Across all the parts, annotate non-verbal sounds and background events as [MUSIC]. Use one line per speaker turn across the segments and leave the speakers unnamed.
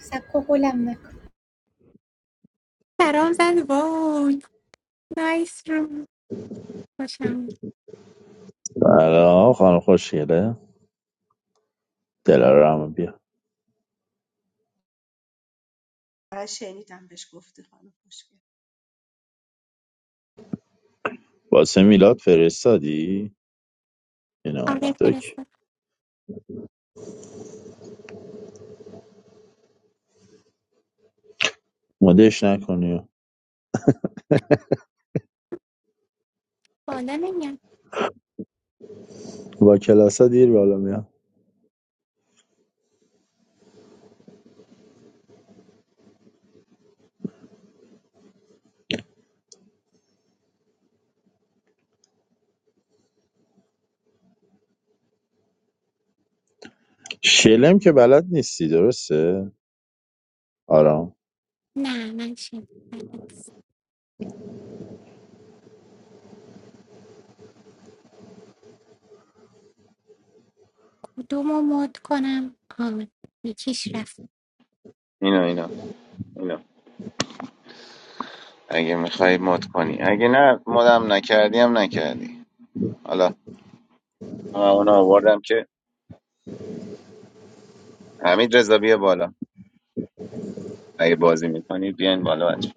سکو هلم نکن برام زد وای نایس روم باشم
سلام خانم خوشگله دلارم بیا
من شنیدم بهش گفتی خانم خوشگل
واسه میلاد فرستادی این
آره
اومد اوکی
فرستاد
مدش نکنی
بالا نمیاد
با کلاسا دیر بالا میاد شلم که بلد نیستی درسته آرام
نه من شد دو ما کنم آه یکیش رفت
اینو اینو اینو اگه میخوای مد کنی اگه نه مدم نکردی هم نکردی حالا من اونو آوردم که حمید رضا بیا بالا اگه بازی میکنی بیاین بالا بچه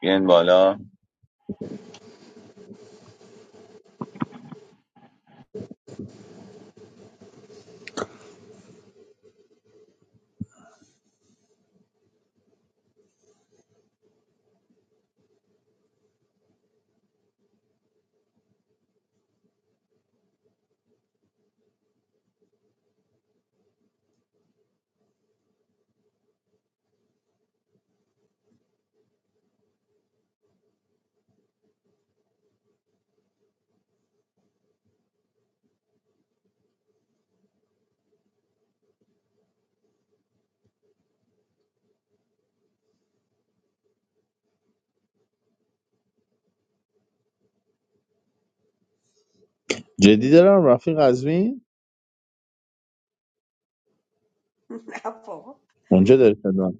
بیاین بالا
جدی دارم رفیق قزوین
[LAUGHS] نه بابا
اونجا داری خدمت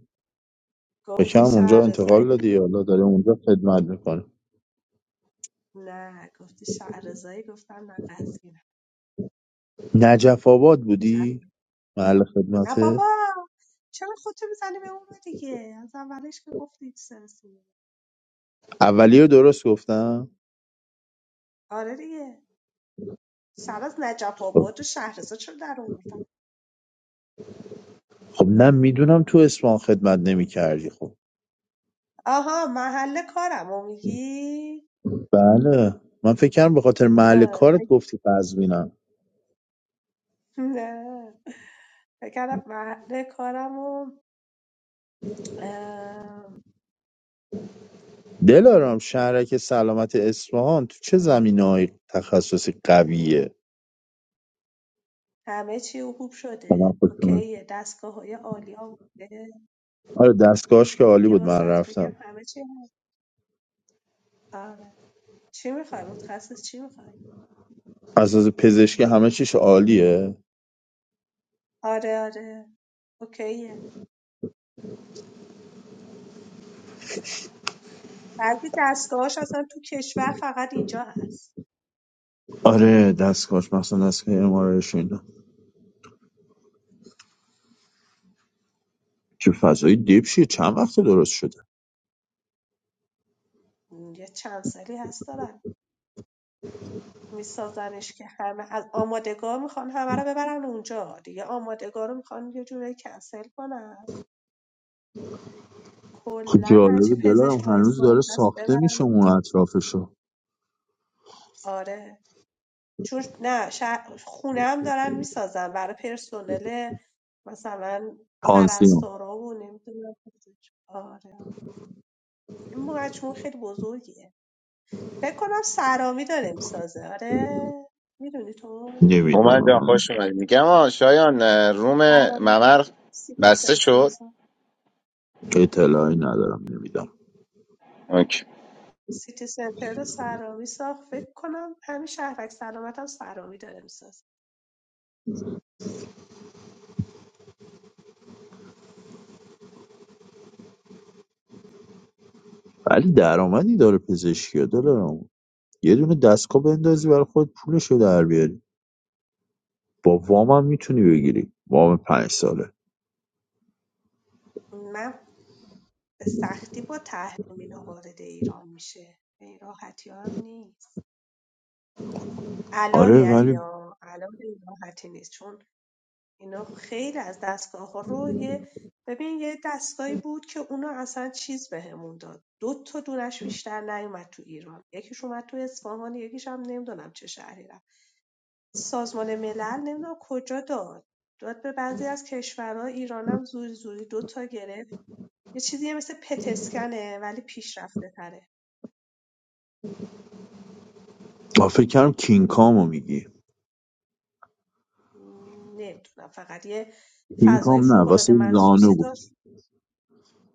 بکم
گفتی
اونجا
شهرزایی
انتقال دادی حالا داره اونجا خدمت میکنه
نه گفتی شهرزایی گفتم نه قزوین
نجف آباد
شهر...
بودی محل
نه
خدمته
بابا چرا خودتو میزنی به اون رو دیگه از اولش که گفتی ایکس سنسی.
اولی رو درست گفتم
آره دیگه سر از نجف
خب
آباد و شهرزا چرا در آوردم
خب نه میدونم تو اسفان خدمت نمیکردی خب
آها محل کارم و میگی
بله من فکر کردم به خاطر محل
اه،
کارت
اگه-
گفتی قزوینم
نه فکرم محل کارم و اه،
دلارام شهرک سلامت اصفهان تو چه زمینه‌های تخصصی قویه
همه چی خوب
به من
شده
خوش اومد.
اوکیه دستگاه های عالی هم
آره دستگاهش که عالی
دیگه
بود من
واسط بگم
رفتم
همه چی هست. آره چی میخوای متخصص چی میخوای
از از پزشکی همه چیش عالیه
آره آره اوکیه بعضی دستگاهاش اصلا تو کشور فقط اینجا هست
آره دستگاهش مثلا دستگاه امارش اینا که فضای دبشیه چند وقت درست شده
یه چند سالی هست دارن میسازنش که همه از آمادگار میخوان همه رو ببرن اونجا دیگه آمادگار رو میخوان یه جورایی کنسل کنن
خب
کلا هرچی
جالبه دلارم
پزشک تو
هنوز
اسمان
داره
هست
ساخته
ببرن
میشه اون
اونجا
اطرافشو
آره چون نه شهر خونه هم دارن میسازن برای پرسنل مثلا
پانسیون
پرستارا و نمیدونم آره این مجموعه خیلی بزرگیه فکر کنم سرامی داره میسازه آره میدونی تو
رومن
نمیدونم
جان
من
خوش اومدی میگم آه شایان اه، روم
سرامی
ممر
سیتی
بسته
سنتر
شد
میساخت
اطلاعی ندارم نمیدونم
اوکی
سیتی سنتر رو سرامی ساخت فکر کنم همین شهرک سلامت هم سرامی داره میسازه
ولی درآمدی داره پزشکی ها دلارام یه دونه دستگاه بندازی برای خود پولشو در بیاری با وام هم میتونی بگیری وام پنج ساله
من به سختی با تحریم اینا وارد ایران میشه به این راحتی هم نیست الان
آره
یعنی
ولی
ها، الان به این راحتی نیست چون اینا خیلی از دستگاه ها رو یه ببین یه دستگاهی بود که اونا اصلا چیز بهمون داد دو تا دونش بیشتر نیومد تو ایران یکیش اومد تو اصفهان یکیش هم نمیدونم چه شهری رفت سازمان ملل نمیدونم کجا داد داد به بعضی از کشورها ایرانم زوری زوری دو تا گرفت یه چیزی مثل پتسکنه ولی پیشرفته تره
آ، فکر کردم کینگ کامو میگی
نمیدونم فقط یه
کینگ
فضای
کام نه
فوق
واسه
العاده
زانو
مخصوصی
بود
داشت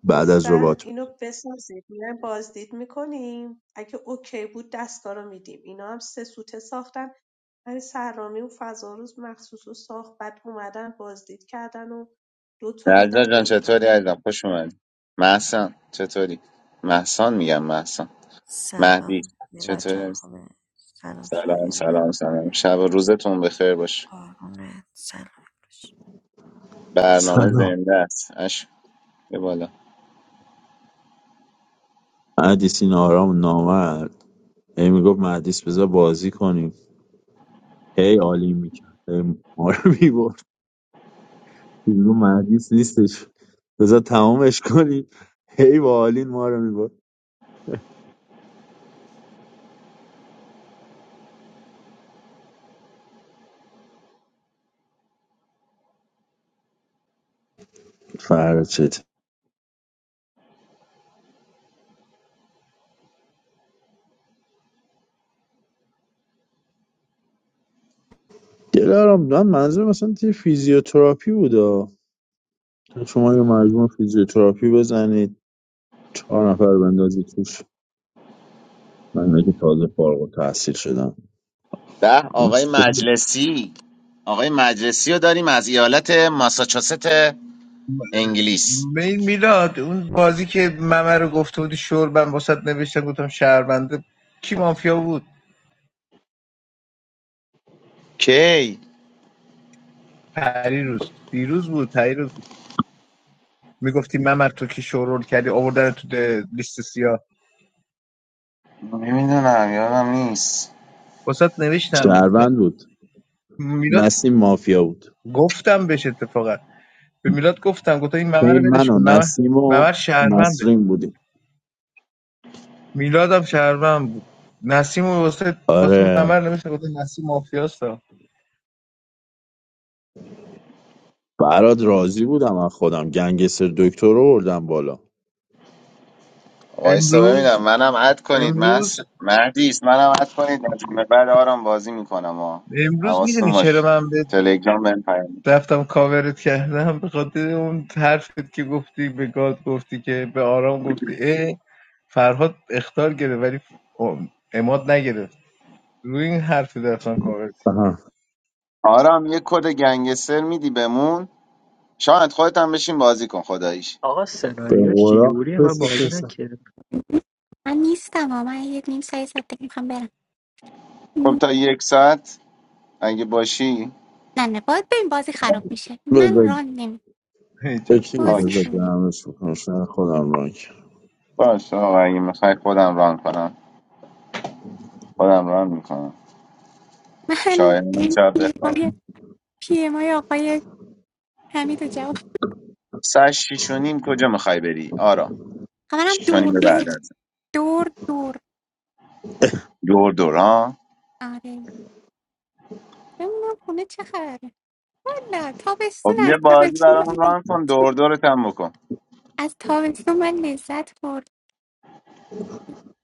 بعد از
گفتن
ربات
اینو بسازید میایم بازدید میکنیم اگه اوکی بود دستگاه رو میدیم اینا هم سه سوته ساختن ولی سرامی و فضا مخصوص رو ساخت بعد اومدن بازدید کردن و دوتا
نجلا
دادن به
جان
ایران
چطوری
دو-
عزیزم خوش اومدی محسن چطوری محسن میگم محسن مهدی
Salam
چطوری
milajan
عزیزم؟
hame. Salam
سلام
shayende.
سلام سلام شب و روزتون بخیر باشه
Qarunet salam kush.
برنامه
سلام
زنده است اش بیا بالا
مهدیس این آرام نامرد هی میگفت مهدیس بذار بازی کنیم هی عالی میکرد هی ما رو میبرد میگو مهدیس نیستش بذار تمامش کنیم هی با آلین ما رو میبرد فردا دلارام من منظور مثلا توی فیزیوتراپی بودا شما یه مجموع فیزیوتراپی بزنید چهار نفر بندازید توش من که تازه فارغ و تحصیل شدم
ده
این
آقای مجلسی آقای مجلسی رو داریم از ایالت ماساچوست انگلیس
می- میلاد اون بازی که ممه رو گفته بودی شور من واسط نوشتم گفتم شهرونده کی مافیا بود
کی
پریروز دیروز بود پریروز بود. میگفتی ممر تو کی شورول کردی آوردن تو ده- لیست سیاه
نمیدونم یادم نیست
واسط نوشتم
شهروند
گفتم
بود
میلاد
نسیم مافیا بود
گفتم بهش اتفاقا به میلاد گفتم گفتم این ممر رو
این
ولش
من
کن
و
ممر
نسیم و
ممر شهرونده
نسرین بودیم
میلادم شهروند بود نسیم رو واسه واسه
آره
ممر نوشتم گفتم نسیم مافیاستا
برات راضی بودم از خودم گنگستر دکتر رو بردم بالا
وایسا
امروز
ببینم منم اد کنید مس
امروز
مردیس منم اد کنید از این به بعد آرام بازی میکنم ها
امروز
حواستون
میدونی چرا
باش
من به
تلگرام بهم پیام بده.
رفتم کاورت کردم به خاطر اون حرفت که گفتی به گاد گفتی که به آرام گفتی ای فرهاد اختار گرفت ولی اماد نگرفت روی این حرفی رفتم کاورت
آها.
آرام یه کد گنگستر میدی بمون شاید خودت هم بشین بازی کن خداییش
آقا
به
سناریوش چی
قرآن
جوریه من
پس
بازی
پس
نکردم
من نیستم آه. من یه نیم ساعت ساعت دیگه میخوام برم
خب تا یک ساعت اگه باشی
نه نه باید بریم بازی خراب میشه من
بذار
ران نمی
کردم.
اوکی
بازی
بذار
آکی
کنیم
جمعش بکنم شاید خودم ران کنم
باش آقا اگه میخوای خودم ران کنم خودم ران میکنم
من
شایانم شب بخواب
رو پی ام آی آقای حمید رو جواب
سر شیش و نیم کجا میخوای بری آرا
خبرم
شیش و نیم
دور
به
دور
بعد از
دور دور
دور دور ها
آره بمونم خونه چه خبره نه تابستون
خب یه
از
بازی
تابستون من
برامون ران کن دور دورت هم بکن
از تابستون من لذت برد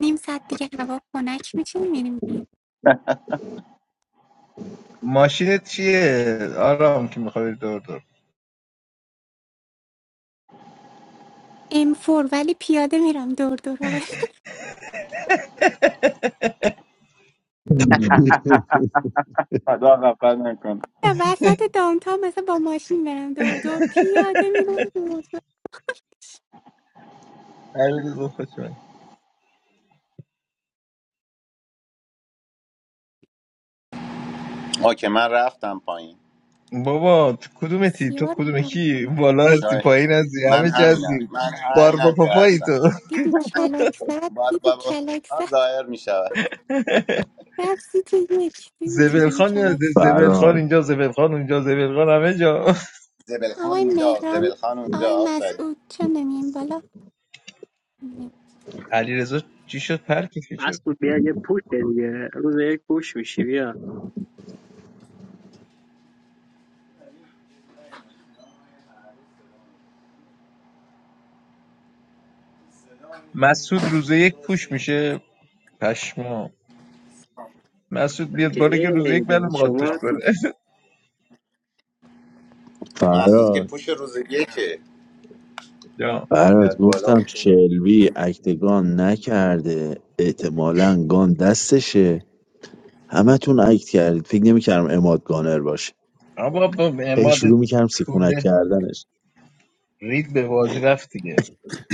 نیم ساعت دیگه هوا خنک میشه میریم بیرون
ماشینت چیه آرام که میخوای دور دور
ام فور ولی پیاده میرم دور دور آقا
[LAUGHS]
[LAUGHS] خدا غفلت نکنه.
نه، وسط دامتان مثلا با ماشین برم دور دور پیاده میرم دور دور
هرگز خوش اومد.
اوکی من رفتم پایین
بابا تو کدومتی تو
سیار
کدوم کی
بود
بالا هستی پایین
شاید
هستی
من
همه جا
همینم
هستی
من
بار با
همینم که
پاپایی
هستم
تو
دیدی کلک زد
بار
دیدی
بابا
کلک زد
ظاهر می شود
رفتی تو یک دیدی
زبل
چجوری
خان یاد
کلک زد
زبل
فراد
اینجا زبل اونجا زبل خان همه جا
زبلخان
آقای
اینجا
مهران
زبلخان اونجا
آقای
آفرین
مسعود چند نمیم بالا
علیرضا چی شد پر کشید چرا
مسعود بیا یه پوش دیگه روز یک پوش میشی بیا
مسعود روز یک پوش میشه پشما مسعود بیاد
مگه
بالا که
غیر
روز یک
اینه
منو میخواد
شما
پوش
تو
کنه
محسوس که
فراد
پوش روز یکه
[LAUGHS] یا
فراد
یاد بالا و
گفتم
بگم
شلبی اکتگان نکرده احتمالا گان دستشه همتون اکت کردید فکر نمیکردم اماد گانر باشه
آقا با
هی
اماد
شروع میکردم سیکونک
طول
کردنش
رید به بازی رفت دیگه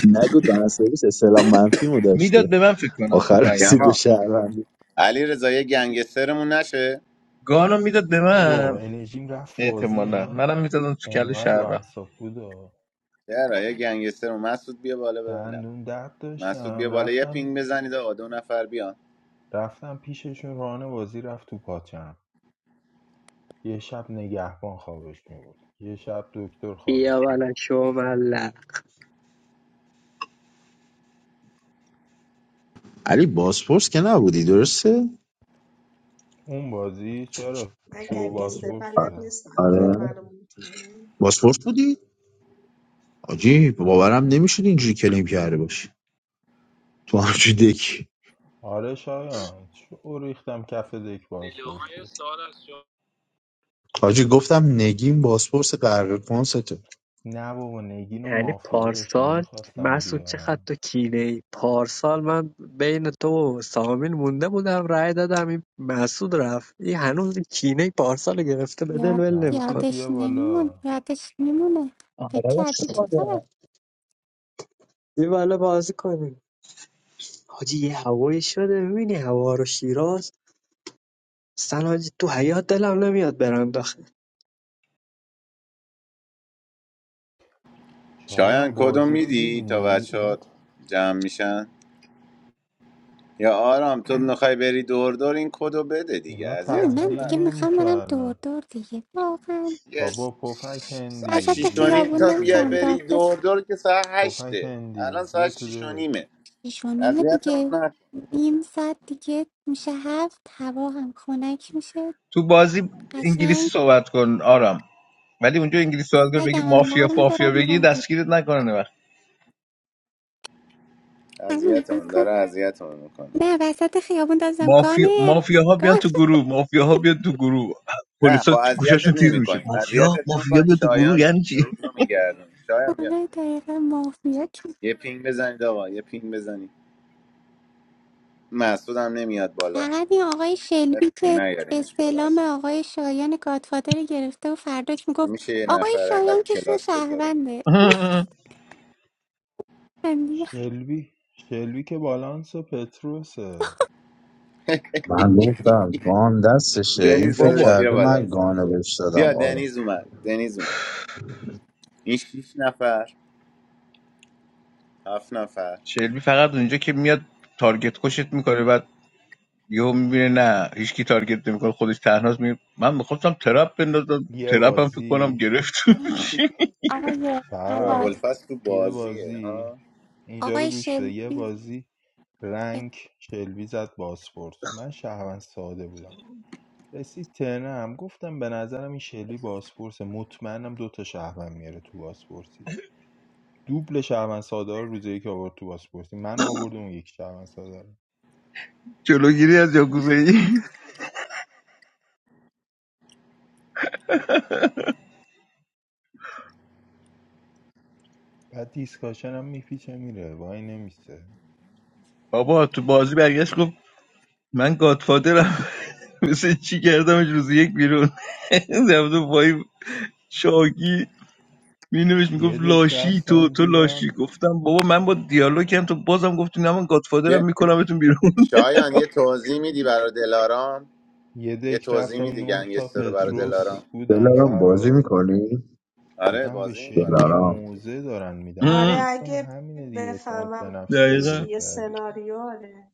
نگو دن سرویس اسلام منفی مو
میداد
داشته
به من فکر کنم تو
آخر
پنگی
میگم
رسید به
شد
ها.
شهروندی
علی رضا یه گنگسترمون نشه
گانو میداد به
بابا
من
انرژیم رفت بازی
احتمالا
اینا
منم میدادم تو کله
انقدر رو
شهروند
اعصاب بود و
چرا یه گنگسترمون مسعود بیا بالا ببینم
دندون درد
مسعود
داشتم
بیا بالا یه
رفتم
پینگ بزنید آقا دو نفر بیان
رفتم پیششون رانه بازی رفت تو پاچم یه شب نگهبان خوابش می بود یه شب دکتر
بیا
خوابش می
ولا
بود
شما ملق
علی باسپورس که نبودی درسته
اون بازی چرا
من
شو
گنگستر
باسپورس
بلد
آره
بودن؟
نیستم میخواید
آره.
منو موت کنیم
باسپورس بودی آجی باورم نمیشد اینجوری کلیم کرده باشی تو همچی دکی
آره شایان شو ریختم کف دک باسپورسی
حاجی گفتم نگین باسپورس غرق کنسته
نه بابا نگین و
یعنی
مافیا داشتم
پارسال
میخواستم
مسعود چقدر
بیارم
تو کینه ای پارسال من بین تو و سامین مونده بودم رأی دادم این مسعود رفت این هنوز این کینه ای پارسال رو گرفته به دل
یاد
ول نمیکن
مسعود
یادش
بیا
نمیمون
بالا
یادش میمونه فکر
آره
کردی چه
خدا.
خبر
یه بالا بازی کنیم حاجی یه هوایی شده میبینی هوا رو شیراز سلام تو حیات دلم نمیاد برم
شایان
شایان
کدوم
بازی رو دیدی
میدی تا
نمی
بچه ها
اینا
جمع میشن یا آرام تو میخوای بری دور دور این کدو بده دیگه
اینا
ببین من
اذیتمون
تحلیل
دیگه
نکن
میخوام برم دور
نمیکردن
دور دیگه واقعا
یه
بابا پفک
ساعت
هندی
وسط
شیش
بیا
و نیم
خیابون
بشین
تا
تو
بیای
نمیتونم
بری
دک
داد بس
دور دور که ساعت
پفک
هشته الان
هندی
ساعت
بیا تو
شیش و
دک
نیمه
شیش و نیمه
اذیتمون
دیگه
نکن
نیم ساعت دیگه میشه هفت هوا هم خنک میشه
تو بازی
قشنگ
انگلیسی صحبت کن آرام ولی اونجا انگلیسی صحبت کن بگی
سگم هم
مافیا
برمیدارم
مافیا بگی
میرم دید
دستگیرت نکنه
همین
اذیتمون
بکن
داره اذیتمون میکنه
نه وسط خیابون دازم
مافیا
گانر
مافیاها بیان
گان
تو گروه مافیاها بیان تو گروه
نه خب
پلیسا گوشاشون
اذیتت
تیز میشه
نمیکنیم
مافیا
اذیتت
مافیا
نمیکنیم
بیان تو گروه
شایان
یعنی چی
روز رو میگردون شایان بیا
آره دقیقا مافیا
یه پینگ بزنید آقا یه پینگ بزنید مسعود هم نمیاد بالا
فقط این آقای شلبی که
نیارینش بالا
استعلام
اصلا
آقای شایان گادفادر رو گرفته و فرداش میگفت
نمیشه یه
آقای
نفر انقدر
شایان که شو
کلاس بذاره
شهرونده
[LAUGHS]
[LAUGHS]
شلبی شلبی که بالانس و پتروسه
من گفتم گان دستشه این
دنیز
فکر
داداش
بابا
بیا
کرده
بالا
من گانو بهش دادم
بیا
آره
دنیز اومد دنیز اومد این شیش نفر هفت نفر
شلبی فقط اونجا که میاد تارگت کشت میکنه بعد یهو میبینه نه هیچکی تارگت نمیکنه خودش تنهاست می من میخواستم ترپ بندازم
یه
ترپ هم فکر کنم
بازی
گرفت [LAUGHS] چی؟
آقای
آه،
آهاد
فراد
ابوالفضل تو
یه
بازیه
بازی
ها
اینجا رو
آقای
گوش بده
شلبی
یه بازی رنگ شلبی زد باسپورت من شهروند ساده بودم رسید ترنم گفتم به نظرم این شلبی باسپورسه مطمئنم دوتا شهروند میاره تو باسپورسی دوبل شهروند ساده رو روز یک آورد تو بازپرسی من آوردم اون یک شهروند ساده رو
جلوگیری از یاکوزایی
بعد دیسکاشن هم میپیچه میره وای نمیسته
بابا تو بازی برگشت گفت من گادفادرم [LAUGHS] مثل چی کردمش روز یک بیرون [LAUGHS] رفته پای شاکی مینوش
یه
میگفت
دک
لاشی تو
رفتم
تو لاشی
دیدم
گفتم بابا من با دیالوگم تو بازم گفتی نه من گادفادرم
یه
میکنمتون بیرون
شایان یه توضیح میدی برای دلارام
یه
یه
دک
توضیح
رفتم
میدی
نه تا
گنگستر رو برا
پتروس
دلارام
بودن
دلارام بازی
فراد
میکنی؟
آره
دیدم به
بازی میکنه
شلبی
دلارام
موزه دارن میدن ها
آره
هم،
گفتم
اگه
همینه دیگه اعتماد به
بفهمم
نفس پیدا
دقیقا
چیه
کردی
سناریو آره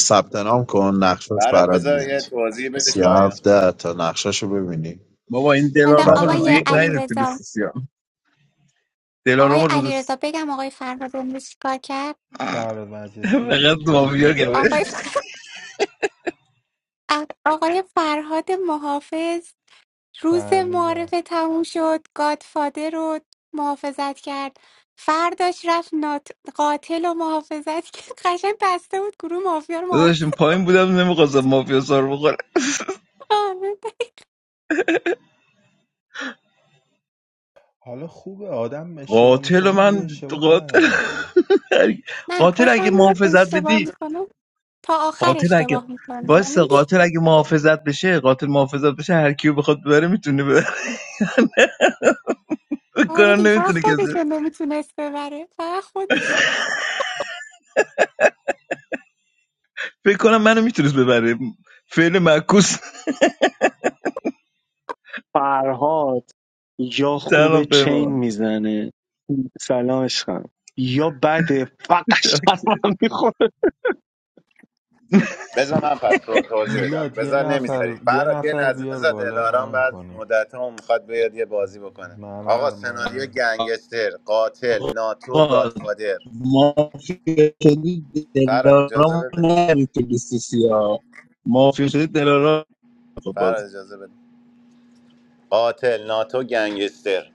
ثبت نام کن نقشش
برات
برات
بذار
میاد
یه توضیح بده
سی
شایان
هفته تا نقششو ببینی
بابا این
حالا
بعد
دلارام روز
اول
آقای
یک
بازی
علی
نیره
کن.
تو
رضا
لیست سیاه
آقای
دلارام
علی
روز س-
رضا بگم آقای فرهاد امروز چیکار کرد
فراد
[LAUGHS] فقط
مجلسی
مافیا
پیچید
گمه
آقای
رفت
[LAUGHS] آقای فرهاد محافظ روز
فهمیدم
معارفه تموم شد گادفادر رو محافظت کرد فرداش رفت نات... قاتل رو محافظت [LAUGHS] کرد قشنگ بسته بود گروه مافیا رو
داشتم
محافظت
پایین بودم نمیخواستم مافیا سر بخوره
[LAUGHS] آره.
حالا خوبه آدم اشتباه
قاتل
میکنه
من
میگه اشتباه
قاتل
کردم دیگه
[LAUGHS]
نه
قاتل اگه
خوشم میاد
محافظت
اشتباه
بدی
میکنه تا آخر
قاتل اگه
اشتباه میکنه
واسه
آره دیگه
قاتل اگه محافظت بشه قاتل محافظت بشه هر کیو بخواد ببره میتونه ببره [LAUGHS]
آره
بکنن
دیگه، فقط
نمیتونه کسی
خودش رو نمیتونست ببره فقط خودش
فکر کنم منو میتونست ببره فعل معکوس
فرهاد یا خوب
سلام
چین
پیمان
میزنه سلام عشقم یا بده فقط شرمم میخوره
بذار من پس تو- توضیح بدم
میلاد یه
بذار نمیذاری
نفر یه
برات یه
نفر
لحظه
بیار
بذار
بالا
دلارام
ران
بعد
کنیم
مدت هم میخواد بیاد یه بازی بکنه آقا سناریو
ممرمانی
گنگستر قاتل ناتو
آقا
گادفادر
مافیا شدی
فراد اجازه
دلارام
بده
نری تو لیست سیاه مافیا شدی دلارام تو
فراد
بازی
اجازه بده قاتل ناتو گنگستر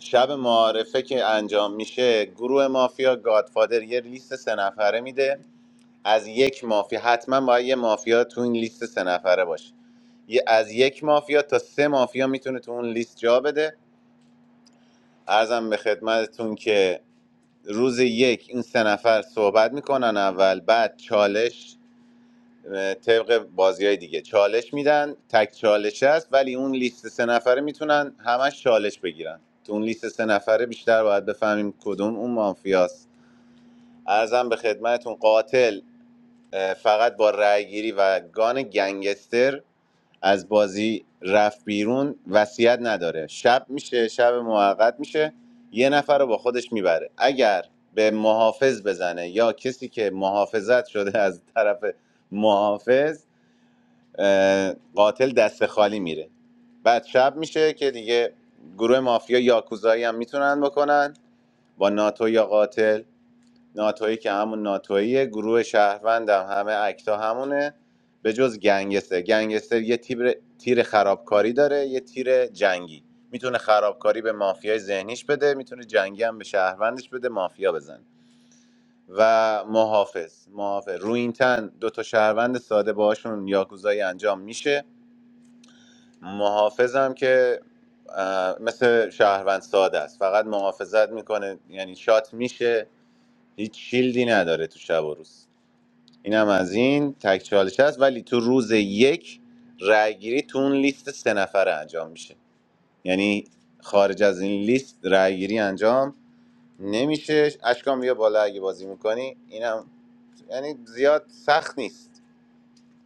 شب معارفه که انجام میشه گروه مافیا گادفادر یه لیست سه نفره میده از یک مافیا حتما باید یه مافیا تو این لیست سه نفره باشه یه از یک مافیا تا سه مافیا میتونه تو اون لیست جا بده ارزم به خدمتتون که روز یک این سه نفر صحبت میکنن اول بعد چالش طبق بازی های دیگه چالش میدن تک چالش هست ولی اون لیست سه نفره میتونن همش چالش بگیرن تو اون لیست سه نفره بیشتر باید بفهمیم کدوم اون مافیاست ارزم به خدمتون قاتل فقط با رأیگیری و گان گنگستر از بازی رفت بیرون وصیت نداره شب میشه شب موقت میشه یه نفر رو با خودش میبره اگر به محافظ بزنه یا کسی که محافظت شده از طرف محافظ قاتل دست خالی میره بعد شب میشه که دیگه گروه مافیا یاکوزایی هم میتونن بکنن با ناتو یا قاتل ناتویی که همون ناتوییه گروه شهروند هم همه اکتا همونه به جز گنگستر گنگستر یه تیر, تیر خرابکاری داره یه تیر جنگی میتونه خرابکاری به مافیای ذهنیش بده میتونه جنگی هم به شهروندش بده مافیا بزن و محافظ محافظ روینتن دو تا شهروند ساده باشون یاکوزایی انجام میشه محافظم که اه، مثل شهروند ساده است فقط محافظت میکنه یعنی شات میشه هیچ شیلدی نداره تو شب و روز اینم از این تک چالش هست ولی تو روز یک رأیگیری تو اون لیست سه نفره انجام میشه یعنی خارج از این لیست رأیگیری انجام نمیشه اشکام بیا بالا اگه بازی میکنی اینم یعنی زیاد سخت نیست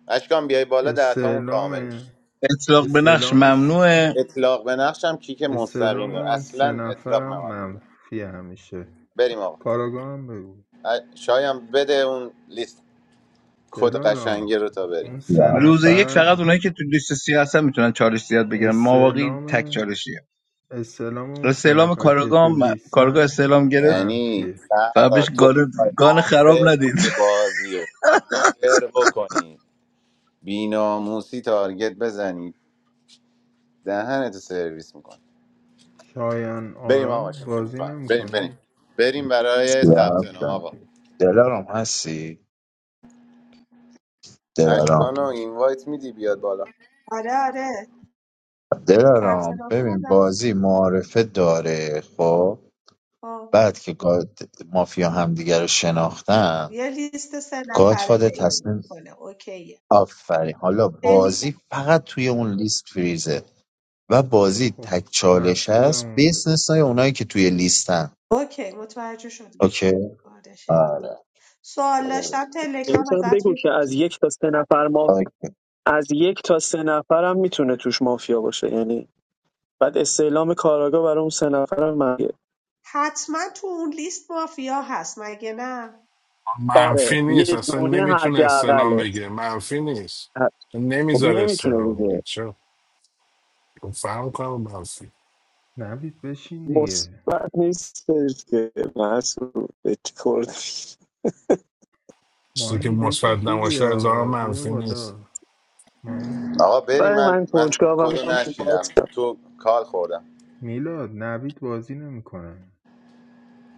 اشکام بیای بالا دهتامون
استعلام
کامل میشه
اطلاق به نقش
استعلام س-
ممنوعه
اطلاق به نقش هم کیک مستقیم
استعلام
داره
اون سه
اصلا اطلاق
نفرم
نماد بکنه
منفی همیشه
بریم آقا
کاراگاه هم بگو
ا- شایم بده اون لیست کد
دلارا
قشنگه رو تا
اون
بریم
سی
سه
هفت
روز یک
نفر
فقط اونایی که تو لیست سیاه هستن میتونن چالش زیاد بگیرن ما واقعی
استعلام
تک چالشیه
استعلام
خب،
اون سه
استعلام
نفر که
کارگاه
تو
کارگاه
لیستن
استعلام گرفت
یعنی
منفیه
فقط
فرا
بهش
تو
گان,
بخوای
گان خراب
آنفر
ندید
کنی
[LAUGHS]
بازی و آنفر بکنی بیناموسی تارگت بزنی دهنتو سرویس میکنی
شایان
بریم آقا
آرام
شوخی
بازی
میکنم بریم بریم
نمیکنی
بریم برای
سی
ثبت نام
هفته
آقا
دلارام هستی؟ دلارام
اشکانو اینوایت میدی بیاد بالا
آره آره ثبت
دلارام
نام
ببین
کردم
بازی معارفه داره خب
آه.
بعد که گاد- مافیا همدیگه رو شناختن
یه لیست سه نفره
گادفادر
پیدا
تصمیم
میکنه اوکیه
آفرین حالا بازی
شنیدم
فقط توی اون لیست فریزه و بازی
خب
تک چالش
محسوسم
هست به
اومد
استثنای اونایی که توی لیستن
اوکی متوجه شدم
اوکی
آره شنیدم
آره
سوال
آره.
داشتم تلگرام
بهشم
ازت
بگو که از
میپرسم
یک تا سه نفر ما از یک تا سه نفرم میتونه توش مافیا باشه یعنی بعد استعلام کاراگاه برای اون سه نفرم مرگه
حتما تو اون لیست مافیا هست مگه نه
آره
منفی نیست
یه
اصلا
دونه
نمیتونه استلام
حداقله
بگیره منفی نیست
ه- خب
نمیذاره
نمیتونه
استلام بگیره
دیگه
چرا فهم کنم منفی
نوید بشین دیگه
مثبت نیستش که مسعود به چی خورده
چیزی که
مانی دک
مثبت
خوبی
نباشه از آن
ها بیا
منفی نیست
بالا مانی
آقا بریم
برای
من
من
من
کنجکاوم
کدو
میخوام تو
نشیدم
باز
تو کال خوردم
میلاد نوید بازی نمیکنه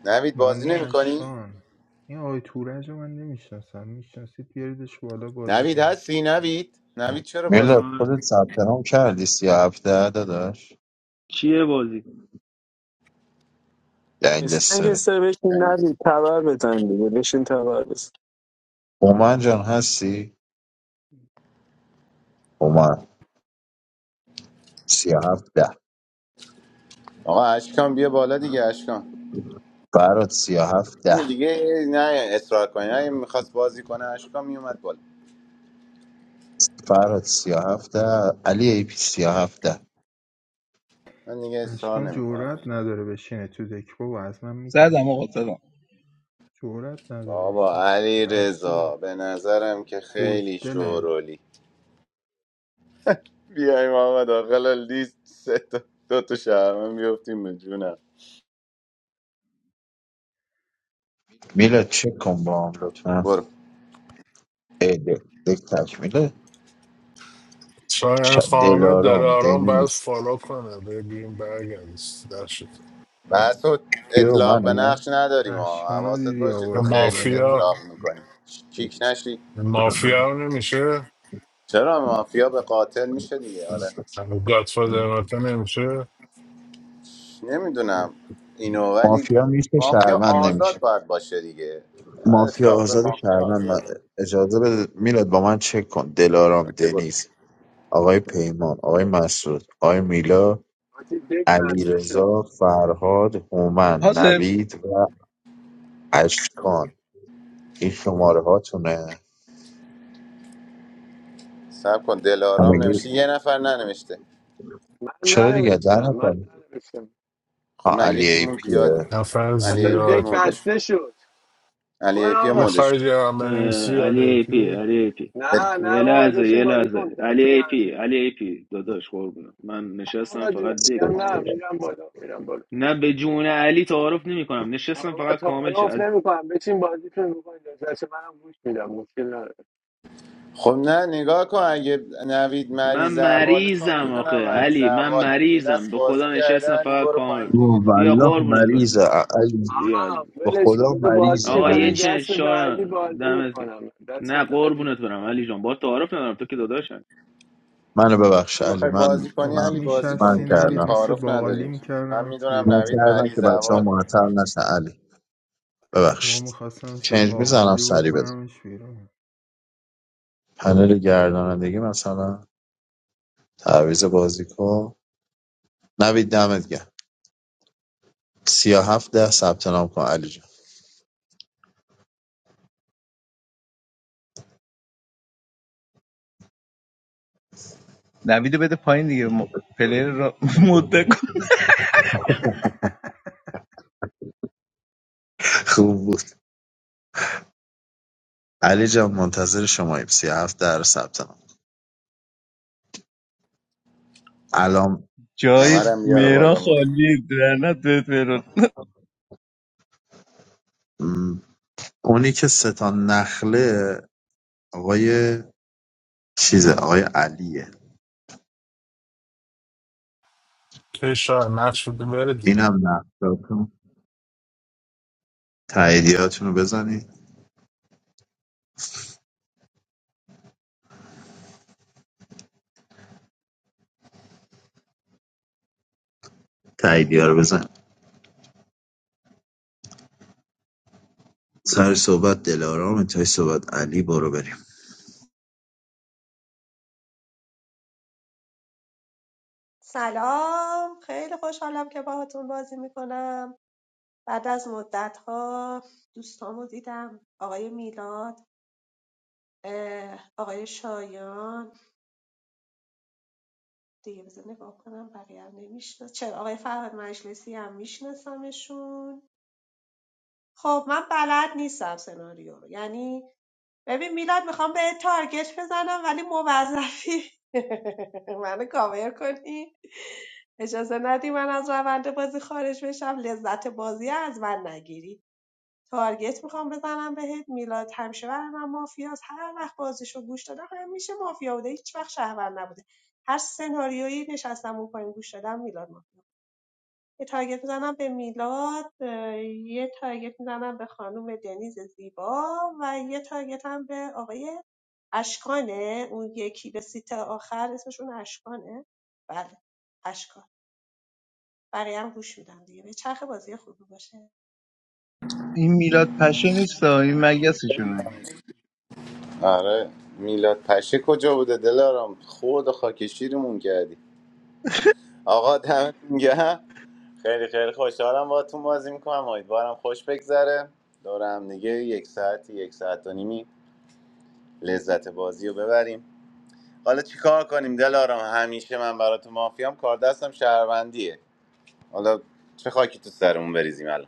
نوید بازی
مانی
نمیکنی؟
اشکان این آقای تورج رو من نمیشناسم میشناسید بیاریدش بالا بازی
نوید
کنه
هستی نوید؟ نوید چرا بازی؟
میلاد
آه،
خودت ثبت نام کردی سی و هفته داداش
چیه بازی
گنگستره
گنگستر بشین
نمی‌کنی؟
ندید تبر بزن دیگه بشین تبر بزن
اومن جان هستی اومن سی و هفته
آقا اشکان بیا بالا دیگه اشکان
فراد سی و
این
هفته
دیگه نه اصرار کنی نه میخواست بازی کنه اشکان میومد بالا
فراد سی و هفته علی ای پی سی و هفته
من دیگه اصرار
اشکان
نمیکنم
جورت نداره بشینه تو دک بابا از من
زدم
میترسه
آقا زدم
جورت نداره
بابا
بشینه
علی
ترسوه
رضا به نظرم که خیلی
بزدله
شورولی بیایم آقا داخل لیست سه تا دو تا شهرمن بیفتیم به جونم
میلاد چک کن با هم لطفا
برو
ای دک دک تکمیله
شاید
ش-
خامه داره
دلارام
آرام باید
دنیز
فالو کنه بره بیرون برگرد در شد
مسعود
کیو
اطلاق به
منو
نقش نداریم ها
اشکان رو
حواست
دیدی
باشه
به
تو
آوردم
خیلی
مافیا
اطلاق
بالا
میکنی کیک نشی
به مافیا هم نمیشه
چرا مافیا به قاتل میشه دیگه آره
گادفادر ناتا نمیشه
نمیدونم اینو ولی
مافیا میشه
مافیا
شهروند
آزاد
نمیشه
باید باشه دیگه باید
مافیا
اطلاق به
آزاد
مافیا
شهروند
آزاد
من- اجازه بده میلاد با من چک کن دلارام
اوکی برو
دنیز آقای پیمان آقای مسعود آقای میلا
آجی دک بسته شد
علیرضا فرهاد هومن
حاضر
نوید و اشکان این شماره هاتونه
سب کن دلارام
همگی
نوشته یه نفر ننوشته
من
چرا دیگه ده
ننوشتم من
نفر
ننوشتم
خب
آه،
نه
علی
یکی
ای
مون
پیه
زیاد
نفر
علی ای
اصلا
پی و
دک
زیاد
مودش
بسته شد
علی ای
برو
پی
آقا
مودش
میخوای جوان
اه،
بنویسی
علی ای پی
الکی
علی ای پی
نه
یه
نه بابا
لحظه
بشین
یه
بازی کن
لحظه علی
دست
ای پی
بردی
علی ای پی داداش قربونم من نشستم
آقا
فقط
جون
دک
میگم نه
کامل شه.
میرم بالا میرم بالا
نه به جون علی تعارف نمی کنم نشستم
آقا
فقط کامل شه
تعارف
عزیزم
نمیکنم بچین بازیتون بکنید دست منم گوش میدم مشکل نداره
خب نه نگاه کن اگه نوید
من
مریض احواله چون
مریضم آخه
میدونم مریض
علی من
احواله یه
مریضم
دست
به
بازی
خدا
کرده
نشستم
علی
فقط
برو
کامل
پایین
شه.
دیگه
بیا
والله
قربونت برم
مریضه علی-
بیا
آقا
عزیزم.
به
ولش کن
خدا
بذار بازیش
مریضه
آقا
کنه
یه
مریض
چند
دست بعدی
شایان
بازی
دمت گرم
میکنم دست
نه
بعدی
قربونت برم علی جان با تعارف ندارم تو که داداشم
منو ببخش علی
میخوای بازی
من
کنی
بابا
علی
من
بازی
من
کنی
میشستی
دیگه
نوید
کردم
مثل
تعارف
باقالی
نداریم من
میکردمت
میدونم
من
نوید
بیرون
کردم که
مریض
بچه ها
هوا
معطل نشن علی
بابا
ببخشید
میخواستم مثل
چنج میزنم
باقالی
سری بزن
بکنمش بیرون
پنل گردانندگی مثلا تعویض بازیکن نوید دمت گرم سیاه هفت ده ثبت نام کن علی جان
نویدو بده پایین دیگه م... پلیر را [LAUGHS] مده کن
خوب بود علی جان منتظر شماییم سیاه هفت ده رو ثبت نام الان
جای
ممرم بیاره
خدایا
مهران
بالا ما
خالی درنت بهت مهران
م، اونی که ستا نخله آقای چیزه آقای علیه
که شاید نقش بده بره
اینم نقشاتون تاییدیاتون رو بزنید. تاییدی ها رو بزن سر صحبت دلارام انتهای صحبت علی برو بریم
سلام خیلی خوشحالم که باهاتون بازی میکنم بعد از مدت ها دوستامو دیدم آقای میلاد آقای شایان دیگه بذار نگاه کنم بقیه هم نمی‌شناس- چرا آقای فرهاد مجلسی هم میشناسمشون خب من بلد نیستم سناریو رو. یعنی ببین میلاد میخوام به تارگت بزنم ولی موظفی [LAUGHS] منو کاور کنی اجازه ندی من از روند بازی خارج بشم لذت بازی از من نگیری تارگت میخوام بزنم بهت میلاد همیشه برای من مافیاست هر وقت بازیشو گوش دادم همیشه مافیا بوده هیچ وقت شهروند نبوده هر سناریویی نشستم اون پایین گوش دادم میلاد ما یه تارگت میزنم به میلاد اه، یه تارگت میزنم به خانم دنیز زیبا و یه تارگت هم به آقای اشکانه اون یکی به سیت آخر اسمشون اشکانه بله اشکان برای هم گوش میدم دیگه به چرخ بازی خوبی باشه
این میلاد پشه نیست ها، این مگسشونه
آره میلاد پشه کجا بوده دلارم خود و خاک شیرمون کردی آقا دمتون گرم خیلی خیلی خوشحالم باهاتون بازی میکنم امیدوارم خوش بگذره دور هم دیگه یک ساعت یک ساعت و نیمی لذت بازی رو ببریم حالا چیکار کنیم دلارم همیشه من براتون مافیام کار دستم شهروندیه حالا چه خاکی تو سرمون بریزیم الان.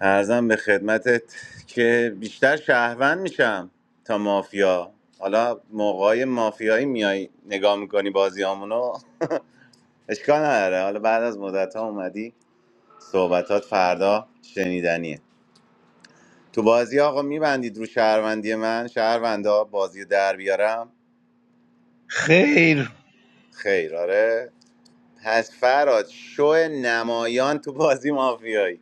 ارزم به خدمتت که بیشتر شهروند میشم تا مافیا حالا موقعای مافیایی میای نگاه میکنی بازی همونو اشکال نداره حالا بعد از مدت ها اومدی صحبتات فردا شنیدنیه تو بازی آقا میبندید رو شهروندی من شهروندا بازی رو در بیارم
خیر
خیر آره پس فراد شو نمایان تو بازی مافیایی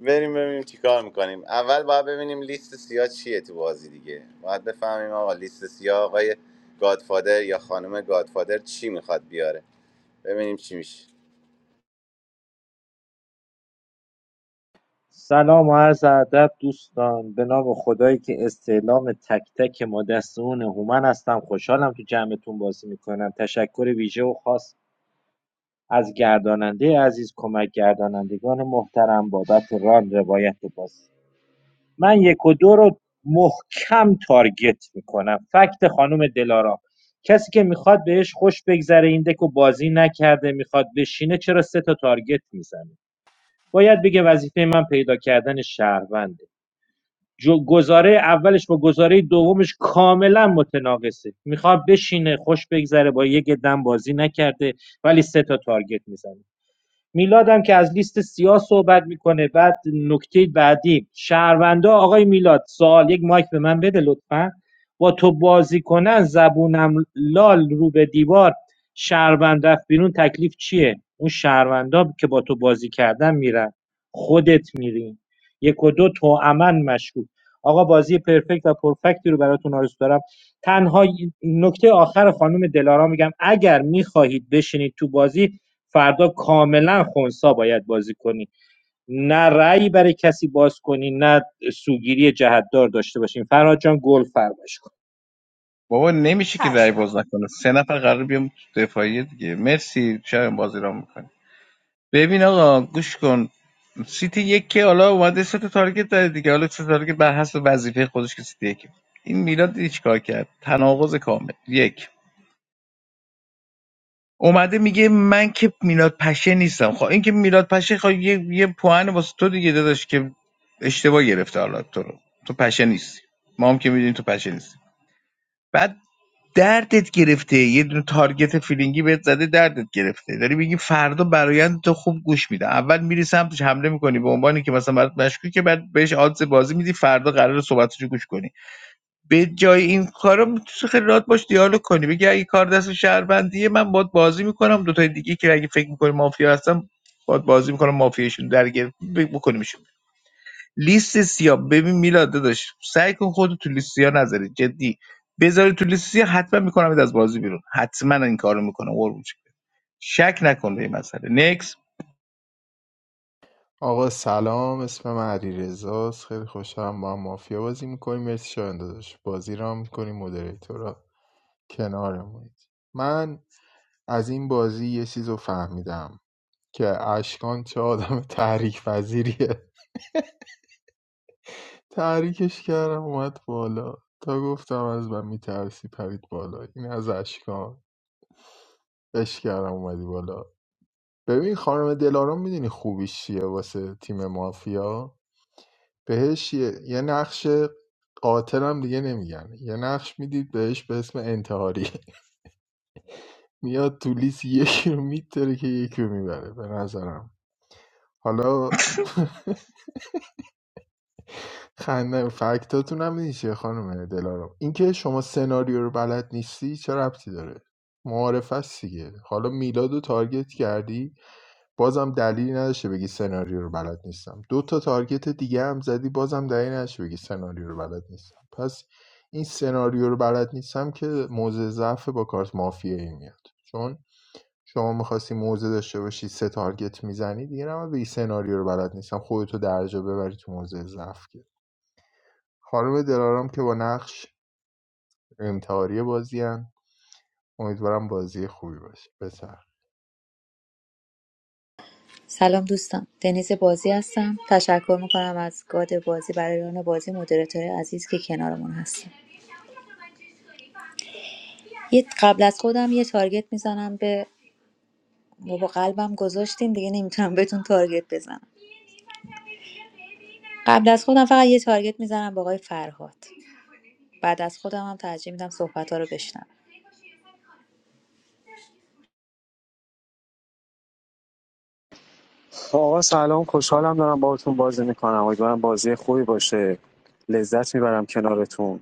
بریم ببینیم چیکار میکنیم اول باید ببینیم لیست سیاه چیه تو بازی دیگه باید بفهمیم آقا لیست سیاه آقای گادفادر یا خانم گادفادر چی میخواد بیاره ببینیم چی میشه
سلام و عرض ادب دوستان به نام خدایی که استعلام تک تک ما دستون هومن هستم خوشحالم تو جمعتون بازی میکنم تشکر ویژه و خاص از گرداننده عزیز کمک گردانندگان محترم بابت ران روایت بازی من یک و دو رو محکم تارگت میکنم فکت خانم دلارام کسی که میخواد بهش خوش بگذره این دکو بازی نکرده میخواد بشینه چرا سه تا تارگت میزنه باید بگه وظیفه من پیدا کردن شهرونده جو- گزاره اولش با گزاره دومش کاملا متناقصه میخواد بشینه خوش بگذره با یک دم بازی نکرده ولی سه تا تارگت میزنه میلادم که از لیست سیاه صحبت میکنه بعد نکته بعدی شهروندا آقای میلاد سوال یک مایک به من بده لطفا با تو بازی کنن زبونم لال رو به دیوار شهروند رفت بیرون تکلیف چیه اون شهروندا که با تو بازی کردن میرن خودت میری یک و دو تو امن مشکوک آقا بازی پرفکت و پرفکتی رو براتون آرزو دارم تنها نکته آخر خانم دلارا میگم اگر میخواهید بشینید تو بازی فردا کاملا خنثی باید بازی کنی نه رأیی برای کسی باز کنی نه سوگیری جهتدار داشته باشین فرهاد جان گل فرمایش کن
بابا نمیشه که رای
چشم
باز نکنه سه نفر قرار بیام تو دفاعیه دیگه مرسی شاید بازی را میکنه ببین آقا گوش کن سیتی یک که حالا اومده سه تا تارگت داره دیگه حالا سه تا تارگت بر حسب وظیفه خودش که سیتی یک این میلاد هیچ چیکار کرد تناقض کامل یک اومده میگه من که میلاد پشه نیستم خب این که میلاد پشه خب یه یه پوهن واسه تو دیگه داداش که اشتباه گرفته حالا تو رو تو پشه نیستی ما هم که میدونیم تو پشه نیستی بعد دردت گرفته یه دونه تارگت فیلینگی بهت زده دردت گرفته داری میگی فردا برایند تو خوب گوش میده اول میری سمتش حمله میکنی به عنوانی که مثلا برات مشکوکه که بعد بهش آدز بازی میدی فردا قراره صحبتشو گوش کنی به جای این کارا میتونی خیلی راحت باش دیالوگ کنی بگی اگه کار دست شهروندیه من باد بازی میکنم دوتای دیگه که اگه فکر میکنی مافیا هستم باد بازی میکنم مافیاشون درگیر بکنیمشون لیست سیاه ببین میلاد داداش سعی کن خودت تو لیست سیاه نذاری جدی بذاری تو لیست سیاه حتما میکنم از بازی بیرون حتما این کارو میکنم قربون شکلت. شک نکن به این مسئله نکس
آقا سلام اسم من علیرضا است خیلی خوشحالم با هم مافیا بازی میکنیم مرسی شاهین داداش بازی را میکنیم مدریتورا کنارمونید من از این بازی یه چیز رو فهمیدم که اشکان چه آدم تحریک پذیریه تحریکش کردم اومد بالا تا گفتم از من میترسی پرید بالا این از اشکان اش کردم اومدی بالا ببین خانم دلارام میدونی خوبیش چیه واسه تیم مافیا بهش یه, یه نقش قاتل هم دیگه نمیگن یه نقش میدید بهش به اسم انتحاری [LAUGHS] میاد تو لیست یکی رو میتره که یکی رو میبره به نظرم حالا خنده فکتاتون هم نیست چیه خانم دلارم اینکه شما سناریو رو بلد نیستی چه ربطی داره معارف هست دیگه حالا میلاد رو تارگت کردی بازم دلیلی نداشته بگی سناریو رو بلد نیستم دو تا تارگت دیگه هم زدی بازم دلیلی نداشته بگی سناریو رو بلد نیستم پس این سناریو رو بلد نیستم که موزه ضعف با کارت مافیایی میاد چون شما میخواستی موزه داشته باشی سه تارگت میزنی دیگه نه بگی سناریو رو بلد نیستم خودتو درجا ببری تو موضع ضعف که خانم دلارام که با نقش امتحاری بازیان امیدوارم بازی خوبی باشه بسر
سلام دوستان دنیز بازی هستم تشکر میکنم از گاد بازی برای ران بازی مدیراتور عزیز که کنارمون هستم یه قبل از خودم یه تارگت میزنم به با قلبم گذاشتیم دیگه نمیتونم بهتون تارگت بزنم قبل از خودم فقط یه تارگت میزنم به آقای فرهاد بعد از خودم هم ترجیح میدم صحبت ها رو بشنم
آقا سلام خوشحالم دارم باهاتون بازی میکنم امیدوارم بازی خوبی باشه لذت میبرم کنارتون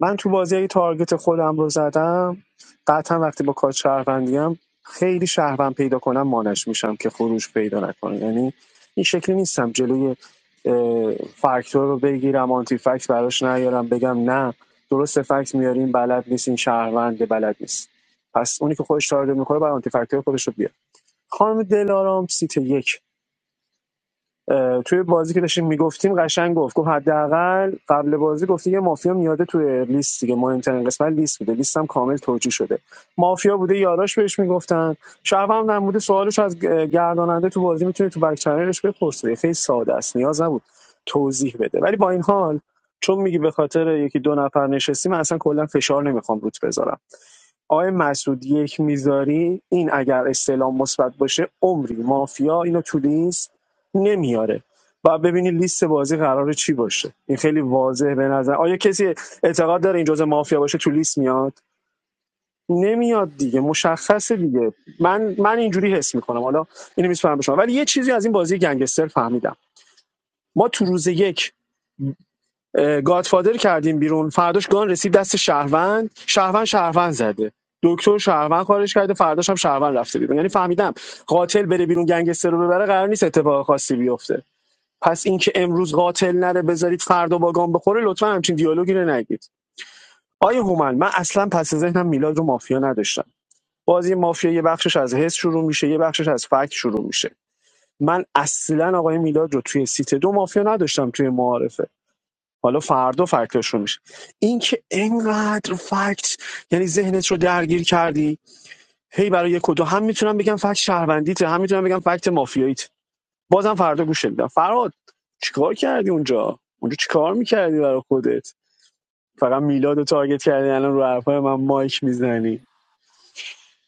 من تو بازی اگه تارگت خودم رو زدم قطعا وقتی با کار شهروندیم خیلی شهروند پیدا کنم مانش میشم که خروج پیدا نکنه یعنی این شکلی نیستم جلوی اه، فاکتور رو بگیرم آنتی فکت براش نیارم بگم نه درست فکت میاریم بلد نیست این شهروند بلد نیست پس اونی که خودش تارگت میکنه برای آنتی فکتور خودش رو بیار خانم دلارام سیت یک توی بازی که داشتیم میگفتیم قشنگ گفت گفت حداقل قبل بازی گفته یه مافیا میاده توی لیست دیگه مهمترین قسمت لیست بوده لیست هم کامل توجیه شده مافیا بوده یاراش بهش میگفتن شب هم نموده سوالش از گ- گرداننده تو بازی میتونه تو بک چنلش بپرسه خیلی ساده است نیاز نبود توضیح بده ولی با این حال چون میگی به خاطر یکی دو نفر نشستیم من اصلا کلا فشار نمیخوام روت بذارم آقای مسعود یک میذاری این اگر استعلام مثبت باشه عمری مافیا اینو تو لیست نمیاره و ببینید لیست بازی قراره چی باشه این خیلی واضح به نظر آیا کسی اعتقاد داره این جزء مافیا باشه تو لیست میاد نمیاد دیگه مشخصه دیگه من من اینجوری حس میکنم حالا اینو میسپرم به شما ولی یه چیزی از این بازی گنگستر فهمیدم ما تو روز یک اه، گادفادر کردیم بیرون فرداش گان رسید دست شهروند شهروند شهروند زده دکتر شهروند خارج کرده فرداش هم شهروند رفته بیرون یعنی فهمیدم قاتل بره بیرون گنگستر رو ببره قرار نیست اتفاق خاصی بیفته پس اینکه امروز قاتل نره بذارید فردا با گام بخوره لطفا همچین دیالوگی رو نگید آیه هومن من اصلا پس ذهنم میلاد رو مافیا نداشتم بازی مافیا یه بخشش از حس شروع میشه یه بخشش از فکت شروع میشه من اصلا آقای میلاد رو توی سیت دو مافیا نداشتم توی معارفه حالا فردا فکتاش رو میشه این که انقدر فکت یعنی ذهنت رو درگیر کردی هی برای یک و دو هم میتونم بگم فکت شهروندیته هم میتونم بگم فکت مافیاییت بازم فردا گوش میدم فراد چیکار کردی اونجا اونجا چیکار میکردی برای خودت فقط میلاد رو تارگت کردی الان رو حرفای من مایک میزنی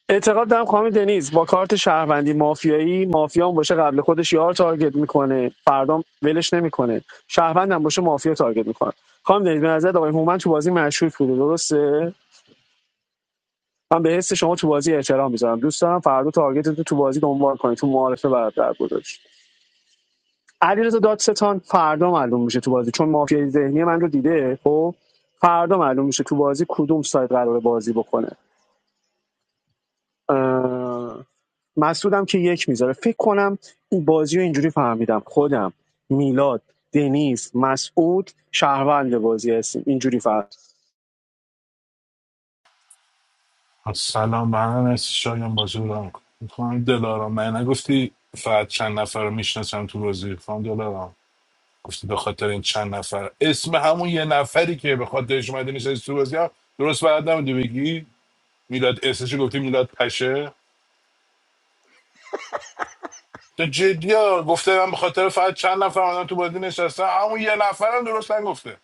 اعتقاد دارم خانم دنیز با کارت شهروندی مافیایی مافیا هم باشه قبل خودش یار تارگت میکنه فردام ولش نمیکنه شهروند هم باشه مافیا تارگت میکنه خانم دنیز به نظر آقای هومن تو بازی مشکوک بوده درسته من به حس شما تو بازی احترام میذارم دوست دارم فردا تارگت تو تو بازی دنبال کنی تو معارفه برات در گذاشت علیرضا دادستان فردا معلوم میشه تو بازی چون مافیای ذهنی من رو دیده خب فردا معلوم میشه تو بازی کدوم سایت قراره بازی بکنه اه... مسعودم که یک میذاره فکر کنم این بازی رو اینجوری فهمیدم خودم میلاد دنیز مسعود شهروند بازی هستیم اینجوری فهم
سلام من هستی شایان بازی رو رام دلارام من نگفتی فقط چند نفر رو میشناسم تو بازی خانم دلارام گفتی به خاطر این چند نفر اسم همون یه نفری که به خاطرش اومده نشستی تو بازی هم درست بعد نمیدی بگی میلاد اسمش گفتی میلاد پشه تو جدی ها گفته من به خاطر فقط چند نفر اومدم تو بازی نشستم همون یه نفرم درست نگفته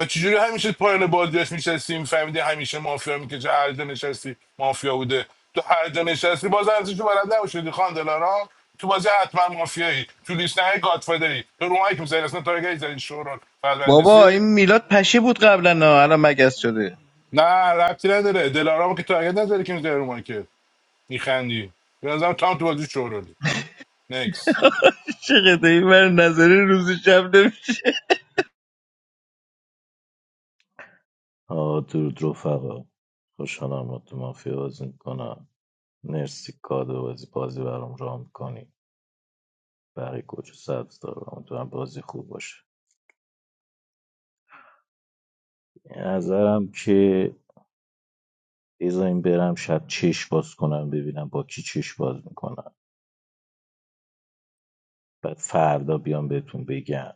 و چجوری همیشه پایان بازیاش میشستیم فهمیدی همیشه مافیا میکشه هر جا نشستی مافیا بوده تو هر جا نشستی باز ارزشو بلد نباشیدی خان دلارام تو بازی حتما مافیایی تو لیست نه گادفادری تو رومایی که میزنی اصلا تارگت زدی شورال بعد
بابا
بسی
این میلاد پشه بود قبلا نه الان مگس شده
نه ربطی نداره دلارام که تارگت نداره که میزنی رومایی که میخندی به نظرم تو هم تو بازی شورالی نکس
[LAUGHS] چقدر این من نظری روز شب نمیشه
آقا درود رفقا خوشحالم با تو مافیا بازی میکنم مرسی کادو بازی بازی برام رام میکنی برای کجا سبز دارم تو هم بازی خوب باشه به نظرم که بذاریم برم شب چش باز کنم ببینم با کی چش باز میکنم بعد فردا بیام بهتون بگم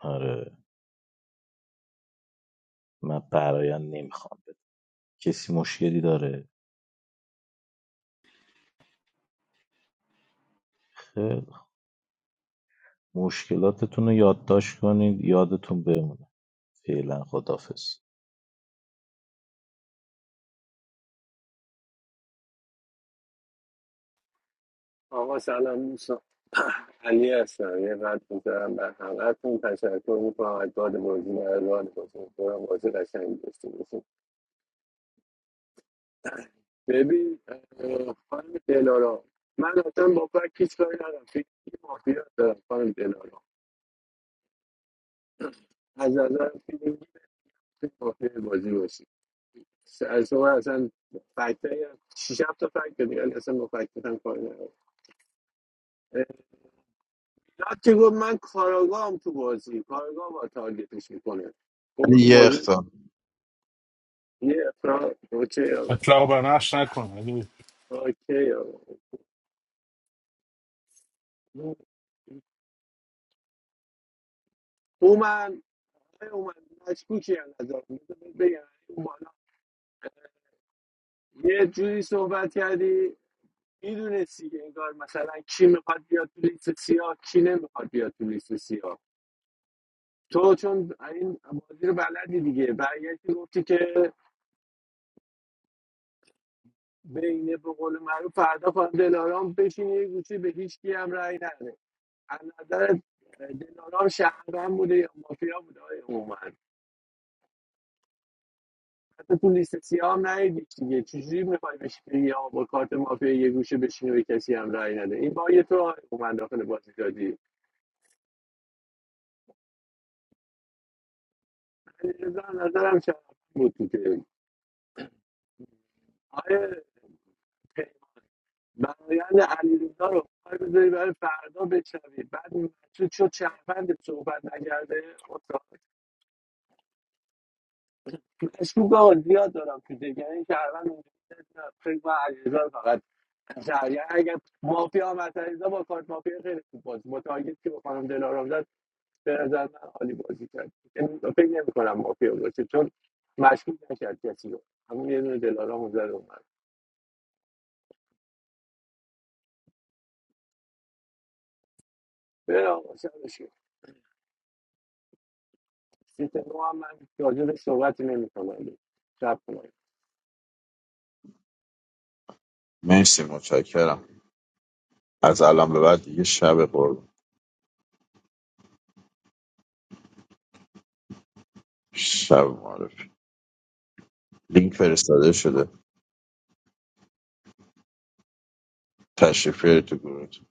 آره من برایان نمیخوام کسی مشکلی داره خیلی خوب. مشکلاتتون رو یادداشت کنید یادتون بمونه فعلا خدافظ
آقا سلام دوستان علی هستم یه قد میذارم بر همهتون تشکر میکنم از باد بازی مردان بازی میکنم بازی قشنگی داشته باشیم ببین اه، خانم دلارا من اصلا با فکر هیچ کاری ندارم فیلینگی مافیا دارم خانم دلارا از نظر فیلینگی می‌تونی مافیا بازی باشی س- از شما اصلا فکتایی هم شیش هفت تا فکت داری ولی اصلا با فکتت هم کاری ندارم اه، نه که گفت من کاراگاهم تو بازی کاراگاه با تارگتش میکنه
علی یه اختار
یه اصلا اوکی آقا
اطلاق برنش نکن اگه-
اوکی آقا اومن آره اومن مشکوکی از نظر من. بذار بهت یه جوری صحبت کردی میدونستی که انگار مثلا کی میخواد بیاد تو لیست سیاه کی نمیخواد بیاد تو لیست سیاه تو چون این بازی رو بلدی دیگه برگشتی گفتی که بین به قول معروف فردا خانم دلارام بشین یه گوشه به هیچ کی هم رأی نده از نظر دلارام شهروند بوده یا مافیا بوده آقای هومن؟ تو تو لیست سیاه هم نیدیش دیگه چجوری میخوای بهش بگی آقا با کارت مافیا یه گوشه بشین و به کسی هم رأی نده این با یه تو آقای من داخل بازی دادی علیرضا نظرم شرم بود تو که آقای برایند علیرضا رو بخوای بذاری برای فردا بشنوی بعد مسعود شد شهروند صحبت نکرده استاد مشکوک آقا زیاد دارم تو دیگه یعنی شهروند اونجا نه، فکر کنم علیرضا رو فقط شهر یعنی اگر مافیا هم از علیرضا با کارت مافیا خیلی خوب بود با تارگت که به خانم دلارام زد، به نظر من عالی بازی کرد یعنی فکر نمی کنم مافیا باشه چون مشکوک نکرد کسی رو همون یه دونه دلارام زد اومد بره آقا شبشی سیت نو هم من راجبش صحبتی نمی کنم شب کنم
مرسی متشکرم از الان به بعد دیگه شب قرب شب معرفی لینک فرستاده شده تشریف بیارید تو گروهتون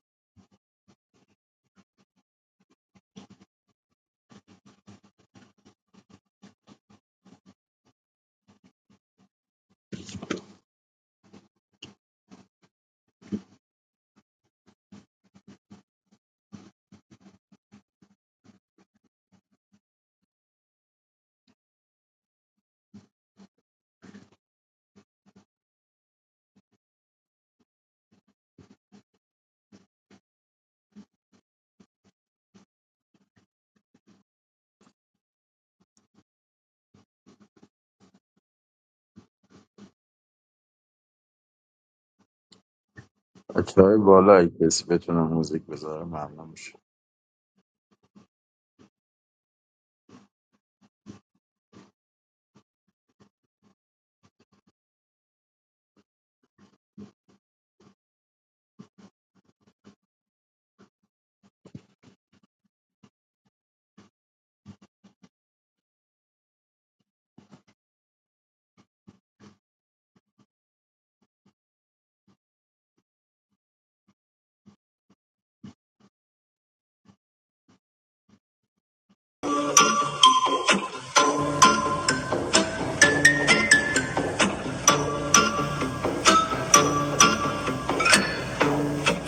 بچه‌های بالا اگه کسی بتونه موزیک بذاره ممنون میشه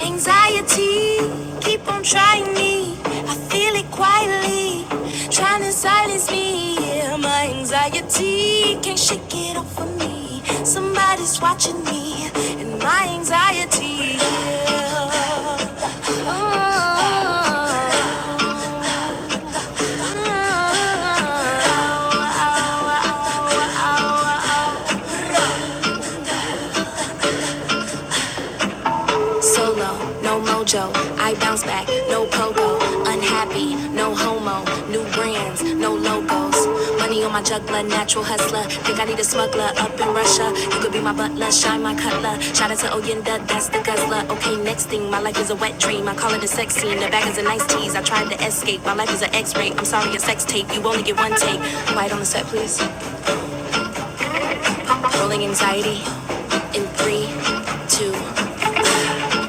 Anxiety, keep on trying me. I feel it quietly, trying to silence me. Yeah, my anxiety can't shake it off of me. Somebody's watching me, and my anxiety. Yeah. Oh, oh, oh, oh, oh, oh. oh, oh. Solo, no mojo, I bounce back, no pogo, unhappy, no homo, new brands, no logos. Money on my juggler, natural hustler. Think I need a smuggler up in Russia. You could be my butler, shine my cutler. Shout out to Oyenda, that's the guzzler. Okay, next thing, my life is a wet dream. I call it a sex scene. The bag is a nice tease. I tried to escape. My life is an X-ray. I'm sorry, a sex tape. You only get one take. White on the set, please. Rolling anxiety in three, two.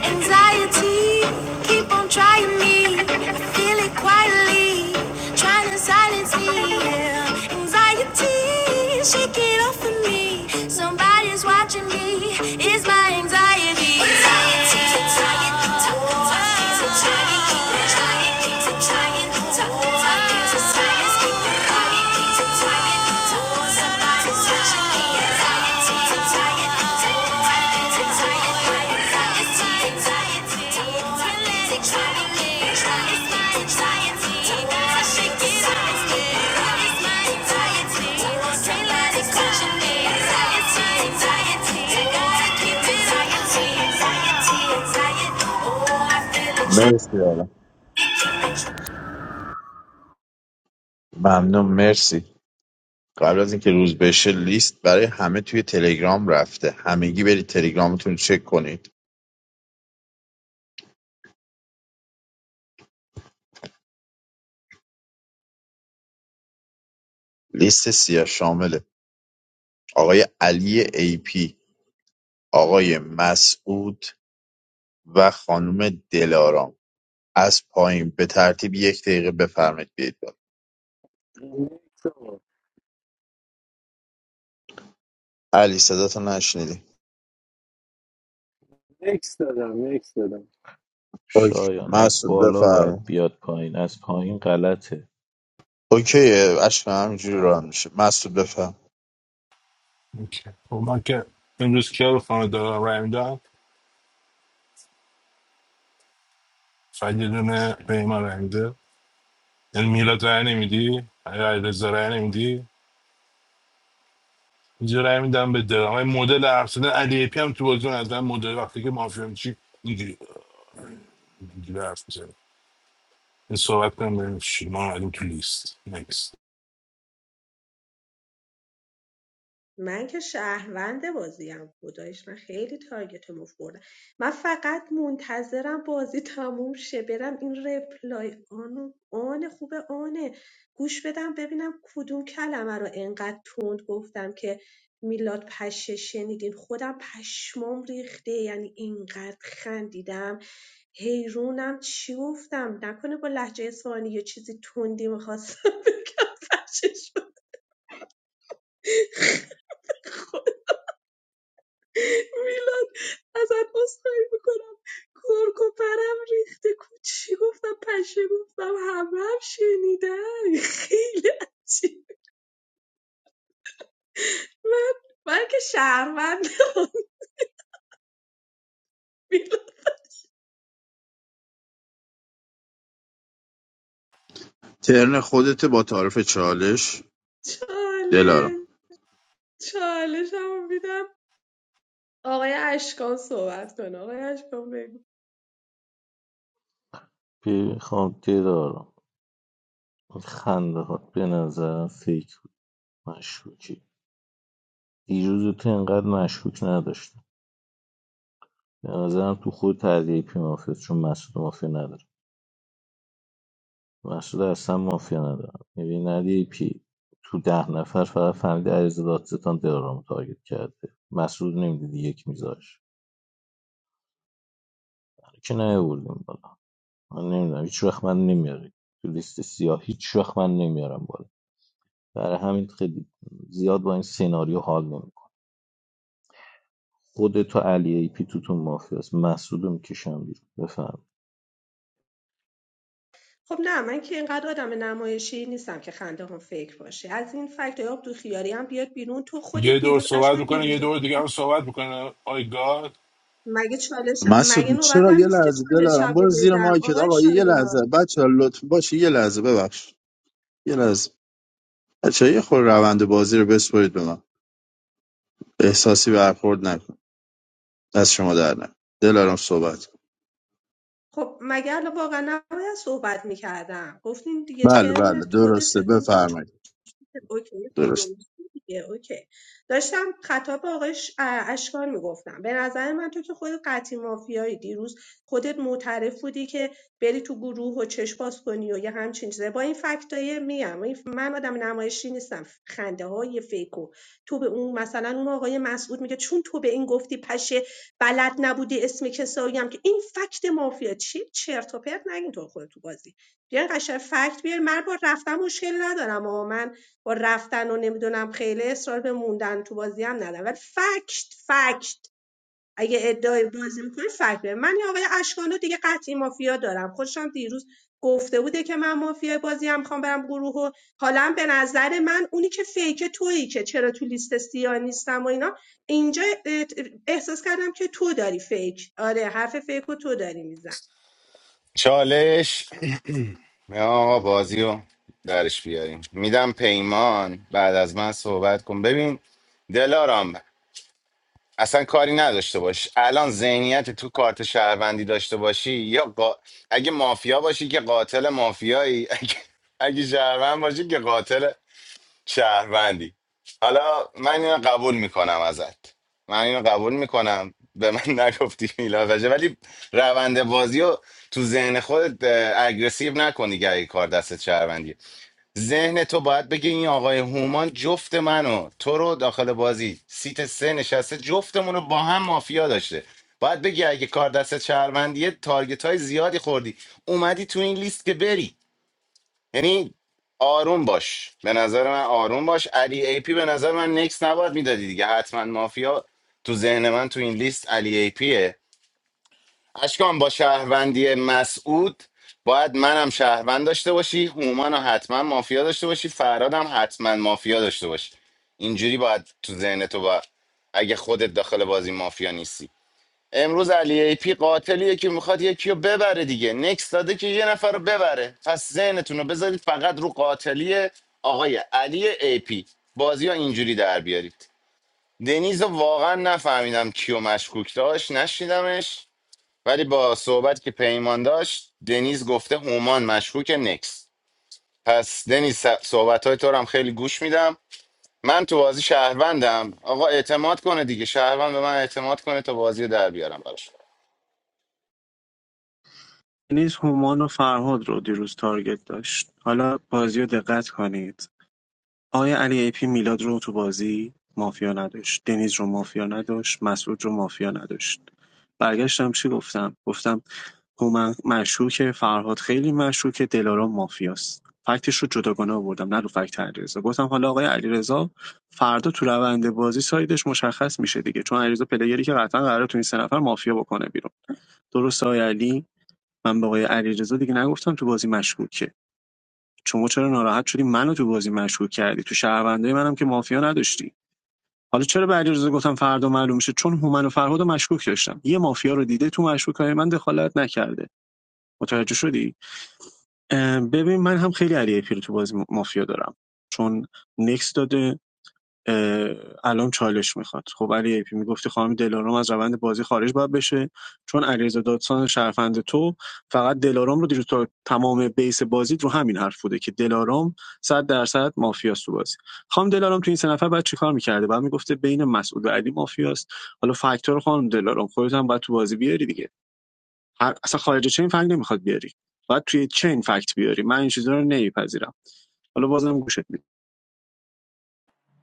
Anxiety, keep on trying me. I feel it quietly, trying to silence me. Yeah. Anxiety, shake it off of me. Somebody's watching me. It's my anxiety. Anxiety, anxiety, anxiety, keep on trying, keep on trying, keep on trying to silence me. Somebody's watching me. It's my anxiety, it's letting me drown. It's my anxiety, I shake it off, shake it off. It's my anxiety, it's letting me drown. Anxiety, anxiety, I gotta keep it, anxiety, anxiety, anxiety. Oh, I feel it, I
مرسی آلا
feel it,
ممنون مرسی قبل از اینکه روز بشه لیست برای همه توی تلگرام رفته همگی برید تلگرامتون رو چک کنید لیست سیاه شامله آقای علی ای پی، آقای مسعود و خانم دلارام از پایین به ترتیب یک دقیقه بفرمایید بیاید بالا
نکس آقا.
علی صداتو نشنیدیم
نکس دادم نکس دادم
اوکی
شایان از
مسعود
بالا باید
بفرم
بیاد پایین از پایین غلطه
اوکی اشکم همینجوری راه میشه مسعود بفرم
اوکی. خب من که امروز کیا رو خانه دلارام رای میدم فقط یه دونه به ایمان رای می‌ده. یعنی میلاد رای نمیدی علیرضا رای نمیدی اینجا رای میدم به درام این مدل حرف زدن علی پی هم تو بازی از من مدل وقتی که مافیا میشی اینجوری اینجوری حرف میزنه این صحبت کنم بریم چی ما اومدیم تو لیست نکست
من که شهروند بازیم خدایش من خیلی تارگت موف بردم من فقط منتظرم بازی تموم شه برم این رپلای آنو آن خوبه آنه گوش بدم ببینم کدوم کلمه رو انقدر تند گفتم که میلاد پشه شنیدین خودم پشمام ریخته یعنی اینقدر خندیدم حیرونم چی گفتم نکنه با لحجه اصفهانی یا چیزی تندی میخواستم [LAUGHS] بگم پشش میلاد ازت عذرخواهی میکنم کرک و پرم ریخته کوچی گفتم پشه گفتم همه هم شنیدن خیلی عجیب من من که شهروند میلاد
ترن خودت با تعارف چالش دلارام
چاله چالش هم میدم آقای اشکان صحبت کنه آقای اشکان بگو
بخوام دلارم این خنده ها به نظرم فکر بود مشکوکی دیروز تو انقدر مشکوک نداشتم به نظرم تو خود تردیه پی مافیا چون مسعود مافیا نداره مسعود اصلا مافیا ندارم ببین ندیه پی تو ده نفر فقط فهمید عریض دادستان دلارام رو تارگت کرده مسعود نمیدید یک میذاش که نه بردیم بالا من نمیدونم هیچ وقت من نمیاره تو لیست سیاه هیچ وقت من نمیارم بالا برای همین خیلی زیاد با این سیناریو حال نمیکنه خودتو علی ای پی توتون مافیاست مسعودو میکشم بیرون بفهم
خب نه من که اینقدر آدم نمایشی نیستم که خنده هم فکر باشه از این فکت آب تو خیاری هم بیاد بیرون تو خودت
یه دور
دیروز
صحبت
اشکان
میکنه یه
دیروز
دور دیگه هم صحبت میکنه آی گاد
مگه چالش مگه
مسعود
نوبت
چرا
هم
یه
نیست که
لحظه
چالش
دلارام
رو
برو زیر
بدم
مایکت
آقای
آقا یه لحظه
شایان
بچه لطف باشه یه لحظه ببخش یه لحظه بچه یه خور روند بازی رو بسپرید به من احساسی برخورد نکن از شما در نکن دلارام صحبت
خب مگه الان واقعا نباید صحبت میکردم گفتین دیگه
بله بله
ترنت
درسته
خودت نمیدونم
بفرمایید
اوکی
درست
درسته دیگه اوکی داشتم خطاب به آقای ش- ا- اشکان میگفتم به نظر من تو که خودت قطعی مافیایی دیروز خودت معترف بودی که بری تو گروه و چشم باز کنی و یه همچین چیزه با این فکتای میم این- ف- من آدم نمایشی نیستم خنده های فیکو تو به اون مثلا اون آقای مسعود میگه چون تو به این گفتی پشه بلد نبودی اسم کسایی هم که این فکت مافیا چی چرت و پرت نگین تو خود تو بازی بیاین قشنگ فکت بیار. من با رفتم مشکل ندارم اما من با رفتن و نمیدونم خیلی اصرار به موندن تو بازی هم ندارم ولی فکت فکت اگه ادعای بازی میکنه فکت بیاره. من این آقای اشکانو دیگه قطعی مافیا دارم خودشم دیروز گفته بوده که من مافیای بازی هم میخوام برم گروه و حالا به نظر من اونی که فیک تویی که چرا تو لیست سیاه نیستم و اینا اینجا احساس کردم که تو داری فیک آره حرف فیک رو تو داری میزنی
چالش نه آقا بازی رو درش بیاریم میدم پیمان بعد از من صحبت کن ببین دلارام اصلا کاری نداشته باش الان ذهنیت تو کارت شهروندی داشته باشی یا قا... اگه مافیا باشی که قاتل مافیایی [LAUGHS] اگه, اگه شهروند باشی که قاتل شهروندی حالا من اینو قبول میکنم ازت من اینو قبول میکنم به من [LAUGHS] نگفتی میلاد راجع ولی روند بازی رو تو ذهن خودت اه، اگریسیو نکنی که اگه کار دست شهروندی ذهن تو باید بگه این آقای هومان جفت منو تو رو داخل بازی سیت سه نشسته جفتمون رو با هم مافیا داشته باید بگی اگه کار دست شهروندیه تارگت های زیادی خوردی اومدی تو این لیست که بری یعنی آروم باش به نظر من آروم باش علی ای پی به نظر من نکس نباید میدادی دیگه حتما مافیا تو ذهن من تو این لیست علی ای پیه اشکان با شهروندی مسعود باید منم شهروند داشته باشی هومان رو حتما مافیا داشته باشی فرادم حتما مافیا داشته باشی اینجوری باید تو ذهن تو با اگه خودت داخل بازی مافیا نیستی امروز علی ای پی قاتلیه که میخواد یکی رو ببره دیگه نکس داده که یه نفر رو ببره پس ذهنتون رو بذارید فقط رو قاتلی آقای علی ای پی بازی ها اینجوری در بیارید دنیز رو واقعا نفهمیدم کیو مشکوک داشت نشنیدمش ولی با صحبت که پیمان داشت دنیز گفته هومان مشکوک نکس پس دنیز صحبت های تو رو هم خیلی گوش میدم من تو بازی شهروندم آقا اعتماد کنه دیگه شهروند به من اعتماد کنه تا بازی رو در بیارم براش
دنیز هومان و فرهاد رو دیروز تارگت داشت حالا بازی رو دقت کنید آیا علی ای پی میلاد رو تو بازی مافیا نداشت دنیز رو مافیا نداشت مسعود رو مافیا نداشت برگشتم چی گفتم گفتم هومن مشکوکه فرهاد خیلی مشکوکه دلارام مافیاست فکتش رو جداگانه آوردم نه رو فکت علیرضا گفتم حالا آقای علیرضا فردا تو روند بازی سایدش مشخص میشه دیگه چون علیرضا پلیری که قطعا قراره تو این سه نفر مافیا بکنه بیرون درست آقای علی من به آقای علیرضا دیگه نگفتم تو بازی مشکوکه شما چرا ناراحت شدی منو تو بازی مشکوک کردی تو شهروندای منم که مافیا نداشتی حالا چرا به علیرضا گفتم فردا معلوم میشه چون هومن و فرهاد مشکوک داشتم یه مافیا رو دیده تو مشکوکای من دخالت نکرده متوجه شدی اه، ببین من هم خیلی علی پیر تو بازی مافیا دارم چون نکس داده اه، الان چالش میخواد خب علی پی میگفتی خانم دلارام از روند بازی خارج باید بشه چون علیرضا دادسان شرفند تو فقط دلارام رو دیروز تا تمام بیس بازی رو همین حرف بوده که دلارام صد درصد مافیاست تو بازی خانم دلارام تو این سه نفر بعد چیکار میکرده بعد میگفته بین مسعود و علی مافیاست حالا فاکتور خانم دلارام خودت هم باید تو بازی بیاری دیگه هر اصلا خارج چین فکت نمیخواد بیاری باید توی چین فکت بیاری من این چیزا رو نمیپذیرم حالا بازم گوشت میدم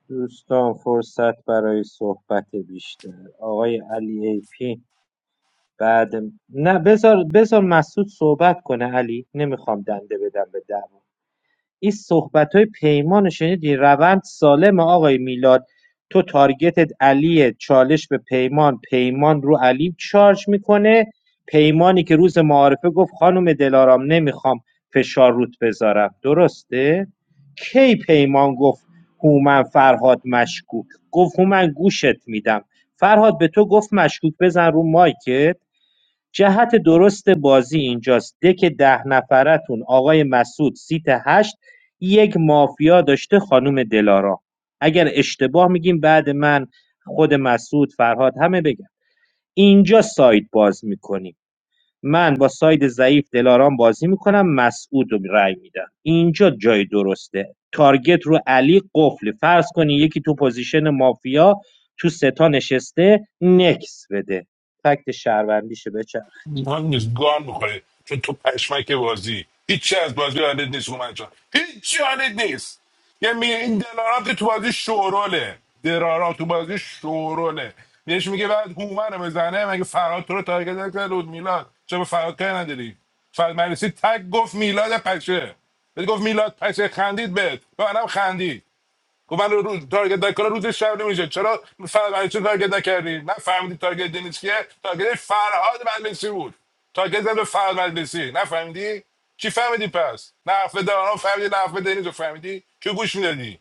دوستان فرصت برای صحبت بیشتر آقای علی ای پی بعد نه بذار بذار مسعود صحبت کنه علی نمیخوام دنده بدم به دعوا این صحبتای پیمان رو شنیدی روند سالمه آقای میلاد تو تارگتت علیه چالش به پیمان پیمان رو علی چارج میکنه پیمانی که روز معارفه گفت خانم دلارام نمیخوام فشار رود بذارم درسته کی پیمان گفت هومن فرهاد مشکوک گفت هومن گوشت میدم فرهاد به تو گفت مشکوک بزن رو مایکت جهت درست بازی اینجاست دک ده نفرتون آقای مسعود سیت هشت یک مافیا داشته خانم دلارا. اگر اشتباه میگیم بعد من خود مسعود فرهاد همه بگم. اینجا ساید باز میکنیم من با ساید ضعیف دلارام بازی میکنم مسعود رو رأی میدم اینجا جای درسته تارگت رو علی قفل فرض کنی یکی تو پوزیشن مافیا تو ستا نشسته نکس بده فکت شهروندیشه بچه
مهم نیست گان میخوری چون تو پشمک بازی هیچی از بازی یادت نیست اومد جان هیچی یادت نیست یه میگه این دلارام که تو بازی شوروله دلارام تو بازی شوروله بهش میگه بعد هومن رو بزنه مگه فراد تو رو تارگت نکرد بود میلاد چرا به فراد کاری نداری فراد مجلسی تک گفت میلاد پشه بهت گفت میلاد پشه خندید بهت به منم خندید گفت من رو تارگت نکنه روز شب نمیشه چرا فر... برای چه تارگت نکردی من فهمیدی تارگت دنیس کیه تارگت فرهاد مجلسی بود تارگت زد به فرهاد مجلسی نفهمیدی چی فهمیدی پس نه حرف داران فهمیدی نه حرف دنیز رو فهمیدی که گوش میدادی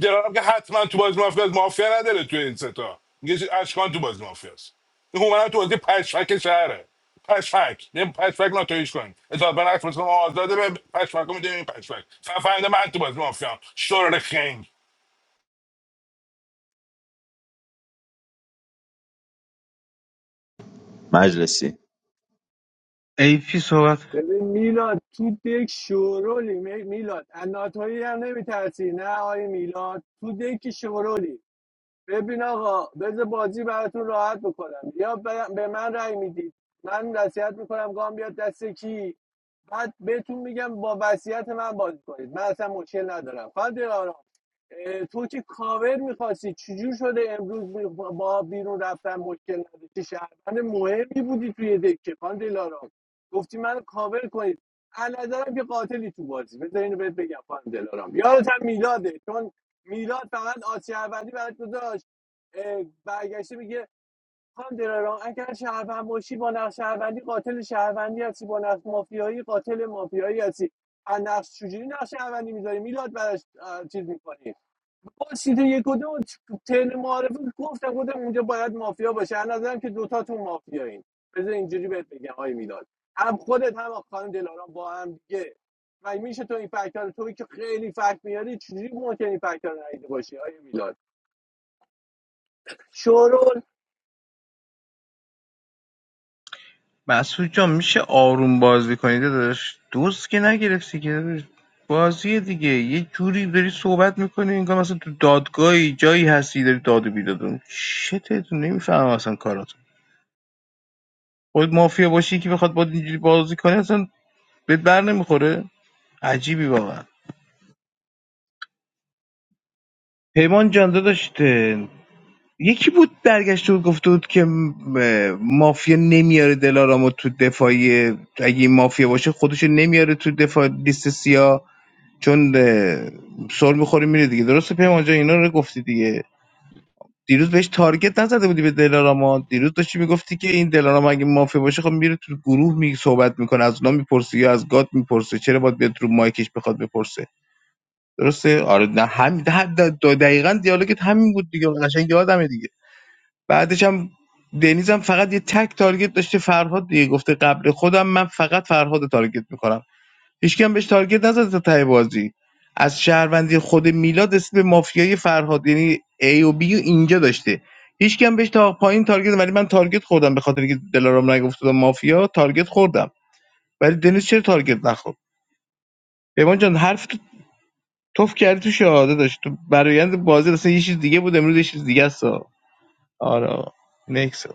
داران که حتما تو باز مافیا است. مافیا نداره تو این ستا میگه اشکان تو باز مافیا است این هومن تو بازی پشفک شهره پشفک یه پشفک ناتویش کن اطلاع به نقص مثل ما آزاده به پشفک رو میدونیم پشفک فهمیده من تو باز مافیا شرر خنگ
مجلسی
ای پی صحبت
ببین میلاد تو دک شورولی می- میلاد اناتولی هم نمیترسی نه آی میلاد تو دک شورولی ببین آقا بذار بازی براتون راحت بکنم یا ب- به من رأی میدید من وصیت میکنم گام بیاد دست کی بعد بهتون میگم با وصیت من بازی کنید من اصلا مشکل ندارم فقط یه آرام اه، تو که کاور میخواستی چجور شده امروز می- با بیرون رفتن مشکل نداشتی شهروند مهمی بودی توی دکه خان دلارام گفتی من کاور کنید از نظرم که قاتلی تو بازی بذار اینو بهت بگم خان دلارام یادت هم میلاده چون میلاد فقط آز شهروندی برات گذاشت اه، برگشته میگه خانم دلارام اگر شهروند باشی با نقش شهروندی قاتل شهروندی هستی با نقش مافیایی قاتل مافیایی هستی از نقش چجوری نقش شهروندی میذاری میلاد براش چیز میکنی با سیت یک و دو تن معارفه گفتم گفتم اونجا باید مافیا باشه از نظرم که دوتاتون مافیایین بذار اینجوری بهت بگم آی میلاد هم خودت هم خانم دلارام با هم دیگه و میشه تو این فکت‌ها رو توی که خیلی فکت میاری چجوری ممکنه این فکت‌ها رو ندیده باشی آی میلاد شورول
مسعود جان میشه آروم بازی کنی داداش دوست که نگرفتی که بازی دیگه یه جوری داری صحبت میکنی انگار مثلا تو دادگاهی جایی هستی داری داد و بیداد می‌کنی. شتتون نمیفهمم اصلا کاراتون خود مافیا باشی که بخواد با اینجوری بازی کنه اصلا بهت بر نمیخوره عجیبی واقعا پیمان جان داشته یکی بود برگشته بود گفته بود که م- مافیا نمیاره دلارامو تو دفاعی اگه این مافیا باشه خودشو نمیاره تو دفاع لیست سیاه چون اه، سر میخوری میره دیگه درسته پیمان جان اینا رو گفتی دیگه دیروز بهش تارگت نزده بودی به دلاراما دیروز داشتی میگفتی که این دلاراما اگه مافیا باشه خب میره تو گروه می صحبت میکنه از اونا میپرسه یا از گات میپرسه چرا باید بیاد رو مایکش بخواد بپرسه درسته آره نه همین ده- ده- دقیقا دیالوگت همین بود دیگه قشنگ یادمه دیگه بعدش هم دنیز هم فقط یه تک تارگت داشته فرهاد دیگه گفته قبل خودم من فقط فرهاد رو تارگت میکنم هیچکی بهش تارگت نزد تا ته بازی از شهروندی خود میلاد اسم به مافیای فرهاد یعنی A و B و اینجا داشته هیچکی بهش تا پایین تارگت ولی من تارگت خوردم به خاطر اینکه دلارام نگفت مافیا تارگت خوردم ولی دنیس چرا تارگت نخورد پیمان جان حرف تو توف کردی تو شهاده داشت تو برایند بازی اصلا یه چیز دیگه بود امروز یه چیز دیگه است آره نکس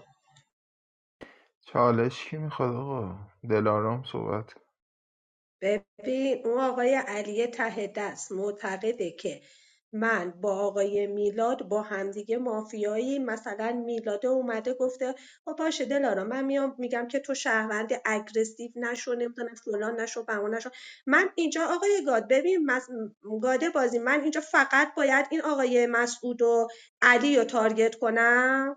چالش کی میخواد آقا دلارام صحبت
ببین اون آقای علی ته دست معتقده که من با آقای میلاد با همدیگه مافیایی مثلا میلاد اومده گفته خب باشه دلارا من میام میگم که تو شهروند اگرسیو نشو نمیدونم فلان نشو بهمان نشو من اینجا آقای گاد ببین مس... گاده بازی من اینجا فقط باید این آقای مسعود و علی رو تارگت کنم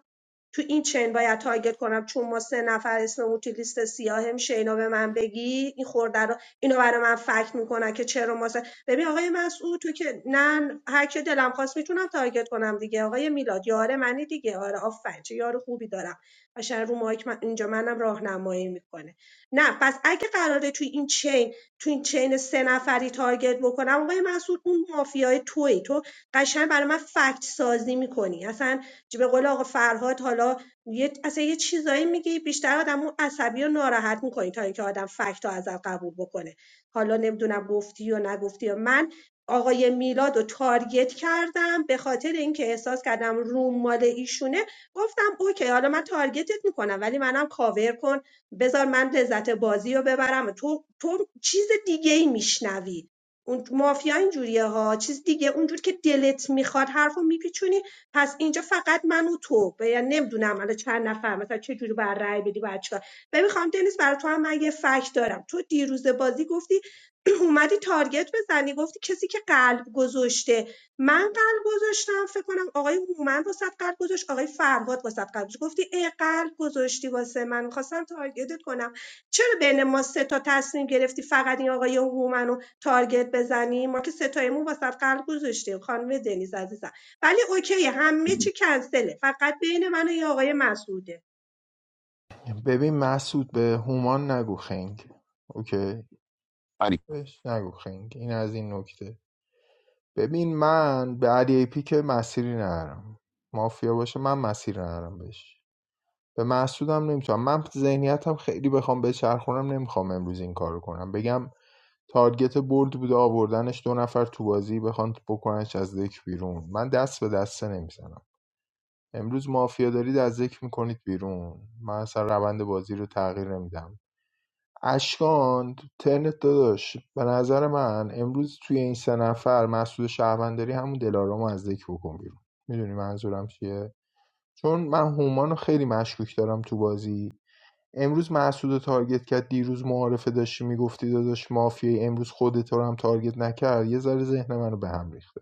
تو این چین باید تارگت کنم چون ما سه نفر اسممون تو لیست سیاهم شینا به من بگی این خورده رو اینو برای من فکر میکنه که چرا ما سه... ببین آقای مسعود تو که نه هر که دلم خواست میتونم تارگت کنم دیگه آقای میلاد یاره منی دیگه آره آفرین چه یار خوبی دارم قشنگ رو مایک من... اینجا منم راهنمایی میکنه نه پس اگه قراره تو این چین تو این چین سه نفری تارگت بکنم آقای مسعود اون مافیای توی تو قشنگ برای من فکت سازی میکنی اصلا به قول آقا فرهاد حالا یه اصلا یه چیزایی میگی بیشتر آدمو عصبی و ناراحت میکنی تا اینکه آدم فکت رو ازت قبول بکنه حالا نمیدونم گفتی و نگفتی و من آقای میلاد رو تارگت کردم به خاطر اینکه احساس کردم روم مال ایشونه گفتم اوکی حالا من تارگتت میکنم ولی منم کاور کن بذار من لذت بازی رو ببرم تو تو چیز دیگه ای میشنوی اون مافیا اینجوریه ها چیز دیگه اونجور که دلت میخواد حرفو میپیچونی پس اینجا فقط من و تو و یعنی نمیدونم الان چند نفر مثلا چه جوری بر رأی بدی بعد چیکار ببین خانم دنیس برای تو هم من یه فکت دارم تو دیروز بازی گفتی [CLEARS THROAT] اومدی تارگت بزنی گفتی کسی که قلب گذاشته من قلب گذاشتم فکر کنم آقای هومن واسه قلب گذاشت آقای فرهاد واسه قلب گذاشت گفتی ای قلب گذاشتی واسه من میخواستم تارگتت کنم چرا بین ما سه تا تصمیم گرفتی فقط این آقای هومن رو تارگت بزنی ما که سه تایمون واسه قلب گذاشتیم خانم دنیز عزیزم ولی اوکی همه چی کنسله فقط بین من و یه آقای مسعوده
ببین مسعود به هومان نگو خنگ اوکی بهش نگو خنگ این از این نکته ببین من به علی ای پی که مسیری ندارم مافیا باشه من مسیر ندارم بهش به مسعودم نمیتونم من ذهنیتم خیلی بخوام بچرخونم نمیخوام امروز این کارو کنم بگم تارگت برد بوده آوردنش دو نفر تو بازی بخوان بکننش از دک بیرون من دست به دسته نمیزنم امروز مافیا دارید از ذکر میکنید بیرون من اصلا روند بازی رو تغییر نمیدم اشکان تو ترنت داداش به نظر من امروز توی این سه نفر مسئول شهرونداری همون دلارام از ذکر بکن بیرون میدونی منظورم چیه چون من هومان رو خیلی مشکوک دارم تو بازی امروز مسعود رو تارگت کرد دیروز معارفه داشتی میگفتی داداش مافیای امروز خودت رو هم تارگت نکرد یه ذره ذهن منو به هم ریخته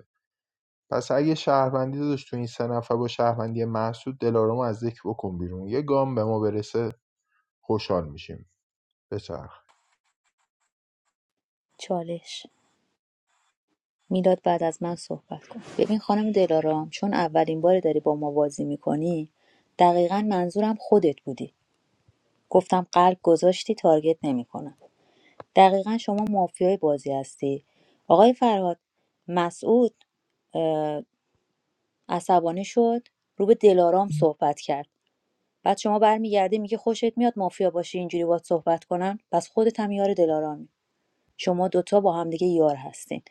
پس اگه شهروندی داداش تو این سه نفر با شهروندی محسود دلارام از ذکر بکن بیرون یه گام به ما برسه خوشحال میشیم بچرخ
چالش میلاد بعد از من صحبت کن ببین خانم دلارام چون اولین بار داری با ما بازی میکنی دقیقا منظورم خودت بودی گفتم قلب گذاشتی تارگت نمیکنم دقیقا شما مافیای بازی هستی آقای فرهاد مسعود اه، عصبانی شد رو به دلارام صحبت کرد بعد شما برمیگردی میگه خوشت میاد مافیا باشی اینجوری باهات صحبت کنن پس خودت هم یار دلارامی شما دوتا با هم دیگه یار هستین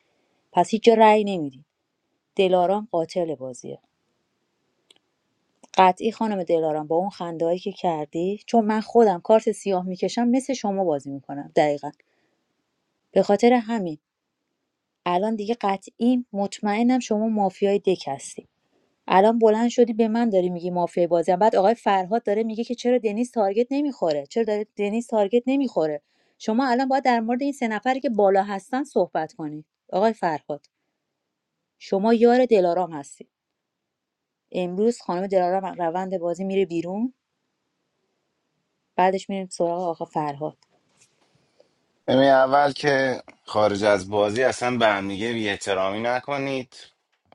پس هیچ جا رأی نمیدین دلارام قاتل بازیه قطعی خانم دلارام با اون خندهایی که کردی چون من خودم کارت سیاه میکشم مثل شما بازی میکنم دقیقا به خاطر همین الان دیگه قطعی مطمئنم شما مافیای دک هستی الان بلند شدی به من داری میگی مافیای بازی بعد آقای فرهاد داره میگه که چرا دنیز تارگت نمیخوره چرا داره دنیز تارگت نمیخوره شما الان باید در مورد این سه نفری که بالا هستن صحبت کنی، آقای فرهاد شما یار دلارام هستی امروز خانم دلارام از روند بازی میره بیرون بعدش میریم سراغ آقا فرهاد
ببین اول که خارج از بازی اصلا به همدیگه بی احترامی نکنید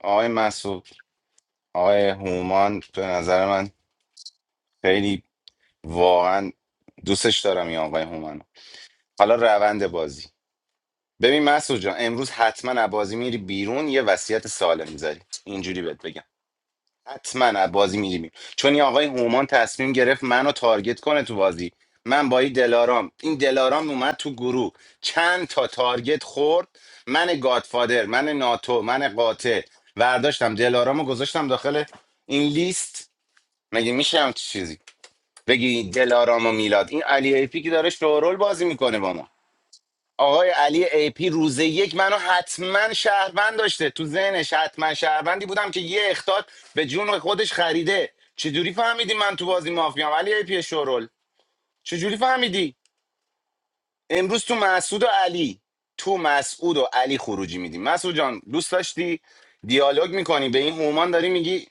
آقای مسعود آقای هومان به نظر من خیلی واقعا دوستش دارم این آقای هومان حالا روند بازی ببین مسعود جان امروز حتما از بازی میری بیرون یه وصیت سالم میذاری اینجوری بهت بگم حتما از بازی میریم چون این آقای هومان تصمیم گرفت منو تارگت کنه تو بازی من با این دلارام این دلارام اومد تو گروه چند تا تارگت خورد من گادفادر من ناتو من قاطع ورداشتم دلارامو گذاشتم داخل این لیست مگه میشه هم چیزی بگی دلارام و میلاد این علی ایپی که داره شورول بازی میکنه با ما آقای علی ای پی روز یک منو حتما شهروند داشته تو ذهنش حتما شهروندی بودم که یه اختاد به جون خودش خریده چجوری فهمیدی من تو بازی مافیام علی ای پی شورول چجوری فهمیدی امروز تو مسعود و علی تو مسعود و علی خروجی میدیم مسعود جان دوست داشتی دیالوگ میکنی به این هومان داری میگی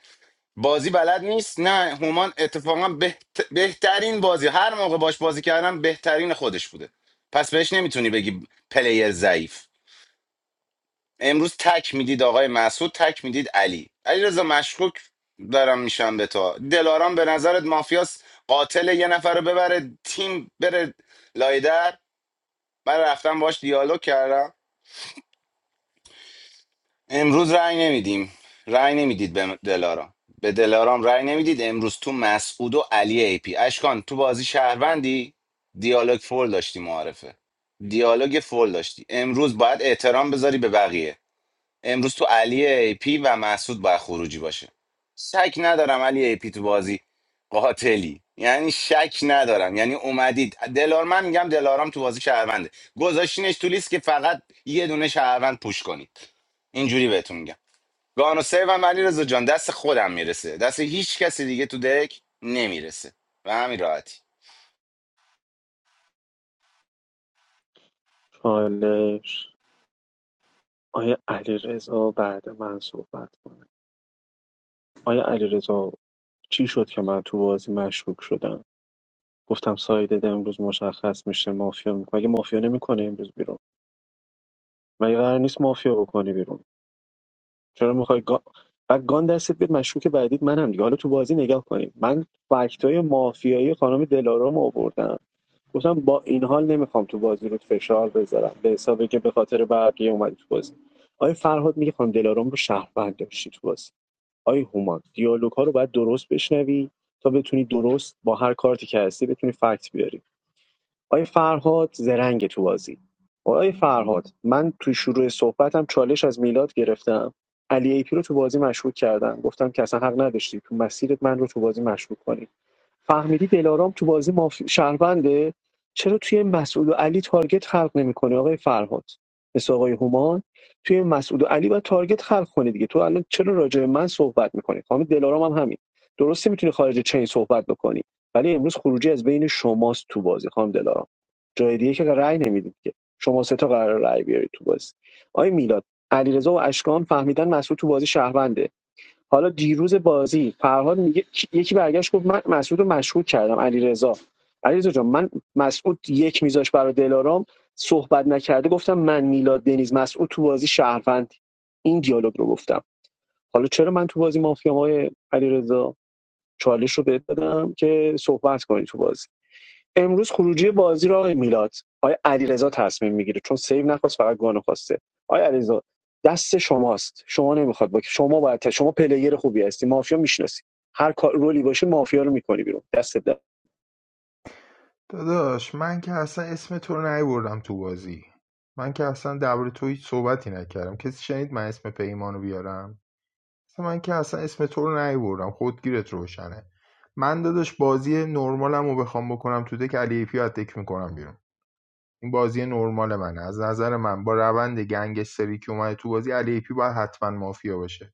بازی بلد نیست نه هومان اتفاقا بهت- بهترین بازی هر موقع باش بازی کردم بهترین خودش بوده پس بهش نمیتونی بگی پلیر ضعیف امروز تک میدید آقای مسعود تک میدید علی علیرضا مشکوک دارم میشم به تو دلارام به نظرت مافیاس قاتل یه نفر رو ببره تیم بره لایدر من رفتم باش دیالوگ کردم امروز رأی نمیدیم رأی نمیدید به دلارام به دلارام رأی نمیدید امروز تو مسعود و علی ای پی اشکان تو بازی شهروندی دیالوگ فول داشتی معارفه دیالوگ فول داشتی امروز باید احترام بذاری به بقیه امروز تو علی ای پی و مسعود باید خروجی باشه شک ندارم علی ای پی تو بازی قاتلی یعنی شک ندارم یعنی اومدید دلار من میگم دلارام تو بازی شهرونده گذاشتینش تو لیست که فقط یه دونه شهروند پوش کنید اینجوری بهتون میگم گانو سیو هم علی رضا جان دست خودم میرسه دست هیچ کسی دیگه تو دک نمیرسه و همین راحتی
چالش آیا علیرضا رضا بعد من صحبت کنه آیا علیرضا چی شد که من تو بازی مشکوک شدم گفتم سایدت امروز مشخص میشه مافیا میکنه مگه مافیا نمیکنه امروز بیرون مگه قرار نیست مافیا بکنی بیرون چرا میخوای گا... و گان دستت بیاد مشکوک بعدید منم دیگه حالا تو بازی نگاه کنیم من فکتای مافیایی خانم دلارام آوردم گفتم با این حال نمیخوام تو بازی رو فشار بذارم به حسابی که به خاطر بقیه اومدی تو بازی آیا فرهاد میگه خانم دلارام رو شهروند داشتی تو بازی آیا هومان دیالوگ ها رو باید درست بشنوی تا بتونی درست با هر کارتی که هستی بتونی فکت بیاری آیا فرهاد زرنگ تو بازی آیا فرهاد من تو شروع صحبتم چالش از میلاد گرفتم علی ایپی رو تو بازی مشکوک کردم گفتم که اصلا حق نداشتی تو مسیرت من رو تو بازی مشکوک کنی فهمیدی دلارام تو بازی ماف... شهرونده چرا توی مسعود و علی تارگت خلق نمیکنه آقای فرهاد مثل آقای هومان توی مسعود و علی باید تارگت خلق کنه دیگه تو الان چرا راجع به من صحبت میکنی خانم دلارام هم همین درسته میتونی خارج چین صحبت بکنی ولی امروز خروجی از بین شماست تو بازی خانم دلارام جای دیگه که رأی نمیدید که شما سه تا قرار رأی بیارید تو بازی آقای میلاد علیرضا و اشکان فهمیدن مسعود تو بازی شهرونده حالا دیروز بازی فرهاد میگه یکی برگشت گفت من مسعود رو مشکوک کردم علیرضا علیرضا جان من مسعود یک میذاش برای دلارام صحبت نکرده گفتم من میلاد دنیز مسعود تو بازی شهروند این دیالوگ رو گفتم حالا چرا من تو بازی مافیام های علیرضا چالش رو بهت دادم که صحبت کنی تو بازی امروز خروجی بازی رو آقای میلاد آقای علیرضا تصمیم میگیره چون سیو نخواست فقط گانو خواسته آقای علیرضا دست شماست شما نمیخواد با شما باید شما پلیر خوبی هستی مافیا میشناسی هر کار رولی باشه مافیا رو میکنی بیرون دست در
داداش من که اصلا اسم تو رو نیوردم تو بازی من که اصلا درباره تو هیچ صحبتی نکردم کسی شنید من اسم پیمان رو بیارم اصلا من که اصلا اسم تو رو نیوردم خودگیرت روشنه من داداش بازی نرمالم بخوام بکنم تو دک علی پی رو تک میکنم بیرون این بازی نرمال منه از نظر من با روند گنگستری که اومده تو بازی علی پی باید حتما مافیا باشه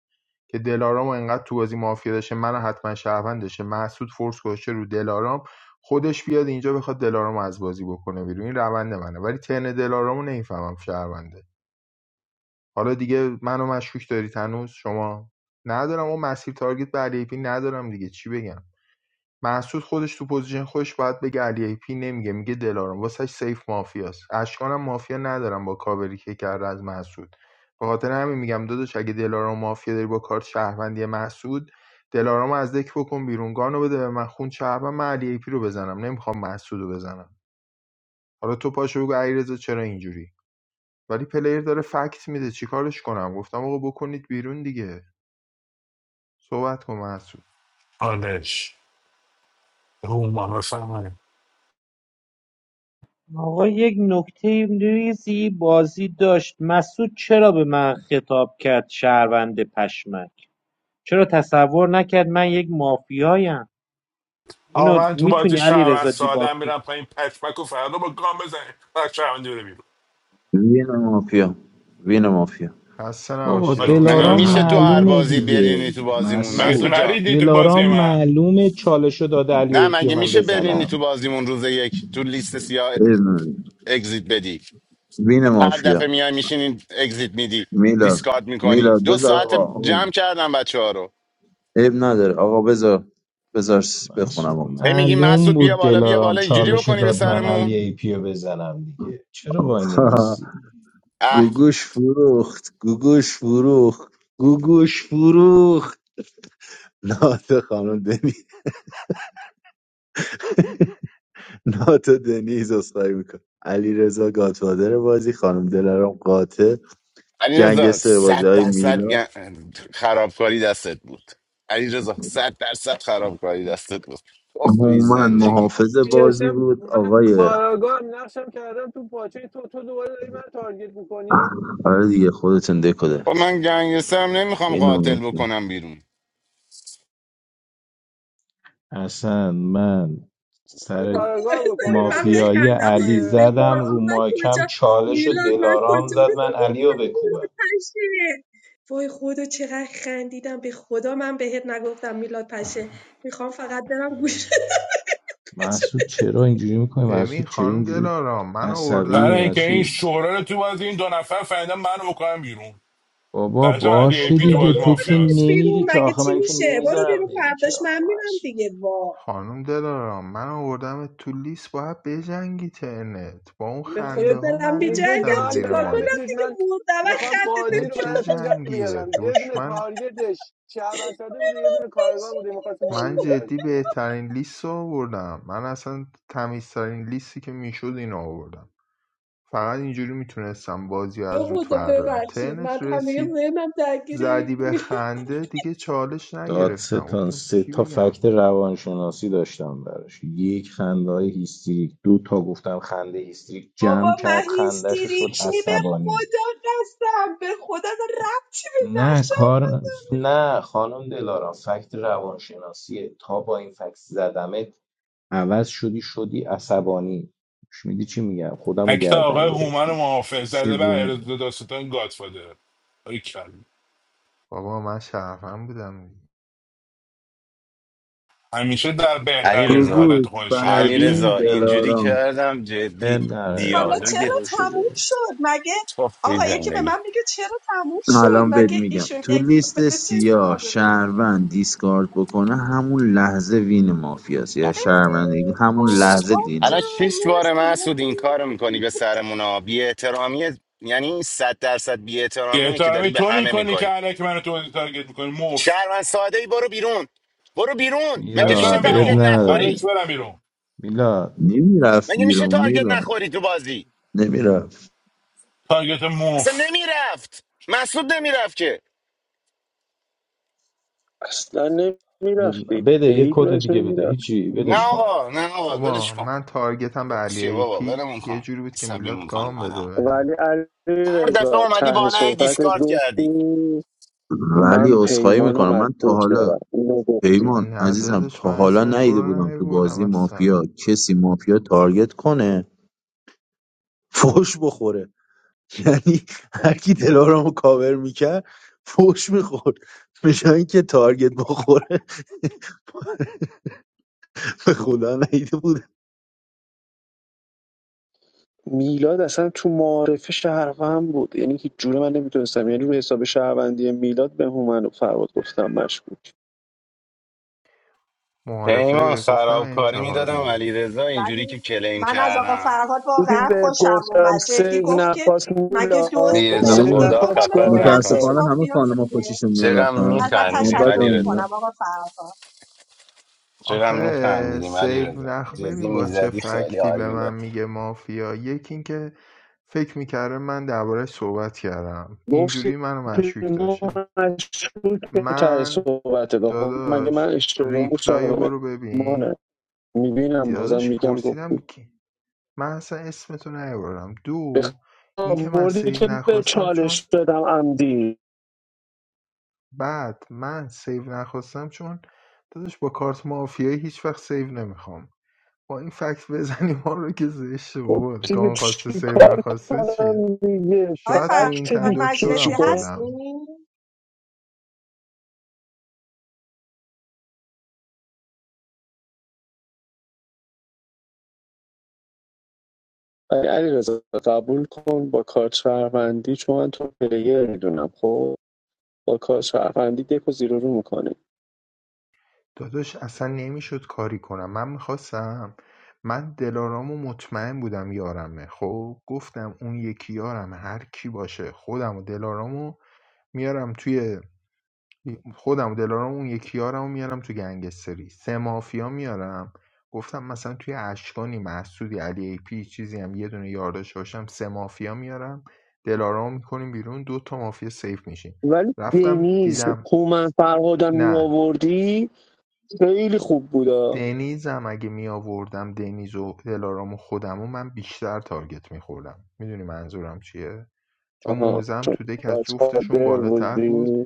که دلارامو انقدر تو بازی مافیا داشته منو حتما شهروندشه محسود فورس گذاشته رو دلارام خودش بیاد اینجا بخواد دلارامو از بازی بکنه بیرون این روند منه ولی ترن دلارامو نمیفهمم شهرونده حالا دیگه منو مشکوک دارید هنوز شما ندارم اون مسیر تارگت به علی پی ندارم دیگه چی بگم محسود خودش تو پوزیشن خودش باید بگه علی ای پی نمیگه میگه دلارام واسش سیف مافیاست اشکانم مافیا ندارم با کاوری که کرده از محسود به خاطر همین میگم داداش اگه دلارام مافیا داری با کارت شهروندی محسود دلارام از دک بکن بیرون گانو بده به من خون شهروند من علی ای پی رو بزنم نمیخوام محسود بزنم حالا تو پاشو بگو علیرضا چرا اینجوری ولی پلیر داره فکت میده چیکارش کنم گفتم آقا بکنید بیرون دیگه صحبت کن محسود
آنش هومان بفرمایید
آقا یک نکته ریزی بازی داشت مسعود چرا به من خطاب کرد شهروند پشمک چرا تصور نکرد من یک مافیایم
آقا
اینو
من تو
میتونی
بازی
علی
شهروند
رضا دیباک
سادم
کنی؟
میرم پایین پشمک و فردا با گام بزنید و شهروندی بره بیرون
وین مافیا وین مافیا
خسته
بابا
نباشید
آلی
آقا
مگه
دلارام
میشه
کلا
تو
دهنتون
هر
معلومه
بازی
دیگه
سرویس
برینی تو بازیمون
مگه تو
مسعود
مسعود
جان
نریدی تو
دلارام
بازی من
معلومه چالشو داد علی
نه
ای پیو
مگه
من
میشه برینی
بزنم
تو بازیمون روز یک تو لیست سیاه
عیب نداره.
اگزیت بدی
وین
هر دفعه
مافیا
میای میشینین اگزیت میدی
میلاد
دیسکارد میکنی
میلاد
دو
بذار
ساعت
آقا آقا.
جمع کردم بچه ها رو
عیب نداره آقا بذار بذار بخونم
مسعود
آقا
هی میگی
معلوم
مسعود بیا
بود
بالا بیا
دلارام
بالا اینجوری
چالشو
بکنی به
داد من علی
سرمون
ای پیو بزنم دیگه چرا
[LAUGHS]
وای
آقا،
نمیسی
اه
گوگوش فروخت گوگوش فروخت گوگوش فروخت [LAUGHS] نات خانم دنی نات دنیز اسخای میکن علی رضا گاتفادر بازی خانم دلارام قاتل
علی رضا
گنگستر بازی
صد
های
درصد
میلاد
گن- خرابکاری دستت بود علی رضا صد درصد خرابکاری دستت بود گفت توی
هومن
زندگی
محافظ بازی
ایشم
بود
من
آقای
کاراگاه نقشم کردم تو پاچه تو تو دوباره داری من تارگت میکنی
آره دیگه خودتون دکو
خب
دارید
من گنگسترم نمیخوام
اینو
قاتل بکنم بیرون
اصلا من
میخوای
سر
کاراگاه بکنی
ببین
از
من
دک
مافیایی
بخندم
بیرون،
علی
آی
به
زدم
میلاد
رو
قرآن من
ماکم
کجا
چالش و
میلاد من
دلارام
کجا
زد من علی رو
گفتم میلاد
بکوبم
پشه وای خدا چقدر خندیدم به خدا من بهت نگفتم میلاد پشه میخوام فقط برم گوش گوش
محسود چرا اینجوری میکنی
ببین
محسود چرا
خانم
اینجوری
دلارام من
عصبی
برای اینکه
آوردمت
این
محسود
شورا رو تو بازی این دو نفر فهمیدن منو بکنم بیرون
بابا
برشم علی ای
باشه
پی تو
حالا
دیگه
بازی
تو که
بکنمت
مافیاست
بیرون
نمیری که
مگه
آخه
چی
من که
میشه برو
نمیذارم
بیرون
بری که
فرداش
آخه
من میرم
محسود
دیگه وا
خانم دلارام من آوردمت تو لیست باید بجنگی ترنت با اون
به خدا
خنده
میگه
ها
دارم
من
میگه
میجنگم
ریختم
گان به
زیر
چیکار
من
کنم
مایک
بدید
دیگه
من
مردم از
میخوام بازی
اون
رو
چه
براتون در
خندت
جنگیه
بیارم یه دونه
دشمن
تارگتش شهروند ساده بوده یه دونه کارگاه بوده میخواست
من
بازی در
جدی
بیاره.
بهترین لیست رو آوردم من اصلا تمیزترین لیستی که میشد اینو آوردم فقط اینجوری میتونستم بازی
به
از روت
خدا
بردارم
ببخشید من
ترنت
همه
رسید
ذهنم درگیر
زدی
این-
به خنده دیگه چالش نگرفتم
دادستان
گفتم
سه
چی
تا
بگم
فکت روانشناسی داشتم براش یک خنده های هیستریک دو تا گفتم خنده هیستریک
بابا
جمع
من
کرد خندهشو شد
هیستریکنی به
عصبانی
خدا قسم به خدا اصلا ربطی به
نه
نقشم
کار
نداره
نه خانم دلارا فکت روانشناسیه تا با این فکت زدمت عوض شدی شدی عصبانی میدی چی میگم خودم رو
اکتا
گردن
آقای هومن
گرفتی
محافظ زده به
سومی ف-
عرض داستان گادفادر آلی کلا
بابا من شرفم بودم دیگه.
همیشه در
علی
بهترین
رضا
حالت
گوگوز
خودشه
علی
همینه
فردین
رضا اینجوری
دلارام
کردم جدی
اب نره
حالا
آقا
دیالوگ
چرا
نوش
تموم
جونش
شد مگه
توفی
آقا یکی به
زندگی
من میگه چرا تموم شد
الان بهت
مگه
میگم
ایشون
تو
اکسیت
لیست
بده چه
سیاه
اتفاقی میفته
شهروند دیسکارد بکنه همون لحظه وین مافیاست یا شهروند دیگه
ای
همون
خب
لحظه
آقا
دین
الان شش
مافیاست
بار
مرسی
مسعود این کار میکنی
ما
به سرمون ها بی احترامیه یعنی صد درصد بی
بی
احترامیه که داری
احترامی
به
تو
همه
میکنی که
میکنی
علکی منو تو بازی تارگت میکنی مفت
شهروند ساده ای برو بیرون برو بیرون مگه
برش
میشه
برم
میلاد اب
تارگت
بیرون
نخوری
برش
نره
برم بیرون
میلاد
نمیرفت
مگه میشه
بیرون
تارگت
میلان
نخوری تو بازی
نمیرفت
تارگت
اصلا
موف
نمیرفت مسعود نمیرفت که
اصلا
اب-
نمیرفتی
بده
به
یه
هیچ
کد
وجه
دیگه بده
نمیرفت
هیچی
نه
بدش کن
آقا نه آقا ولش
بابا
کن
من تارگتم به
خود
علی
چیه
ای
بابا
پی
ولمون
یه
کن
جوری بود که میلاد
عصبیمون کنی
گام بده
آدم
بهم
ولی علی
هر دفعه
رضا
اومدی
ته
بالا هی
صحبت
دیسکارد کردی
گفتی
ولی
من
عذرخواهی
پیمان و
میکنم من تا
مشکوک
حالا
دارم اینو گفتی
پیمان
نه
عزیزم
داداش
تا
من
حالا
اسم تو
ندیده
رو
بودم تو
نیوردم
بازی مافیا
اصلا
کسی مافیا تارگت کنه فوش بخوره یعنی هر کی دلارامو کاور میکرد فوش میخورد به جای اینکه تارگت بخوره [LAUGHS] به خدا نیده بود
میلاد اصلا تو معارفه شهروند بود یعنی هیچ جوره من نمیتونستم یعنی رو حساب شهروندی میلاد به هومن و فرهاد گفتم مشکوک
پیمان
معارفه گفتم
خرابکاری میدادم
انتحاریه
علی رضا، اینجوری که
ولی
کلیم
من از آقا
کردم
فرهاد
دیدی
واقعا
بهت
خوشم
گفتم
اومد جدی
سیو
گفت که
نخواست
مگه دوز
میلاد
بله.
علیرضا
سیو
گرفتی
خدا
خب
نخواست
حالا
خفت
دیگه
گم
نقشش
نکنه
کن
متاسفانه همه
مافیاس
خانم ها
دیگه
خوششون میاد از
چرا
فرهاد.
ازت
ما
میخندیدیم
تشکر
بدمون
علیرضا
میاد
میکنم آقا فرهاد
چرا
آخه
میخندیدیم
سیو
علیرضا
نخ
جدی
ببین با چه
میزدی خیلی
فکتی
حال
به من
میداد
میگه مافیا یکی این که فکر میکرده من درباره صحبت کردم
گفتی
اینجوری منو
که
مشکوک
ما
داشته
مشکوک به ته
من
صحبت بخون مگه من
داداش
اشتباه
ریپلای
میشم
برو ببین
مانه میبینم بازم
داداش
میگم
پرسیدم
گفتی
که من اصلا اسمتو نیاوردم دو
بخ-
اینکه من
آوردی
سیو
که به
نخواستم چون
چالش دادم عمدی
بعد من سیو نخواستم چون داداش با کارت مافیایی هیچ وقت سیو نمیخوام با این فکت بزنی ما رو که زشته
خب
بابا
دیگه
گان خواسته سیو
چیکار
نخواسته چیه
کنم دیگه
آقای
شاید رو این
فکت
فرهاد
تن
دیگه
مجلسی
دکترم
چیکار
خودم
هستی؟
علی رضا قبول کن با کارت شهروندی چون من تو پلیر میدونم خب با کارت شهروندی دکو زیرو رو میکنه
داداش اصلا نمیشد کاری کنم من میخواستم من دلارامو مطمئن بودم یارمه خب گفتم اون یکی یارم هر کی باشه خودم و دلارامو میارم توی خودم و دلارام و اون یکی یارم رو میارم تو گنگستری سه مافیا میارم گفتم مثلا توی اشکانی محسودی علی ای پی چیزی هم یه دونه یارداش باشم سه مافیا میارم دلارام میکنیم بیرون دو تا مافیا سیف میشیم
ولی
رفتم
دینیز
دیدم
هومن فرهادم می
نه
آوردی خیلی خوب بودا
دنیزم اگه می آوردم دنیز و دلارام و خودم و من بیشتر تارگت میخوردم میدونی منظورم چیه چون
آها
موزم
چون
تو دک از جفتشون
قادر
بالاتر
بودی
بود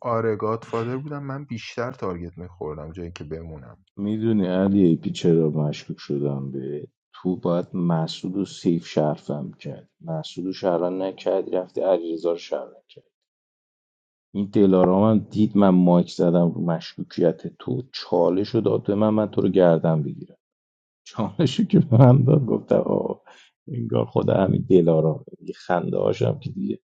آره گادفادر بودم من بیشتر تارگت میخوردم جایی که بمونم
میدونی علی ای پی چرا مشکوک شدم به تو باید مسعود و سیف شرفم کرد مسعود و شهران نکرد رفته علیرضا رو شهروند این دلارام هم دید من مایک زدم رو مشکوکیت تو چالش رو داد به من من تو رو گردن بگیرم چالش رو که به من داد گفتم آه انگار خود همین دلارام یه خنده هاشم که دیگه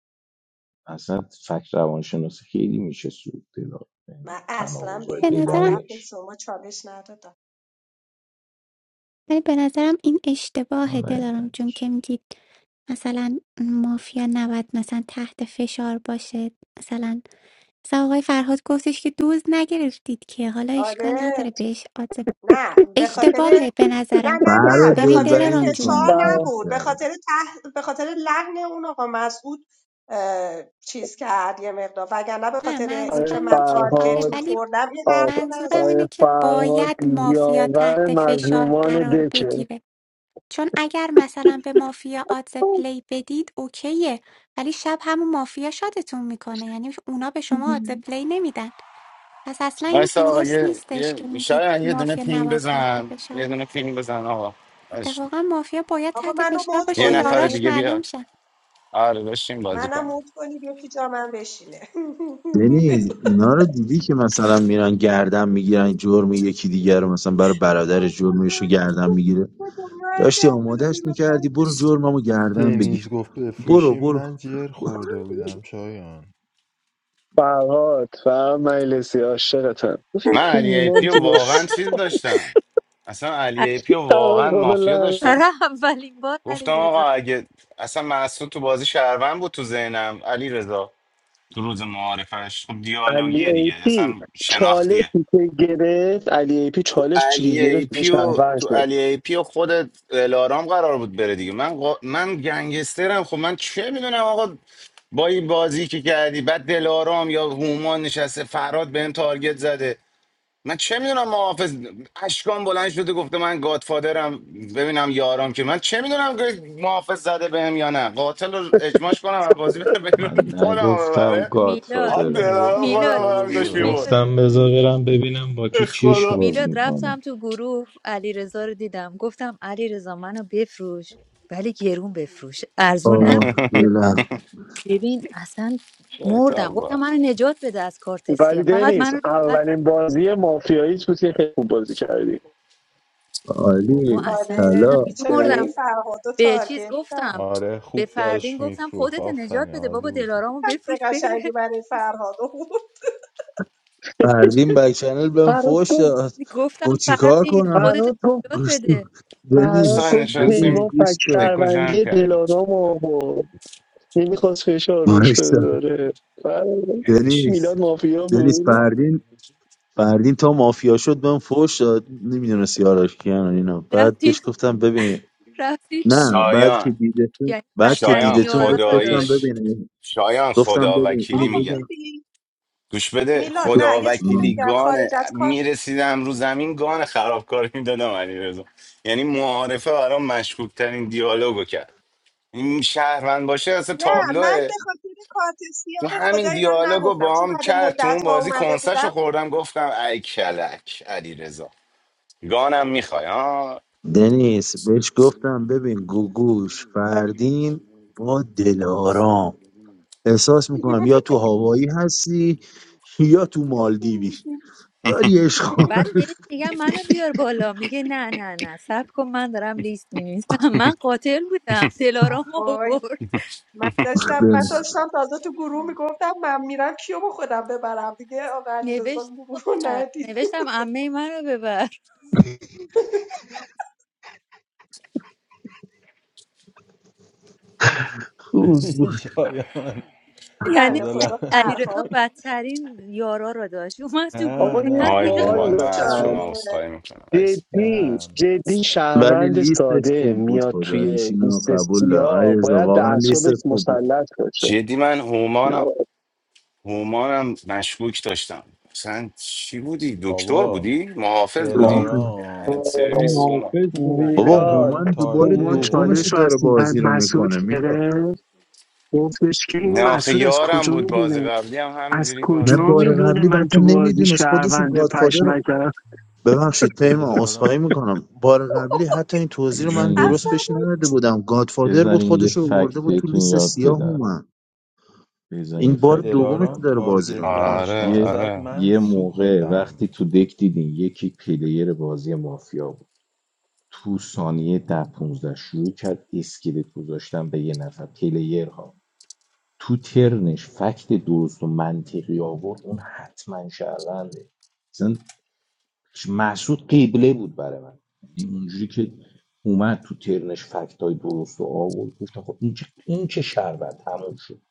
اصلا فکر روانشناسی خیلی میشه سود دلارام یعنی
من اصلا به
تناقضای
این
I feel it.
هدف
بلاینش
شما چالش ندادم
ولی به نظرم این اشتباه
حالا
دلارام جون
علتش.
که میگید مثلا مافیا نباید مثلا تحت فشار باشه مثلا مثلا آقای فرهاد گفتش که دوز نگرفتید که حالا اشکال
آره
نداره بهش آدز
نه به خاطر
اشتباهه به
نه
نظرم
نه
فرهاد
نه به
ببین
خاطر
دلبری
دلارام
میکنه
جون
فشار نبود به
بیشتره
خاطر ته... به خاطر لحن اون آقا مسعود اه، چیز کرد یه مقدار وگرنه به
نه
خاطر اینکه
منظورم
من
اینه که آره
تارگت
ولی
میخوردم این
فرهاد
حرف رو نزد
منظورم اینه که باید مافیا تحت فشار قرار بگیره چون اگر مثلا به مافیا آدز پلی بدید اوکیه ولی شب همون مافیا شاتتون میکنه یعنی اونا به شما آدز پلی نمیدن پس اصلا این
مایسا آقا
درست
یه
نیستش
یه
که میگید
شاید یه دونه
مافیا
پینگ
نباید تحت
بزن
فشار
یه
باشه.
دونه پینگ بزن آقا اش-
اتفاقا مافیا باید
آقا
تحت
منو
فشار
موت
باشه
یه نفر
یاراش
کنید
دیگه
معلوم
بیاد
شن
آره داشتیم بازی
منم
کنیم
موت کنید یکی جا من بشینه
دنیز
[LAUGHS]
اینا رو دیدی که مثلا میرن گردن میگیرن جرم یکی دیگر رو مثلا برای برادر جرمش رو
خدا
گردن میگیره
خدا
داشتی
مرگم بده
آمادهش
میلاد
میکردی
تنگ
برو
چی؟
جرممو گردن بگیر
دنیز گفت
برو
بفروشیم
برو
من جر خورده بودم شایان
فرهاد فرهاد مجلسی عاشقتم گفتی
من علی ای
پیمان
پیو
تو
واقعا
بازی
چیز داشتم اصلا
از
علی ای پیو
[LAUGHS]
واقعا مافیا
قابل
داشتم
برای اولین بار علی
گفتم آقا اگه اصلا مسعود تو بازی شهروند بود تو ذهنم علی تو روز معارفش خب
علی
دیالوگیه
ای
دیگه
پی
اصلا شناختیه
چالشی که گرفت علی ای پی
تو
چالشی
علی
که
ای
گرفت یه
پی و
شهروند
تو
شد
علی ای پی و خود الارام قرار بود بره دیگه من قا... من گنگسترم خب من چه میدونم آقا با این بازی که کردی بعد دلارام یا هومان نشسته فراد بهم تارگت زده من چه میدونم محافظ اشکان بلند شده گفته من گادفادرم ببینم یارم که من چه میدونم که محافظ زده بهم یا نه قاتل رو اجماش کنم و بازی بدم بیرون
من
خودم رو
نگفتم
ببره
میلاد
آن
گادفادرم که
دلارا
میگفتم
خودم رو
میلاد
تو رو
برمی داشت
[LAUGHS] میلاد
میبرد
ببره
گفتم بذار برم ببینم با کی
به
چشم
خدا
باز
میلاد رفتم
میکنم
تو گروه علیرضا رو دیدم گفتم علیرضا منو بفروش ولی گرون بفروش ارزون
آه
نفروش
بلم
ببین اصلا مردم
شیطان
گفتم
با
منو نجات بده از کارت
ولی
سیاه فقط
دنیز
منو راحت
اولین بازی مافیایی تو که خیلی خوب بازی کردی
بابا
عالی
اصلا
آره
داشتم
طلا
بیچاره این
مردم
یعنی
فرهاد رو
به چیز
تارگت کرد
گفتم
آره
به
خوب
فردین
داشت
گفتم
میفروخ
خودت نجات
آفرین
بده
عالی
بابا
بودی
دلارامو
فکت
بفروش
قشنگی
بره
برای فرهاد بود.
فردین بک چنل بهم
فراد
فوش
گفت
داد
[LAUGHS] گفتم
گفت چیکار
فردین
کنم
خودت
فراد گفت
نجات
گفتم
بده
فراد
سای
دنیز
گفت
دنیز
پیمان
نشستیم
گوش
فک
کن
دکو جمع
شهروندی
کردیم
دلارام آورد نمیخواست فشار روش
وایسا.
بذاره فراد
نمیشه
دنیز
میلاد مافیا
دنیز
بود
فردین فردین تا مافیا شد بهم فوش داد نمیدونست یاراش کیان و اینا بعد
رفتید
بهش گفتم ببین
رفتید
نه بعد که
شایان
دیدتون
یعنی
بعد که
شایان
بدترین
دیدتون
یارا
بهش
رو
گفتم
داشت
خداییش
ببین
شایان
گفتم
خدا
ببین
وکیلی
اینو
آقا
میگم
بگم
ببین
گوش بده
میلاد
خدا
نه یه چیزی
وکیلی
بگم خارج
گانه
از کار
میرسیدم رو زمین گان خرابکاری میدادم علی رضا یعنی معارفه برام مشکوک ترین دیالوگو کرد این شهروند باشه اصلا
نه من
تابلوه
به خاطر کارت سیاه
تو
به
همین
خدا اینا رو
دیالوگو
نگفتم
با
چون
هم
بعد
کرد تو
مدت
اون
ها
بازی
اومده
کنسرشو
بودم
خوردم گفتم ای کلک علی رضا گانم میخوای ها
دنیس بهش گفتم ببین گوگوش فردین با دلارام احساس میکنم یا تو هوایی هستی یا تو مالدیوی
[LAUGHS]
داری عشق
بعد بهش میگم منو بیار بالا میگه نه نه نه سب کن من دارم لیست مینویسم [LAUGHS] من قاتل بودم دلارام
وای
آورد
من داشتم من
دل
داشتم تازه تو گروه میگفتم من میرم کیو با خودم ببرم دیگه آقا علیرضا
نوشتم
گروه رو
آخر،
ندید
نوشتم عمه منو ببر [LAUGHS]
خوب بود
ببین شایان
یعنی
بنده
خدا
خدا
علی
لعنتت
رضا
فرهاد
کنه
بدترین یارا رو داشت اومد تو گروه
نه
آقا یه
اصلا
آقای
نه
ریخ
سوال
هومان من
بحث
دارم
از شما
شده
عذرخواهی میکنم عزیز.
جدی
نه
جدی
ولی
شهروند
لیستش
ساده
خوب بود
میاد
خدایش
توی
اینو
لیست
قبول دارم
سیاه
علیرضا
باید به
واقعا
اعصابش
لیستت خوب بود
مسلط باشه
جدی من
نه
هومان هومانم مشکوک داشتم مثلا چی بودی دکتر
بابا
بودی محافظ بودی
موافقم.
دهنت
دلارام
من
وای،
سرویس هومان
محافظ بودم
بابا
میلاد
دلارام
هومن دوباره
هومان
دومش
چالش رو
تارگت
از
داره بازی رو
مسعود
میکنه میلا
گرفت گفتش که این
نه آخه
مسعود از
یارم
کجا
بود بازی
میدونه
قبلی هم
از
همینجوری
نه
بازی
کجا
بار
میکرد
میدونه
قبلی
من
حتی
تو بازی
نمیدونست خودش
شهروند
گادفادر
پشمک دارم
ببخشید پیمان عذرخواهی
دلارام
میکنم بار قبلی حتی این توضیح رو
بزن
من
یه
درست
اصلا
ف...
بهش نداده بودم گادفادر بود
بذارین یه
خودش رو برده
فکت
بود تو
بهتون
لیست
یاد
سیاه
بدم
اومد
بزن یه
این بار
فکتتون
دومش که
یاد
دلارام
داره
بدم
بازی رو
تارگت به
میکنه
آره
اشکان
یه
زد
آره
من
یه موقع
سوختم
وقتی تو دک دیدین یکی پلیر بازی مافیا بود تو ثانیه ده 15 شروع کرد اسکلت گذاشتن به یه نفر پلیر ها تو ترنش فکت درست و منطقی آورد اون حتما شهرونده مثلا محسود قبله بود برای من یعنی اونجوری که اومد تو ترنش فکت های درست و آورد گفتم خب این که این که شهروند تموم شد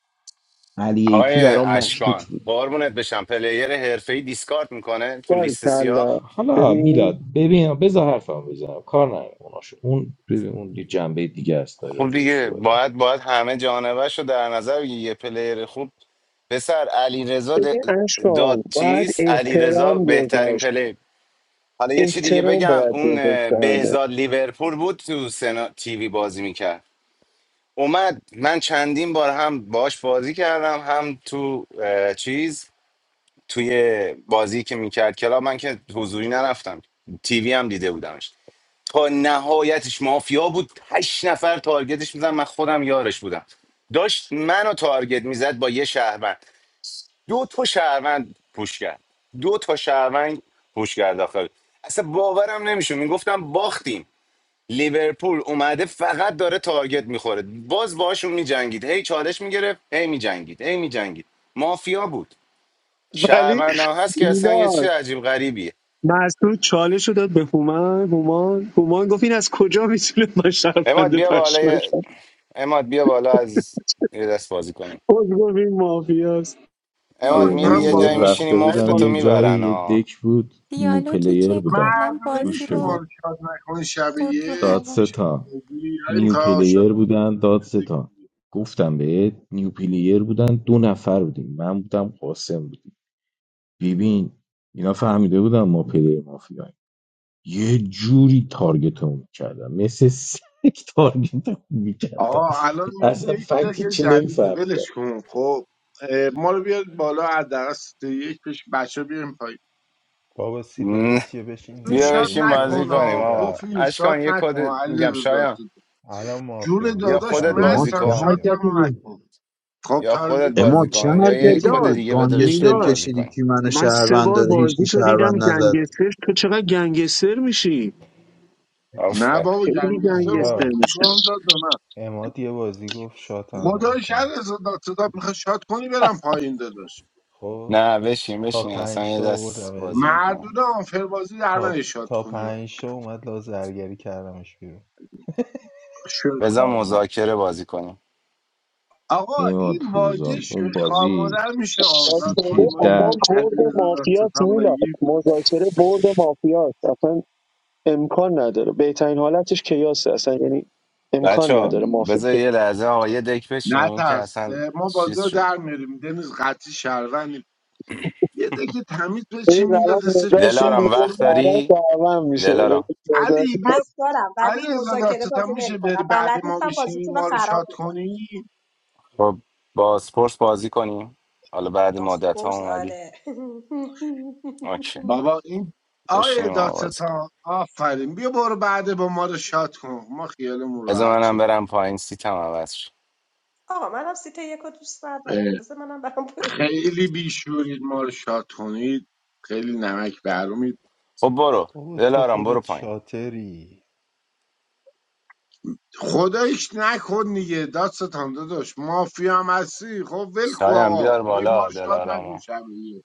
علی ای پی
آقای
برام مشکوک
اشکان
بود
قربونت بشم پلیر حرفه‌ای دیسکارد میکنه تو لیست سیاه
باریکلا
حالا
ببین
میلاد ببین بذار حرفم بزنم کار ندارم اوناشو اون ببین اون یه جنبه دیگه است داره
خب
راجبش
دیگه
صحبت میکنه
باید باید همه جانبهش رو در نظر بگیری. یه پلیر خوب پسر علی رضا
ببین اشکان
داد
باید
چیز علی
احترام
بهترین
گذاشت
پلی حالا یه چی دیگه
احترام
بگم
باید
اون
گذاشت
اه،
به همه.
بهزاد لیورپول بود تو سنا تیوی بازی میکرد اومد من چندین بار هم باش بازی کردم هم تو اه، چیز توی بازی که میکرد کلاب من که حضوری نرفتم تیوی هم دیده بودمش تا نهایتش مافیا بود هشت نفر تارگتش میزن من خودم یارش بودم داشت منو تارگت میزد با یه شهروند دو تا شهروند پوش کرد دو تا شهروند پوش کرد داخل اصلا باورم نمیشه میگفتم باختیم لیورپول اومده فقط داره تارگت میخوره باز باشون میجنگید هی چالش میگرفت هی میجنگید هی میجنگید مافیا بود شهروند هم هست که اصلا
میلاد
یه چیز عجیب غریبیه اماد بیا بالا
من
یه- اماد بیا بالا از یه دست بازی کنیم
خب،
اماد میری
امروز
دارم
یه
دیالوگی
باز
زور
جایی
که
میشینی
رفته
ای
بودم
مفتتو
یه
بازی
جایی
میبرن
یه
ها
دک بود نیو
دیالوگی
پلیر
که
بودن
کلا
مردونه
بازی
گوش
میشه ما
بده
رو
رو شاد نکنه شب
برد رو
داد
یک
هوا
بشیم تو
ستا
بازی علی
نیو
کار شاد
پلیر بودن
نکنم
داد
یه
ستا گفتم بهت نیو پلیر بودن دو نفر بودیم من بودم قاسم بودیم ببین اینا فهمیده بودن ما پلیر مافیاییم یه جوری تارگتمون کردم مثل سگ [LAUGHS] تارگتمون میکردم
آقا الان این
اصلا
دکتر
فکتی
که
چی
جدیده
نمیفهمیدم
ولش کن خب اه، ما رو بیاد بالا از دست یک پیش بچه بیاریم پایین
بابا سیت یک
نه،
چیه بشین
تو
دیگه
بیا
شاد
بشین
بشین یه بار
بازی
نکن
سیت
کنیم
آقا.
در
آقا
پوفیوز شاد
اشکان یه کد
نکن علی
میگم
داد
شایان
الان مافیا
جون
یا
بودم
داداش
خودت
شهرم
اما
بازی
مستم
چه
میشم
کن
شاد
بیا
حرکتی
هم
بود
نکن خب
یا خودت
تارگیت
اما
بازی
نمی
چه
کن یا
کنی
یه
حرکتی
کد
میلاد
بود
دیگه بده
گانگستر
بشینیم
میلاد
بازی
کشیدی
کنیم
کی من
من سه
شهروند
بار
داره هیچ کی
بازی تو دیدم
شهروند نزد
گنگستر تو چقدر گنگستر میشی
نه
آفر
بابا
خیلی
گنگستر امید
گنگستر
میلاد
می
میشه
گان داد به من
اماد یه بازی گفت شاتم
خدای شهر
نکن
صدا میخواد شاد کنی برم پایین داداش
خب
نه بشین
تا
بشین اصلا
پنج
یه
تا
دست بازی
آوردمش
میکنیم
مردود آنفر بازی در
تا
نهی شاد
تا
کنی
پنج تا اومد لازرگری کردمش بیرون
شوی
بذار
خارم
مذاکره بازی کنیم
آقا این
اماد
واژه
فروزان اون
شوی خارماده
بازی
رو میشه آزاد
سیت
مذاکره
کنیم و این به
ده
اصلا
عزیز
برد مافیاس
دادستان
میلاد
بگی
مذاکره برد مافیاس اصلا امکان نداره بهترین حالتش کیاسه اصلا یعنی
بچه
امکان
ها
نداره مافیا
بذار یه لحظه آقا یه دک
نه
بشینیم که
ترس
اصلا
اه، ما بازی
چیز
رو
شد
در میاریم دنیز قطعی شهروندیم یه دکه تمیز
یعنی
بچین
الان
میلاد استش
مداد
بشین
دلارم
بازی
وقت
کنیم
الان
داری
دعوام میشه
دلارم
علی بیا
وقت دارم
علی
ولی
رضا
مذاکره
دادستان
بازی
میشه
نمیکنم
بری
بلد
بعد ما
نیستم
بشینی
بازیتون رو
ما رو شاد
خراب میکنم
کنی
با بازپرس بازی کنیم حالا بعد مدت
بازپرس
ها اومدی
آره
اوکی
[LAUGHS]
بابا این آقای
بشینیم آقا بازی کنیم
دادستان آفرین بیا برو بعد با ما رو شاد کن ما خیالمون راحت
بذار منم
شه
برم پایین سیتم عوض شد
آقا منم سیت یکو دوست ندارم
اه،
بذار منم برم پایین.
خیلی بیشورید ما رو شاد کنید خیلی نمک برومید
خب برو
بابا تو
دلارم برو
خودت
پایین
شاتری
خدایش نکن دیگه دادستان داداش مافیا هم هستی خب ول کن
سایم
آقا
بیار
ای ما
بالا
رو شاد نکن
دلارامو
شب دیگه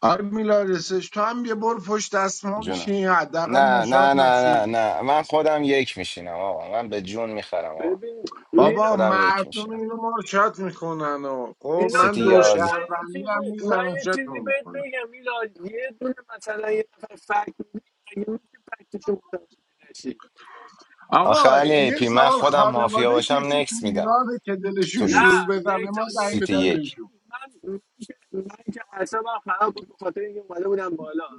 آره میلاد رسش تو هم یه برو پشت دست ما
جونم
بشین حداقل ما
نه
شاد
نه نه
نشیم.
نه نه من خودم یک میشینم آقا من به جون میخرم آقا
ببین میلاد
بابا
خودم یک
مردم
میشینم
اینو ما رو شات میکنن و خب
میلاد
من
سیتی
دو
داداش
یاز
من یه
شهروندی
چیزی
هم
من
میزنم
یه چیزی
شاتمون
بهت
میکنن
بگم میلاد یه دونه مثلا یه نفر فکر می‌ده، مگه میشه فکتشو متوجه نشی
آخه
آقا
علی
یه
پی من
سال
خودم مافیا
خانواده
باشم
کسی تو
نکس میدم
ایرانه که دلشون
تو
نه
شور
لیست
بزنه
نیکس
ما زنگ
نیکس
سیتی
بدن
دادن
یک
بهشون
من من من که اعصابم خراب بود به خاطر اینکه اومده بودم بالا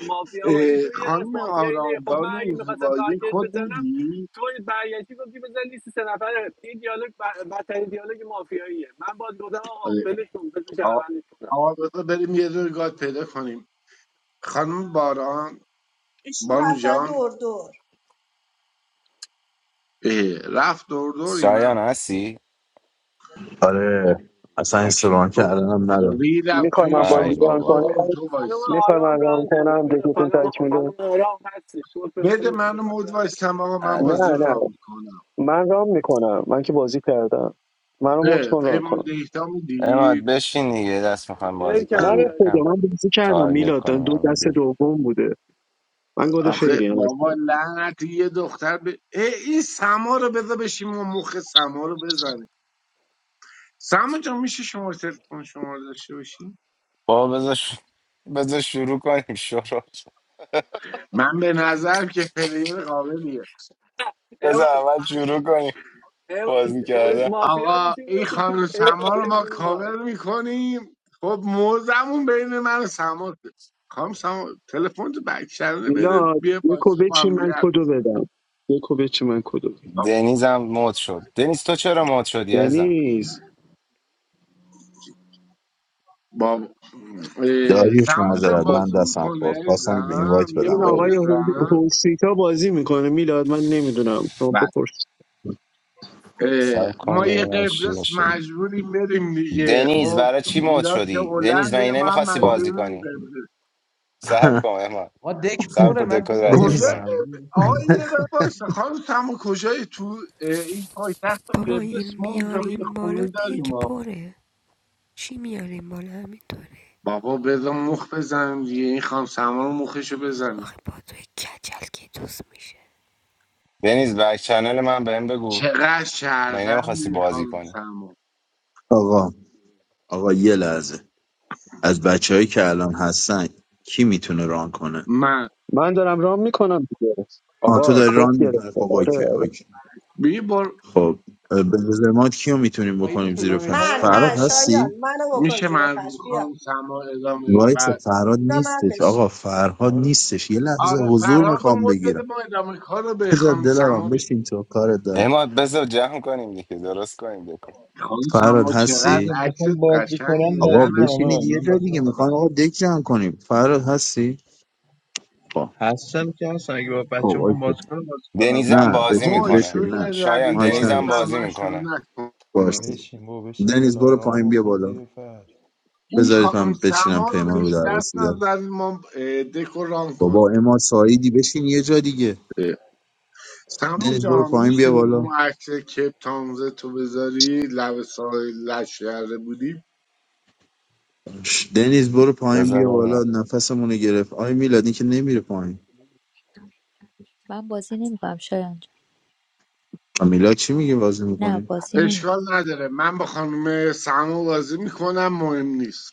مافیا باشی
اه،
تو یه دست
خانم
مافیا اینه خب من
آرامبان و
اگه
این
میخواستم
زیبایی
تارگت
کد
بزنم
میدی
تو برگشتی گفتی بزن لیست سه نفره این دیالوگ ب- بدترین دیالوگ مافیاییه من باز گفتم آقا
آره.
ولش کن بذار
آ-
شهروندش کنم
آقا بذار بریم یه دور گاد پیدا کنیم خانم باران
ایشون
بانو جان
دور دور
اه، رفت دور دور
شایان
اینم
هستی؟
آره اصلا
اوکی
استران
تو
کردنم نداره
ری رفت
میخوای
تو این
من
ای
بازی
شانس که
ران کنم
بابا
گادمون تو
خانم
وایسی
میخوای
آرام
من ران
ران کنه
کنم
بده
دکتون
خانم
تکمیله
خانم آرام هستی گفت به
بده
من
منو
میخواد
مود
ران کنه
وایستم آقا من
علی
بازی
نه
رو
نه
رام میکنم
من رام میکنم من که بازی کردم منو مت
اه
کن ران
پیمان
کنم
دیتا
اماد
میدی
بشین دیگه دست میخوایم
پلیر
بازی
نه
کم
به
کنیم
داره
خدا
کم
من بازی کردم
تارگت
میلاد
کنیم
دو
هم
دست
دیگه
دوم بوده من گاد
آخه
فیری هم هستم
بابا لعنتی یه دختر به اه، این سما رو بذار بشیم و مخ سما رو بزنه سما جان میشه شما تلفن شما رو داشته باشیم
بابا بذار ش- بذار شروع کنیم شروع
من به نظرم که پلیر قابلیه
بذار
اما
اول شروع کنیم
اما
بازی کردن
مافیا
آقا
میشی
این
میفتی تو
خانم
یه
سما رو
یه
ما
گروه
کاور میکنیم خب موزمون بین من و سما ده. خانم سما تلفن تو بک چنل بده
میلاد
بیا
یکو
پاسه با
بچین
هم دیگه
من
حرف
کدو بدم یکو بچین من کدو بدم
دنیز هم مد شد دنیز تو چرا مد شدی ازم
دنیز
اه،
داریوش
سما جان
معذرت
خب،
من
بازی
دستم خورد
میکنه
خواستم به این
زم
وایت
یه
بدم
این
ماک
آقای
داریوش
بزن
هوسیتا بازی میکنه میلاد من نمیدونم شما
بله
بپرس
سب
اه،
کن
ما یه
ببینم چی
قبرس
باشه
مجبوریم بریم دیگه
دنیز
خب
برای چی مد
میلاد که
شدی دنیز من
هلنده ما هم
نمیخواستی بازی
مجبوریم
کنی
قبرس
[LAUGHS]
سب کن احمد
آقا دک
سب
پره
کن
من
دکو
دیدم
ردیف
کجا
دنیز
کنم
بدم ولش
آقای یه
کن.
دقیقه وایسا خانم سما کجایی تو اه، این پایتخت
بابا این
قبرس ما اونجا یه
میاریم بالا
خونه داریم
دک
ما
پره چی میاریم بالا همینطوره
بابا بذار مخ بزنیم دیگه این خانم سما رو مخشو بزنیم
آخه با توی کچل که دوست میشه
دنیز بک چنل من بهم بگو
چقدر
من
شهروندی
نمیخواستی
این
بازی
خانم
کنی
سما
آقا آقا یه لحظه از بچههایی که الان هستن کی میتونه ران کنه
من
من دارم رام میکنم دیگه
آه تو
آقا
داری
کد
ران میکنه خب
گرفته آره
اوکی
آره
اوکی
ببین
خب اه، به نظر ما کیو میتونیم بکنیم
آیدیشون
زیر
رو
فرش
میخوایم
من
فراد
من
ما
شایان
هستی
منو بکن
میشه
زیر
من
فرش
خانم
بیا
سما ادامه
وایس
بعد
فراد
جا من
نیستش آقا
بشین
فرهاد
آره
نیستش یه لحظه
آره
حضور
فرهاد و
میخوام
مد بده
بگیرم
ما ادامه کار رو به
بذار
خانم سما
دلارام
بدیم
بشین تو کارت دارم
احمد بذار جمع کنیم دیگه درست کنیم دکو
خانم
فراد
سما چقدر
بذار
هستی
عکست
بخوام بازی
قشنگه
کنم
آقا
بازی کنم آقا.
لعنتی
بشینید یه
من
جای
بازی
دیگه
نمی‌کنم
میخوام آقا دک جمع کنیم فراد هستی خب
هستم که هستم اگه با
خب
بچه میخوام
اوکی
بازی کنم بازی
دنیزم
نه
کنم
بازی
بشین
وای
میکنه
بشین
شوری
نه
از
شایان
این
مایک
بازی
دنیزم
تر
نداشت
بازی
من شروع
میکنه
نکنم
باشه
بشین بابا بشین
دنیز برو
دلارام
پایین بیا
بکن
بالا
زیر فرد
این
بذارید
خانم
من بچینم
سما رو
پیمان رو
بهش
در
دست
رسیده
نزدیم ما اه، دکو ران
بابا
کنیم
اما سایدی بشین یه جا دیگه
اه، سما
دنیز برو
جان
پایین
میشه
بیا بالا
ما عکس کپ تامزه تو بذاری لب ساحل لشکره بودیم
ش، دنیز برو پایین
بذار
بیا بالا
ببینم
نفسمونو گرفت آی میلاد این که نمیره پایین
من بازی نمیکنم شایان جان
آ، میلاد چی میگه بازی
نه
میکنی
بازی
اشکال
نمیکنم
نداره من با خانم سما بازی میکنم مهم نیست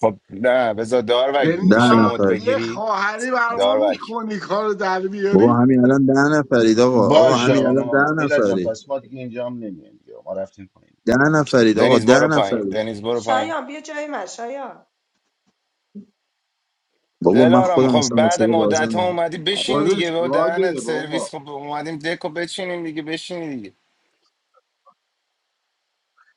خب نه بذار داروگ
دنیز
ده
میشه
جان،
مد
نفر
یه
بگیری
خواهری بر ما
داروگ
میکنی کار در
بابا
بیاری
همین الان ده نفرید آقا آقا
باشه
همین
آقا
الان
ما
ده
میلاد جان
نفرید
پس ما دیگه اینجا هم نمیایم دیگه ما رفتیم پایین
ده نفرید آقا
دنیز
ده
برو پایین
نفرید
دنیز برو پایین
شایان بیا جای من شایان
بابا من
دلارام
خودم
خب
اصلا
بعد
واسه بازی
مدت ها
نمی‌کنم.
اومدی بشین دیگه
خودش
با دهنت
گاده بابا
سرویس خب اومدیم دکو بچینیم دیگه بشین دیگه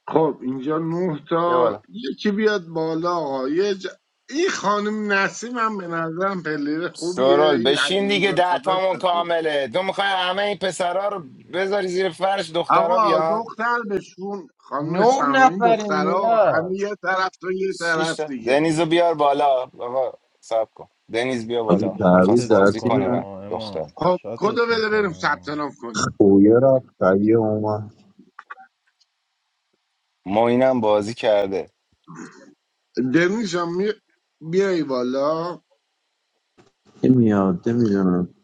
خب اینجا نه
بیا
تا
بالا
یکی بیاد بالا آقا یه ج... این خانم نسیم هم به نظرم پلیر خوبیه
سرول
این
بشین
عزیزی
دیگه
بسطه
دهتامون
سطح.
کامله تو میخوای همه این پسرا رو بذاری زیر فرش دخترا
آقا
بیان
دختر بشون خانم
نه
سماین
نفریم
دخترها همه
میلاد
یه طرف تو یه
شیش
طرف
تا
دیگه
دنیزو بیار بالا آقا سب کن دنیز بیا
آجی
بالا میخواست
تعویض
شاتت
در
بازی
تیم
کنه
میکنم
من
نه
آه
دختر
اماد
خب کدو
شاتت
بده بریم
میکنم
ثبت
آه
نام کنیم
پویه رفت قویه اومد
ما اینم بازی کرده
دنیز جان می... بیای بالا
نمیاد نمیدونم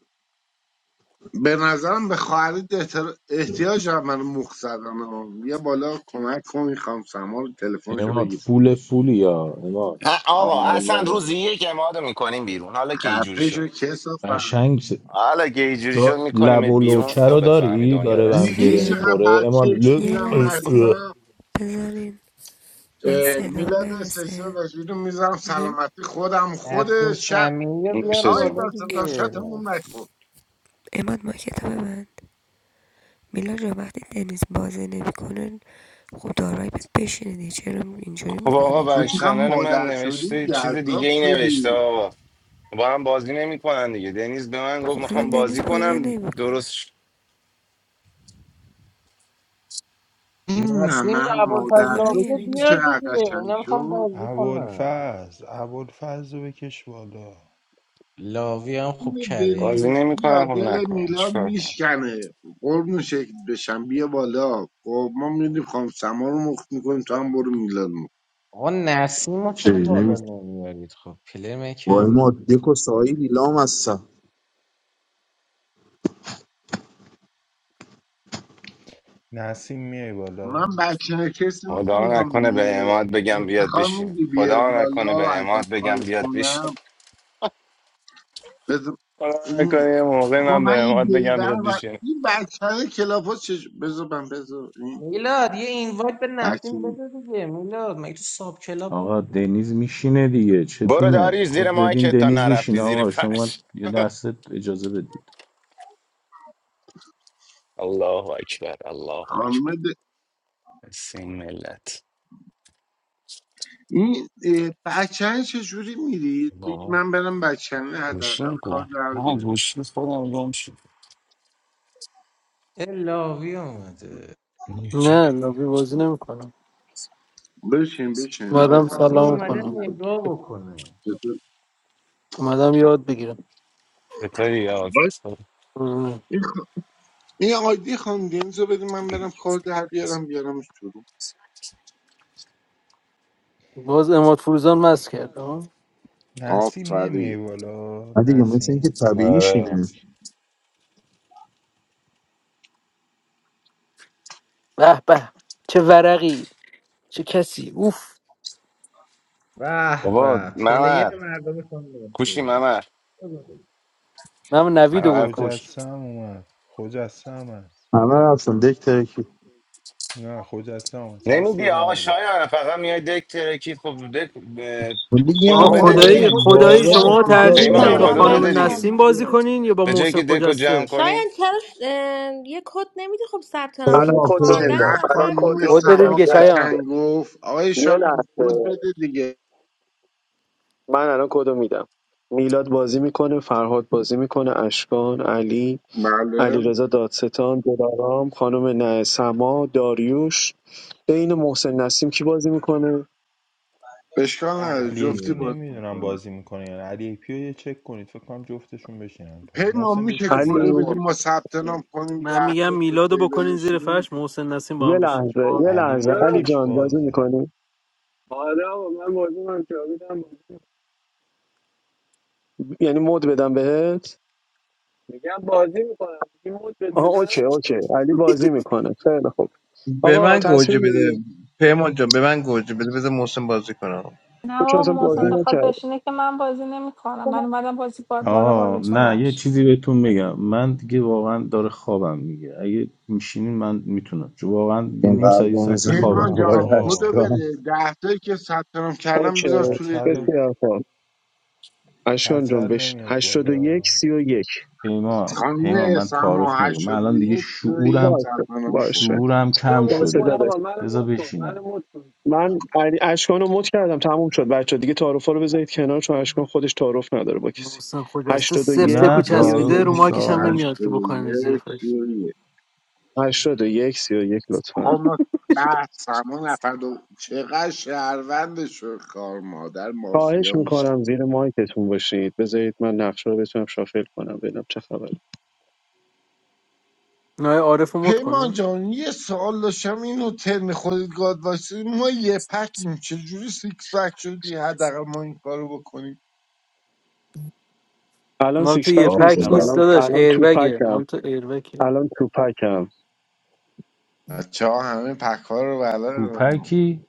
به نظرم به خواهرت احتر- احتیاج هم من مخ زدن ها. بیا بالا کمک کن میخوام سما رو تلفنشو
اماد
بگیر
فول فولی یا اماد
ه- آقا اصلا
آره
روزی یک اماده میکنیم بیرون حالا که اینجوری
خفه
شد
شو کسافت
قشنگ س-
حالا که اینجوری شد
دا لب
میکنیمت
و
بیرون
لوچه
تا
رو
بفهمی
داری
دنیا
داره به
دست
هم
کی
دیدی
گره
چقدر
میخوره اماد
بچهش
لب
یه
میرم
قل قل.
لحظه
مستا
بذارین من
اه،
صدام
میلاد استیشن
برسه
رشیدو میزنم
میل
سلامتی خودم خود
نسیم
شب
سمیه رو بیار
اه،
نوشه
آی
جون
بالا
داستان
دیگه
شاتمون نکن
اماد ما کتاب من میلا جا وقتی دنیز بازی نمیکنه خب دارایی بهت بشینه چرا اینجوری
خب آقا
میکنین
تو
بر
چقدر
چنل من
مادر شدی
نوشته چیز
جذاب
دیگه ای نوشته
شدی
آقا با هم بازی نمیکنن دیگه دنیز به من گفت
خب
میخوام
الان دنیز
بازی
بازی
کنم درست
نمیکنه
شد.
این
نسیم یا
ممر
این
ابوالفضل
مادر
کارا
شد
لاوی رو
یعنی
دیدی
چی
بیار
چقدر
دیگه
قشنگ
اینا میخوام
شد
بازی کنم
ابوالفضل ابوالفضل رو بکش بالا
لاوی هم خوب کره ای
بازی
میدلی
نمیکنم
یا
خب
دل
نکنم
میلاد
چیکار کنم
میشکنه قربون شکل بشم بیا بالا خب ما میدیم خانم سما رو مخت میکنیم تو هم برو میلاد مخت
آقا نسیم رو چرا
چی
بالا نمیارید خب پلر من کم
وای ما
نیست.
دک و ساحیلی لام هستم
نسیم میای بالا
من بچه کسی
خدا
نمیام
نکنه به
دیگه
اماد بگم بیاد
افتخار
بشین
میدی بیا
خدا نکنه
بالا
به اماد
ازت
بگم
خواهش
بیاد بشین
کنم بذار
خدا
این
نکنه یه موقع
آقا
من
من
به
این
اماد بگم
بیدر
بیاد
و
بشین
این بچه های کلافاز چش... بذار من بذار این
میلاد یه اینوایت به
بچه
نسیم بده دیگه میلاد مگه تو ساب کلاب نیست؟
آقا دنیز میشینه دیگه
برو
چتونه
داری
کد
زیر
بدین
مایکت تا
دنیز
نرفتی
میشینه
زیر
آقا شما
فرش
یه لحظه اجازه بدید
[LAUGHS] الله اکبر الله
خانم
اکبر
د-
حس این ملت
این بچه چجوری میرید؟ بگی
بابا
من برم بچه
گوشیم
حداقل کار
کن
در
ها
بیارم.
گوشی خودم گم شد
اه، لاوی اومده
گوشی.
نه لابی بازی نمیکنم
بشین بشین هوا
اومدم
لاوی
سلام
فضایی
اومده
بازی
کنم
هم.
نگاه بکنه
چطور
اومدم یاد بگیرم
چطوری یاد
باش
قربونه.
این خ- این آیدی خانم دنیزو بدیم من برم کار در بیارم بیارمش تو رو
باز اماد فروزان مست کرد ها؟
نسیم
آفرین
نمیای بالا
نه دیگه مثل اینکه
نسیم
طبیعیش
آره.
اینه
به به چه ورقی چه کسی اوف
به
بابا
به
ممر
پلیر مردم شما
کوشی
هستی
ممر
من
بیا
نویدو
ممر
گفتم
کوش
خجسته هم اومد خجسته هم هست
همه رفتم دک ترکی
نه خجسته هم اومد چسب
نمیدی
بزن
آقا
بریم
شایان فقط میای دک ترکی خب دک ب-
ولی یه
کدو
آه
هم
خب
بابا
بده
یه
خدایی
دیگه
کد
آدم
بده
خدایی
داربز
شاید
از
شما
ما
کجا
ترجیح
چه
یکی رو
پیمان
میدین
داره
با
لحظه
سلام
پیدا
کدو
بری
بده
خانم
بچه ها.
دیگه
میکنیم
نسیم بازی
دیگه
کنین یا با
به جایی
محسن
که دکو جمع
خجسته
کنی
شاید چرا اه، یه کد نمیده خب ثبت
پای
نام
الان
کنیم
کد
ناکود
رو
14
میدم
بگیم
چقدر
الان
نفر
کد
خانوم
بودیم
رو
خود بدین
میدم
دیگه
سما
دیگه
یه
شایان
لحظه
قشنگ گفت آقای
یه
شایان
لحظه
کد بده دیگه
من الان کدو میدم میلاد بازی میکنه فرهاد بازی میکنه اشکان علی
بله
علیرضا دادستان دلارام خانم نه سما داریوش بین محسن نسیم کی بازی میکنه
اشکال نداره
علی ای
جفتی
پی
هستی
باز
نمیدونم
میکنم
بازی میکنه یعنی علی ای پی رو یه چک کنید فکر کنم جفتشون بشینن پای
پیمان
محسن
میشه
بشین دیگه
کدو
هستم
علی
آقا
بدیم ما ثبت نام کنیم
من
ده تا
میگم
تو
میلادو
تیبل
بکنین زیر
بشینیم
فرش محسن نسیم با
یه
هم بشین
لحظه یه
جاوید
علی
لحظه
چرا؟
علی
مایکش
جان بازی
بازه
میکنی
آره آقا من موضوع هم جاویدم
یعنی مد بدم بهت
میگم بازی میکنم میگی مود بهت
آها
بدم
اوکی اوکی علی بازی میکنه خیلی خوب
به
آقا
من
تصمیم
گوجه بده
میگیریم
پیمان جان به من گوجه بده بذار محسن بازی کنم
نه
چون
بابا
اصلا
به
بازی
محسن
من-
بخواد
نکرد
بشینه که من بازی نمیکنم من اومدم بازی باد بالا
آه
بازیتون
نه یه
راش
چیزی بهتون میگم من دیگه واقعا داره خوابم میگه اگه میشینین من میتونم چون واقعا یه
این
نیم ساعت
قلب
یه
رو
ساعت دیگه
میزنیم
پیمان
خوابم میبره
آقای
جان خودو
آقا
اشکان
بده ده تایی که ثبت نام کردم
اوکی
بذار توی
کچل
ده
بسیار خوب اشکان جان
کچل
بش
نمیاد
81 یک
بالا
سی و یک
پیمان پیمان
خانم
من
سما
تعارف نمیکنم من
هشتاد و
الان دیگه
یک سی و یک
شعورم
باشه
ثبت نام کن
باشه
شعورم
منو
کم
مود
باشه
کن
داداش.
شده
آقا منو
بذار
مود کن منو
بشینم
مود کن
من علی اشکان رو مد کردم تموم شد بچه دیگه تعارف رو بذارید کنار چون اشکان خودش تعارف نداره با کسی
محسن خجسته
هشتاد و
سفت
یک
کو
نه
سی و
باشه
چسبیده
تعارف
یک
رو
نیست
مایکش هم
آقا من
نمیاد
هشتاد
که
و
بکنین زیر
یک
فرش
سی و یک
هشتاد و یک سی و یک، لطفا
خب ما بعد سما نفر دو چقدر شهروند شد کار مادر
خواهش
مافیا میشه
میکنم زیر مایکتون باشید بذارید من نقشه رو بتونم شافل کنم ببینم چه خبر
نه عارف رو مد
پیمان
کنم
جان یه سوال داشتم اینو ترم خودت گاد واسه ما یه پکیم چجوری سیکس پک شدی حداقل ما این کارو بکنیم
الان
مال تو
سیکس
یه
پک
یا
پک
نیستم
خدا
نیست
الان
داداش
الان تو
ایربگه
پکم
مال تو ایربگه
الان تو پکم
بچه ها همه پک ها رو بلدن
پوپکی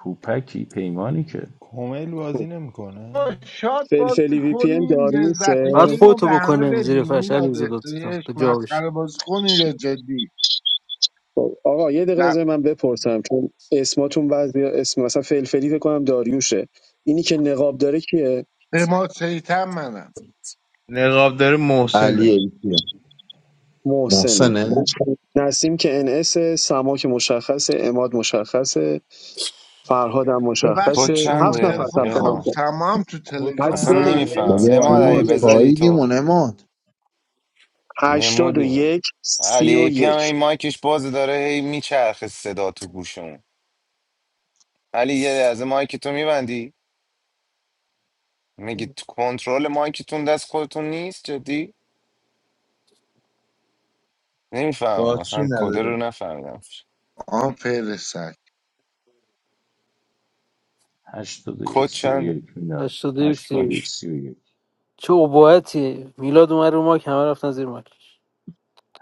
پوپکی پیمانی که
کمیل بازی
خب.
نمیکنه
شاد
فلفلی
بازی
وی پی ان
کنیم لذت
داریوسه
باید
گیم رو به
خودتو
همه
بکنن، زیر
بدیم
فرش
میلاد
علی زداتتا
افتریش
به جا بشی
مسخره بازی کنیم یا جدی
خب. آقا یه دقیقه
در-
بذار من بپرسم چون اسماتون بعضی اسم مثلا فلفلی فکر کنم داریوشه اینی که نقاب داره کیه
به ما سیتم منم
نقاب داره
علی
محسنه
ایتیه
محسنه
محسنه
نسیم که NS سما که مشخصه اماد مشخصه فرهاد هم
کد
ببخشید
مشخصه
شما
هفت نفر
چنده
تلفن
ثبت
خانم
نام
پیمان
کرد
سما هم تو
کد
تلگرام
اصلا
هست
چنده
81
نمیفهم
بابا
اماد
31 81
اگه
اماد
یک.
بذاری تو
فایدیمون اماد
هشتاد و
نمودیمون
یک،
علی
سی و
ای پی هم
یک.
این مایکش باز داره هی میچرخه صدا تو گوشمون علی یه لحظه مایک تو میبندی میگی تو- کنترل مایکتون دست خودتون نیست جدی نمیفهمم
باچی
مثلا کد
نداره
رو نفهمیدم
آن فرستک
هشتاد و یک
کد
سی و
چند
یک میلاد
81
هشتاد و یک
اوکی.
سیریز
سی و یک
چه عباعتی میلاد اومد رو ماک همه رفتن زیر ماکش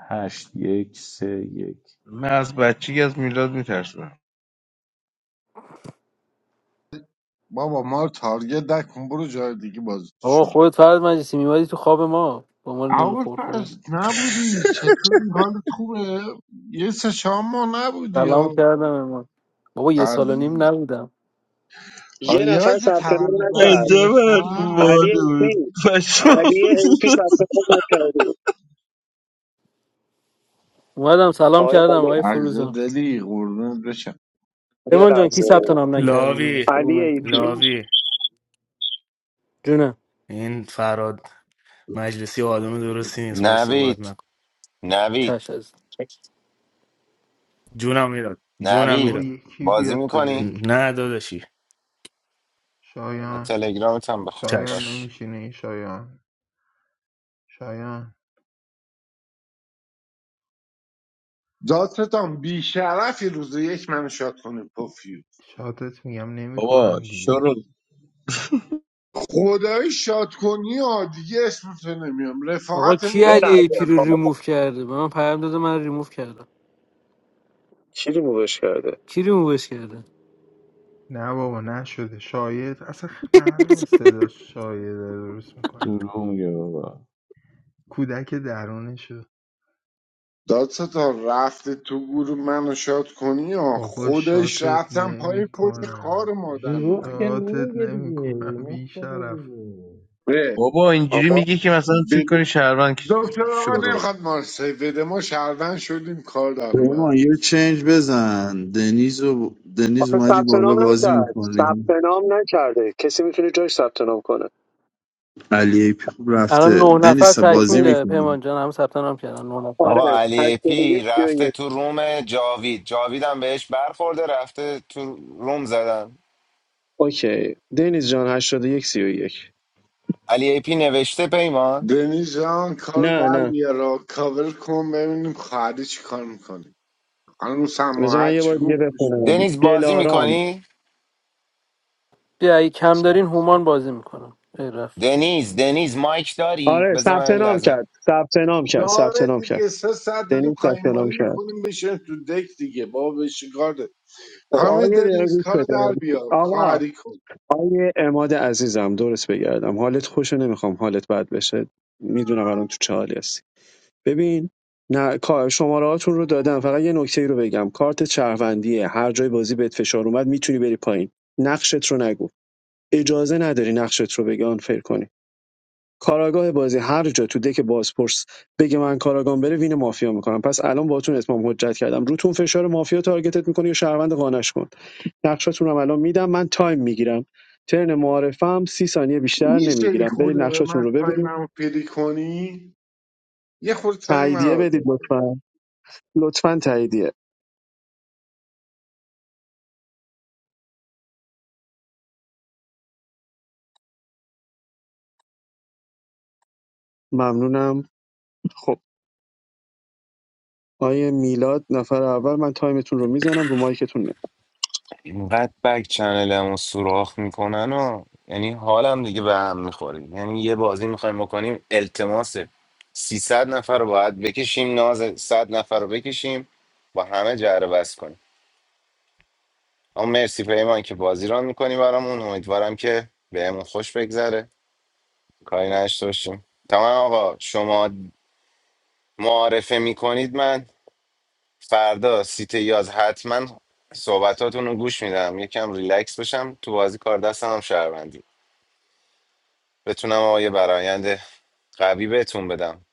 هشت یک سه یک
من از بچگی از میلاد میترسم
بابا ما رو تارگت نکن برو جای دیگه بازی تو
آقا
شروع
خودت فرد مجلسی میمادی تو خواب ما با ما لولو
اول
خور کنه
پس نبودی چطوری حالت خوبه یه سه شام ما نبودی
سلام
ها.
کردم امان بابا یه
از
سال و نیم نبودم
یه
آره،
نفر
یادت
ثبت
تولد
نام
برات
نکرد
عجب
گرفتم
علی
بود
ایپی
پشمام
علی ایپی ثبت نام نکرده
اومدم سلام
آقای
کردم
علی
آقای
عزیز
فروزان
دلی قربونت بشم
یه
امان جان کی
لحظه
ثبت نام نکرده
لاوی
داداش بگو
علی
من
ایپی
لاوی
جونم
In Farad Majlesi, people are not listening to the
نوید
news.
چش
نوید
از
Do you hear it? Do you hear
آقا
it?
نوید
یکی
بازی
بیاد تو
میکنی
دک
Not
شایان
تلگرامت هم بخون
شایان
باش
نمیشینی شایان شایان
دادستان بیشرفی روز یک منو شاد کنه پوفیو
شاتت میگم
بابا
نمیکنم دیگه
شروع
خدایی شاد کنی ها دیگه اسمتو نمیام
آقا کی
رفاقتمون
یه
رو
علی ای
لحظه
پی
میبینم
رو
آقا
توش
ریموف کرده به من پیام داده من ریموف کردم
کی ریمووش کرده
کی ریمووش کرده
نه بابا نشده شاید اصلا معلومه صدا شاید درست میکنه
دروغ میگه بابا
کودک درونشو
دادستان رفته تو گروه منو شاد کنی ها
بابا
خدایش
شاتت
رفتم پای پشت
نمیکنم
خار مادر
دروغ که
میدم
شاتت
نمیگه دیگه
نمیکنم بی
نمیگه
شرف
دیگه
ره
بابا اینجوری
آقا
میگی که مثلا فکر کنی شهروند که-
دکتر آقا
شروع
نمیخواد ما رو سیو بده ما شهروند شدیم کار در اومد
پیمان یه چنج بزن دنیز و دنیز
آخه
اومدی
ثبت
بالا
نام
بازی
نکرد ثبت
میکنیم
نام نکرده کسی میتونه جاش ثبت نام کنه
علی ایپی خوب رفته
الان نه نفر
دنیز بازی
خب
تکمیله
میکنیم
پیمان جان هم ثبت نام کردن نه نفر
آره
آقا علی ای پی رفته
81 31
تو روم جاوید جاوید هم بهش برخورده رفته تو روم زدن
اوکی دنیز جان 81 یک. سی و یک.
علی ای پی نوشته پیمان
دنیز جان کار
نه
در
نه
بیارا کاور کن ببینیم خواهدی چی کار میکنیم خانم سما
بذار
هر
من یه
چی
بار دیگه
گفت
بخونم
دنیز بازی
دلارام
میکنی؟
بیا اگه کم دارین هومان بازی میکنم ای رفت.
دنیز دنیز مایک داری؟
آره
بذار من
ثبت
این
نام
لحظه
کرد ثبت نام کرد
داره
ثبت نام کرد
دیگه سه ساعت داریم
دنیز ثبت نام
خایمالی
کرد
میکنیم بشین تو دک دیگه بابا بشکار داره
خب
خانم
آقای دقیقه
دنیز
گوش
کار
بده
در بیار
آقا
خواهری کن
آقای اماد عزیزم درست بگردم حالت خوشو نمیخوام حالت بد بشه میدونم الان تو چه حالی هستی. ببین نه شماره هاتون رو دادم فقط یه نکته ای رو بگم کارت شهروندیه هر جای بازی بهت فشار اومد میتونی بری پایین نقشت رو نگو اجازه نداری نقشت رو بگی آنفر کنی کاراگاه بازی هر جا تو دک بازپرس بگه من کاراگام بره وین مافیا میکنم پس الان باتون اتمام حجت کردم روتون فشار مافیا تارگتت میکنی یا شهروند قانعش کن نقشاتون رو الان میدم من تایم میگیرم ترن معارفم سی ثانیه بیشتر
میشه یه
نمیگیرم برید
خورده به
نقشاتون
من
رو ببینید
تایممو پیری کنی یه خورده تایم
تاییدیه
رو
بدید
دار
لطفا لطفا تاییدیه ممنونم خب آیه میلاد نفر اول من تایمتون رو میزنم رو مایکتون نه
اینقدر بک چنلمو سوراخ میکنن و یعنی حالم دیگه به هم میخوره یعنی یه بازی میخوایم بکنیم التماس 300 نفر رو باید بکشیم ناز 100 نفر رو بکشیم با همه جر و بحث کنیم اما مرسی پیمان که بازی ران میکنی برامون امیدوارم که بهمون خوش بگذره کاری نداشته باشیم تمام آقا شما معارفه میکنید من فردا سیته 11 حتما صحبتاتون رو گوش میدم یکم ریلکس بشم تو بازی کار دستم هم شهروندی بتونم آقا یه برایند قوی بهتون بدم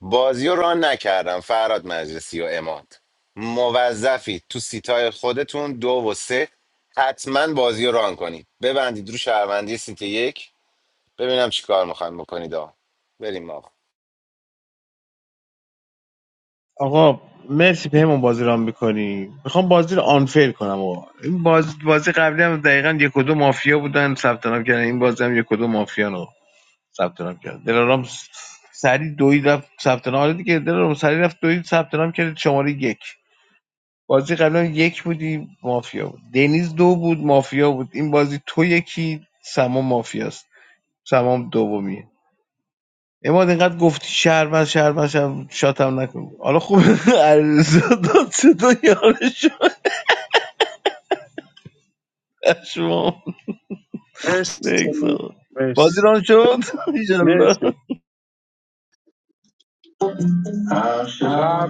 بازی رو ران نکردم فراد مجلسی و اماد موظفی تو سیتای خودتون دو و سه حتما بازی رو ران کنید ببندید رو شهروندی سیت یک ببینم چی کار میخوایم بکنید آقا بریم آقا
آقا مرسی پیمون بازی رام میکنی میخوام بازی رو آنفیل کنم آقا این باز... بازی قبلی هم دقیقا یک و دو مافیا بودن ثبت نام کردن این بازی هم یک و دو مافیا ثبت نام کرد دلارام س- سریع دوید رفت ثبت نام آره دیگه دلارام سریع رفت دوید ثبت نام کرد شماره یک بازی قبلا یک بودی مافیا بود دنیز دو بود مافیا بود این بازی تو یکی سما مافیاست سمام دومیه اماد اینقدر گفتی شهروند شهروند شهروند شاتم نکن حالا خوب [LAUGHS] علیرضا داد صدا یارش شما
مرسی
نکس آقا.
مرسی
بازی ران شد [LAUGHS] ایشالله
مرسی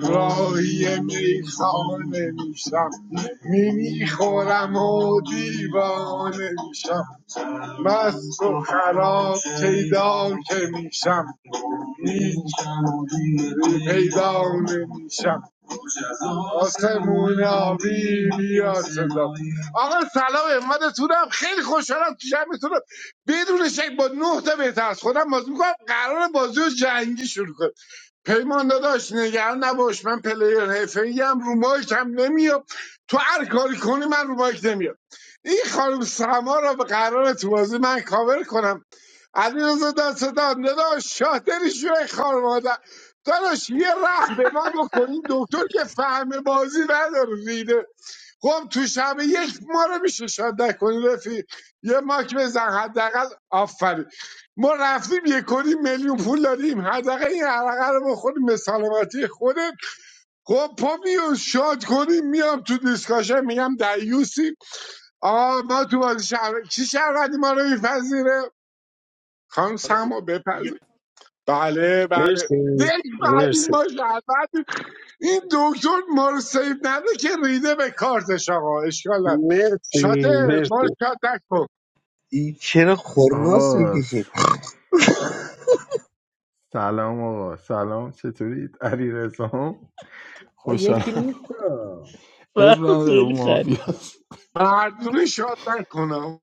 براهی میخانه میشم میمیخورم و دیوانه میشم مست و خراب پیدا که میشم هیچ پیدا نمیشم آسمون آبی بیاد صدا آقا سلام همتونم خیلی خوشحالم تو شبتونم بدون شک با نه تا بهتر از خودم بازی میکنم قرار بازی رو جنگی شروع کنم پیمان داداش نگران نباش من پلیر حرفه‌ای ام رو مایک هم نمیام تو هر کاری کنی من رو مایک نمیام این خانم سما را به قرار تو بازی من کاور کنم علیرضا دست دادم داداش شاطری شوی خار مادر داداش یه رحم به ما بکن دکتر که فهم بازی نداره ریده خب تو شب یک ما رو میشه شاد نکنی رفیق یه ماک بزن حداقل آفرین ما رفتیم یک و نیم میلیون پول دادیم حداقل این عرقه رو بخوریم به سلامتی خودت خب پا میو شاد کنیم میام تو دیسکاشن میگم دیوسی آه ما تو بازی شهر چی شهروندی ما رو میپذیره خانم سما بله بله
مرسی
یک فهمید
مرسی
ما شهروند این دکتر ما رو سیف نده که ریده به کارتش آقا اشکال نداره.
مرسی
شاته ما رو
مرسی
شاد نکن
این چرا خراس
آقا
میکشه
س- سلام آقا سلام چطورید علی رزام
آ یکی
خوشحالم
نیست آه.
اب
برام
نداره
خیلی
اون
خرید
مافیاست
مردونه شاد نکنم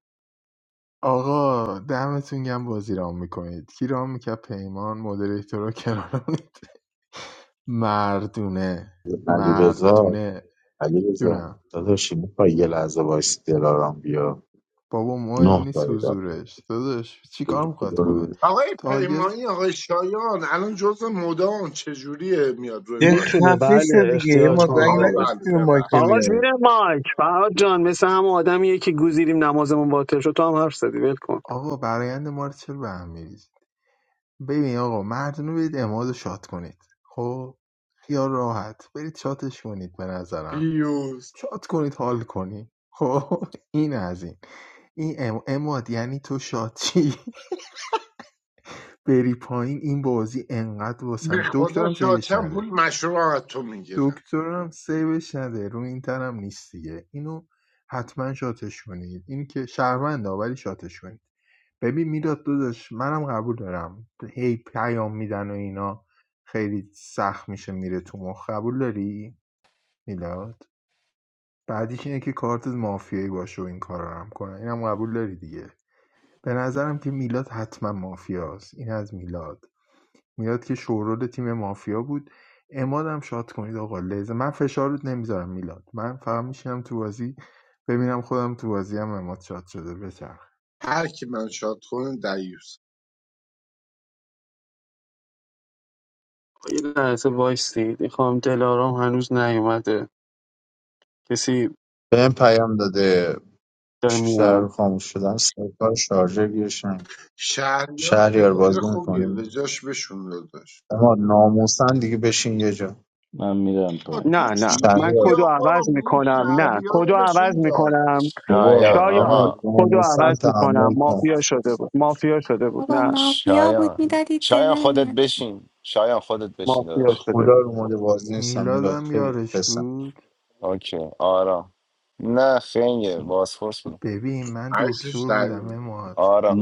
آقا دمتون گم بازی رام میکنید کی رام میکرد پیمان مدریتورا کرانید [LAUGHS] مردونه
علی رضا.
مردونه
علی
جونم
داداشی میخوای یه لحظه وایس دلارام بیا
بابا مهم
نه
نیست
تایی دارم
حضورش داداش چی کار میخواد کنه
آقای
تارگت
پیمانی آقای شایان الان جز مدام چجوریه میاد روی
یه
مایک
میتونه
خفه شد
بله
دیگه
اختیار
ما
تام
زنگ
آقا
آه
داره
بله
نگفتی به مایک
ببخش
آقا
میای
زیر مایک فرهاد جان مثل هم آدمیه که گوزیریم نمازمون باطل شد تو هم حرف زدی ول کن
آقا برایند ما رو چرا به هم می‌ریزید؟ ببین آقا مردونه برید اماد رو شات کنید خب خیال راحت برید شاتش کنید به نظرم
پیوز
شات کنید حال کنید خب این از این این ام- اماد یعنی تو شاتی [LAUGHS] بری پایین این بازی انقدر
به
واسم
خدا
دکترم سیوش
شاچم پول
نده
مشروع از تو میگیرم
دکترم سیوش نده رو این تنم نیست دیگه اینو حتما شاتش کنید این که شهرونده ولی شاتش کنید ببین میلاد داداش منم قبول دارم هی پیام میدن و اینا خیلی سخت میشه میره تو مخ قبول داری میلاد بعدیش اینه که کارت مافیایی باشه و این کار رو هم کنه اینم قبول داری دیگه به نظرم که میلاد حتما مافیاست این از میلاد میاد که شورول تیم مافیا بود امادم شات کنید آقا لیزه من فشارت نمیذارم میلاد من فقط میشینم تو بازی ببینم خودم تو بازی هم اماد شاد شده بچرخ
هر کی من شاد کنه دیوز
یه لحظه وایستید این خانم دلارام هنوز نیومده کسی
به این پیام داده
داره میاد
بیشتر خاموش شدم سرکار شارژر گیرشم
شهریار
شهریار
پلیر
بازی
خوبیه به
میکنی
جاش بشون داداش
اما ناموسن دیگه بشین یه جا
من میرم
آقا
پایین
تو
نه
چی
نه من
میگی
شهریار
کدو
آقا
عوض
میگه
میکنم نه
شهریار رو
کدو عوض
بهشون داد
میکنم
بابا
شایان
اما
شایان
آقا
کدو
ناموسن
عوض میکنم
تحمل کن
مافیا شده بود مافیا شده بود
بابا
نه
مافیا بود
شایان
میدادید به
شایان خودت
من
بشین شایان خودت بشین
به
مافیا
داداش
شده
خدا
بود
رو مورد بازی نیستم میلاد
میلادم
خیلی
یارش
فسم
بود
اوکی آرام نه خنگه بازپرس بود
ببین من
عکسش
دکتر
در
بودم
بود.
اماد
آرام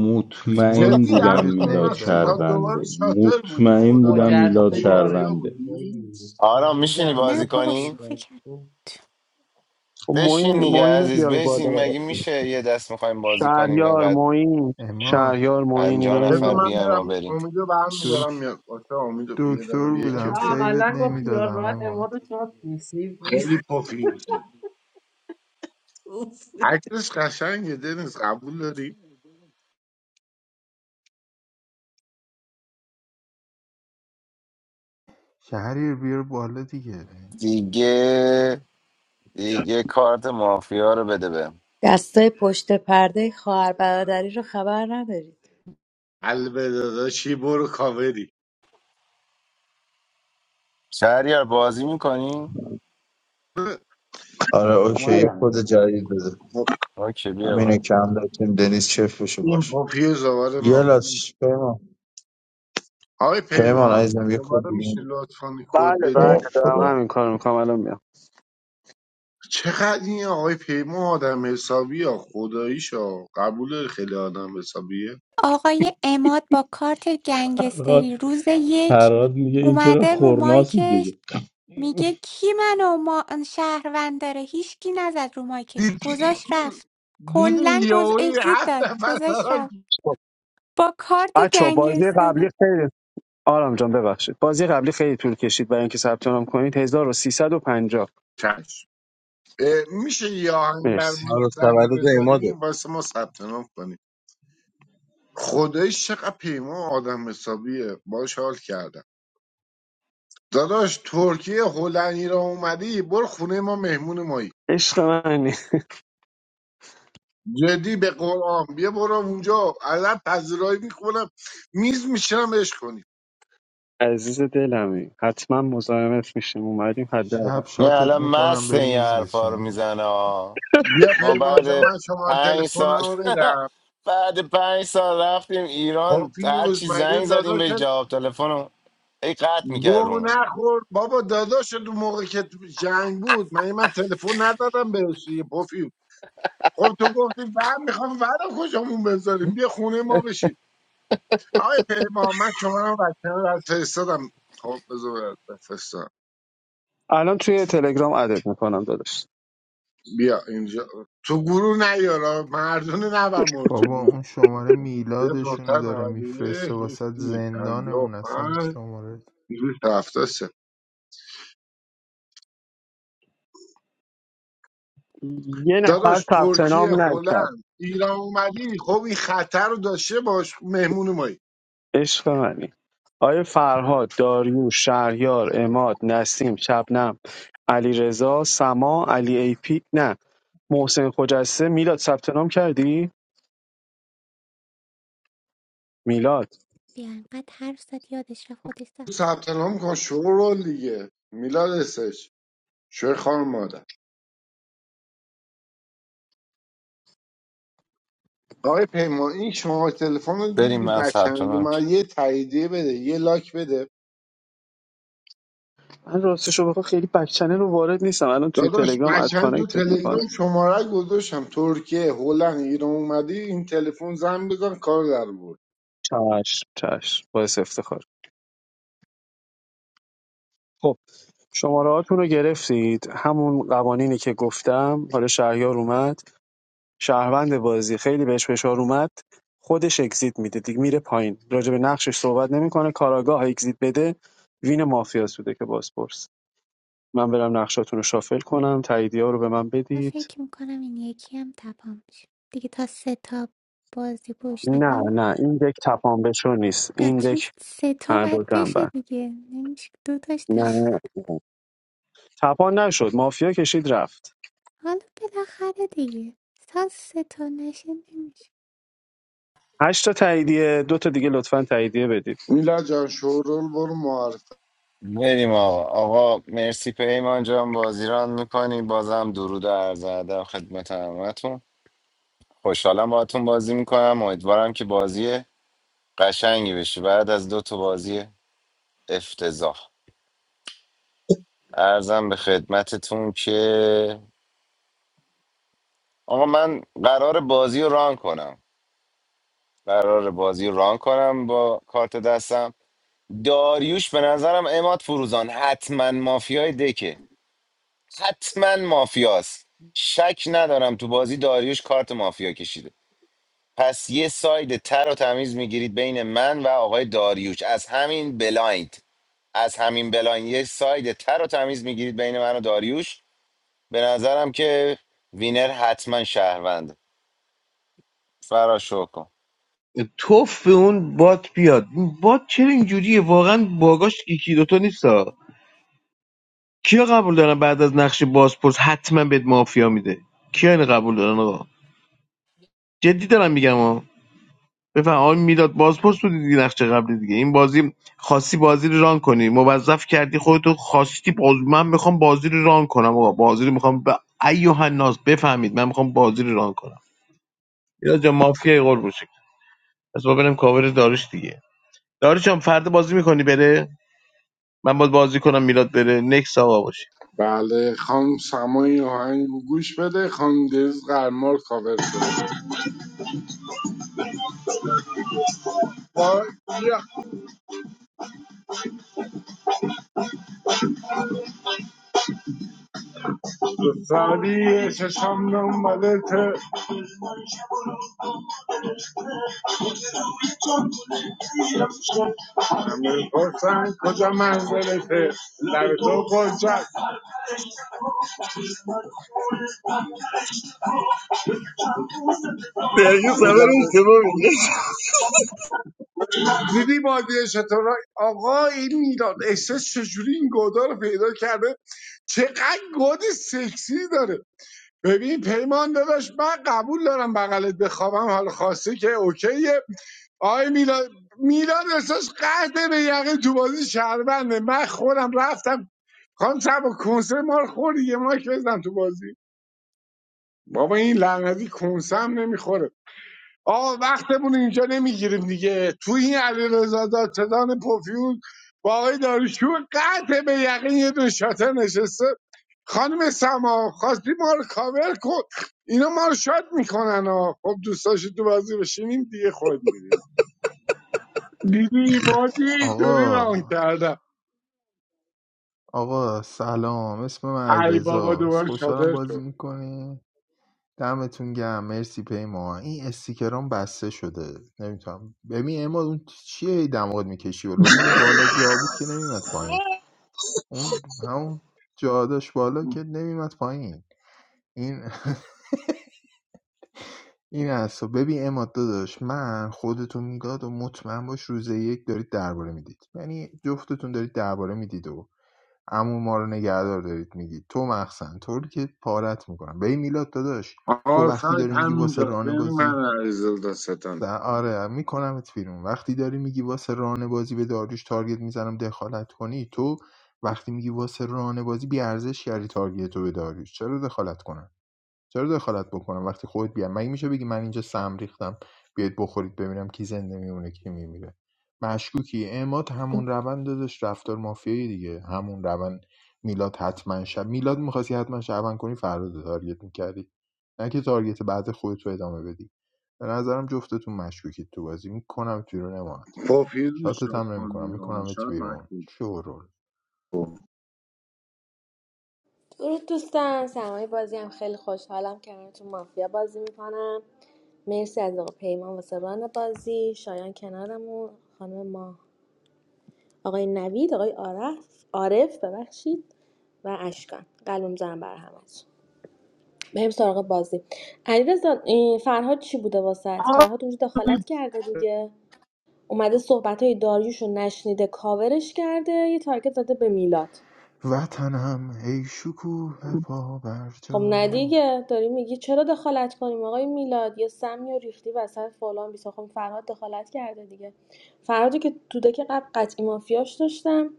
اماد
جدی عرض
بودم
سیوت
میلاد
تا
نمیدادم
دوباره
شهرونده
شاتر بودی
مطمئن
خدا
بودم میلاد
وکیلی
خجسته یارش
مافیا
شهرونده
بود
بودی
آجی.
آرام
فیلینگ
میشینی
هم
نه
بازی
میگفت
بابا
کنی؟
شوخی کرد
خجسته
بشین
موین
دیگه
موین رو
عزیز
بیار
بشین
بالا
مگه میشه یه دست میخوایم بازی کنیم
شهریار
اینقدر
موین
اماد
شهریار موین
پنجا
اینا رو
بذار
نفر
میاد
من
بیایم
میرم
ما بریم
امیدو برم میدارم
دک...
میاد واسه امیدو یه
دکتر
دقیقه یکی
علیرضا
رو
بودم
پیدا
سیوت
عملا
میکنم
با خیال
نمیدادم
راحت اماد
اماد
شاد نصیب نیست
خیلی پفیوزی عکسش قشنگه دنیز قبول داری
شهری رو بیار بالا دیگه
دیگه دیگه کارت مافیا رو بده به
دستای پشت پرده خواهر برادری رو خبر ندارید
البته داداشی برو کاوری
شهریار بازی میکنی؟
آره اوکی
خب،
یه
اومدم
کد
دیگه
جدید بده
خب،
اوکی بیا
همینه
بالا.
که هم دارتیم دنیز چف بشه
این
باش
پفیوز دوباره
یه
مافیا میشه
لاش پیمان.
آقای
پیمان
پیمان
عزیزم یه کد
دوباره
دیگه
میشه
می‌دی؟
لطفا کد
بله
بدی
بله دارم
خدا
همین کار میکنم الان میام
چقدر این آقای پیمان آدم حسابی ها خداییشا قبول خیلی آدم حسابیه
آقای عماد با کارت گنگستری روز یک
فراد میگه این چرا
اومده رو
خورناس
مایکش
میکشه [LAUGHS]
میگه کی منو ما شهروند داره هیچکی نزد رو مایکش
دید-
گذاش رفت
دیدی
کلا گز
یهوی
اگزیت
هفت
داد
نفر
گذاش
دارن تو
رفت با کارت
بچه بازی قبلی
گنگستری
خیلی آرام جان ببخشید بازی قبلی خیلی طول کشید برای اینکه ثبت نام کنید 1350
چشم اه، میشه یه آهنگ بر
مرسی
حالا
مختن
تولد اماده
بذاریم واسه ما ثبت نام کنیم خدایش چقدر پیمان آدم حسابیه باش حال کردم داداش ترکیه هلند ایران اومدی برو خونه ما مهمون مایی
عشق من
جدی به قرآن بیا برو اونجا ازت پذیرایی میکنم میز میشینم عشق کنی
عزیز دلمی حتما مزاحمت میشیم اومدیم
شب
حداقل
یه
شاتت
الان
میکنم
مست
بری
این
میز
حرفا رو
بچینی
میزنه
بیا
ما
پیمان جان
بعد
من شما
پنج
تلفن
سال
رو
[LAUGHS]
بدم
بعد پنج سال رفتیم ایران هر
پاپیوز
چی
مگه
زنگ زدیم به
داداشت
جواب تلفن رو ای قطع میکرد
گو
رومو
نخور بابا داداشت اون موقع که تو جنگ بود مگه من تلفن ندادم بهش دیگه پاپیوز خب تو گفتی ور میخوام ور کجامون بذاریم بیا خونه ما بشین آقای پیمان من شما رو بچه رو فرستادم خب بذار برات بفرستم
الان توی تلگرام ادت میکنم داداش
بیا اینجا تو گروه نیارا مردونه نبر مورد تو
بابا
گروه
اون شماره
صفر
میلادشونو
نهصد
داره
نود و
میفرسته
یک، یک
واسه
سی،
زندان
پنجاه و
اون اصلا
پنج،
شماره
دویست هفتاد و سه.
یه نفر
داداش
ثبت
ترکیه
نام نکرد
هلند ایران اومدی خب این خطر رو داشته باش مهمون مایی
عشق منی آیا فرهاد داریوش شهریار اماد نسیم شبنم علی رضا سما علی ای پی نه محسن خجسته میلاد ثبت نام کردی میلاد
بیا انقدر حرف زد یادش رفت خودش ثبت
ثبت نام کن شورول دیگه میلاد اسش شوی خانم مادر آقای پیمان این شما تلفن رو
بریم
دیدی
من
بچن
ثبت نام کردم.
من یه تاییدیه بده یه لاک بده
من راستشو بخوام خیلی بک چنل رو وارد نیستم الان توی
داداش
تلگرام اد
بچن تو
کانکتت میکنم
تلگرام شماره گذاشتم ترکیه هلند ایران اومدی این تلفن زنگ بزن کار در بود
چش چش باعث افتخار خب شمارههاتون رو گرفتید همون قوانینی که گفتم حالا شهریار اومد شهروند بازی خیلی بهش فشار اومد خودش اگزیت میده دیگه میره پایین راجع به نقشش صحبت نمیکنه کاراگاه اگزیت بده وین مافیا سوده که بازپرس من برم نقشاتون رو شافل کنم تاییدیه رو به من
من
بدید
فکر میکنم این یکی هم تپام میشه دیگه تا سه تا بازی پشت
نه
هم
نه این دک تپان بشو نیست
نه
این
چون
دک
سه تا باید
فربودن
بشه
بر
دیگه نمیشه دو تاش تمام.
نه تپان نشد مافیا کشید رفت
حالا بالاخره دیگه ساز ستون نشه نمیشه
هشت تا تاییدیه دو تا دیگه لطفا تاییدیه بدید
میلاد جان شورول برو
بریم آقا آقا مرسی پیمان جان بازیران میکنی بازم درود و عرض ادب خدمت همتون خوشحالم باهاتون بازی میکنم امیدوارم که بازی قشنگی بشه بعد از دو تا بازی افتضاح ارزم به خدمتتون که آقا من قرار بازی رو ران کنم قرار بازی ران کنم با کارت دستم داریوش به نظرم اماد فروزان حتما مافیای دکه حتما مافیاست شک ندارم تو بازی داریوش کارت مافیا کشیده پس یه ساید تر و تمیز میگیرید بین من و آقای داریوش از همین بلایند از همین بلایند یه ساید تر و تمیز میگیرید بین من و داریوش به نظرم که وینر حتما شهروند فراشو کن
توف به اون بات بیاد این بات چرا اینجوریه واقعا باگاش یکی دوتا نیستا کیا قبول دارن بعد از نقش بازپرس حتما بهت مافیا میده کیا این قبول دارن آقا جدی دارم میگم ها بفهم آقا میلاد بازپرس بودی دیگه نقش قبلی دیگه این بازی خاصی بازی رو ران کنی موظف کردی خودتو خواستی باز من میخوام بازی رو ران کنم آقا بازی رو میخوام به ایوهن ناز بفهمید من میخوام بازی رو ران کنم اینا جا مافیای قربون شکل پس ما بریم کاور داروش دیگه داروش هم فردا بازی میکنی بره من باید بازی کنم میلاد بره نکس آقا باشی
بله خانم سمای آهنگ رو گوش بده خانم دیروز قرمال کاور شد وای بیا سالی چشم نومدته همه پرسن کجا منزلته لب تو پرسن
دقیقه خبر اشتباه میگه
دیدی بادیه چطور آقا این میلاد احساس چجوری این گودا رو پیدا کرده چقدر گود سکسی داره ببین پیمان داداش من قبول دارم بغلت بخوابم حال خاصی که اوکیه آی میلاد میلاد احساس قهده به یقین تو بازی شهرونده من خودم رفتم خانم سبا کنسر مار خوری دیگه ما بزن تو بازی بابا این لعنتی کنسم نمیخوره آقا وقتمون اینجا نمیگیریم دیگه تو این علی رضا دادستان پوفیوز با آقای داروشور قطع به یقین یه دون شاته نشسته خانم سما خواستی ما رو کاور کن اینا ما رو شاد میکنن ها خب دوست تو بازی بشینیم دیگه خود میدونی. دیدی بازی اینطوری
آقا
ران کردم
آقا سلام اسم من
علی بابا
ایرزاست
دوباره
خوشحالم
شادر
بازی
شد
میکنی دمتون گرم مرسی پیما این استیکرام بسته شده نمیتونم ببین اما اون چیه هی دماغت میکشی ولی اون بالا جا بود که نمیمد پایین اون همون جا داشت بالا که نمیمد پایین این این حرفا ببین اماد داداش من خودتون میلاد و مطمئن باش روز یک دارید درباره میدید یعنی جفتتون دارید درباره میدید و عمو ما رو نگهدار دارید میگید تو مخصن طوری که پارت میکنم به این میلاد داداش تو
آقا
وقتی
سایت
داری میگی واسه
همینجا
رانه
بین من
بازی
و علیزاده
س-
ستان
آره میکنمت بیرون وقتی داری میگی واسه رانه بازی به داریوش تارگت میزنم دخالت کنی تو وقتی میگی واسه رانه بازی بیارزش کردی تارگت تو به داریوش چرا دخالت کنم چرا دخالت بکنم وقتی خودت بیام مگه میشه بگی من اینجا سم ریختم بیاید بخورید ببینم کی زنده میمونه کی میمیره مشکوکی اعماد همون روند داشت رفتار مافیایی دیگه همون روند میلاد حتما شب میلاد میخواستی حتما شبن کنی فردا رو تارگت میکردی نه که تارگت بعد خودت رو ادامه بدی به نظرم جفتتون مشکوکید تو بازی میکنم بیرون اماد
پاپیوز
شاتت
شاد
هم نمیکنم
کنی و
میکنم ات
شاد
بیرون
مشکوک
شورول
کن.
درود دوستان سرمایه بازی هم خیلی خوشحالم کنارتون مافیا بازی میکنم مرسی از آقا پیمان واسه ران بازی شایان کنارمون خانم ما آقای نوید آقای عارف عارف ببخشید و اشکان قلبم زنم بر همتون بریم سراغ بازی علیرضا این فرهاد چی بوده واسط فرهاد اونجا دخالت کرده دیگه اومده صحبت‌های های داریوش رو نشنیده کاورش کرده یه تارگت زده به میلاد
وطنم ای شکوه پا بر
خب نه
جا
دیگه داری میگی چرا دخالت کنیم آقای میلاد یا سمی و ریختی وسط فلان بیسا خب فرهاد دخالت کرده دیگه فرهادی که تو دک قبل قطعی مافیاش داشتم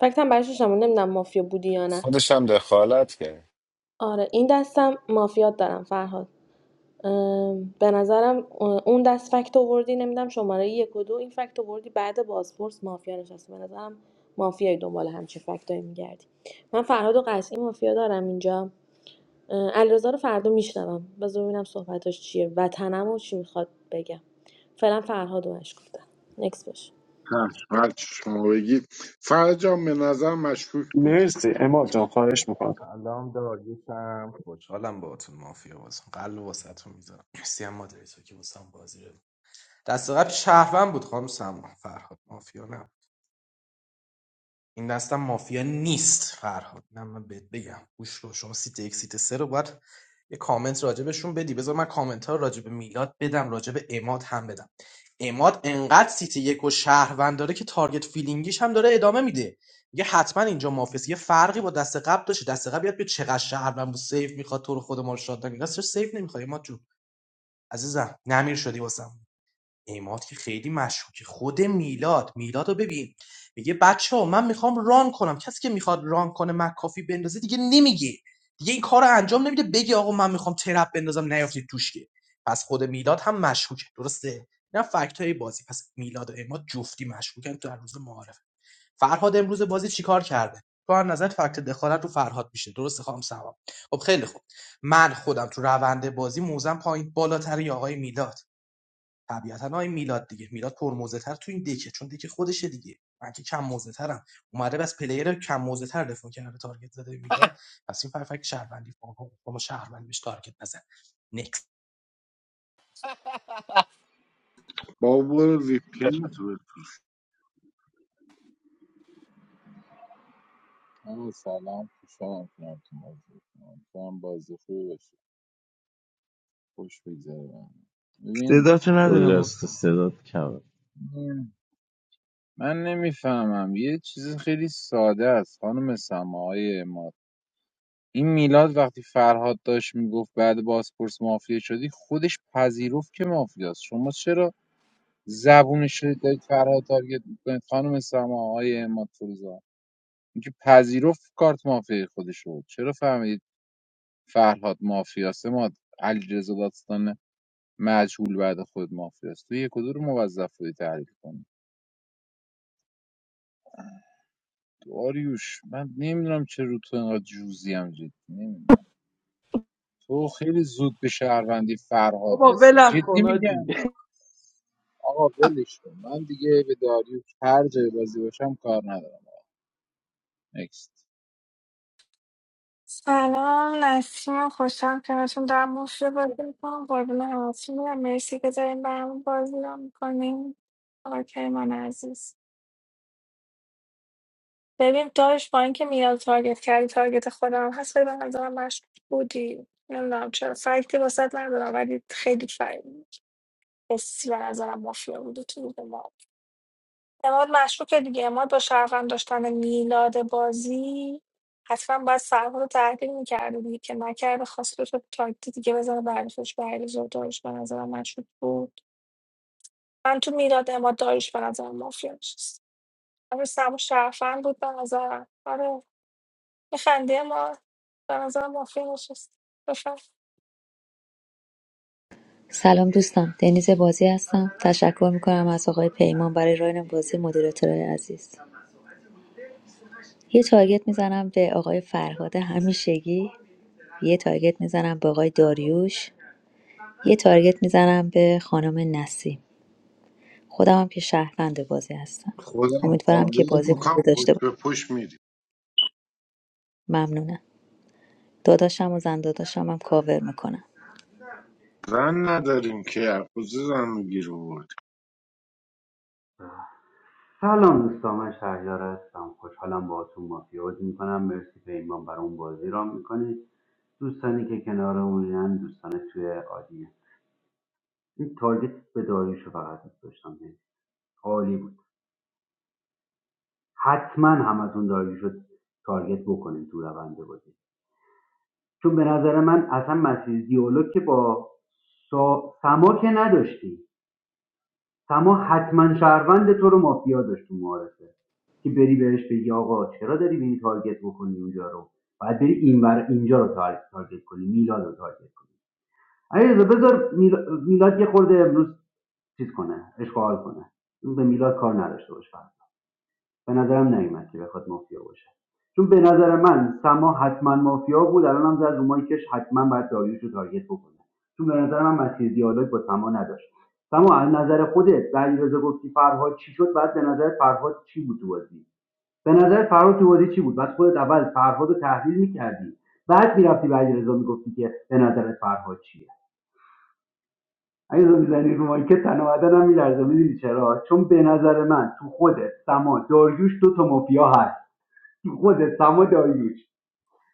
فکتم برش داشتم نمیدونم مافیا بودی یا نه
خودشم دخالت کرد
آره این دستم مافیات دارم فرهاد ام، به نظرم اون دست فکت آوردی نمیدونم شماره یک و دو این فکت آوردی بعد بازپرس مافیا نشسته به نظرم مافیای دنبال همچین فکتایی میگردی من فرهاد و قطعی مافیا دارم اینجا اه، علیرضا رو فردا میشنوم بذار ببینم صحبتاش چیه وطنم و چی میخواد بگم فعلا فرهاد و مشکوک دارم نکس باش
چشم، هر چی شما بگید فرجام به نظر مشکوک بودی
مرسی اماد جان خواهش میکنم
سلام داریوشم خوشحالم باهاتون مافیا بازم قلب واسهتون میذارم مرسی هم مادری تو که واسم بازی رو دست قبل شهروند بود خانم سما فرهاد مافیا نه این دستم مافیا نیست فرهاد نه من بهت بگم گوش رو شما سیت یک سیت سه رو باید یه کامنت راجبشون بدی بذار من کامنت ها راجب میلاد بدم راجب اماد هم بدم اماد انقدر سیت یک و شهروند داره که تارگت فیلینگیش هم داره ادامه میده میگه حتما اینجا مافیاست یه فرقی با دست قبل داشت دست قبل یاد به چقدر شهروند بود سیف میخواد تو رو خود ما رو شاد نگه سیف نمیخوای اماد جون عزیزم نمیر شدی واسم اماد که خیلی مشکوکه خود میلاد میلاد رو ببین میگه بچه ها من میخوام ران کنم کسی که میخواد ران کنه مکافی بندازه دیگه نمیگه دیگه این کار رو انجام نمیده بگه آقا من میخوام ترپ بندازم نیافتید توش که پس خود میلاد هم مشکوکه درسته نه فکت های بازی پس میلاد و اماد جفتی مشکوکن تو در روز معارف فرهاد امروز بازی چیکار کرده تو هر نظر فکت دخالت رو فرهاد میشه درسته خانم سما خب خیلی خوب من خودم تو روند بازی موزم پایین بالاتری آقای میلاد طبیعتا آقای میلاد دیگه میلاد پرموزه تر تو این دکه چون دکه خودشه دیگه من که کم موزه ترم اومده بس پلیر کم موزه تر دفاع کرده تارگت زده میلاد پس این فرفک شهروندی فاقا ما شهروند بهش تارگت نزن نکس
با برو ویپین
آقا سلام خوشحالم کنم تو موضوع کنم تو هم بازی خوبی باشه خوش بگذره به همه. ببین
صداتو
خود
ندارم
از
محسن.
استعداد کمه
نسیم، من نمیفهمم یه چیز خیلی ساده است خانم سماهای ما این میلاد وقتی فرهاد داشت میگفت بعد بازپرس مافیا شدی خودش پذیرفت که مافیاست شما چرا زبونش رو دارید فرهاد تارگت میکنید خانم سماهای ما فروزان اینکه پذیرفت کارت مافیا خودش رو چرا فهمیدید فرهاد مافیاست ما علیرضا داستان مجهول بعد خود مافیاست تو یک و دو رو موظف بودی تحلیل کنی داریوش من نمیدونم چه رو تو اینقدر جوزی هم جدی نمیدونم تو خیلی زود به شهروندی فرهاد
بابا
رسید
ولم
جدی
کن
میگم
آجی
آقا ولش کن من دیگه به داریوش هر جای بازی باشم کار ندارم نکست
سلام نسیم خوشم کنارتون در مفت بازی میکنم قربون همتون میرم مرسی که داریم برامون بازی را میکنیم آقای کریمان عزیز ببین داشت با اینکه میاد تارگت کردی تارگت خودم هست خیلی به نظرم مشکوک بودی نمیدونم چرا فکتی واسط ندارم ولی خیلی فکت حسی به نظرم مافیا بوده تو روح ما اعماد مشکوکه دیگه اعماد با شهروند داشتن میلاد بازی حتما باید سرما رو تحلیل میکرده دیگه که نکرده خواسته تو تاکتی دیگه بزنه برفش بریز و داریش به نظرم مشکوک بود من تو میلاد اعماد داریش به نظرم مافیا نشست اما سرما شهروند بود به نظرم آره میخندی اما به نظرم مافیا نشست بفهم
سلام دوستان دنیز بازی هستم تشکر میکنم از آقای پیمان برای راین بازی مدیراتورای عزیز یه تارگت میزنم به آقای فرهاد همیشگی یه تارگت میزنم به آقای داریوش یه تارگت میزنم به خانم نسیم خودم هم که شهروند بازی هستم
خودم
امیدوارم
قابل
که بازی خوبی
میکنم
داشته
پشت
باشم
به پشت میری
ممنونم داداشم و زن داداشم هم کاور میکنم
زن نداریم که ارکوز زن میگیر بود
سلام دوستان من شهریار هستم خوشحالم باهاتون مافیا بازی میکنم مرسی پیمان برای اون بازی را میکنید دوستانی که کنارمونن دوستان توی عالیه این تارگت به داریوش رو فقط دوست داشتم بزنم. عالی بود حتما همتون داریوش تارگت بکنید تو روند بازی چون به نظر من اصلا مسیر دیالوگ که با سا... سما که نداشتی سما حتما شهروند تو رو مافیا داشت تو معارفه که بری بهش بگی آقا چرا داری بینی تارگت بکنی اونجا رو باید بری این بر اینجا رو تار- تارگت کنی میلاد رو تارگت کنی علیرضا بذار میلاد یه خورده امروز چیز کنه اشغال کنه اون به میلاد کار نداشته باش فقط. به نظرم نیومد که بخواد مافیا باشه چون به نظر من سما حتما مافیا بود الانم زد رو مایکش حتما باید داریوش رو تارگت بکنه چون به نظر من مسیر دیالوگ با سما نداشت سما از نظر خودت ولی رضا گفتی فرهاد چی شد بعد به نظر فرهاد چی بود تو بازی به نظر فرهاد تو بازی چی بود بعد خودت اول فرهاد رو تحلیل میکردی بعد میرفتی به علیرضا میگفتی که به نظر فرهاد چیه علیرضا میزنی رو مایکت تن و بدنم میلرزه میدونی چرا چون به نظر من تو خودت سما داریوش دو تا مافیا خودت سم و داریوش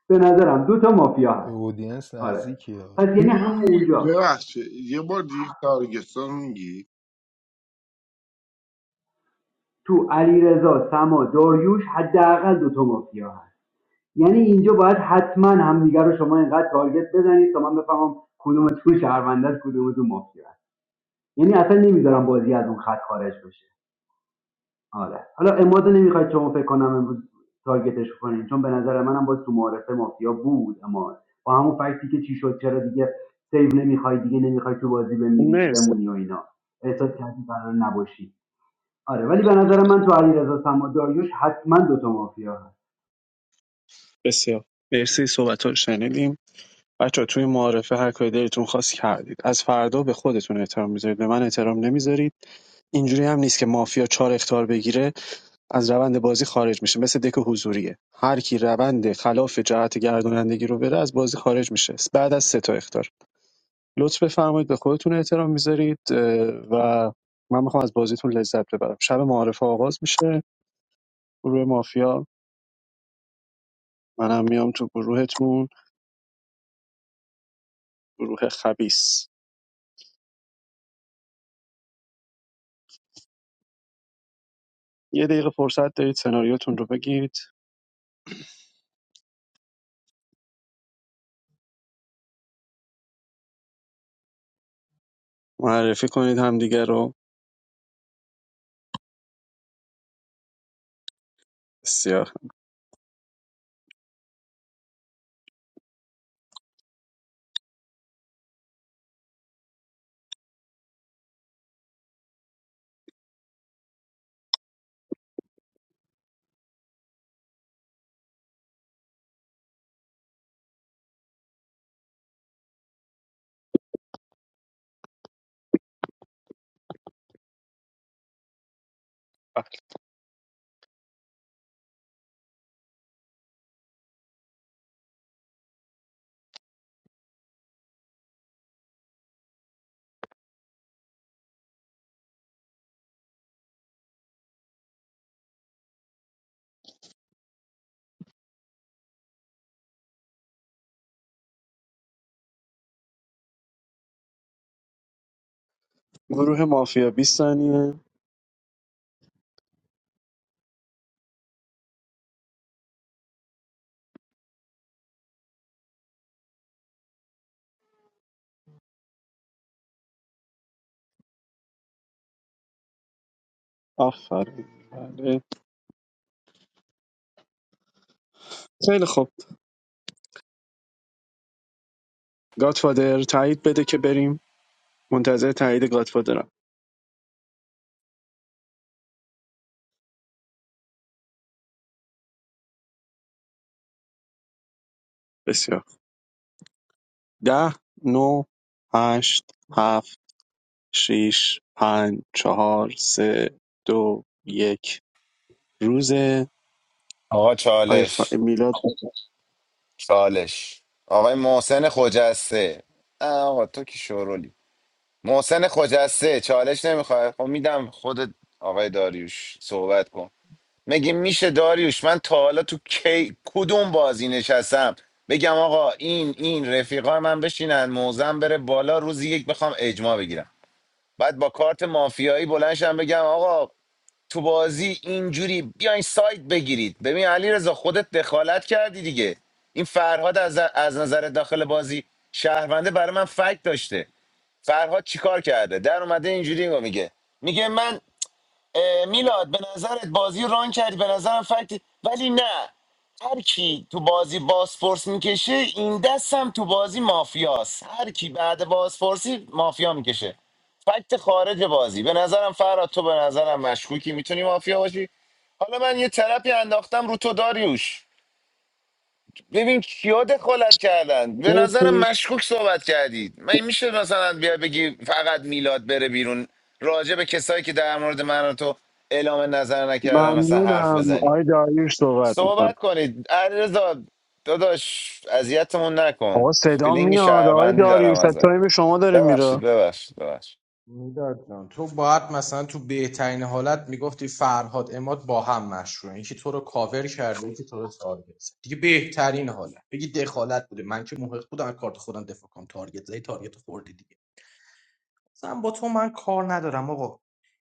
به نظرم دو تا مافیا
به
هست
اودینس
آره
نزدیکی ها
پس یعنی هم اونجا
ببخشید یه بار دیگه تارگستان میگی
تو علیرضا سما داریوش حداقل دو تا مافیا هست یعنی اینجا باید حتما همدیگه رو شما اینقدر تارگت بزنید تا من بفهمم کدومتون شهرونده است کدومتون مافیا هست یعنی اصلا نمیذارم بازی از اون خط خارج بشه آره حالا اماد نمیخواید شما فکر کنم امروز تارگتش کنین چون به نظر منم باز تو معارفه مافیا بود اما با همون فکتی که چی شد چرا دیگه سیو نمیخوای دیگه نمیخوای تو بازی بمیری
مرسی
بمونی و اینا احساس کردی قرار نباشی آره ولی به نظر من تو علیرضا سما داریوش حتما دوتا مافیا هست
بسیار مرسی صحبت رو شنیدیم بچه توی معارفه هر کاری دلتون خواست کردید از فردا به خودتون احترام میذارید به من احترام نمیذارید اینجوری هم نیست که مافیا چهار اختار بگیره از روند بازی خارج میشه مثل دک حضوریه هر کی روند خلاف جهت گردانندگی رو بره از بازی خارج میشه بعد از سه تا اختار لطف بفرمایید به خودتون احترام میذارید و من میخوام از بازیتون لذت ببرم شب معارفه آغاز میشه گروه مافیا منم میام تو گروهتون گروه خبیس یه دقیقه فرصت دارید سناریوتون رو بگید معرفی کنید همدیگه رو بسیار گروه مافیا بیست ثانیه آفرین بله. خیلی خوب گاتفادر تایید بده که بریم منتظر تایید گاتفادرم بسیار ده نو هشت هفت شیش پنج چهار سه دو یک روز
آقا
آیا
چالش
ف... میلاد
چالش آقای محسن خجسته اه آقا تو که شورولی محسن خجسته چالش نمیخواد خب میدم خودت آقای داریوش صحبت کن مگه میشه داریوش من تا حالا تو کی کدوم بازی نشستم بگم آقا این این رفیقا من بشینن موزم بره بالا روزی یک بخوام اجماع بگیرم بعد با کارت مافیایی بلنشم بگم آقا تو بازی اینجوری بیاین سایت بگیرید ببین علی رضا خودت دخالت کردی دیگه این فرهاد از, از نظر داخل بازی شهرونده برای من فکت داشته فرهاد چیکار کرده در اومده اینجوری میگه میگه من اه، میلاد به نظرت بازی ران کردی به نظرم فکت ولی نه هر کی تو بازی بازپرس میکشه این دستم تو بازی مافیاست هر کی بعد بازپرسی مافیا میکشه فکت خارج بازی به نظرم فراد تو به نظرم مشکوکی میتونی مافیا باشی حالا من یه طرفی انداختم رو تو داریوش ببین کیا دخالت کردن به نظرم مشکوک صحبت کردید من میشه مثلا بیا بگی فقط میلاد بره بیرون راجع به کسایی که در مورد من و تو اعلام نظر نکردن مثلا حرف
ممنونم
بزنی
آقای داریوش صحبت میکنم
صحبت کنید علیرضا داداش اذیتمون
آقا
نکن
صدا
فیلینگ
میاد آقای
شهروندی دارم
داریوش از
ازت
تایم شما داره
ببخشید
میره
ببخشید ببخشید
میلاد جان تو باید مثلا تو بهترین حالت میگفتی فرهاد اماد با هم مشروعه یکی تو رو کاور کرده یکی تو رو تارگت زد. دیگه بهترین حالت بگی دخالت بوده من که محق بودم از کارت خودم دفاع کنم تارگت زدی تارگت خوردی دیگه مثلا با تو من کار ندارم آقا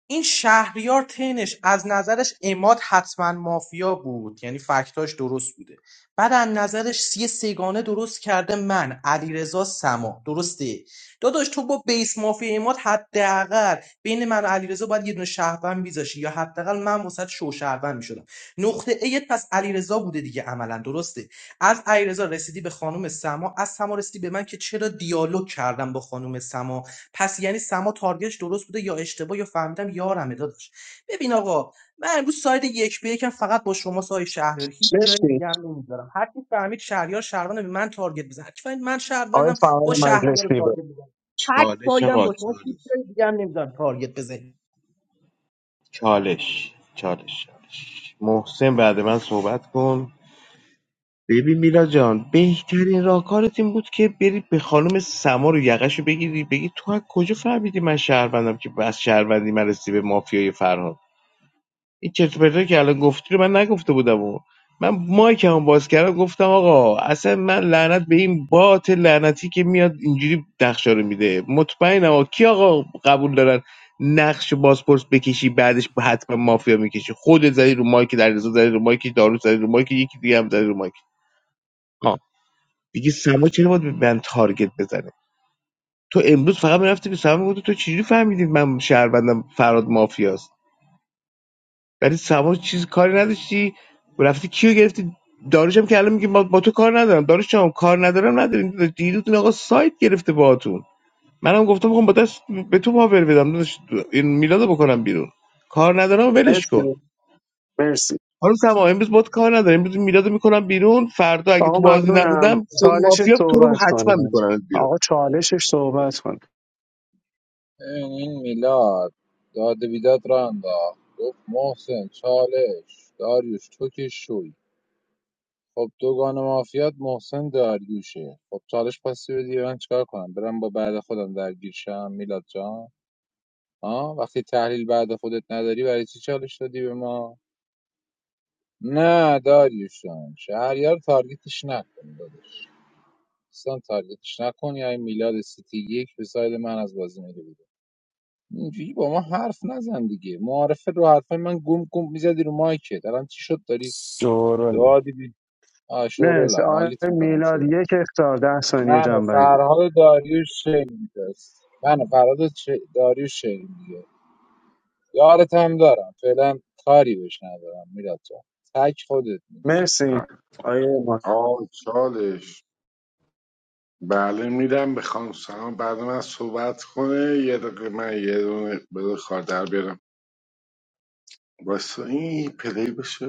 این شهریار تنش از نظرش اماد حتما مافیا بود یعنی فکتاش درست بوده بعد از نظرش یه سگانه درست کرده من علیرضا سما درسته داداش تو با بیس مافیا اماد حداقل بین من و علیرضا باید یه دونه شهروند میذاشی یا حداقل من وسط شو شهروند میشدم نقطه ایت پس علیرضا بوده دیگه عملا درسته از علیرضا رسیدی به خانم سما از سما رسیدی به من که چرا دیالوگ کردم با خانم سما پس یعنی سما تارگتش درست بوده یا اشتباه یا فهمیدم یارمه داداش ببین آقا من امروز ساید یک به یکم فقط با شما سای شهریار هیچ جای
مرسی
دیگه هم نمیذارم هر کی فهمید شهریار شهروند به من تارگت بزنه هر کی فهمید من
آقای
شهروندم با
فعال
شهریار
مجلسی
تارگت
بود
بزنم هر کی
چالش
سایدم
آقا
با شما هیچ
چالش
جای دیگه هم نمیذارم تارگت بزنید
چالش چالش چالش. محسن بعد من صحبت کن ببین میلا جان بهترین راهکارت این بود که بری به خانم سما رو یقش رو بگیری بگی تو از کجا فهمیدی من شهروندم که بس شهروندی من رسی به مافیای فرهاد این چرت و پرتایی که الان گفتی رو من نگفته بودم و من مایک هم باز کردم گفتم آقا اصلا من لعنت به این بات لعنتی که میاد اینجوری نقشه رو میده مطمئنم آقا کی آقا قبول دارن نقش بازپرس بکشی بعدش حتما مافیا میکشی خودت زدی رو مایک در رضا زدی رو مایک دارو زدی رو مایک یکی دیگه هم زدی رو مایک ها دیگه سما چرا باید به من تارگت بزنه تو امروز فقط میرفتی به سما میگفتی تو چجوری فهمیدی من شهروندم فراد مافیاست ولی سما چیز کاری نداشتی رفتی کیو گرفتی داروش هم که الان میگه با, با تو کار ندارم داروش هم کار ندارم نداریم دیروتون آقا سایت گرفته باهاتون منم گفتم میخوام با دست به تو پاور بدم داداش، این میلادو بکنم بیرون کار ندارم ولش کن
مرسی مرسی
حالا سما امروز باد کار ندارم امروز میلادو میکنم بیرون فردا اگه
آقا
تو بازی
ممنونم
نبودم خون
چالشش
مافیا تو رو
صحبت
حتما
کنیم
میکنم بیرون
آقا چالشش صحبت کنه
ببین این میلاد داد و بیداد را انداخت گفت محسن چالش داریوش تو که شوی خب دوگان مافیات محسن داریوشه خب چالش پاسی بدی من چیکار کنم برم با بعد خودم درگیر شم میلاد جان ها وقتی تحلیل بعد خودت نداری برای چی چالش دادی به ما نه داریوش جان شهریار تارگتش نکن داداش اصلا تارگتش نکن یا این میلاد سیتی یک به ساید من از بازی میره بیرون اینجوری با ما حرف نزن دیگه معارفه رو حرفای من گم گم میزدی رو مایکت الان چی شد داری
شورولی
دعا دیدی آ
مرسی
شورولم
آقای
حالیت میکنم
میلاد
شورول
یک
چی؟
اختار ده ثانیه
من و
جنبند
فرهاد و داریوش شعر میدست من و فرهاد و چ- داریوش شعر میگه یارت هم دارم فعلا کاری بهش ندارم میلاد جان تک خودت میگه
مرسی آقای اماد
آه چالش بله میدم به خانم سلام بعد من صحبت کنه یه دقیقه من یه دونه بده کار در بیارم واسه این پلی بشه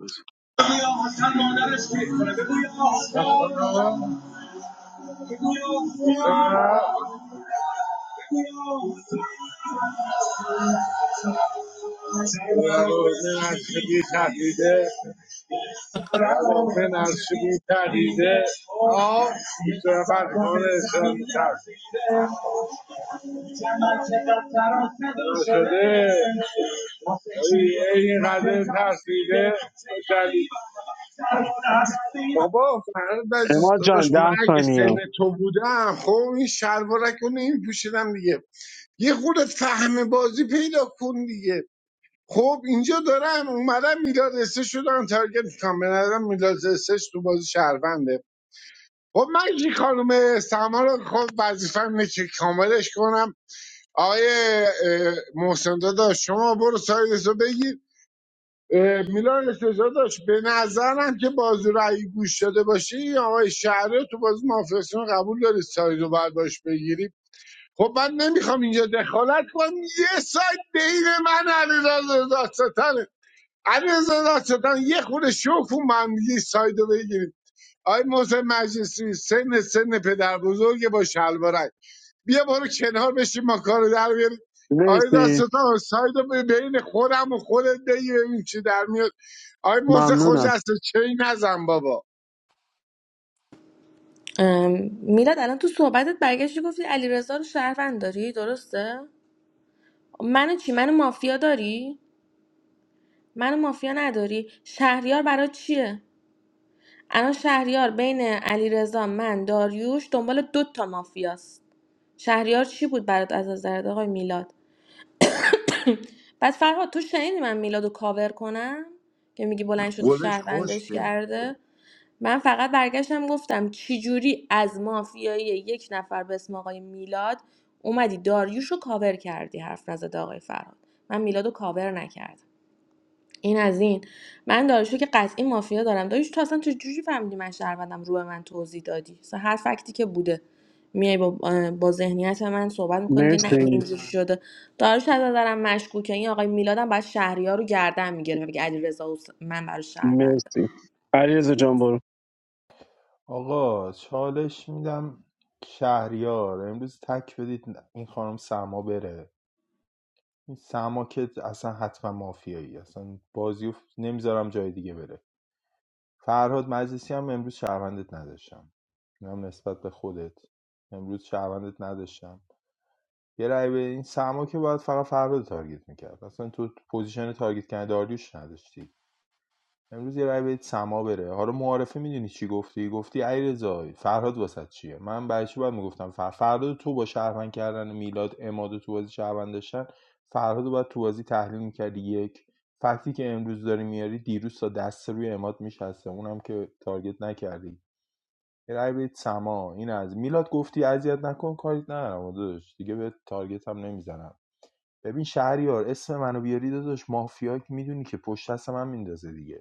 بس. بگو یا حسن مادرش کیک کنه. بگو یا حسن. بگو یا حسن. بگو یا حسن. سرور حسن ارشیبی پدیده آه بیشتر فرمان اسلامی تر شده این قدر ترسیده شدید بابا فرد عزیز
اماد جان
داداش من
ده
اگه سن
ثانیه
تو بودم خب این شلوارک رو نمیپوشیدم دیگه یه خودت فهم بازی پیدا کن دیگه. خب اینجا دارن اومدن میلاد استش شدن تارگت میکنم به نظرم میلاد استش تو بازی شهرونده خب من که خانم سما رو خب وظیفم اینه که کاملش کنم آقای اه، محسن داداش شما برو سایدس رو بگیر اه، میلاد استش داشت به نظرم که بازی رو اگه گوش داده باشی آقای شهره تو بازی مافیاسیون قبول داری ساید رو باید باش بگیری خب من نمیخوام اینجا دخالت کنم یه ساید بین من علی رضا علی رضا یه خورده شوخ اومد میگی سایدو بگیریم آی محسن مجلسی سن سن پدر بزرگ با شلوارک بیا برو کنار بشین ما کارو در بیاریم آی
مرسی
دستتان سایدو به بین خودم و خودت بگی ببین چی در میاد آی محسن
ممنونم
خوجسته چی نزن بابا
ام، میلاد الان تو صحبتت برگشتی گفتی علیرضا رو شهروند داری درسته منو چی منو مافیا داری منو مافیا نداری شهریار برای چیه الان شهریار بین علیرضا من داریوش دنبال دو تا مافیاست شهریار چی بود برات از نظرت آقای میلاد بعد فرهاد تو شنیدی من میلادو کاور کنم که میگی بلند شده
گلش
شهروندش
خشکه
کرده من فقط برگشتم گفتم چجوری از مافیایی یک نفر به اسم آقای میلاد اومدی داریوش رو کاور کردی حرف نزد آقای فرهاد من میلادو کاور نکردم این از این من داریوشو که قطعی مافیا دارم داریوش تو اصلا تو جوجی فهمیدی من شهروندم رو به من توضیح دادی مثلا هر فکتی که بوده میای با, با ذهنیت من صحبت میکنی که نه این
مرسی
اینجوری شده داریوش از نظرم مشکوکه این آقای میلادم باید شهریار رو گردن میگیره بگه علی رضا من برای شهروندم
مرسی علیرضا جان برو
آقا چالش میدم شهریار امروز تک بدید این خانم سما بره این سما که اصلا حتما مافیایی اصلا بازی نمیذارم جای دیگه بره فرهاد مجلسی هم امروز شهروندت نداشتم این نسبت به خودت امروز شهروندت نداشتم یه رای به این سما که باید فقط فرهاد رو تارگت میکرد اصلا تو پوزیشن تارگت کردن داریوش نداشتی امروز یه رای بدید سما بره حالا معارفه میدونی چی گفتی گفتی علیرضا فرهاد واسط چیه من بچه باید میگفتم فر فرهاد تو با شهروند کردن میلاد اماد تو بازی شهروند داشتن فرهاد رو باید تو بازی تحلیل میکردی یک فکتی که امروز داری میاری دیروز تا دست روی اماد میشسته اونم که تارگت نکردی یه رای بدید سما این از میلاد گفتی اذیت نکن کاریت ندارم داداش دیگه به تارگت هم نمیزنم ببین شهریار اسم منو بیاری داداش مافیا که میدونی که پشت دست من میندازه دیگه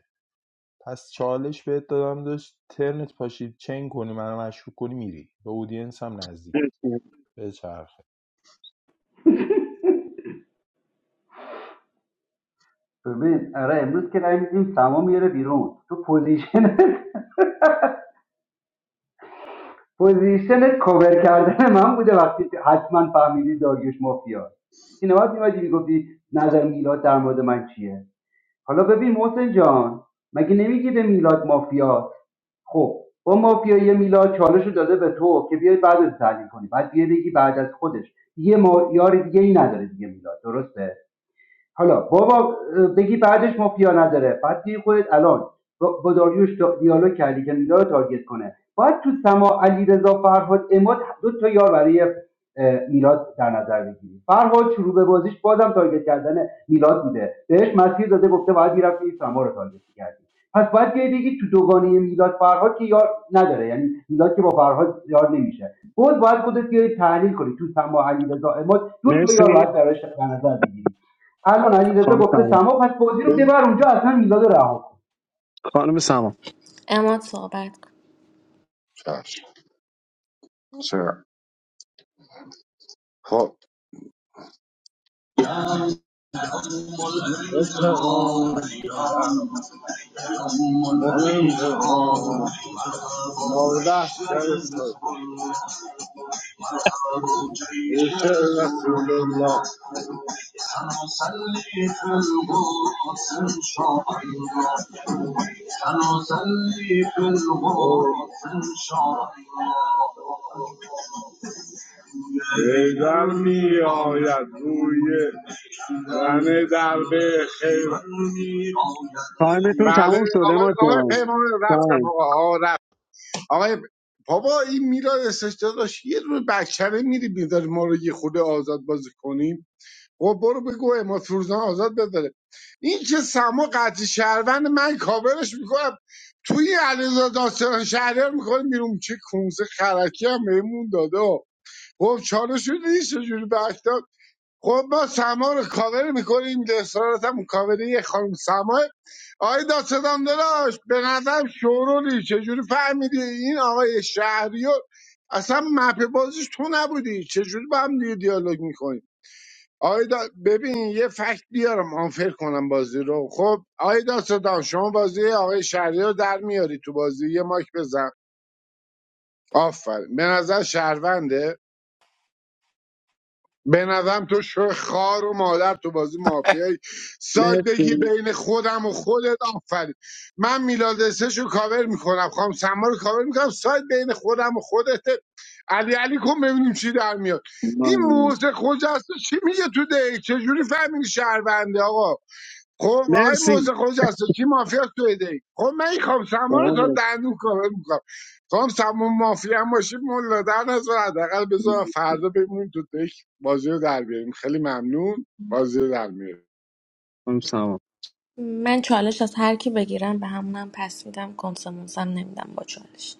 پس چالش بهت دادم داشت ترنت پاشید چین کنی منو مشکوک کنی میری به اودینس هم نزدیکی
مرسی
به چرخه
ببین آره امروز که رای میدیم سما میره بیرون تو پوزیشن [LAUGHS] پوزیشن کاور کردن من بوده وقتی که حتما فهمیدی داریوش مافیا این نباید میمدی میگفتی نظر میلاد در مورد من چیه حالا ببین محسن جان مگه نمیگی به میلاد مافیا خب با مافیای میلاد چالش رو داده به تو که بیای بعد از تحلیل کنی بعد بیای بگی بعد از خودش دیگه ما... یار دیگه ای نداره دیگه میلاد درسته حالا بابا بگی بعدش مافیا نداره بعد بگی خودت الان با با داریوش دا- دیالوگ کردی که میلاد رو تارگت کنه باید تو سما علی رضا فرهاد اماد دو تا یار برای اه، میلاد در نظر بگیری فرهاد شروع به بازیش بازم تارگت کردن میلاد بوده بهش مسیر داده گفته باید میرفتی این سما رو تارگت کردی پس باید بیای بگی تو دوگانه میلاد فرهاد که یار نداره یعنی میلاد که با فرهاد یار نمیشه بود باید خودت بیای تحلیل کنی تو سما علی رضا اماد دو تا یار
مرسی
باید براش در نظر بگیری الان علیرضا
خانم
گفته
سما
سما پس بازی رو
بذار-
ببر اونجا اصلا میلاد رو رها کن
خانم سما
اماد صحبت کن.
چشم. چرا؟ خب بیدم می آید روی زن در به خیر
تایمتون
بله
تموم شده
آقای
ما جان
پیمان رفتم
تایم
آقا رفت آقای بابا این میلاد استشتا یه روز بکچره میری بیدار ما رو یه خود آزاد بازی کنیم خب برو بگو اماد فروزان آزاد بذاره این که سما قطعی شهروند من کاورش میکنم توی علیرضا داستان شهریار میکنیم بیرون چه کونسه خرکی هم بهمون داده خب چاره شده نیست چجوری بهش داد خب ما سما رو کاور میکنیم اصرارت هم کاوری خانم سما آقای داستان داشت به نظرم شورولی چجوری فهمیدی این آقای شهریار اصلا مپ بازیش تو نبودی چجوری با هم دیگه دیالوگ میکنی آیدا ببین یه فکت بیارم آنفر کنم بازی رو خب آیدا صدام شما بازی آقای شهری رو در میاری تو بازی یه ماک بزن آفرین به نظر شهرونده به نظرم تو شو خار و مادر تو بازی مافیایی ساید بگی
مرسی
بین خودم و خودت آفرین من میلاد استش رو کاور میکنم خواهم سما رو کاور میکنم ساید بین خودم و خودته علی علی کن ببینیم چی در میاد این
ممنون.
موزه خوجسته چی میگه تو دک چجوری فهمیدی شهرونده آقا خب آقای
مرسی
موزه خوجسته کی مافیا تو ایده ای خب من این سما رو
آقا
تا دندون کار میکنم خام سما مافیا هم باشی ملا در نظر حداقل بذار
مرسی
فردا بمون تو تک بازی رو در بیاریم خیلی ممنون بازی رو در میاریم
خانم سما
من چالش از هر کی بگیرم به همونم پس میدم کنسمونسم نمیدم با چالش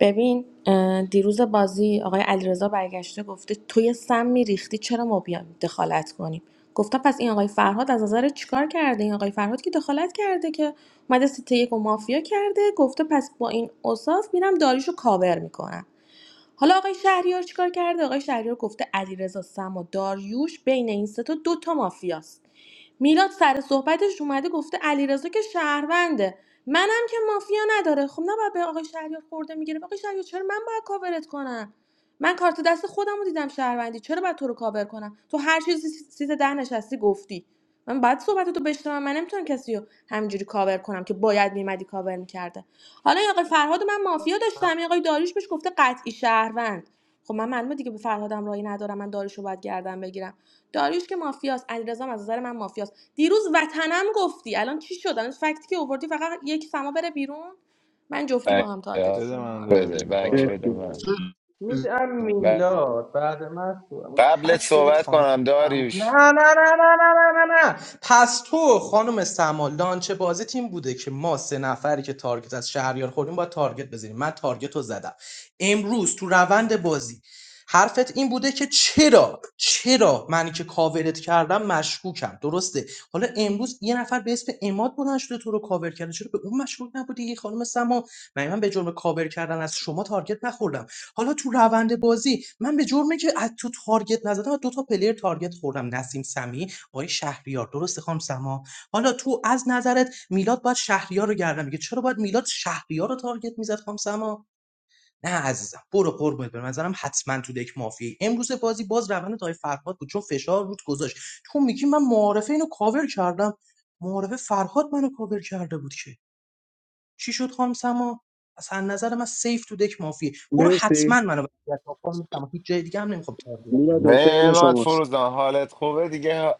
ببین اه، دیروز بازی آقای علیرضا برگشته گفته توی سم میریختی چرا ما بیایم دخالت کنیم گفتم پس این آقای فرهاد از نظر چیکار کرده این آقای فرهاد که دخالت کرده که اومده سیته یک و مافیا کرده گفته پس با این اوصاف میرم داریشو کاور میکنم حالا آقای شهریار چیکار کرده آقای شهریار گفته علیرضا سم و داریوش بین این سه تا دو تا مافیاست میلاد سر صحبتش اومده گفته علیرضا که شهرونده منم که مافیا نداره خب نباید به آقای شهریار خورده میگیره آقای شهریار چرا من باید کاورت کنم من کارت دست خودم رو دیدم شهروندی چرا باید تو رو کاور کنم تو هر چیزی سیت ده نشستی گفتی من بعد صحبت تو بشنوم من نمیتونم کسی رو همینجوری کاور کنم که باید میمدی کاور میکرده حالا این آقای فرهاد من مافیا داشتم این آقای داریوش بهش گفته قطعی شهروند خب من معلومه دیگه به فرهادم رایی ندارم من داریوش رو باید گردن بگیرم داریوش که مافیاست علیرضا هم از نظر من مافیاست دیروز وطنم گفتی الان چی شد الان فکتی که آوردی فقط یک سما بره بیرون من جفتی با
بک
هم
بده
تارگتشون
من
میکنم
بده
داریوش
بک بده
مرسی
من
میدم
ب-
میلاد بعد من سوال
قبلت
تک بدید
صحبت
خانم
کنم
سم نه
داریوش
نه نه نه نه نه نه نه پس تو خانم سما لانچ بازی تیم بوده که ما سه نفری که تارگت از شهریار خوردیم باید تارگت بزنیم من تارگت رو زدم امروز تو روند بازی حرفت این بوده که چرا چرا منی که کاورت کردم مشکوکم درسته حالا امروز یه نفر به اسم اماد بلند شده تو رو کاور کرده چرا به اون مشکوک نبودی خانم سما من من به جرم کاور کردن از شما تارگت نخوردم حالا تو روند بازی من به جرمی که از تو تارگت نزدم دو تا پلیر تارگت خوردم نسیم سمی آقای شهریار درسته خانم سما حالا تو از نظرت میلاد باید شهریار رو گردن میگه چرا باید میلاد شهریار رو تارگت میزد خانم سما نه عزیزم برو قربونت برم نظرم حتما تو دک مافی امروز بازی باز روند تای فرهاد بود چون فشار رود گذاشت تو میگی من معارفه اینو کاور کردم معارفه فرهاد منو کاور کرده بود که چی شد خانم سما از هر نظر من سیف تو دک مافیه برو
مرسی
حتما منو وصیت کن خانم سما هیچ جای دیگه هم نمیخوام تارگت
میلاد جان، ترن
نعمت
شماست
فروزان حالت خوبه دیگه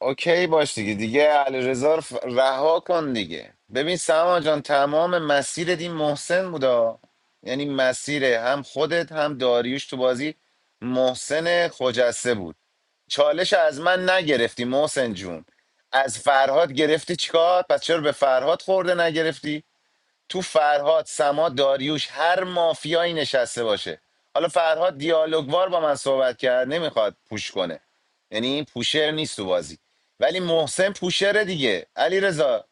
اوکی باش دیگه دیگه علیرضا رو ف- رها کن دیگه ببین سما جان تمام مسیر این محسن بودا یعنی مسیر هم خودت هم داریوش تو بازی محسن خجسته بود چالش از من نگرفتی محسن جون از فرهاد گرفتی چیکار پس چرا به فرهاد خورده نگرفتی تو فرهاد سما داریوش هر مافیایی نشسته باشه حالا فرهاد دیالوگوار با من صحبت کرد نمیخواد پوش کنه یعنی این پوشر نیست تو بازی ولی محسن پوشره دیگه علی رضا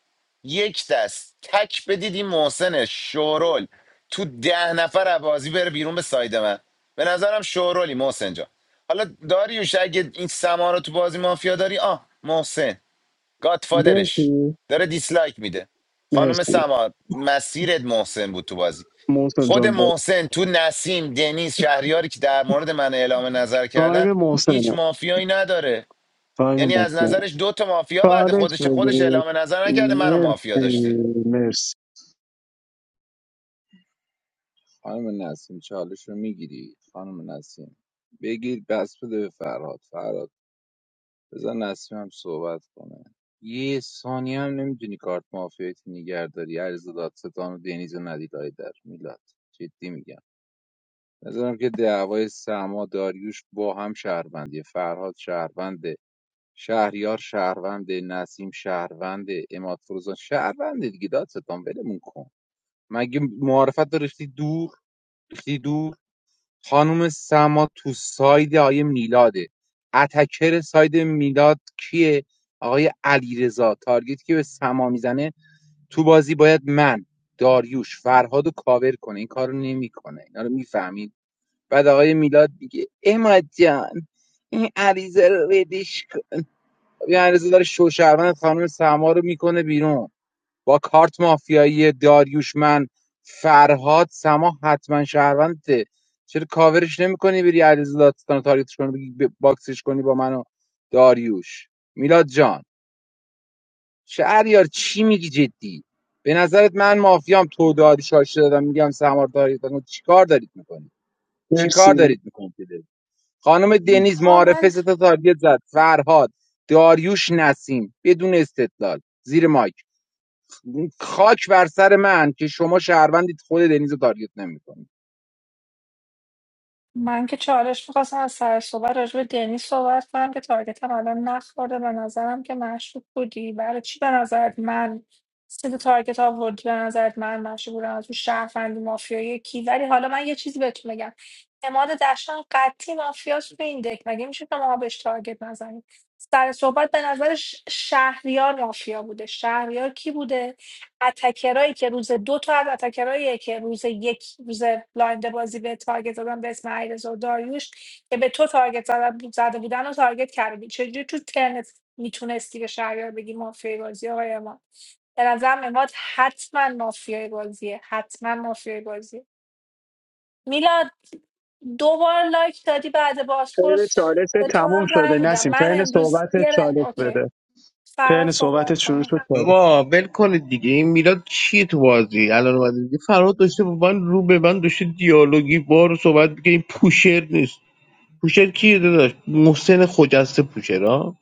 یک دست تک بدید این محسن شورول تو ده نفر از بازی بره بیرون به ساید من به نظرم شورولی محسن جان حالا داریوش اگه این سما رو تو بازی مافیا داری آه محسن گاتفادرش
مرسی
داره دیسلایک میده خانم
مرسی
سما مسیرت محسن بود تو بازی
محسن
خود
جان باید
محسن تو نسیم دنیز شهریاری که در مورد من اعلام نظر کردن
تایم
هیچ
محسنه
مافیایی نداره
تایم
یعنی از
محسن
نظرش دو تا مافیا بعد
چالش
خودش خودش
بگیرید
اعلام نظر نکرده منو مافیا
مرسی
داشته
مرسی
خانم نسیم چالش رو میگیری خانم نسیم بگیر بس بده به فرهاد فرهاد بذار نسیم هم صحبت کنه یه ثانیه هم نمیتونی کارت مافیایی نگهداری عرض دادستان و دنیز و ندیدهای در میلاد جدی میگم نظرم که دعوای سما داریوش با هم شهروندیه فرهاد شهروند شهریار شهروند نسیم شهروند اماد فروزان شهروند دیگه دادستان ولمون کن مگه معارفت رو ریختی دور ریختی دور خانم سما تو ساید آیه میلاده اتکر ساید میلاد کیه آقای علیرضا تارگت که به سما میزنه تو بازی باید من داریوش فرهاد رو کاور کنه این کارو نمیکنه اینا رو میفهمید بعد آقای میلاد میگه اماد جان این علیرضا رو بدش یه عرضه داره شوشروند خانم سما رو میکنه بیرون با کارت مافیایی داریوشمن فرهاد سما حتما شهرونده چرا کاورش نمیکنی بری علیرضا دادستان رو تارگتش کنی بگی ب- باکسش کنی با منو داریوش میلاد جان شهریار چی میگی جدی به نظرت من مافیام تو داری شاشه دادم میگم سما رو تارگت کن. دارید میکنی چی کار
مرسی
دارید میکنید خانم دنیز
آقا
معارفه
من
سه تا تارگت زد فرهاد داریوش نسیم بدون استدلال زیر مایک خاک بر سر من که شما شهروندید خود دنیز رو تارگت نمیکنید
من که چالش میخواستم از سر صحبت راجع به دنی صحبت کنم که تارگتم الان نخورده به نظرم که مشکوک بودی برای چی به نظرت من سه تا تارگت آوردی به نظرت من مشکوک بودم از اون شهروندی مافیایی کی ولی حالا من یه چیزی بهتون بگم اماد دشتان قطعی مافیاس به این دک مگه میشه که ما بهش تارگت نزنیم سر صحبت به نظرش شهریار مافیا بوده شهریار کی بوده اتکرایی که روز دو تا از اتکرایی که روز یک روز بلایند بازی به تارگت زدن به اسم ایرز و داریوش که به تو تارگت زده زده بودن و تارگت کردی چجوری تو ترنت میتونستی به شهریار بگی مافیای بازی آقای اماد به نظرم اماد حتما مافیای بازیه حتما مافیای بازیه میلاد دو بار لایک دادی بعد
ترن
بازپرس
چالش
به تو
تموم
هم
شده
رنگ میدم
نسیم
من
ترن
امروز
صحبت
یه رای
چالش
اوکی
بده
فرا
ترن صحبت
صحبت
شروع
کنم
شد
بابا ول کنید دیگه این میلاد چیه تو بازی الان اومده دیگه فرهاد داشته با من رو به من داشته دیالوگی بار صحبت میگه این پوشر نیست پوشر کیه داداش محسن خجسته پوشرا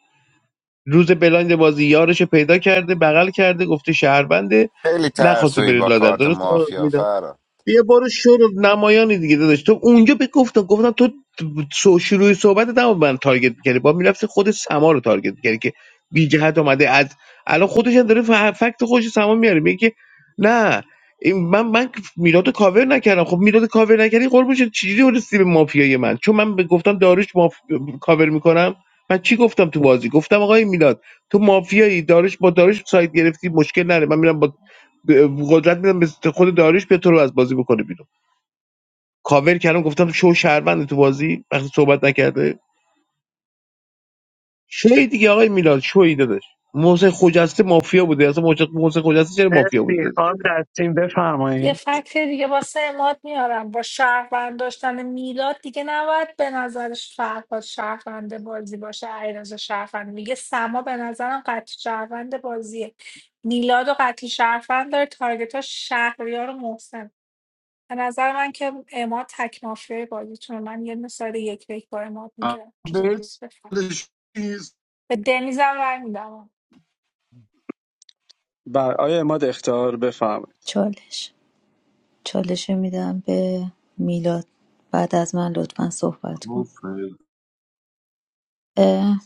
روز بلایند بازی یارش پیدا کرده بغل کرده گفته شهربنده
خیلی
نخواسته
ترسویی
بره
با
لادر
کارت
درست
مافیا فرا
یه برو شروع نمایانی دیگه داداش تو اونجا به گفتم گفتم تو سو- شروع صحبت نبا من تارگت کردی با میرفتی خود سما رو تارگت کردی که بی جهت اومده از الان خودش هم داره ف- فکت خودش سما میاره میگه که نه این- من من میلاد کاور نکردم خب میلاد کاور نکردی قربون شد چجوری ورسی به مافیای من چون من به گفتم داروش ماف... کاور میکنم من چی گفتم تو بازی گفتم آقای میلاد تو مافیایی داروش با داروش سایت گرفتی مشکل نره من میرم با ب- قدرت میدم به خود داریش به تو رو از بازی بکنه بیرون کاور کردم گفتم شو شهروند تو بازی وقتی صحبت نکرده شوی دیگه آقای میلاد شوی داداش محسن خجسته مافیا بوده اصلا محسن محسن خجسته چرا مافیا بوده
مرسی
داداش
خانم دستین
یه
بفرمایید
فکت دیگه واسه اماد میارم با شهروند داشتن میلاد دیگه نباید به نظرش فرهاد شهروند بازی باشه علیرضا شهروند میگه سما به نظرم قطعی شهروند بازیه میلاد و قطعی شهروند داره تارگت ها شهریار و محسن به نظر من که اماد تک مافیای بازی چون من یه مثال یک به یک با اماد میگیرم
بهش نیست.
به دنیزم رای میدم
بر آیا اماد اختار بفرمایید
چالش چالش رو میدم به میلاد بعد از من لطفا صحبت کن
گفت
اه،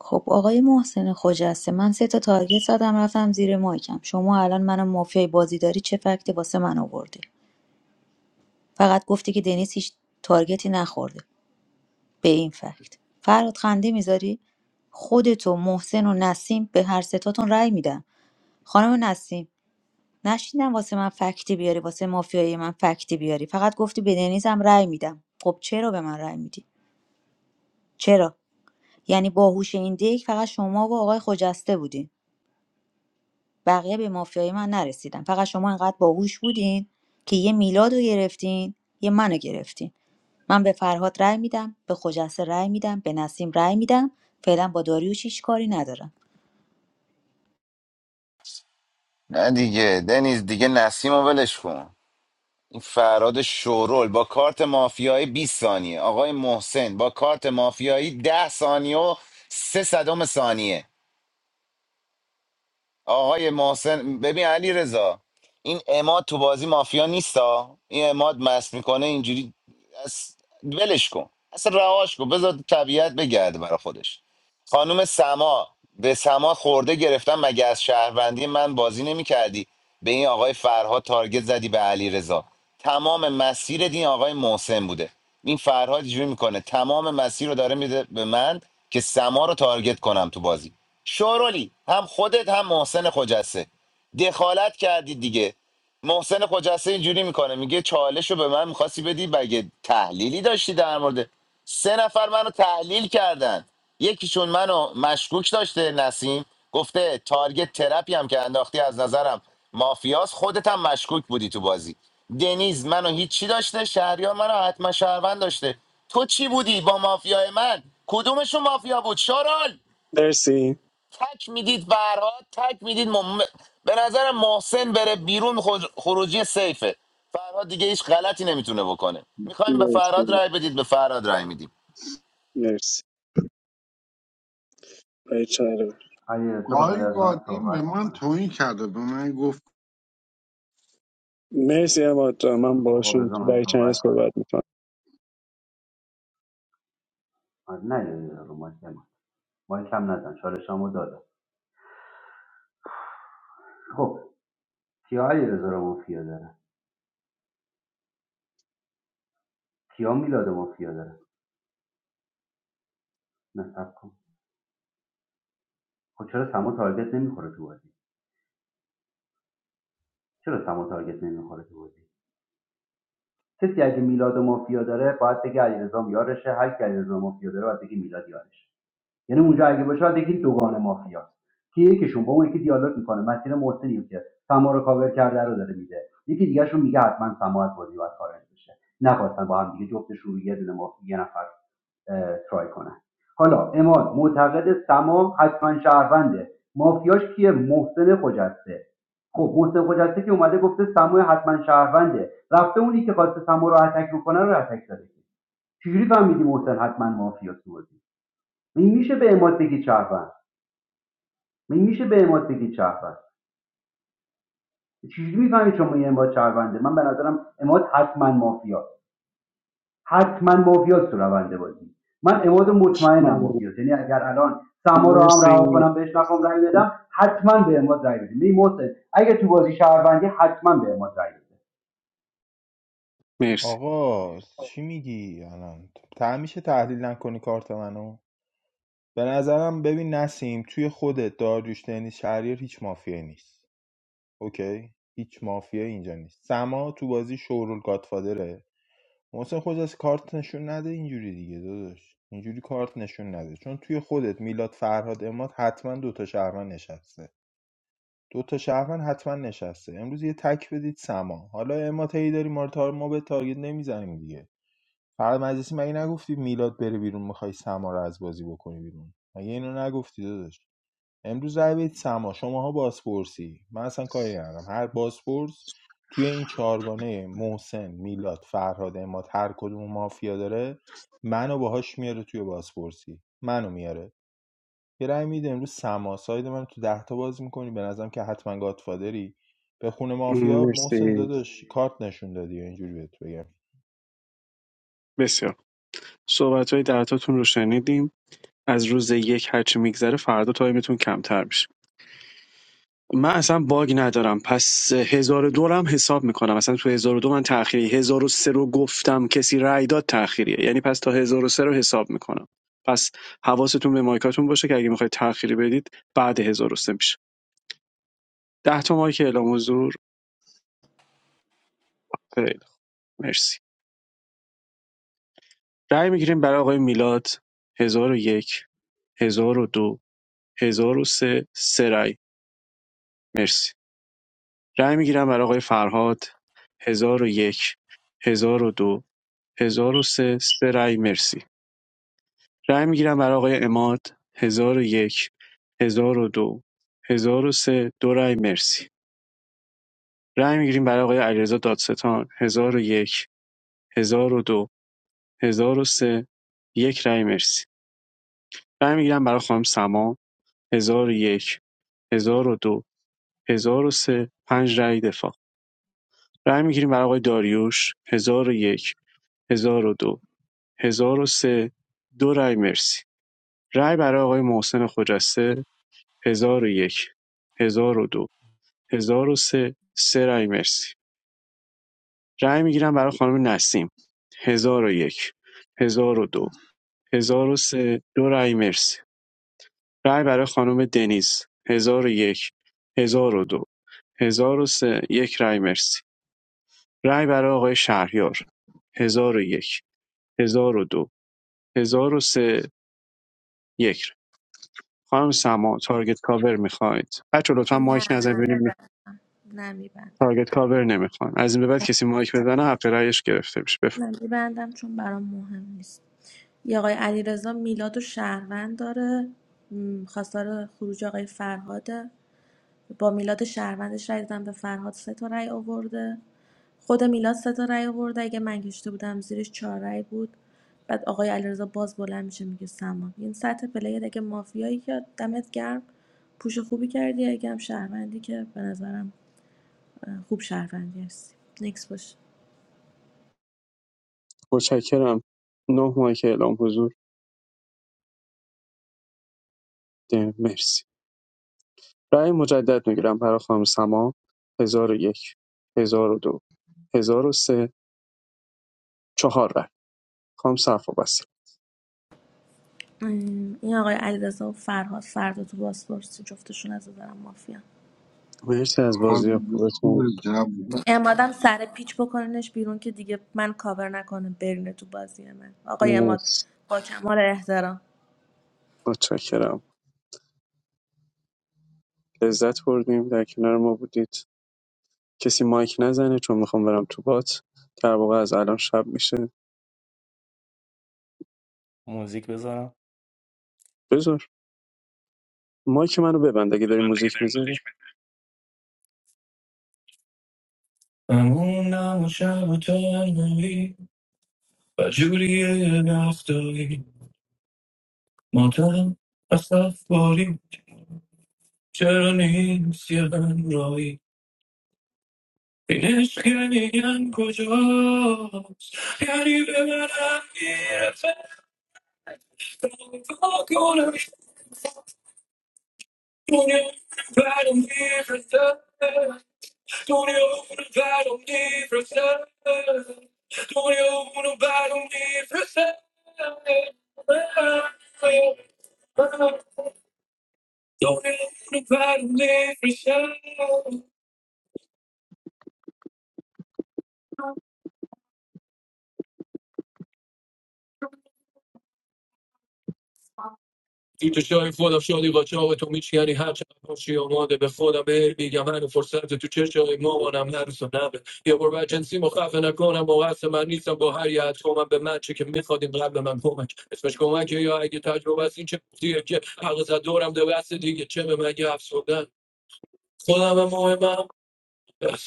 خب آقای محسن خجسته من سه تا تارگت زدم رفتم زیر مایکم شما الان منو مافیای بازی داری چه فکتی واسه من آوردی فقط گفتی که دنیس هیچ تارگتی نخورده به این فکت فراد خنده میذاری خودت و محسن و نسیم به هر ستاتون رأی میدم خانم نسیم نشیدم واسه من فکتی بیاری واسه مافیای من فکتی بیاری فقط گفتی به دنیز هم رأی میدم خب چرا به من رأی میدی چرا یعنی باهوش این دیک فقط شما و آقای خجسته بودین بقیه به مافیای من نرسیدن فقط شما انقدر باهوش بودین که یه میلاد رو گرفتین یه منو گرفتین من به فرهاد رأی میدم، به خجسته رأی میدم، به نسیم رأی میدم. فعلا با داریوش هیچ کاری ندارم.
نه دیگه دنیز دیگه نسیم و ولش کن این فراد شورول با کارت مافیایی 20 ثانیه آقای محسن با کارت مافیایی 10 ثانیه و 3 صدم ثانیه آقای محسن ببین علی رضا این اماد تو بازی مافیا نیستا این اماد مست میکنه اینجوری از ولش کن اصلا رهاش کن بذار طبیعت بگرده برا خودش خانم سما به سما خورده گرفتم مگه از شهروندی من بازی نمی کردی به این آقای فرهاد تارگت زدی به علی رضا تمام مسیر این آقای محسن بوده این فرهاد اینجوری میکنه تمام مسیر رو داره میده به من که سما رو تارگت کنم تو بازی شورولی هم خودت هم محسن خجسته دخالت کردید دیگه محسن خجسته اینجوری میکنه میگه چالش رو به من میخواستی بدی بگه تحلیلی داشتی در مورد سه نفر منو تحلیل کردن یکیشون منو مشکوک داشته نسیم گفته تارگت ترپی هم که انداختی از نظرم مافیاس خودت هم مشکوک بودی تو بازی دنیز منو هیچی داشته شهریار منو حتما شهروند داشته تو چی بودی با مافیای من کدومشون مافیا بود شارال
مرسی
تک میدید فرهاد تک میدید مم... به نظر محسن بره بیرون خج- خروجی سیفه فرهاد دیگه هیچ غلطی نمیتونه بکنه میخوایم به فرهاد
مرسی
رای بدید به فرهاد رای میدیم
مرسی آقای چهره.
علی تو بعد
گاهی
از من
قادیم به
صحبت
من
میکنه
توهین کرده به من گفت
مرسی اماد جان. من
آقا
باشون
بذار
تو
من
برای چهره
صحبت کنم
صحبت میکنم
نه علیرضا رو مایک من مایک هم نزن چالشامو دادم خب کیا علیرضا رو مافیا داره کیا میلاد مافیا داره نصب کن خب چرا سما تارگت نمیخوره تو بازی چرا سما تارگت نمیخوره تو بازی کسی اگه میلاد مافیا داره باید بگه علیرضا یارشه هر کی علیرضا مافیا داره باید بگه میلاد یارشه یعنی اونجا اگه باشه باید بگید دوگان مافیاست که یکیشون با اون یکی دیالوگ میکنه مسیر محسنی رو که سما رو کاور کرده رو داره میده یکی دیگهشون میگه حتما سما از بازی باید خارج بشه نخواستن با هم دیگه جفتشون رو یه دونه مافیا یه نفر اه، ترای کنن حالا اماد معتقد سما حتما شهرونده مافیاش کیه محسن خجسته خب محسن خجسته که اومده گفته سما حتما شهرونده رفته اونی که خواسته سما رو اتک بکنه رو اتک زده چجوری فهمیدی محسن حتما مافیاست تو این میشه به اماد بگی شهروند من میشه به اماد بگید شهروند چجوری میفهمید شما این اماد شهرونده من به نظرم اماد حتما مافیا حتما مافیاست تو رونده بازی من اماد مطمئنم مافیاست یعنی اگر الان سما رو هم
مرسی
رها کنم بهش نخوام رأی بدم حتما به اماد رأی بدیم این محسن اگه تو بازی شهروندی حتما به اماد رأی بده
مرسی
آقا چی میگی الان تعمیشه تحلیل نکنی کارت منو به نظرم ببین نسیم توی خودت داریوش دنیز شهریار هیچ مافیایی نیست اوکی هیچ مافیایی اینجا نیست سما تو بازی شورول گاتفادره محسن خود از کارت نشون نده اینجوری دیگه داداش اینجوری کارت نشون نده چون توی خودت میلاد فرهاد اماد حتما دوتا شهروند نشسته دوتا شهروند حتما نشسته امروز یه تک بدید سما حالا اماد هی داری ما, رو تار... ما به تارگت نمیزنیم دیگه فرهاد مجلسی مگه نگفتی میلاد بره بیرون میخوای سما رو از بازی بکنی بیرون مگه اینو نگفتی داداش امروز رای بدید سما شماها بازپرسی من اصلا کاری ندارم هر بازپرس توی این چهارگانه محسن میلاد فرهاد اماد هر کدوم مافیا داره منو باهاش میاره توی بازپرسی منو میاره یه رای میده امروز سما ساید من تو ده تا باز میکنی به نظرم که حتما گادفادری به خونه مافیا محسن
مرسی
داداش کارت نشون دادی اینجوری بهت بگم
بسیار صحبت های درتاتون رو شنیدیم از روز یک هرچی میگذره فردا تایمتون کمتر میشه من اصلا باگ ندارم پس 1002 رو هم حساب میکنم اصلا تو هزار و دو من تأخیری هزار و سه رو گفتم کسی رأی داد تأخیریه یعنی پس تا هزار و سه رو حساب میکنم پس حواستون به مایکاتون باشه که اگه میخواید تأخیری بدید بعد 1003 میشه 10 تا مایک اعلام حضور خیلی خوب. مرسی رأی میگیریم برای آقای میلاد 1001 1002 1003 سه سه رای مرسی رأی میگیرم برای آقای فرهاد 1001 1002 هزار و سه سه رای مرسی رای میگیرم برای آقای اماد هزار و یک هزار و دو هزار و سه دو رای مرسی رای میگیریم برای آقای علیرضا دادستان هزار و یک هزار و دو هزار و سه یک رای مرسی رای میگیرم برای خانم سما هزار و یک هزار و دو هزار و سه پنج رای دفاع رای میگیریم برای آقای داریوش هزار و یک هزار و دو هزار و سه دو رای مرسی رای برای آقای محسن خجسته هزار و یک هزار و دو هزار و سه سه رای مرسی رای میگیرم برای خانم نسیم هزار و یک هزار و دو هزار و سه دو رای مرسی رای برای خانم دنیز هزار و یک هزار و دو هزار و سه یک رای مرسی رای برای آقای شهریار هزار و یک هزار و دو هزار و سه یک رای. خانم سما تارگت کاور میخواید بچه لطفا
نه
مایک
نه
نزن
نه میبند
تارگت کاور نمیکنم از این به بعد کسی مایک بزنه حق رأیش گرفته میشه بفرمایید
من میبندم چون برام مهم نیست یه آقای علیرضا میلاد و شهروند داره م، خواستار خروج آقای فرهاده با میلاد شهروندش رای دادن به فرهاد سه تا رای آورده خود میلاد سه تا رای آورده اگه من کشته بودم زیرش چهار رای بود بعد آقای علیرضا باز بلند میشه میگه سما این سطح پلیر اگه مافیایی که دمت گرم پوش خوبی کردی اگه هم شهروندی که به نظرم اه، خوب شهروندی هستی نکس باشه
متشکرم نه مایک اعلام حضور ده مرسی رأی مجدد میگیرم برای خانم سما هزار 1002 1003 چهار رأی خانم صفا بس
این آقای علیرضا و فرهاد فردا تو بازپرسی جفتشون از نظرم مافیا
مرسی از
حاضر
بازی
به تو به
خوبتون
جوون
امادم سر پیچ بکننش بیرون که دیگه من کاور نکنه برینه تو بازی من آقای اماد
مرسی
با کمال احترام
متشکرم لذت بردیم در کنار ما بودید کسی مایک نزنه چون میخوام برم تو بات در واقع از الان شب میشه بذار مایک منو ببند اگه داری موزیک میذاری
today. What? Music, brother. Don't you It's showing for the show the show that you're missing any hatches. Pushing on the bed, baby, I'm having a forceful. It's just showing more and I'm not reasonable. I've got agency, but I have to do it. I'm not smart, I'm not coherent. I had someone to match, but they didn't grab me and come at me. It's just someone who I get to know. I see that you're different. I've got a different game. I'm not just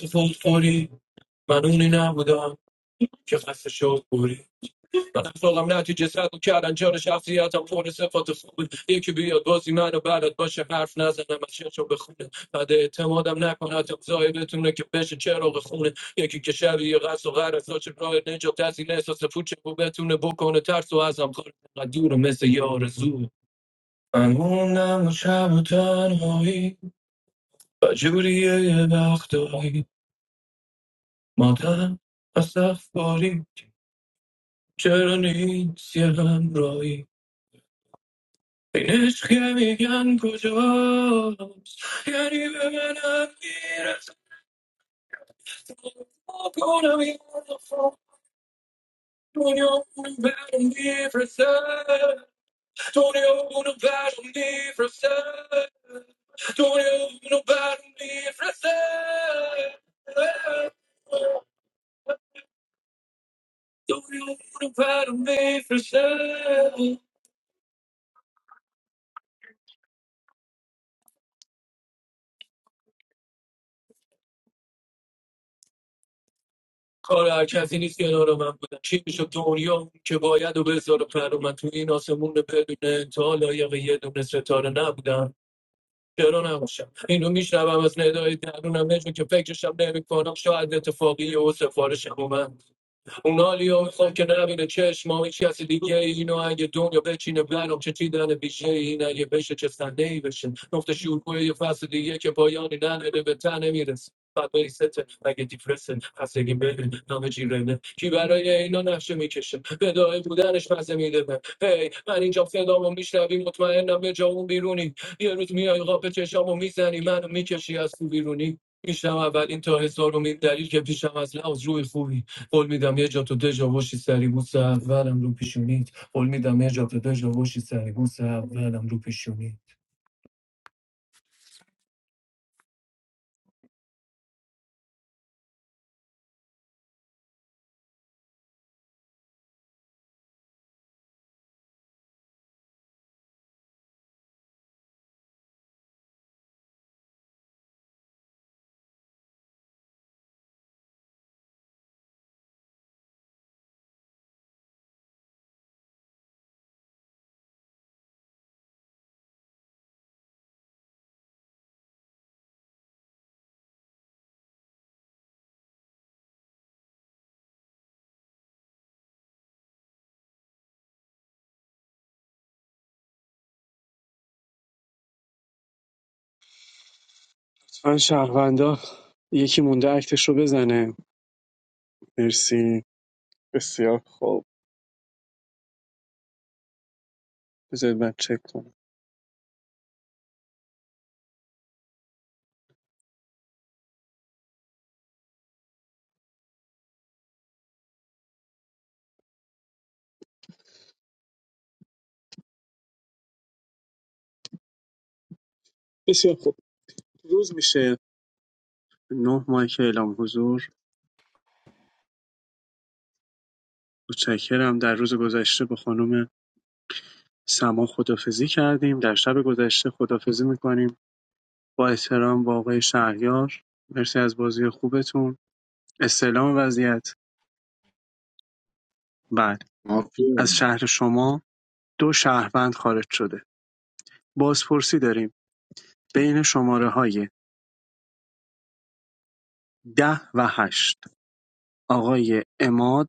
a fool. I'm not just a fool. I'm not just a fool. I'm not you just had to and judge after a poor the food. You I'm a shit of a I'm not going to observe it to a best chair of a hood. You could get shabby, you're so a bright nature, that's in essence the future. Go back to the book on the tar, so as I'm going to do the mess of your zoo. قانونم و شب و تنهایی و جوریه یه وقتایی مادرم از صف باری چرا نیست یه همراهی Wiesz, que mi llanto lloros, y alivian a miras, con abierto Tunio un verum di frase, tunio un verum di frase, tunio un verum di frase, tunio un verum di frase. Kolay chazini shiyanoramam buda. Chibishotunion ke boya do bezaror faromatuin ossemun bedunentolayiye do nestoranabudan. Keronamusha. Inu misrabamaznedoi daruna mezhun ke fekushamne vicorak sho adete fagiosefarishkuman. Unali oosam ke navi ne chesh mo ichasid keyi no ayde dunya bechi ne bano chetidan e bishayi na ye beche chesta neyvishen noftashiukoye fasid keye ke payaninane debta ne miras pateri sete maghtifresen hasegim bedin namajirane ki varaye ina nashemikeshem bedaye budanesh mazmi deba hey mani jafse daam mishlabi mutmaen na mejau birooni birotmiai ghabte shabu misani man mikashias birooni misha ma vali tahe sorom in dalich ke bishamazla ozro e kuvi Ol mi dami jato dejo vosi sari musa, valem lupishumi. Ol mi dami jato dejo vosi sari musa, valem lupishumi.
لطفا شهروندا یکی مونده اکتش رو بزنه مرسی بسیار خوب بذارید من چک کنم بسیار خوب روز میشه نه ماه که اعلام حضور متشکرم در روز گذشته با خانم سما خدافزی کردیم در شب گذشته خدافزی میکنیم با احترام با آقای شهریار مرسی از بازی خوبتون استعلام وضعیت بعد
مافیا
از شهر شما دو شهروند خارج شده بازپرسی داریم بین شماره های ده و هشت آقای اماد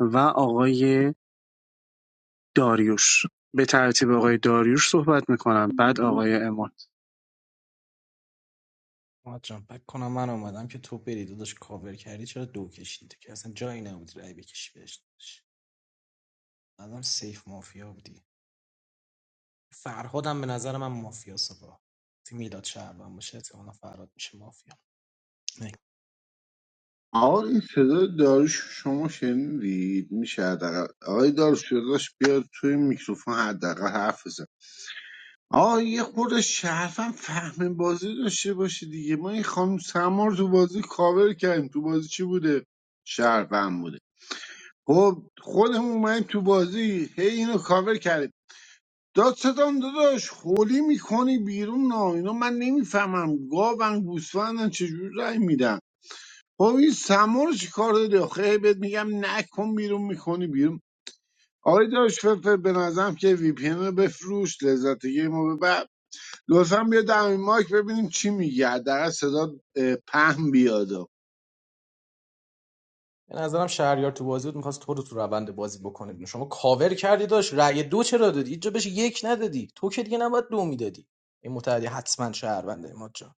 و آقای داریوش به ترتیب آقای داریوش صحبت میکنم بعد آقای اماد
بکنم آنا من تو بری داداش کاور کردی چرا دو کشیدی که اصلا جایی نبود رای بکشی بهش الان دی فرمان باشه احتمالا فراد میشه مافیا
آقا این صدای داریوش رو شما شنیدید میشه حداقل آقای داریوش داداش بیاد توی میکروفون حداقل حرف بزن آقا یه خورده شرفم فهم بازی داشته باشه دیگه ما این خانم سمار تو بازی کاور کردیم تو بازی چی بوده شرفم بوده خب خودمون اومدیم تو بازی هی اینو کاور کردیم داد ستان داداش خولی میکنی بیرون نا اینا من نمیفهمم گاون گوسفندن چجوری رای میدن خب این سمور چی کار داری آخه هی بهت میگم نکن بیرون میکنی بیرون آقای داش فلفل به نظرم که وی پی ان رو بفروش لذت گیم رو ببر لطفا بیا دمین مایک ببینیم چی میگه حداقل صدا اه، پهن بیاد
به نظرم شهریار تو بازی بود میخواست تو رو تو روند بازی بکنه بیرون. شما کاور کردی داشت رای دو چرا دادی هیچ جا بهش یک ندادی تو که دیگه نباید دو میدادی این متحدی حتما شهرونده اماد جان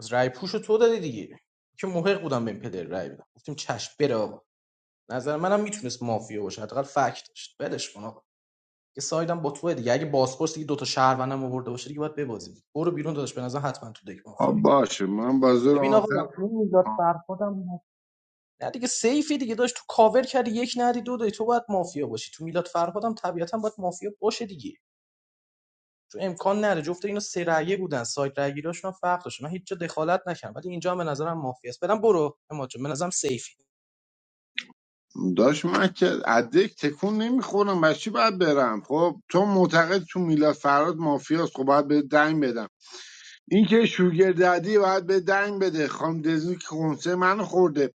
از رای پوش تو دادی دیگه که محق بودم به این پدر رای بدم گفتیم چش بره آقا نظر منم میتونست مافیا باشه حداقل فکت داشت ولش کن آقا یه سایدم با توه دیگه اگه بازپرس دیگه دو تا شهروندم آورده باشه دیگه باید ببازیم برو بیرون داداش به نظر حتما تو دک
ها
مافیایی.
باشه من بازور
ببین آقا
آنفر
چون میداد فرهادم نه دیگه سیفی دیگه داشت تو کاور کردی یک ندی دو دادی تو باید مافیا باشی تو میلاد فرهادم طبیعتا باید مافیا باشه دیگه چون امکان نره جفت اینا سه رأیه بودن سایت رأیگیراشون هم فرق داشت من هیچ جا دخالت نکردم ولی اینجا هم به نظرم مافیا است برو اما جون به نظرم سیفی
داشت من که ادک تکون نمیخورم بس چی باید برم خب تو معتقد تو میلاد فراد مافیاست خب باید به دنگ بدم این که شوگر ددی باید به دنگ بده خانم دزنی که کنسه منو خورده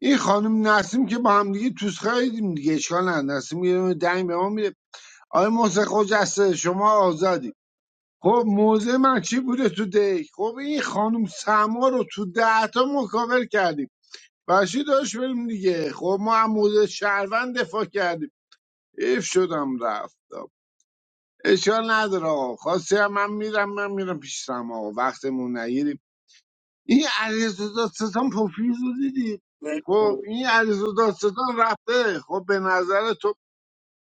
این خانم نسیم که با هم دیگه توس خریدیم دیگه اشکال نداره نسیم یه دونه دنگ به ما میده آقای محسن خجسته شما آزادی خب موضع من چی بوده تو دی خب این خانم سما رو تو ده تا ما کاور کردیم برشی داشت بریم دیگه خب ما هم موضع شهروند دفاع کردیم ایف شدم رفتم اشکال نداره آقا خواستی هم من میرم من میرم پیش سما آقا وقتمون نگیریم این علیرضا دادستان پوفیوز رو دیدی خب این علیرضا دادستان رفته خب به نظر تو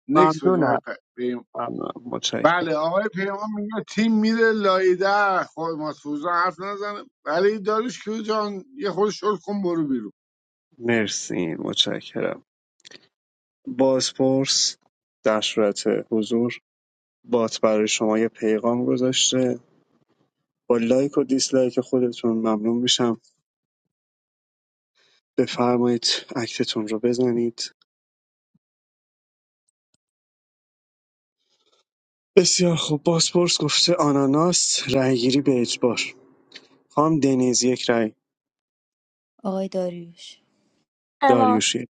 نکس بدیم آقای
ممنونم
پ- پیام
ممنونم
بله
متشکرم
آقای پیمان میگه تیم میره لایده خب ما سوزا حرف نزنه بله این داروش کیو جان یه خود شل کن برو بیرون
مرسی متشکرم بازپرس در صورت حضور بات برای شما یه پیغام گذاشته با لایک و دیسلایک خودتون ممنون میشم بفرمایید اکتتون رو بزنید بسیار خوب بازپرس گفته آناناس رأیگیری به اجبار خام دنیز یک رأی
آقای داریوش
اما
داریوش یک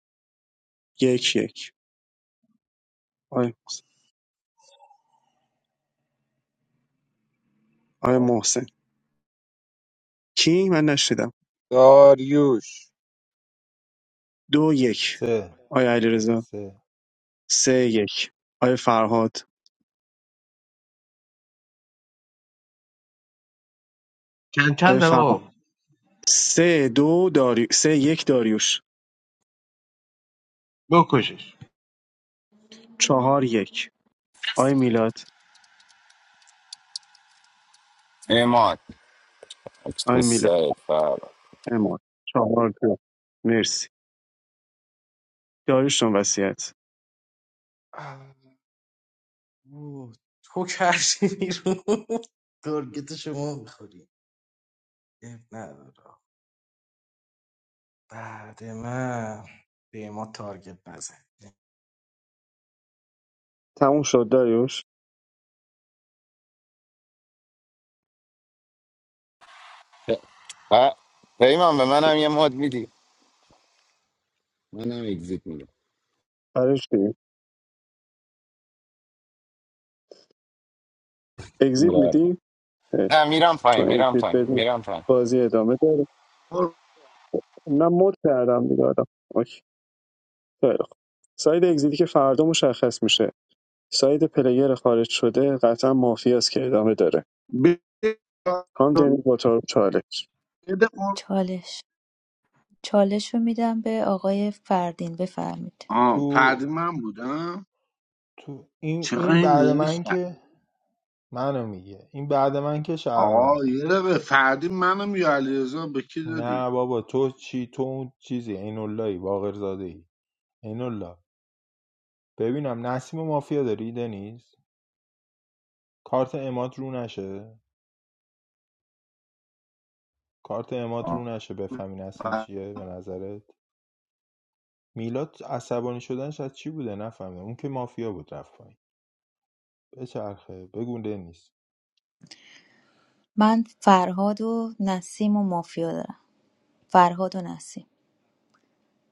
یک یک. آی آی
داریوش
محسن کی من نشیدم
داریوش
دو یک
سه
آی علیرضا
سه
سه یک آی فرهاد
چند
آی
چند
فرهاد
آقا
سه دو داری سه یک داریوش
بکشش
چهار یک آی میلاد
ایمان تو
آی میلاد
سرت فرهاد.
امان چهار دو مرسی داریوش جان وصیت تموم شد داریوش
ه- پیمان به منم یه مد میدی منم اگزیت میدم
برای چی اگزییت
آره.
میدی خیر.
نه میرم پایین
چون
میرم
اگزیت
پایین
دادی
میرم پایین
بازی ادامه داره
خب،
من مد کردم دیگه آدم اوکی خیلی خوب ساید اگزیتی که فردا مشخص میشه ساید پلیر خارج شده قطعا مافیاست که ادامه داره
به-
هم دنیز با تو چالش
بده قر-
چالش چالش رو میدم به آقای فردین بفرمید
آه
تو
فردی من بودم
تو این
چرا
این
این
بعد
دیگه شد
من که منو میگه این بعد من که
آقا
شهرونده
یه دقیقه فردی منم یا علیرضا به کی دادی
نه بابا تو چی تو اون چیزی عیناللهی عین الله ببینم نسیم مافیا داری دنیز کارت امات رو نشه کارت امات رو
آه
نشه بفهمی نسیم چیه به نظرت میلاد عصبانی شدنش از چی بوده نفهمه اون که مافیا بود رفت پایین بچرخه بگو دنیز
من فرهاد و نسیم و مافیا دارم فرهاد و نسیم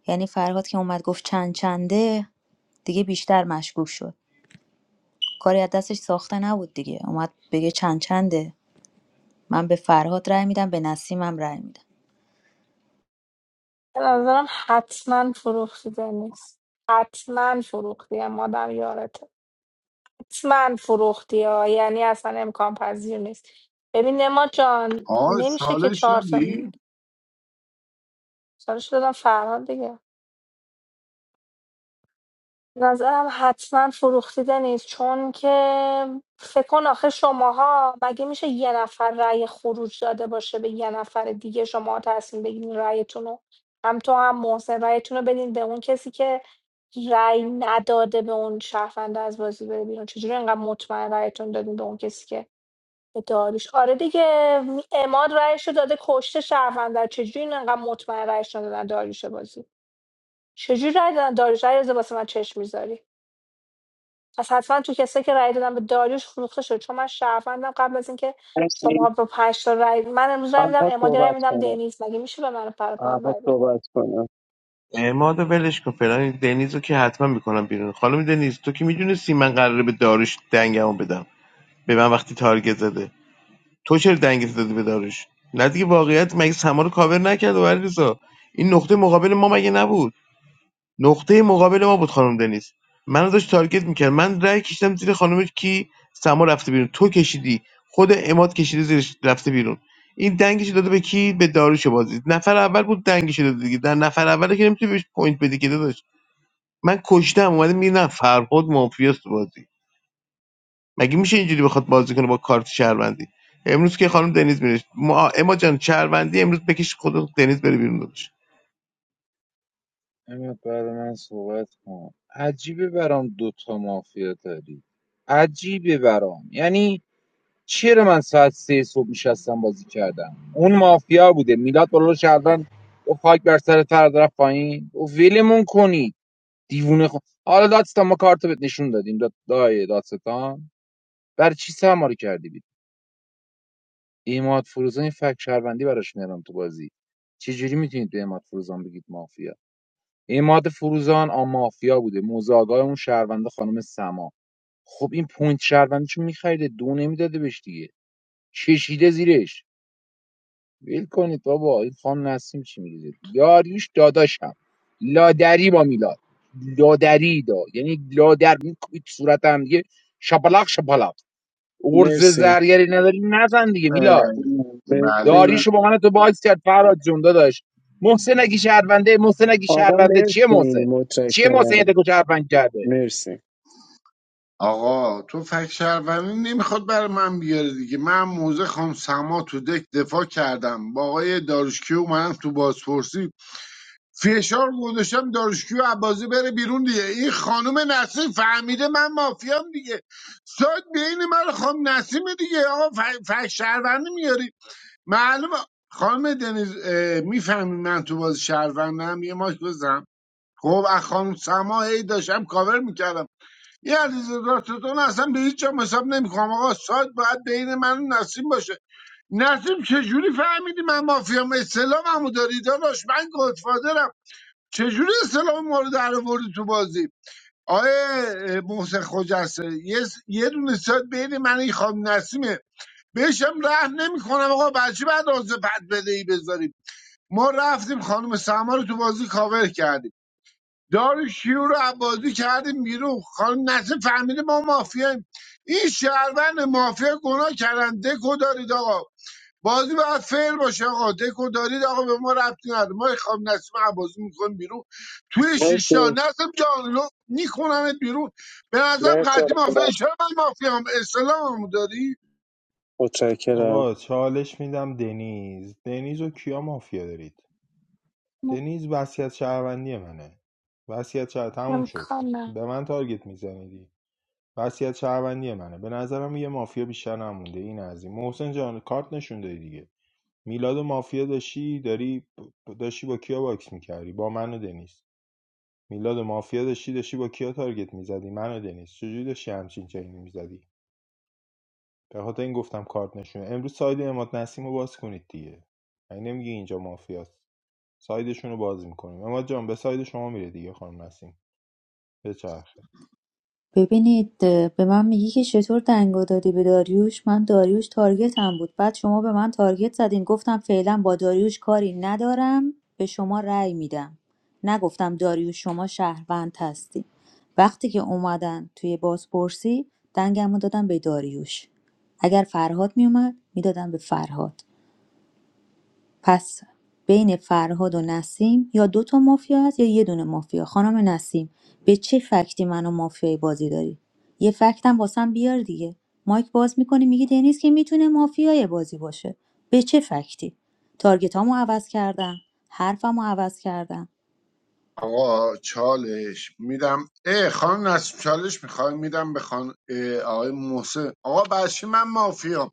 یعنی فرهاد که اومد گفت چند چنده دیگه بیشتر مشکوک شد کاری از دستش ساخته نبود دیگه اومد بگه چند چنده من به فرهاد رأی میدم به نسیمم رأی میدم
به نظرم حتما فروختی دنیز حتما فروختی مادم یارته حتما فروختی ها یعنی اصلا امکان پذیر نیست ببین نما جان
آه،
نمیشه که
چالش
چهار تا
دادی
میمونه سالش دادم فرهاد دیگه نظرم حتما فروختی نیست چون که فکر کن آخه شماها مگه میشه یه نفر رأی خروج داده باشه به یه نفر دیگه شما تصمیم بگیرین رأیتون رو هم تو هم محسن رأیتون رو بدین به اون کسی که رأی نداده به اون شهرونده از بازی بره بیرون چجوری انقدر مطمئن رأیتون دادین به اون کسی که داریش آره دیگه اماد رأیش رو داده کشته شهروندر چجوری این انقدر مطمئن رأیش ندادن داریوش بازی چجوری رأی دادن داریوش رأی رو واسه من چشم میذاری پس حتما تو کسی که رأی دادن به داریوش فروخته شد چون من شهروندم قبل از اینکه شما
مرسی
با پنج تا رأی من امروز رأی میدم
تنها
اماد رأی
صحبت
میدم
کنه
دنیز مگه میشه به من پر پا هم
تنها
رأی
صحبت کنه
اعماد و ولش کن فلان دنیز رو که حتما میکنم بیرون خانم دنیز تو که میدونستی من قراره به داروش دنگمو بدم به من وقتی تارگت زده تو چرا دنگت دادی به داروش؟ نه دیگه واقعیت مگه سما رو کاور نکرد و علیرضا این نقطه مقابل ما مگه نبود نقطه مقابل ما بود خانم دنیز منو داشت تارگت میکرد من رأی کشیدم زیر خانم کی سما رفته بیرون تو کشیدی خود اماد کشیده زیرش رفته بیرون این دنگش داده به کی به داروش بازی نفر اول بود دنگش داده دیگه در نفر اول که نمیتونی بهش پوینت بدی که داداش من کشتم اومده میگه نه فرهاد مافیاست تو بازی مگه میشه اینجوری بخواد بازی کنه با کارت شهروندی امروز که خانم دنیز میره ما اماد جان شهروندی امروز بکش خود دنیز بره بیرون داداش
امید بعد من صحبت کن عجیبه برام دوتا مافیا داری عجیبه برام یعنی چرا من ساعت سه صبح نشستم بازی کردم اون مافیا بوده میلاد بالا شهروند و خاک بر سر تر رفت پایین و ولمون کنید دیوونه خو حالا دادستان ما کارت بهت نشون دادیم داد دای دادستان برای چی سه رو کردی بیرون اماد فروزان این فک شهروندی براش میارم تو بازی چه جوری میتونید به اماد فروزان بگید مافیا اماد فروزان آ مافیا بوده مزاگاه اون شهرونده خانم سما خب این پوینت شهروندیشو میخریده دو نمیداده بهش دیگه کشیده زیرش ویل کنید بابا این خان نسیم چی میگه یاریوش داداشم لادری با میلاد لادری دا یعنی لادر میکوبید صورت هم دیگه شپلاق شپلاق ارز
مرسی
زرگری نداری نزن دیگه میلاد
بله بله
مرسی
داریشو با من تو باکس کرد فراد جون داشت محسن اگه شهرونده محسن اگه
آقا
شهرونده چیه
مرسی
محسن چیه محسن یه
متشکرم
دکو شهروند کرده
مرسی
آقا تو فکر شهروندی نمیخواد برای من بیاره دیگه من موزه خانم سما تو دک دفاع کردم با آقای داروشکیو اومدم تو بازپرسی فشار گذاشتم داروشکیو عبازی بره بیرون دیگه این خانم نسیم فهمیده من مافیام دیگه سایت بین من و خانم نسیمه دیگه آقا ف- فکر شهروندی میاری معلومه خانم دنیز میفهمی من تو باز شهروندم یه ماک بزن خب از خانم سما هی داشتم کاور میکردم یه علیزه دادستان اصلا به هیچ جام حساب نمیکنم آقا سایت باید بین من و نسیم باشه نسیم چجوری فهمیدی من مافیام اسلام همو داری داداش من گادفادرم چجوری اسلام ما رو در آوردی تو بازی آقای محسن خجسته یه, س- یه دونه سایت بین من و این خانم نسیمه بهشم رحم نمیکنم آقا بچه بعد آز بد بدهی بذاریم ما رفتیم خانم سما رو تو بازی کاور کردیم دارو رو عبازی کردیم بیرون خانم نسیم فهمیده ما مافیاییم این شهروند مافیا گناه کردن دکو دارید آقا بازی باید فیر باشه آقا دکو دارید آقا به ما ربطی نداره ما خانم نسیم عبازی میکنیم بیرون توی شیشتا
مرسی
نسیم جان میکنم بیرون به نظرم
مرسی
قطعی
آقا
مافیا
جان.
چرا من مافیا هم اسلام هم داری؟
متشکرم
آقا چالش میدم دنیز دنیز و کیا مافیا دارید
بده؟
دنیز وصیت شهروندی منه وصیت شهر تموم شد به من تارگت میزنیدی وصیت شهروندی منه به نظرم یه مافیا بیشتر نمونده این از این محسن جان کارت نشون دادی دیگه میلاد و مافیا داشتی داری ب- داشتی با کیا باکس میکردی با من و دنیس میلاد و مافیا داشتی داشتی با کیا تارگت میزدی من و دنیس چجوری داشتی همچین چینی میزدی به خاطر این گفتم کارت نشون امروز ساید اماد نسیم رو باز کنید دیگه یعنی نمیگی اینجا مافیاست سایدشون رو باز میکنیم اماد جان به ساید شما میره دیگه خانم نسیم بچرخه
ببینید اه، به من میگی که چطور دنگو دادی به داریوش من داریوش تارگتم بود بعد شما به من تارگت زدین گفتم فعلا با داریوش کاری ندارم به شما رأی میدم نگفتم داریوش شما شهروند هستی وقتی که اومدن توی بازپرسی دنگمو دادم به داریوش اگر فرهاد میومد میدادم به فرهاد پس بین فرهاد و نسیم یا دوتا مافیا هست یا یه دونه مافیا خانم نسیم به چه فکتی منو مافیای بازی داری یه فکتم واسم بیار دیگه مایک باز میکنی میگی دنیز که میتونه مافیای بازی باشه به چه فکتی تارگتامو عوض کردم حرفمو عوض کردم
آقا چالش میدم اه خانم نسیم چالش میخوای میدم به خان... اه، آقای محسن آقا بچه من مافیا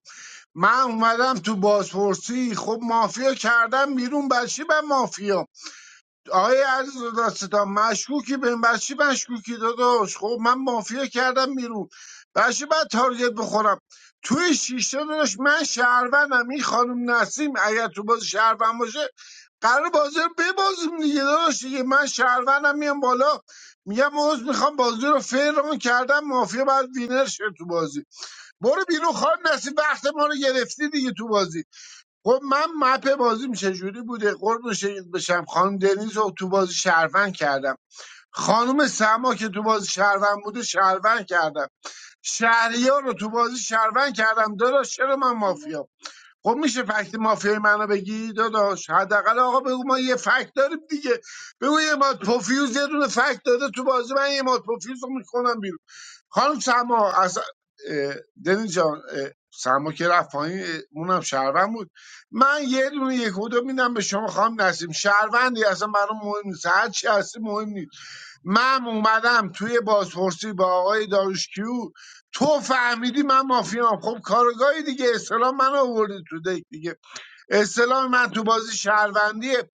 من اومدم تو بازپرسی خب مافیا کردم بیرون بچه من مافیا آقای عزیز داداستان مشکوکی به بر چی مشکوکی داداش خب من مافیا کردم بیرون بر چی باید تارگت بخورم توی شیشه داداش من شهروندم این خانم نسیم اگر تو باز شهروند باشه قرار بازی رو ببازیم دیگه داداش دیگه من شهروندم میام بالا میگم عوض میخوام بازی رو فران کردم مافیا باید وینر شه تو بازی برو بیرون خانم نسیم وقت ما رو گرفتی دیگه تو بازی خب من مپ بازیم چجوری بوده قرب شهید بشم خانم دنیز رو تو بازی شهروند کردم خانم سما که تو بازی شهروند بوده شهروند کردم شهریار رو تو بازی شهروند کردم داداش چرا من مافیا خب میشه فکت مافیای منو بگی داداش حداقل آقا بگو ما یه فکت داریم دیگه بگو یه مات پوفیوز یه دونه فکت داده تو بازی من یه مات پوفیوز رو میکنم بیرون. خانم سما از دنی جان اه، سما که رفت پایین اه، اونم شهروند بود من یه دونه یک و دو میدم به شما خانم نسیم شهروندی اصلا برام مهم نیست هر چی هستی مهم نیست من اومدم توی بازپرسی با آقای داروشکیو تو فهمیدی من مافیام خب کارگاهی دیگه اسلام من آوردی تو دیگ دیگه اسلام من تو بازی شهروندیه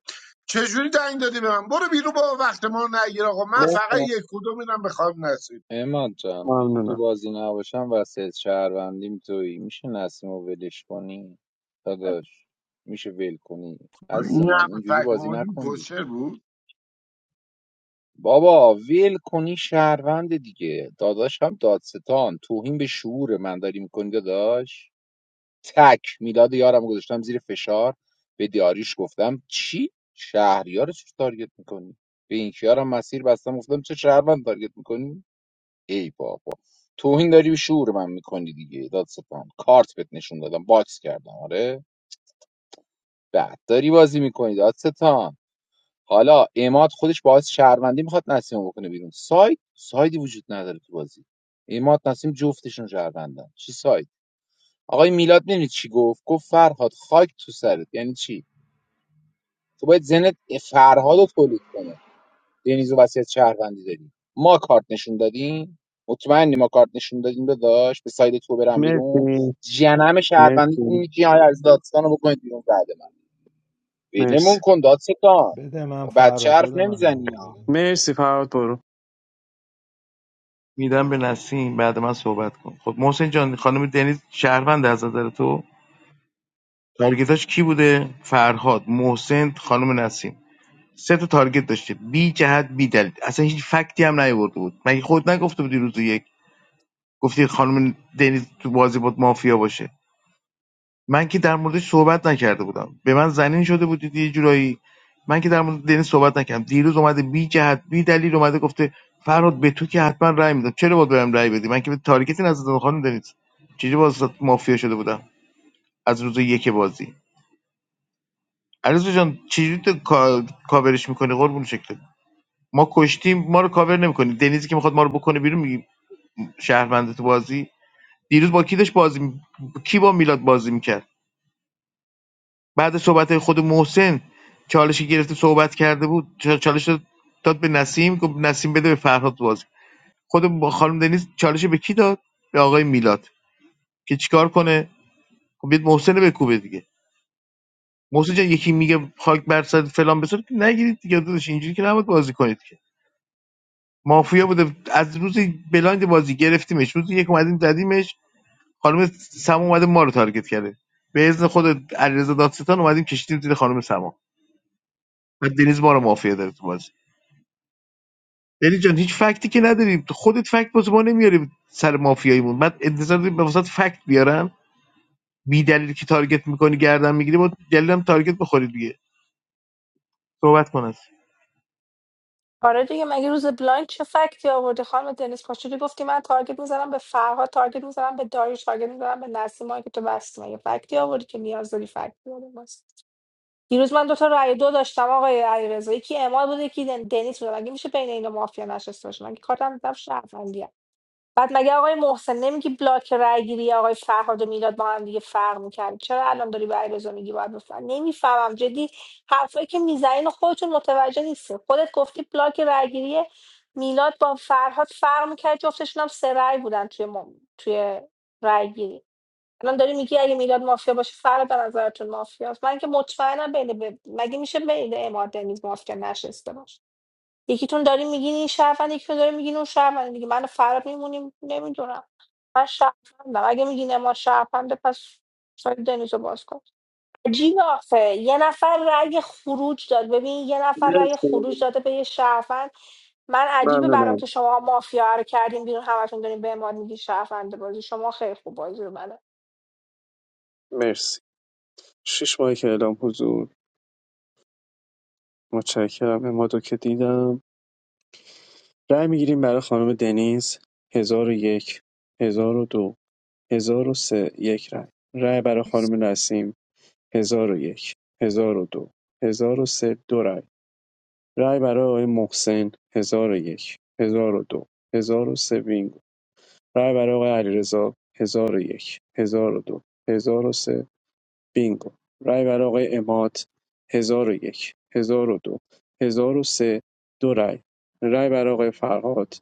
چجوری دنگ دادی به من برو بیرون با وقت ما رو نگیر آقا من فقط
مرسی
یک کدوم میدم به خانم نسیم
اماد جان این تو
ممنونم
بازی نباشم وسیعت شهروندیم تویی میشه نسیم رو ولش کنی داداش میشه ول کنی عزیز
این
من
هم
اینجوری
فکر
بازی
مورد
نکن دیگه
بود
بابا ول کنی شهروند دیگه داداش هم دادستان توهین به شعور من داری میکنی داداش تک میلاد یارم گذاشتم زیر فشار به دیاریش گفتم چی شهریار رو چی تارگت میکنی به این کیارم مسیر بستم گفتم چه شهروند تارگت میکنی ای بابا توهین داری به شعور من میکنی دیگه دادستان کارت بهت نشون دادم باکس کردم آره بعد داری بازی میکنی دادستان حالا اماد خودش باعث شهروندی میخواد نسیم رو بکنه بیرون ساید سایدی وجود نداره تو بازی اماد نسیم جفتشون شهروندن چی ساید آقای میلاد میدونی چی گفت گفت فرهاد خاک تو سرت یعنی چی تو باید ذهنت فرهاد رو تولید کنه دنیز و وصیت شهروندی داریم ما کارت نشون دادیم مطمئنی ما کارت نشون دادیم داداش به ساید تو برم بیرون
مرسی
جنم شهروندی تو
مرسی
میگی های از دادستان رو بکنید بیرون بعد من ولمون
مرسی
کن دادستان
بده من
بچه
فراد
حرف
بده من بابا
نمیزنی ها
مرسی فرهاد برو
میدم به نسیم بعد من صحبت کن خب محسن جان خانم دنیز شهروند از نظر تو تارگتاش کی بوده فرهاد محسن خانم نسیم سه تا تارگت داشته بی جهت بی دلیل اصلا هیچ فکتی هم نیورده بود مگه خود نگفته بودی روز یک گفتی خانم دنیز تو بازی بود مافیا باشه من که در موردش صحبت نکرده بودم به من زنین شده بودید یه جورایی من که در مورد دنیس صحبت نکردم دیروز اومده بی جهت بی دلیل اومده گفته فراد به تو که حتما رأی میدم چرا باید بهم رأی بدی من که به تارگتی نزدم خانم دنیس چجوری باز مافیا شده بودم از روز یک بازی علیرضا جان چجوری تو کا... کاورش میکنی قربون شکلت ما کشتیم ما رو کاور نمیکنی دنیزی که میخواد ما رو بکنه بیرون میگی شهرمنده تو بازی دیروز با کی داشت بازی می... کی با میلاد بازی میکرد بعد صحبت‌های خود محسن چالش که گرفته صحبت کرده بود چا- چالش رو داد به نسیم گفت نسیم بده به فرهاد بازی خود خانم دنیز چالش به کی داد به آقای میلاد که چیکار کنه خب بیاد محسن رو بکوبه دیگه محسن جان یکی میگه خاک بر سر فلان بسار که نگیرید دیگه داداش اینجوری که نباید بازی کنید که مافیا بوده از روز بلایند بازی گرفتیمش روز یک اومدیم زدیمش خانم سما اومده ما رو تارگت کرده به اذن خود علیرضا دادستان اومدیم کشیدیم زیر خانم سما و دنیز ما رو مافیا داره تو بازی بری جان هیچ فکتی که نداریم خودت فکت واسه ما نمیاریم سر مافیاییمون بعد انتظار داریم به واسط فکت بیارن بی دلیل که تارگت میکنی گردن میگیری با دلیلم تارگت بخوری دیگه صحبت کن از
آره دیگه مگه روز بلایند چه فکتی آورده خانم دنیس پاشودی گفتی من تارگت میزنم به فرهاد تارگت میزنم به داریوش تارگت میزنم به نسیما که تو بستی مگه فکتی آوردی که نیاز داری فکتی آوردی واسه. دیروز من دوتا رأی دو داشتم آقای علیرضا یکی اعمال بود یکی دن- دنیس بود مگه میشه بین اینا مافیا نشسته باشه من که کارتم دیدم بعد مگه آقای محسن نمیگی بلاک رای گیری آقای فرهاد و میلاد با هم دیگه فرق میکرد چرا الان داری به علیرضا میگی باید بفهم نمیفهمم جدی حرفایی که میزنین و خودتون متوجه نیستین خودت گفتی بلاک رای گیری میلاد با فرهاد فرق میکرد جفتشون هم سه رای بودن توی مم... توی رای گیری الان داری میگی اگه میلاد مافیا باشه فرهاد به نظرتون مافیاست من که مطمئنم بین ب... مگه میشه بین اماد دنیز مافیا نشسته باشه یکیتون داری میگین این شهروند یکیتون داری میگین اون شهروند دیگه من و فراد میمونیم نمیدونم من شهروندم اگه میگین ما شهرونده پس سایت دنیز رو باز کن عجیب آخه یه نفر رأی خروج داد ببین یه نفر رأی خروج
مرسی
داده به یه شهروند من عجیبه برام
ممنونم
که شما مافیا رو کردین بیرون همتون دارین به ما میگی شهرونده بازی شما خیلی خوب بازی رو بلد
مرسی شش ماهی که اعلام حضور متشکرم اما که دیدم رأی میگیریم برای خانم دنیز هزار و یک هزار و دو هزار و سه یک رأی رأی برای خانم نسیم هزار و یک هزار و دو هزار و سه دو رأی رأی برای آقای محسن هزار و یک هزار و دو هزار و سه بینگو رأی برای آقای علیرضا هزار و یک هزار و دو هزار و سه بینگو رای برای آقای اماد 1001 1002 1003 دو هزار و سه، دو رای رای برای آقای فرهاد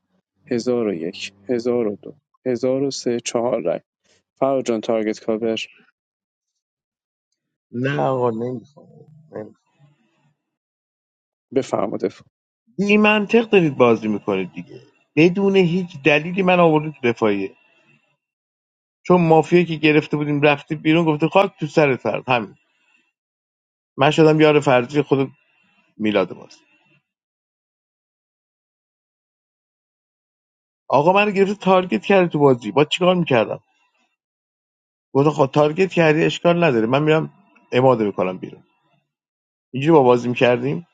1001 1002 1003 چهار رای فرهاد جان تارگت کاور
نه آقا نمیخوام نمیخوام.
بفرمایید
بی منطق دارید بازی میکنید دیگه بدون هیچ دلیلی من آورده تو دفاعیه چون مافیایی که گرفته بودیم رفتی بیرون گفته خاک تو سر فرد همین من شدم یار فرضی خود میلاد ماست آقا من گرفته تارگت کرده تو بازی با چیکار میکردم گفتم خب تارگت کردی اشکال نداره من میرم اماده میکنم بیرون اینجوری با بازی میکردیم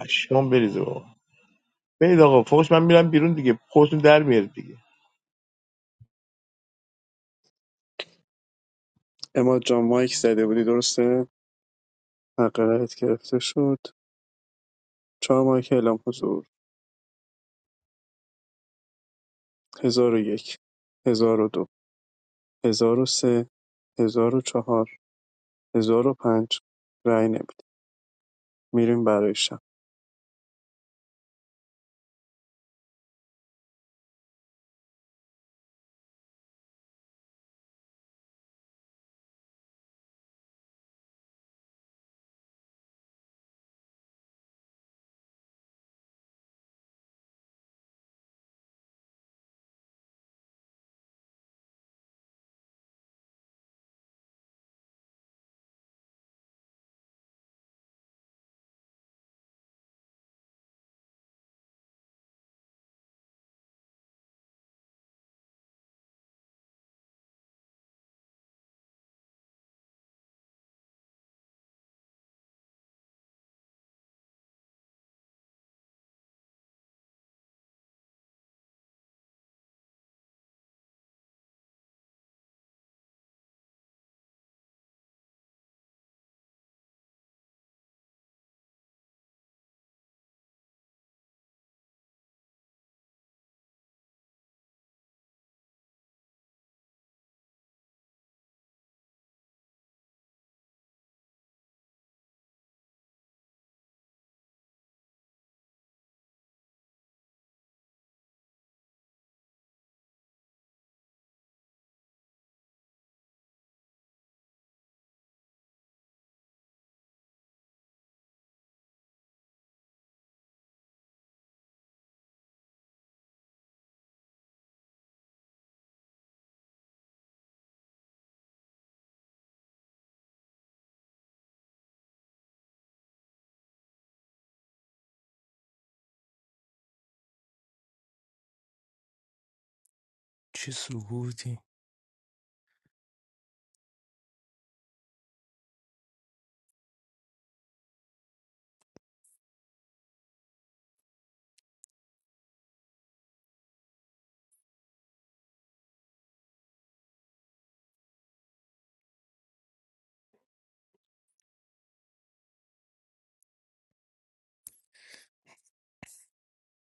پشمام بریزه بابا برید آقا فوش من میرم بیرون دیگه خودتون در میارید دیگه
اماد جان مایک زده بودی درسته حق رایت گرفته شد چهار مایک اعلام حضور 1001 1002 1003 1004 1005 رای نمیده میریم برای شب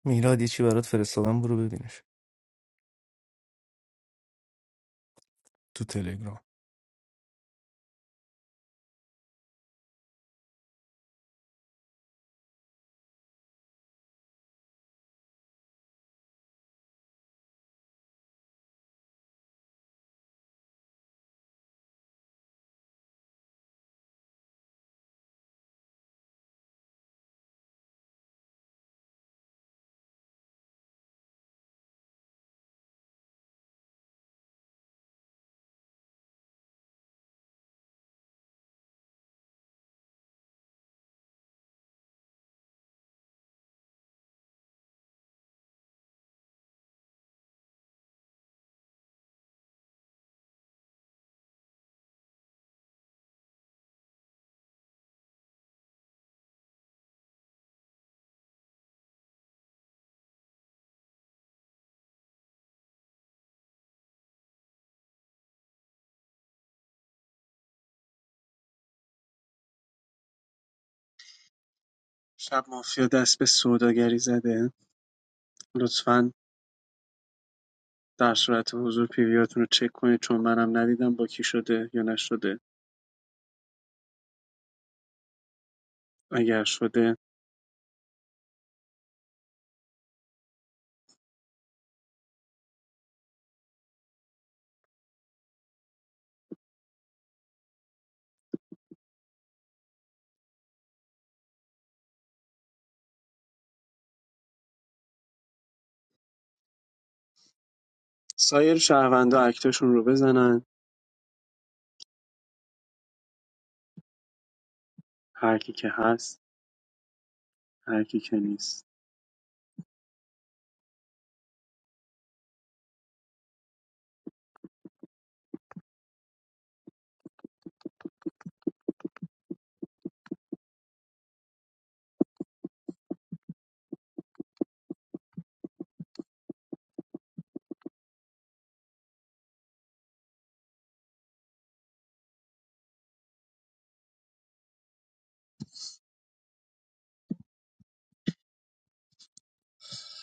Miladi si varat feresalam buru bedinesh tu telegram.
شب مافیا دست به سوداگری زده لطفاً در صورت حضور پیویاتون رو چک کنید چون منم ندیدم با کی شده یا نشده اگر شده سایر شهروندا اکتاشون رو بزنن هر کی که هست هر کی که نیست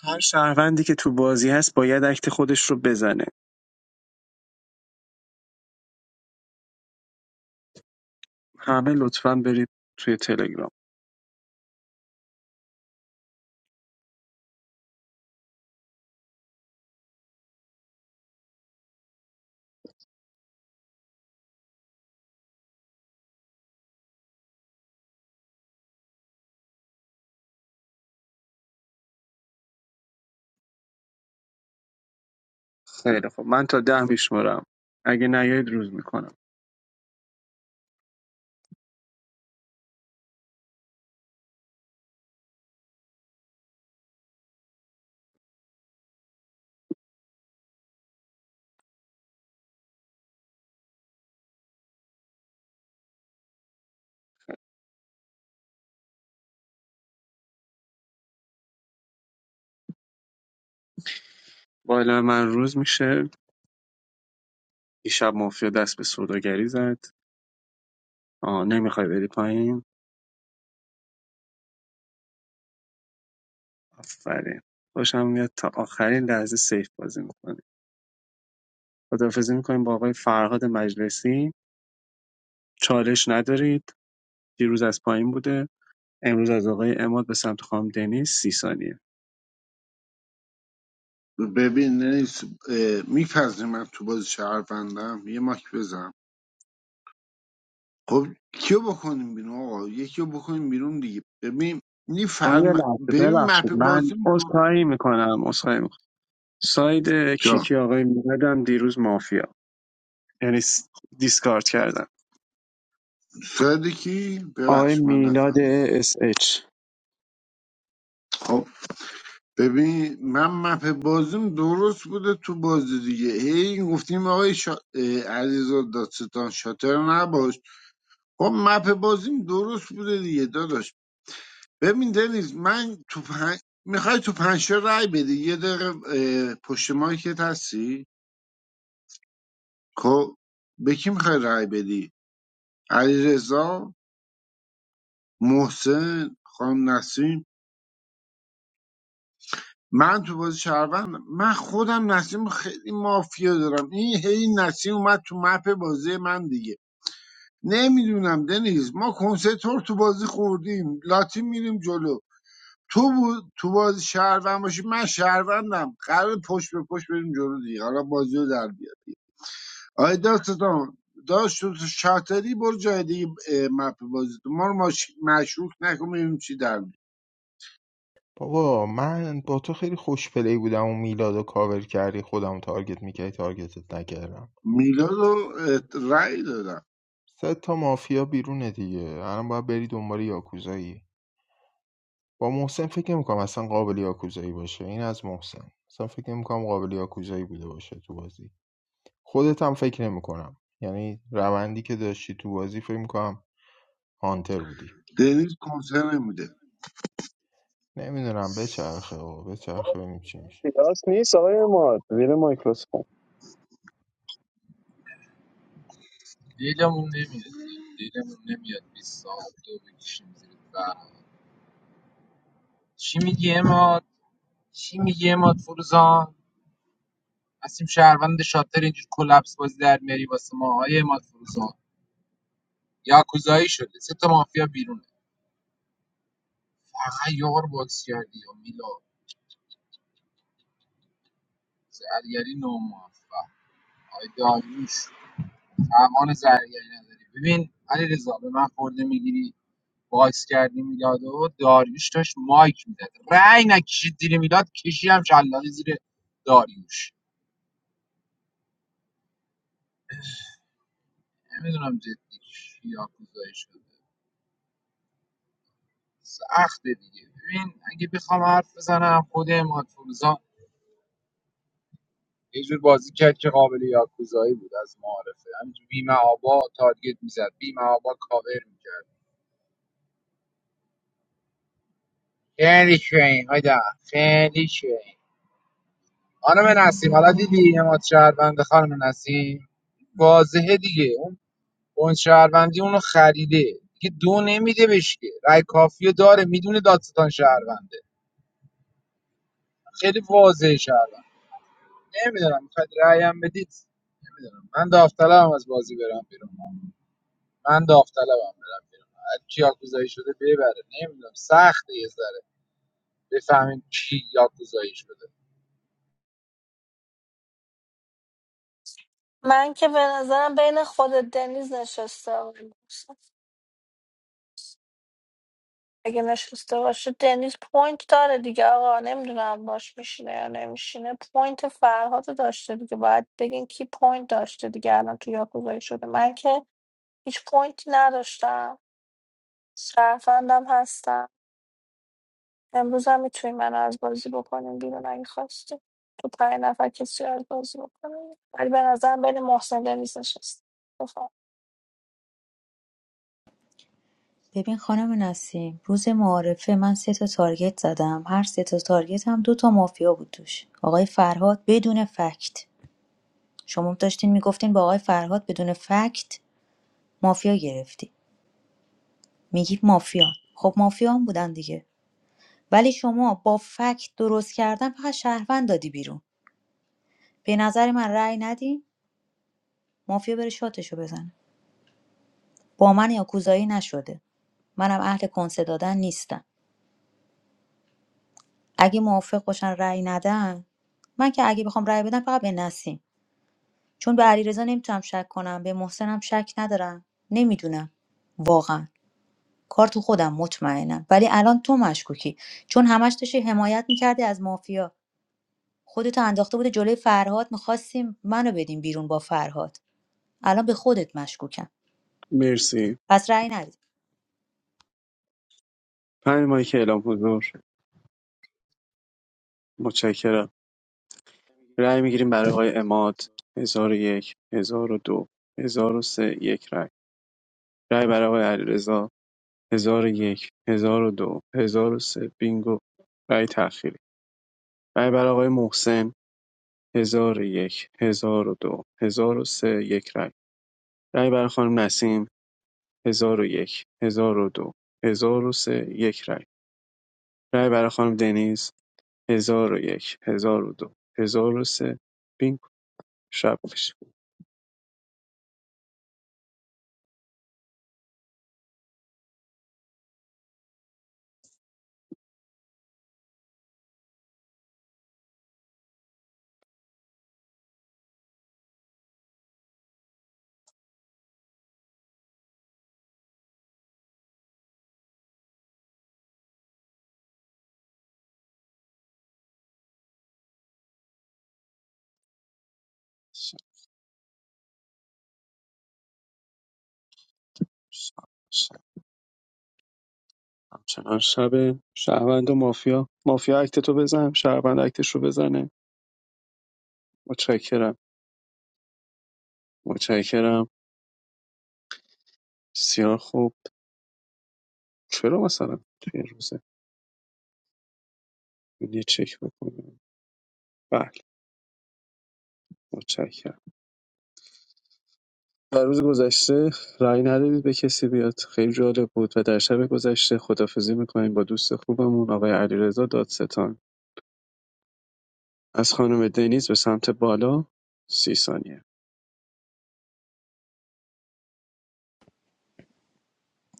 هر شهروندی که تو بازی هست باید اکت خودش رو بزنه همه لطفاً برید توی تلگرام خیلی خب من تا ده میشمارم اگه نیایید روز میکنم با اعلام من روز میشه دیشب مافیا دست به سوداگری زد آه نمیخوای بری پایین آفرین خوشم میاد تا آخرین لحظه سیف بازی میکنید خداحافظی میکنیم با آقای فرهاد مجلسی چالش ندارید دیروز از پایین بوده امروز از آقای اماد به سمت خانم دنیز سی ثانیه
ببین نیست میپذیریم من تو بازی شهروندم یه ماک بزن خب کیو بکنیم بیرون آقا یکیو بکنیم بیرون دیگه ببین این
آقای
فرم
لحظه
ببین مپ
ببخشید من
بازی دور
اصخایی میکنم اصخایی میکنم ساید
جا
کیکی آقای میلادم دیروز مافیا یعنی س- دیسکارد کردم
ساده کی
آقای
ببخش من
میلاد
نفهمید
اس اچ
خب ببین من مپ بازیم درست بوده تو بازی دیگه هی گفتیم آقای شا... اه، علیرضا دادستان شاتر نباش خب مپ بازیم درست بوده دیگه داداش ببین دلیز من تو پنج میخوای تو پنج تا رای بدی یه دقیقه اه، پشت مایکت هستی خب به کی میخوای رای بدی علی رضا محسن خانم نسیم من تو بازی شهروند من خودم نسیم رو خیلی مافیا دارم این هی نسیم اومد تو مپ بازی من دیگه نمیدونم دنیز ما کنسرتور تو بازی خوردیم لاتی میریم جلو تو بود تو بازی شهروند باشی من شهروندم قرار پشت به پشت بریم جلو دیگه حالا بازی رو در بیار آی داستان داشت تو شاتری برو جای دیگه اه، مپ بازی تو ما رو ماش- مشروک نکن ببینیم چی در میاد
بابا من با تو خیلی خوش پلی بودم و میلادو کاور کردی خودم تارگت میکردی تارگتت نکردم
میلاد رو اه، رأی دادم
سه تا مافیا بیرونه دیگه الان باید بری دنبال یاکوزایی با محسن فکر نمیکنم اصلا قابل یاکوزایی باشه این از محسن اصلا فکر نمیکنم قابل یاکوزایی بوده باشه تو بازی خودت هم فکر نمیکنم یعنی روندی که داشتی تو بازی فکر میکنم هانتر بودی
دنیز کنسر نمیده
نمیدونم بچرخه و بچرخه ببینیم چی میشه
راست نیست آقای اماد زیر مایکروسکوپ
دیلمون نمیاد دیلمون نمیاد بیست دو بکشیم زیر فرق چی میگی اماد چی میگی اماد فروزان هستیم شهروند شاطر اینجور کلپس بازی در میاری واسه ما های اماد فروزان یاکوزایی شده سه تا مافیا بیرون اخیار بازکردی و میلاد زرگری ناموفق آی داریوش توان زرگری نداری ببین علی رضا به من خورده میگیری باکس کردی میلاد و داریوش داشت مایک میداد رأی نکشید زیر میلاد کشی هم شلاقی زیر داریوش نمیدونم جدی یا کوزایی شده سخته دیگه ببین اگه بخوام حرف بزنم خود اماد فروزان یه جور بازی کرد که قابل یاکوزایی بود از معارفه همینجور بیمه آبا تارگت میزد بیمه آبا کاور میکرد خیلی شوین آیدا خیلی شوین خانم نسیم حالا دیدی اماد شهروند خانم نسیم واضحه دیگه اون اون شهروندی اونو خریده دیگه دو نمیده بهش که رای کافیو داره میدونه دادستان شهرونده خیلی واضحه شهروند نمیدونم میخواد رایم بدید نمیدونم من داوطلبم از بازی برم بیرون من داوطلبم برم بیرون هر کی یاکوزایی شده ببره نمیدونم سخته یه ذره بفهمیم کی یاکوزایی شده
من که به نظرم بین خود دنیز نشسته اگه نشسته باشه دنیز پوینت داره دیگه آقا نمیدونم باش میشینه یا نمیشینه پوینت فرهاد رو داشته دیگه باید بگین کی پوینت داشته دیگه الان تو یاکوزایی شده من که هیچ پوینتی نداشتم شرفندم هستم امروز هم میتونی منو از بازی بکنیم بیرون اگه خواستی تو پنج نفر کسی رو از بازی بکنیم ولی به نظرم بین محسن دنیز نشست بفهم.
ببین خانم نسیم روز معارفه من سه تا تارگت زدم هر سه تا تارگت هم دو تا مافیا بود توش آقای فرهاد بدون فکت شما داشتین میگفتین با آقای فرهاد بدون فکت مافیا گرفتی میگی مافیان خب مافیان بودن دیگه ولی شما با فکت درست کردن فقط شهروند دادی بیرون به نظر من رأی ندین مافیا بره شاتشو بزنه با من یاکوزایی نشده منم اهل کنسه دادن نیستم اگه موافق باشن رأی ندن من که اگه بخوام رأی بدم فقط به نسیم چون به علیرضا نمیتونم شک کنم به محسنم شک ندارم نمیدونم واقعا کار تو خودم مطمئنم ولی الان تو مشکوکی چون همش داشتی حمایت میکردی از مافیا خودتو انداخته بوده جلوی فرهاد میخواستیم منو بدیم بیرون با فرهاد الان به خودت مشکوکم
مرسی
پس رأی ندید
پنج مایک اعلام حضور متشکرم رای میگیریم برای آقای عماد 1001 1002 1003 یک رای رای برای آقای علیرضا 1001 1002 1003 بینگو رای تأخیری رای برای آقای محسن 1001 1002 1003 یک رای رای برای خانم نسیم 1001 1002 1003 یک رای رای برای خانم دنیز 1001 1002 1003 بینگو شب بشه همچنان شب شهروند و مافیا مافیا اکتتو بزن شهروند اکتش رو بزنه متشکرم متشکرم بسیار خوب چرا مثلا توی این روزه این یه چک بکنیم بله متشکرم در روز گذشته رأی ندادید به کسی بیاد خیلی جالب بود و در شب گذشته خدافزی میکنیم با دوست خوبمون آقای علیرضا دادستان از خانم دنیز به سمت بالا سی ثانیه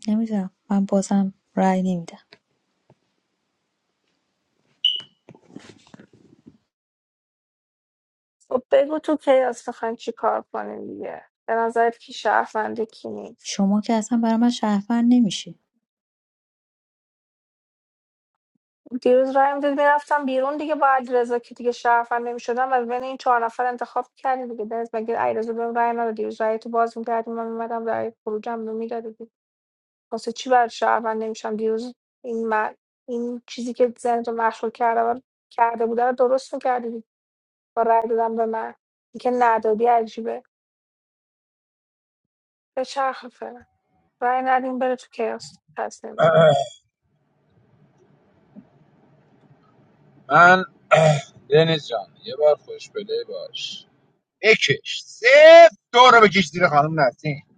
نمیدونم من بازم رأی نمیدم
خب بگو تو کیاس میخواین چی کار کنیم دیگه به نظرت کی شرفنده کی نیست
شما که اصلا برای من شهروند نمیشی
دیروز رایم دید میرفتم بیرون دیگه با علیرضا که دیگه شهروند نمیشدم از بین این چهار نفر انتخاب کردی دیگه دنیز مگه علیرضا بهم رای نداد دیروز رای تو باز میکردی من میمدم رای خروجم رو میدادی واسه چی برای شهروند نمیشم دیروز این من این چیزی که ذهن رو مشغول کرده و کرده بوده رو درست میکردی با رای دادم به من اینکه ندادی عجیبه به چرخ فعلا رای ندیم بره تو کیاس پس نمی‌دونم.
من [CLEARS THROAT] دنیز جان یه بار خوش بله باش بکش صفر دو رو بکش زیر خانم نسیم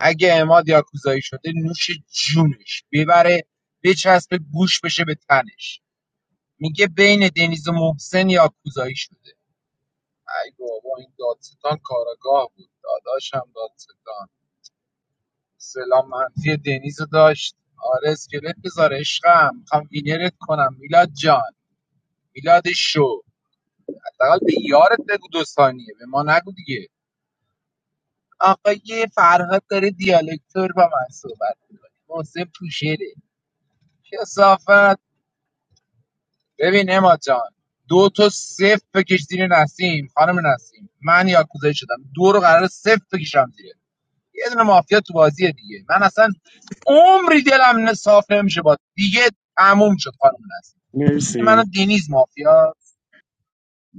اگه اماد یاکوزایی شده نوش جونش ببره بچسب گوش بشه به تنش میگه بین دنیز و محسن یاکوزایی شده ای بابا این دادستان کاراگاه بود داداشم دادستان سلام منفی دنیز رو داشت آره اسکلت بذار عشقم میخوام وینرت کنم میلاد جان میلاد شو حداقل به یارت بگو دو ثانیه به ما نگو دیگه آقای فرهاد داره دیالکتور با من صحبت میکنه محسن پوشره کسافت ببین اما جان دو تا صفر بکش زیر نسیم خانم نسیم من یاکوزایی شدم دو رو قرار صفر بکشم زیر یه دونه مافیا تو بازیه دیگه من اصلا عمری دلم نه صاف نمیشه با دیگه تموم شد خانم نسیم این منو
مرسی
دینیز مافیا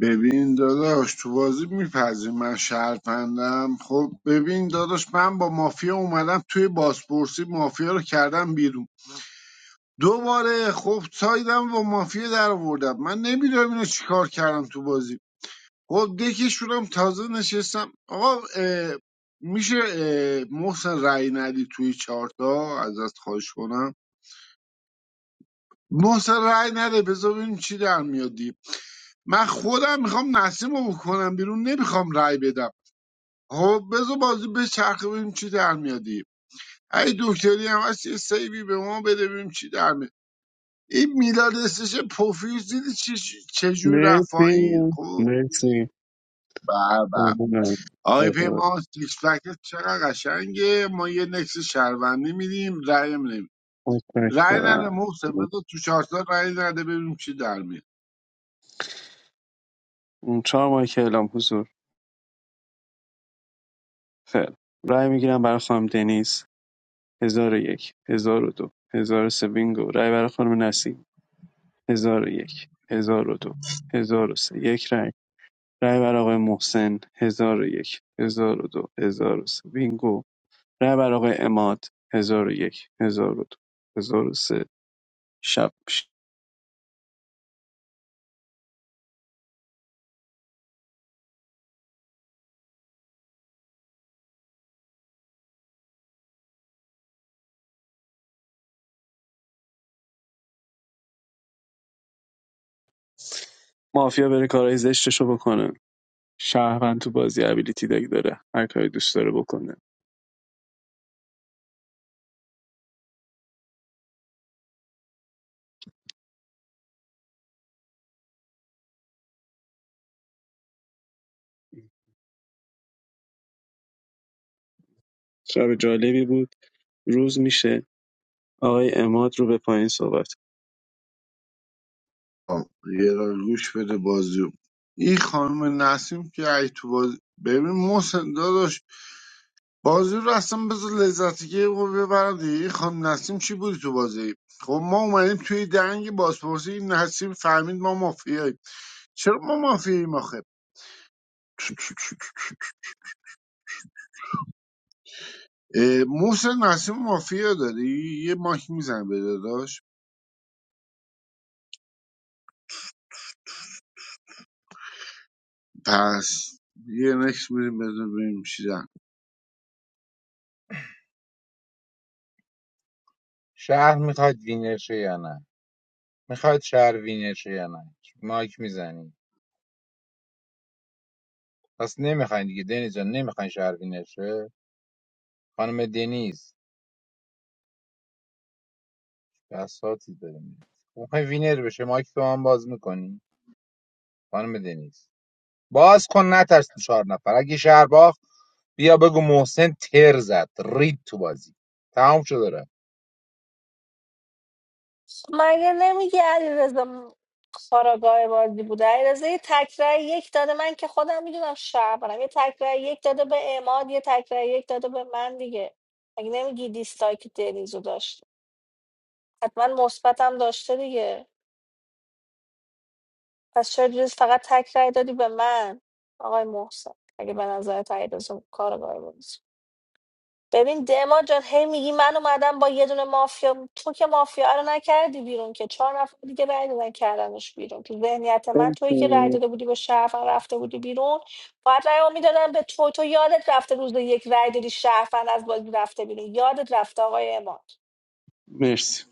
ببین داداش تو بازی میپذیر من شرفندم خب ببین داداش من با مافیا اومدم توی بازپرسی مافیا رو کردم بیرون دوباره خب سایدم با مافیا در آوردم من نمیدونم اینو چیکار کردم تو بازی خب دکشونم تازه نشستم آقا اه، میشه اه، محسن رأی ندی توی چارتا ازت خواهش کنم محسن رأی نده بذار ببینیم چی در میادی من خودم میخوام نسیم رو بکنم بیرون نمیخوام رأی بدم خب بذار بازی به چرخه ببینیم چی در میادی ای دکتری هم هست یه سیبی به ما بده ببینیم چی در میاد این میلاد استش پوفیوس دیدی چی- چجور رفت
مرسی
پایین خب
مرسی
به به آقای
ممنونم.
پیمان سیکس پکت چقدر قشنگه ما یه نکس شهروندی میدیم رأی نیم رأی نده
متشکرم
محسن بذار تو چهارتا رأی نده ببینیم چی در میاد
اون چهار ماه که اعلام حضور خیر رای میگیرم برای خانم دنیز هزار و یک هزار و دو هزار و سه بینگو رای برای خانم نسیم هزار و یک هزار و دو هزار و سه یک رای. رای برای آقای محسن هزار و یک هزار و دو هزار و سه بینگو رای برای آقای اماد هزار و یک هزار و دو هزار و سه شب میشه. مافیا بره کارهای زشتشو بکنه شهروند تو بازی ابیلیتی داره هر کاری دوست داره بکنه شب جالبی بود روز میشه آقای اماد رو به پایین صحبت
خب، یه را گوش بده بازیو این خانم نسیم که ای تو باز ببین محسن داداش بازی رو اصلا بذار لذتگی رو ببرم دیگه این خانم نسیم چی بودی تو بازی خب ما اومدیم توی دنگ بازپرسی این نسیم فهمید ما مافیاییم چرا ما مافیاییم آخه اه، محسن نسیم مافیا داری یه ماک میزن به داداش پس یه نکس میریم بذار ببینیم چی دن
شهر میخواید وینر شه یا نه میخواید شهر وینر شه یا نه مایک میزنی پس نمیخواین دیگه دنیز جان نمیخواین شهر وینر شه خانم دنیز بساتی داریم میخواین وینر بشه مایک تو هم باز میکنی خانم دنیز باز کن نترس تو چهار نفر اگه شهر باخت بیا بگو محسن تر زد رید تو بازی تمام شد
مگه نمیگه علیرضا کاراگاه بازی بوده علیرضا یه تکرار یک داده من که خودم میدونم شهرم یه تکرار یک داده به اماد یه تکرار یک داده به من دیگه مگه نمیگی دیستایی که دنیزو داشت حتما مثبتم داشته دیگه پس چرا دیروز فقط تکرار دادی به من آقای محسن اگه به نظر علیرضا کارگاه بازی ببین دما جان هی میگی من اومدم با یه دونه مافیا تو که مافیا رو نکردی بیرون که چهار نفر دیگه رای دادن کردنش بیرون تو ذهنیت من تویی که رای
مرسی
داده بودی به شرفن رفته بودی بیرون باید رای میدادن به تو تو یادت رفته روز یک رای دادی شرفن از بازی رفته بیرون یادت رفته آقای اماد
مرسی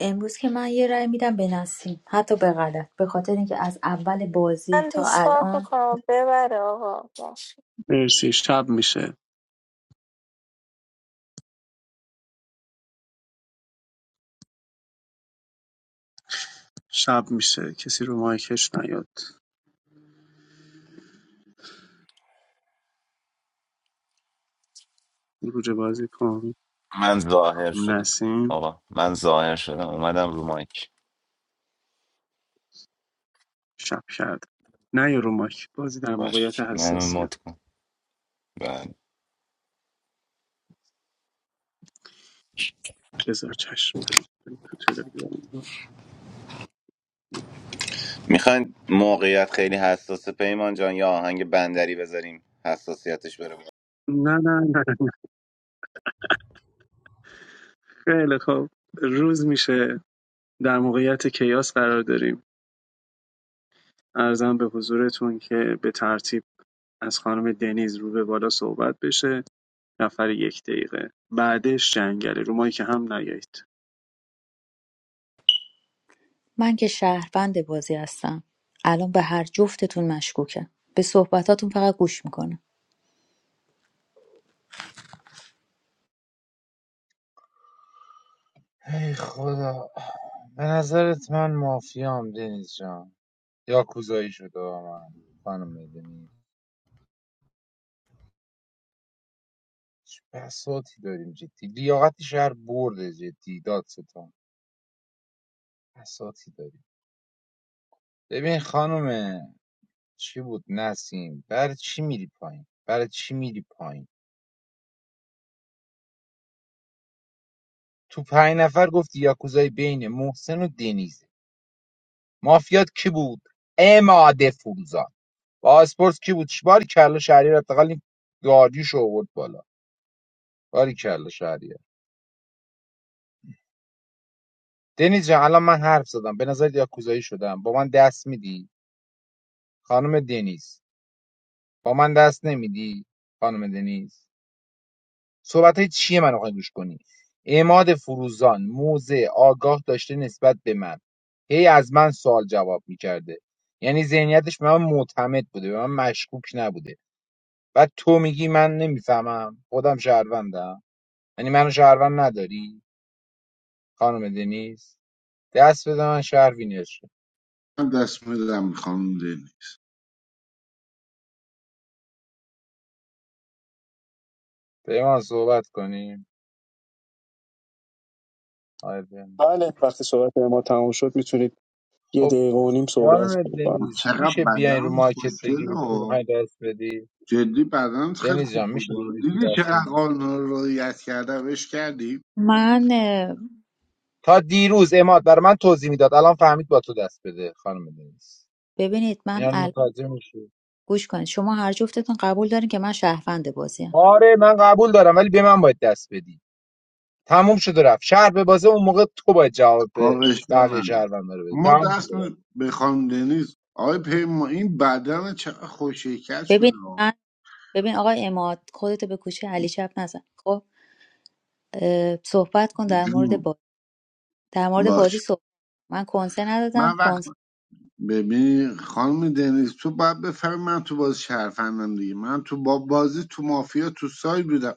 امروز که من یه رأی میدم به نسیم حتی به غلط به خاطر اینکه از اول بازی
من
تا
دیسکارد
الان
میکنم ببره آقا
مرسی. شب میشه شب میشه کسی رو مایکش نیاد روج بازی کن
من ظاهر شدم
نسیم
آقا من ظاهر شدم اومدم رو مایک
شب کرد نه یا رو مایک بازی در موقعیت
باش منو
حساسی
مد کن بله.
بذار چشم تو تلگرام
میخواین موقعیت خیلی حساسه پیمان جان یا آهنگ بندری بذاریم حساسیتش بره بالا؟
نه نه نه خیلی خوب روز میشه در موقعیت کیاس قرار داریم ارزم به حضورتون که به ترتیب از خانم دنیز رو به بالا صحبت بشه نفر یک دقیقه بعدش جنگله رو مایی که هم نیایید
من که شهروند بازی هستم الان به هر جفتتون مشکوکم به صحبتاتون فقط گوش میکنم
ای خدا به نظرت من مافیام دنیز جان یا کوزایی شده با من خانم دنیز چه بساتی داریم جدی لیاقت شهر برده جدی دادستان بساتی داریم ببین خانم چی بود نسیم برای چی میری پایین برای چی میری پایین تو پنج نفر گفتی یاکوزای بین محسن و دنیزه مافیات کی بود اماده فولزان پاسپورت کی بود چبار کلا شهری رو حداقل این داریوش رو آورد بالا باریکلا شهریه دنیز جان الان من حرف زدم به نظر یاکوزایی شدم با من دست میدی خانم دنیز با من دست نمیدی خانم دنیز صحبت های چیه منو رو گوش کنی اعماد فروزان موزه آگاه داشته نسبت به من هی از من سوال جواب میکرده یعنی ذهنیتش به من معتمد بوده به من مشکوک نبوده بعد تو میگی من نمیفهمم خودم شهروندم یعنی منو شهروند نداری خانم دنیز دست بده من شهروینش
من دست میدم میخوام دینی
پیمان صحبت کنیم آقای پیمان.
بله وقتی صحبت ما تموم شد میتونید یه
خب
دقیقه و نیم صحبت
خانم
کنید
دنیز
چقدر
میشه بیاین رو
بدن
مارکت
خوشگل
بگی به کی
ها
میخوای دست بدی
جدی بدنت خیلی
دنیز
خوب
جان میشه بگی
بود
به کی
دیدی
دست
چقدر
میدی
قانون رو رعایت کرده عشق کردی
من اه،
تا دیروز اماد برای من توضیح میداد الان فهمید با تو دست بده خانم دنیز
ببینید من
اینا رو
ال...
متوجه میشه
گوش کنید شما هر جفتتون قبول دارین که من شهروند بازیم
آره من قبول دارم ولی به من باید دست بدی تموم شد و رفت شهر به بازه اون موقع تو باید جواب به
آقا اشکال نداره.
بقیه شهروندارو بدی
ما
تموم شد
دست
و رفت.
می- به خانم دنیز آقای پیما این بدن چقدر خوشیکت شده
ببین
آه.
من ببین آقای اماد خودتو به کوچه علی چپ نزن خب اه، صحبت کن در مورد
جون
بازی در مورد بازی
باش
صحبت من کنسه ندادم
من وقت
کنسه
ببین خانم دنیز تو باید بفهمی من تو بازی شرفندم دیگه من تو با بازی تو مافیا تو سای بودم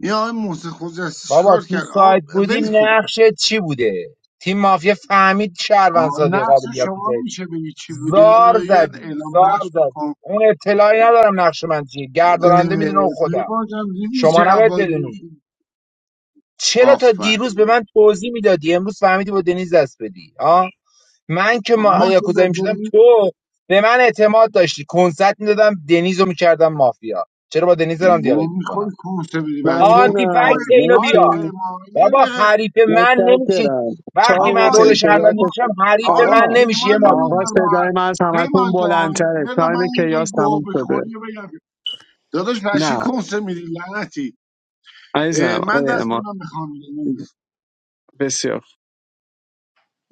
این آقای محسن خوجسته
بابا
چیکار
تو
کرد آقا
سایت بودی
ول کن
نقشت چی بوده تیم مافیا فهمید شهروند
آه،
ساده
نقش
قابل یابی
شما میشه بگی چی بوده
زار
یه
زدی
اعلام
زار
نقش
زدی
بکن
اون اطلاعی ندارم نقش من چیه
اه،
گرداننده میدونه اون خودم
پیمان جان دیدی
شما
چقدر
نباید
بازی
بدونی
خوب؟
چرا تا
آفر
دیروز به من توضیح میدادی امروز فهمیدی با دنیز دست بدی آ من که
ما
ما
که
یاکوزایی
به
میشدم تو به من اعتماد داشتی کنسرت میدادم دنیز رو میکردم مافیا چرا با دنیز دارم دیالوگ
وام
میکنم
خود کنسه بدی بچی کن
آنتی
ممنونم
آقای
فکت اینو
آقای
بیا
مرسی
پیمان یه
بابا
دقیقه
حریف من نمیشی
متشکرم
وقتی من
تایم
آقا
رول
این
شهروند
کیاس
پیمان
نمیشم حریف
آقا
من
این
آقا
نمیشی
پیمان
یه
آقا
نمیذار ما
مارکیزا
صدای من از همتون
پیمان جان
بلندتره
بذار
تایم
من یه
کیاس
گوه
تموم شده
بخوری و بگم داداش بچی
نه
کنسه میدی لعنتی
عزیزم
اه، من
آقای
دست من
اما
میخوام دنیز
بسیار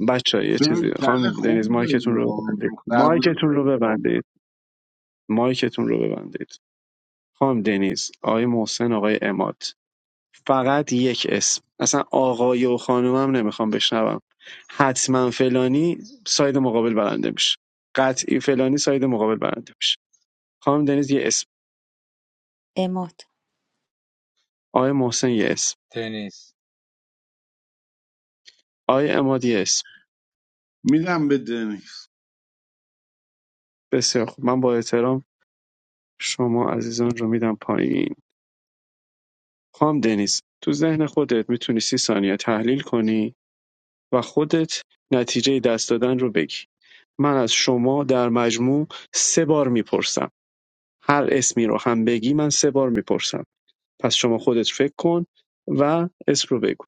بچه یه
تو یه
چیزی خانم
کله
دنیز
خوبی داری
مایکتون
یا
رو ببندید
دختر بودی
مایکتون رو ببندید مایکتون رو ببندید خانم دنیز آقای محسن آقای اماد فقط یک اسم اصلا آقای و خانومم نمیخوام بشنوم حتما فلانی ساید مقابل برنده میشه قطعی فلانی ساید مقابل برنده میشه خانم دنیز یه اسم
اماد
آقای محسن یه اسم
تنیس
آقای اماد یه اسم
میدم به دنیز
بسیار خوب من با احترام شما عزیزان رو میدم پایین خانم دنیز تو ذهن خودت میتونی سی ثانیه تحلیل کنی و خودت نتیجه دست دادن رو بگی. من از شما در مجموع سه بار میپرسم. هر اسمی رو هم بگی من سه بار میپرسم. پس شما خودت فکر کن و اسم رو بگو.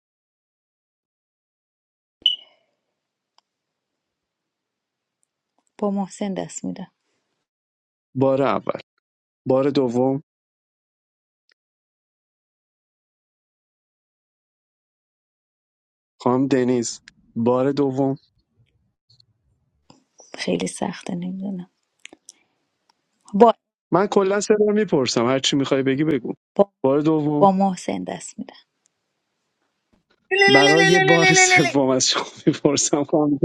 با محسن دست میدم
بار اول. بار دوم خانم دنیز. بار دوم
خیلی سخته نمیدونم با
من کلا سه بار میپرسم. هر چی میخوای بگی بگو.
با,
بار دوم
با محسن دست میدم
برای بار سوم از شما میپرسم خانم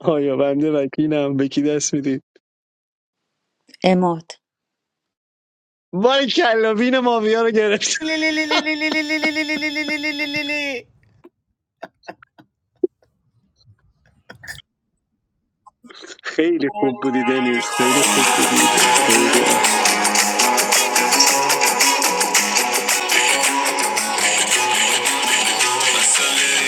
آیا بنده وکیلم به کی دست میدید؟
اماد
بار کلابین مافیا رو گرفت
مسئله
خیلی خوب بودی دنیز خیلی خوب بودی خیلی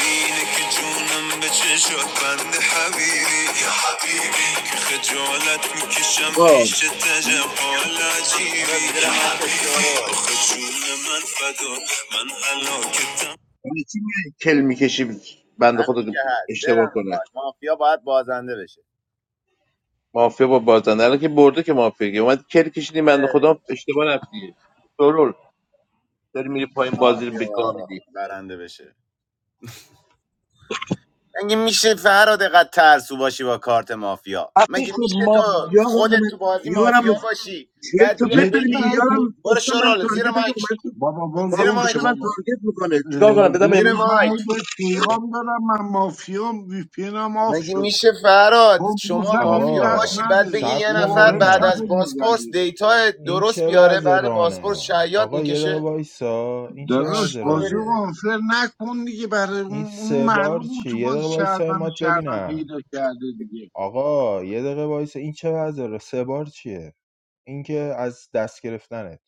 اینه که جونم به چشات بند حبیبی یا حبیبی که خجالت میکشم
آقا
پیش تجب حال عجیبی یا حبیبی آخه جون من فدا من حلاکتم
برای چی میای کل میکشی بنده خدا
همین
رو
که هست
اشتباه
دلم
کنه
میخواد مافیا باید بازنده بشه
مافیا با بازنده الان که برده که مافیا که اومد کل کشیدیم بنده خدا اشتباه رفتی سرول داری میری
چه
پایین بازی رو
مافیا باید
بگاه میدی
برنده بشه مگه میشه فراد قد ترسو باشی با کارت مافیا
آخه
مگه
شد
میشه
ما
تو
یارم
خودت
اومد
تو بازی
یارم
مافیا باشی
چرت
بعد
و
بیای
پرت داری
جدی
میگی
من
بگی
هی پی...
یارم
برو
گفتم من
شرال زیر
تارگت که
مایک
اومد تو
بابا بار
زیر
گم
مایک
بازپرسی
شو
من
بابا
تارگت میکنه
اه،
چیکار کنم بدم امام
زیر
دنیز من
مایک
هی به پیغام دارم من مافیام وی پینم آف
مگه
شد
میشه فراد
خب
شما
گفتم این
مافیا
دست
آقا
باشی بعد
نده
بگی
صبر
یه
کن
خب
نفر
هی
بعد
شات
ببینم
از بازپرس
میزدی
دیتا
این
درست
چه
بیاره
وضع
بعد بازپرس
رانه
شعیات
آقا یه دقیقه
میکشه
وایسا این چه
داداش
وضع
پشمام
بازی رو
بریزه
رانه
آنفر نکن دیگه برای
این
اون اون
سه بار
معلوم بود
چیه
تو
یه
بازی
دقیقه وایسا
شهروند
مات
شهروند
ببینم
پیدا کرده دیگه
آقا یه دقیقه وایسا این چه وضع را سه بار چیه این که از دست گرفتنت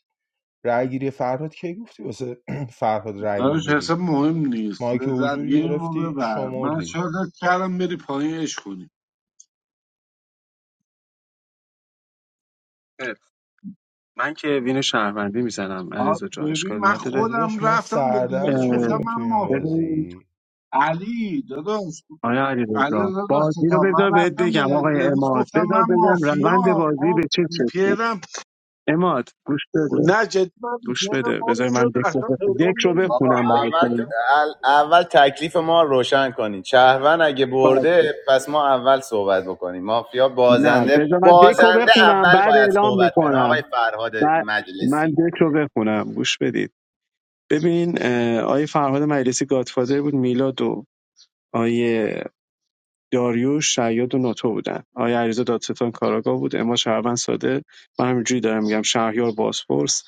رأی گیری فرهاد کی گفتی واسه [CLEARS THROAT] فرهاد رای
داداش اصلا
میگیری
مهم نیست
ما که
لذت
حضور
گیریم رو
گرفتی
ببر من
شمردی
شادت کردم بری پایین عشق کنی
آفر. من که وین شهروندی میزنم
آ،
علیرضا جان
ببین
اشکال
من
نداره
خودم
داداش ما
رفتم به
سردرد
دنیز گفتم
شدیم
اه،
تو
من
این
ماف
ببین
بازی
علی داداش
آیا
علی
علیرضا
داداش
بازی رو
تا
بذار
من
بهت
رفتم
بگم
به
آقای
دنیز
اماد
گفتم
بذار
من
بگم روند
مافیا
بازی
خب
به چه شکلی
پیرم
اماد گوش بده
نه جدی من
گوش
VPN رو
بده بذار
باز شد
من دک رو
اصلا
بخ- دک
پیغام
رو
نمیاد
بخونم
اول
براتون
ال- اول تکلیف ما رو روشن کنین شهروند اگه
باشه.
برده پس ما اول صحبت بکنیم مافیا
نه بذار من دک رو بخونم
اول
بعد
باید
اعلام
صحبت کنه آقای
میکنم
فرهاد
بعد من
مجلسی
دک رو بخونم گوش بدید ببین اه، آیه فرهاد مجلسی گادفادر بود میلاد و آیه داریوش شیاد و ناتو بودن آیه عریضا دادستان کاراگاه بود اما شهروند ساده من همینجوری دارم میگم شهریار باسپورس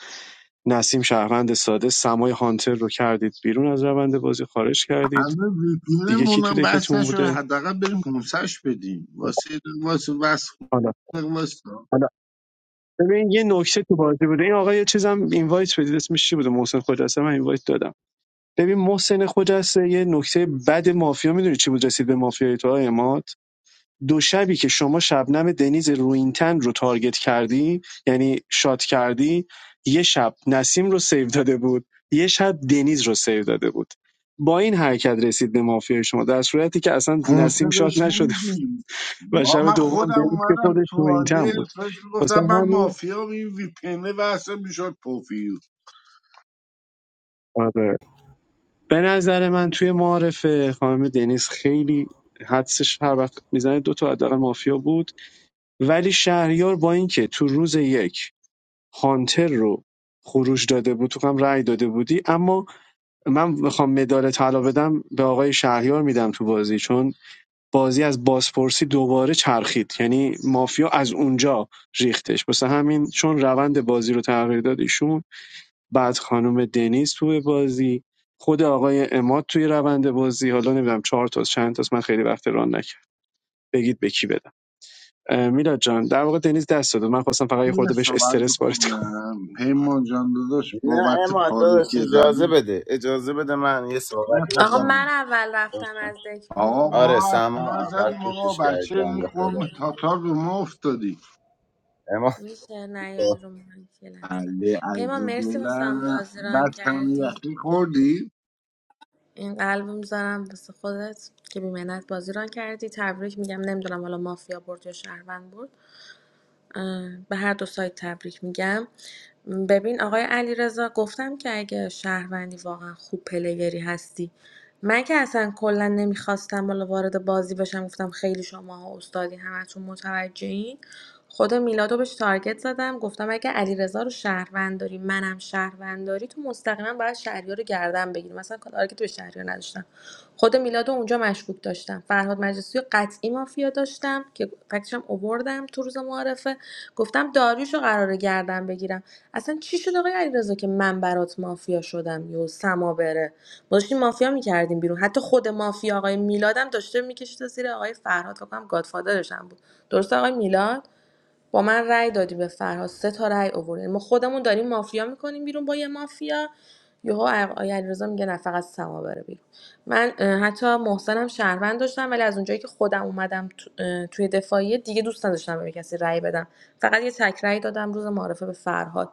نسیم شهروند ساده سمای هانتر رو کردید بیرون از روند بازی خارج کردید
الان
دیگه
ویپینمون
کی تو
مونم بس
دکتون
نشد
بوده
حداقل بریم کنسش بدیم واسه یه دقیقه واسه بس
حالا
واسه
حالا ببین یه نکته تو بازی بوده این آقا یه چیزم اینوایت بدید اسمش چی بوده محسن خجسته من اینوایت دادم ببین محسن خجسته یه نکته بد مافیا میدونی چی بود رسید به مافیای تو اماد دو شبی که شما شبنم دنیز روینتن رو تارگت کردی یعنی شات کردی یه شب نسیم رو سیو داده بود یه شب دنیز رو سیو داده بود با این حرکت رسید به مافیا شما در صورتی که اصلا نسیم
کنسه
شات
بهش
نشد
نمیدیم
و
ما
شب
من
دوم
خودم
دنیز که
اومدم
خودش
تو
روینتن
عادی
بود
بهش میگفتم
واسه
من
همین
مافیا این ویپینه و اصلا میشد پوفیوز
آره به نظر من توی معارفه خانم دنیز خیلی حدسش هر وقت میزنه دو تا حداقل مافیا بود ولی شهریار با اینکه تو روز یک هانتر رو خروج داده بود تو هم رأی داده بودی اما من میخوام مدال طلا بدم به آقای شهریار میدم تو بازی چون بازی از بازپرسی دوباره چرخید یعنی مافیا از اونجا ریختش واسه همین چون روند بازی رو تغییر داد ایشون بعد خانم دنیز توی بازی خود آقای اماد توی روند بازی حالا نمیدونم چهار تا چند تاست من خیلی وقت ران نکرد بگید به کی بدم اه، میلاد جان در واقع دنیز دست داد من خواستم فقط یه
یه
خورده بهش
صحبت
استرس وارد
بکنم پیمان جان داداش
نه
بابت
اما داداش
پاروی که
اجازه
زدیم
بده اجازه بده من یه صحبتی
آقا
بکنم
من
بفهمیم
اول رفتم از دک
آقا
بیرون
ما
آره
حرف
سما اول
نزدیم آقا
کوشش کرد
بچه این
بنده خدا
قوم
آره
تاتار به ما افتادی
اما
میشه نه یا این رو من که لحظه
بله
پیما
از
مرسی واسه هم
دلم
بازی ران
بعد هم
کردی
یخی خوردی؟
این قلب میذارم واسه خودت که بیمنت بازی ران کردی تبریک میگم نمیدونم حالا مافیا برد یا شهروند برد به هر دو سایت تبریک میگم ببین آقای علیرضا گفتم که اگه شهروندی واقعا خوب پلیگری هستی من که اصلا کلا نمیخواستم بالا وارد بازی بشم گفتم خیلی شما استادی همتون متوجهین خود میلادو بهش تارگت زدم گفتم اگه علیرضا رو شهروند داری منم شهروند داری تو مستقیما باید شهریار رو گردن بگیری مثلا آره که تو شهری رو نداشتم خود میلاد اونجا مشکوک داشتم فرهاد مجلسی رو قطعی مافیا داشتم که فکرشم اووردم تو روز معارفه گفتم داریوش رو قراره گردن بگیرم اصلا چی شد آقای علیرضا که من برات مافیا شدم یو سما بره ما داشتیم مافیا میکردیم بیرون حتی خود مافیا آقای میلادم داشته میکشید زیر آقای فرهاد فکر کنم گادفادرش هم بود درسته آقای میلاد با من رأی دادی به فرهاد سه تا رأی آوردین ما خودمون داریم مافیا میکنیم بیرون با یه مافیا یهو آقای علیرضا میگه نه فقط سما بره بیرون من حتی محسنم شهروند داشتم ولی از اونجایی که خودم اومدم تو- توی دفاعیه دیگه دوست نداشتم به کسی رأی بدم فقط یه تک رأی دادم روز معرفه به فرهاد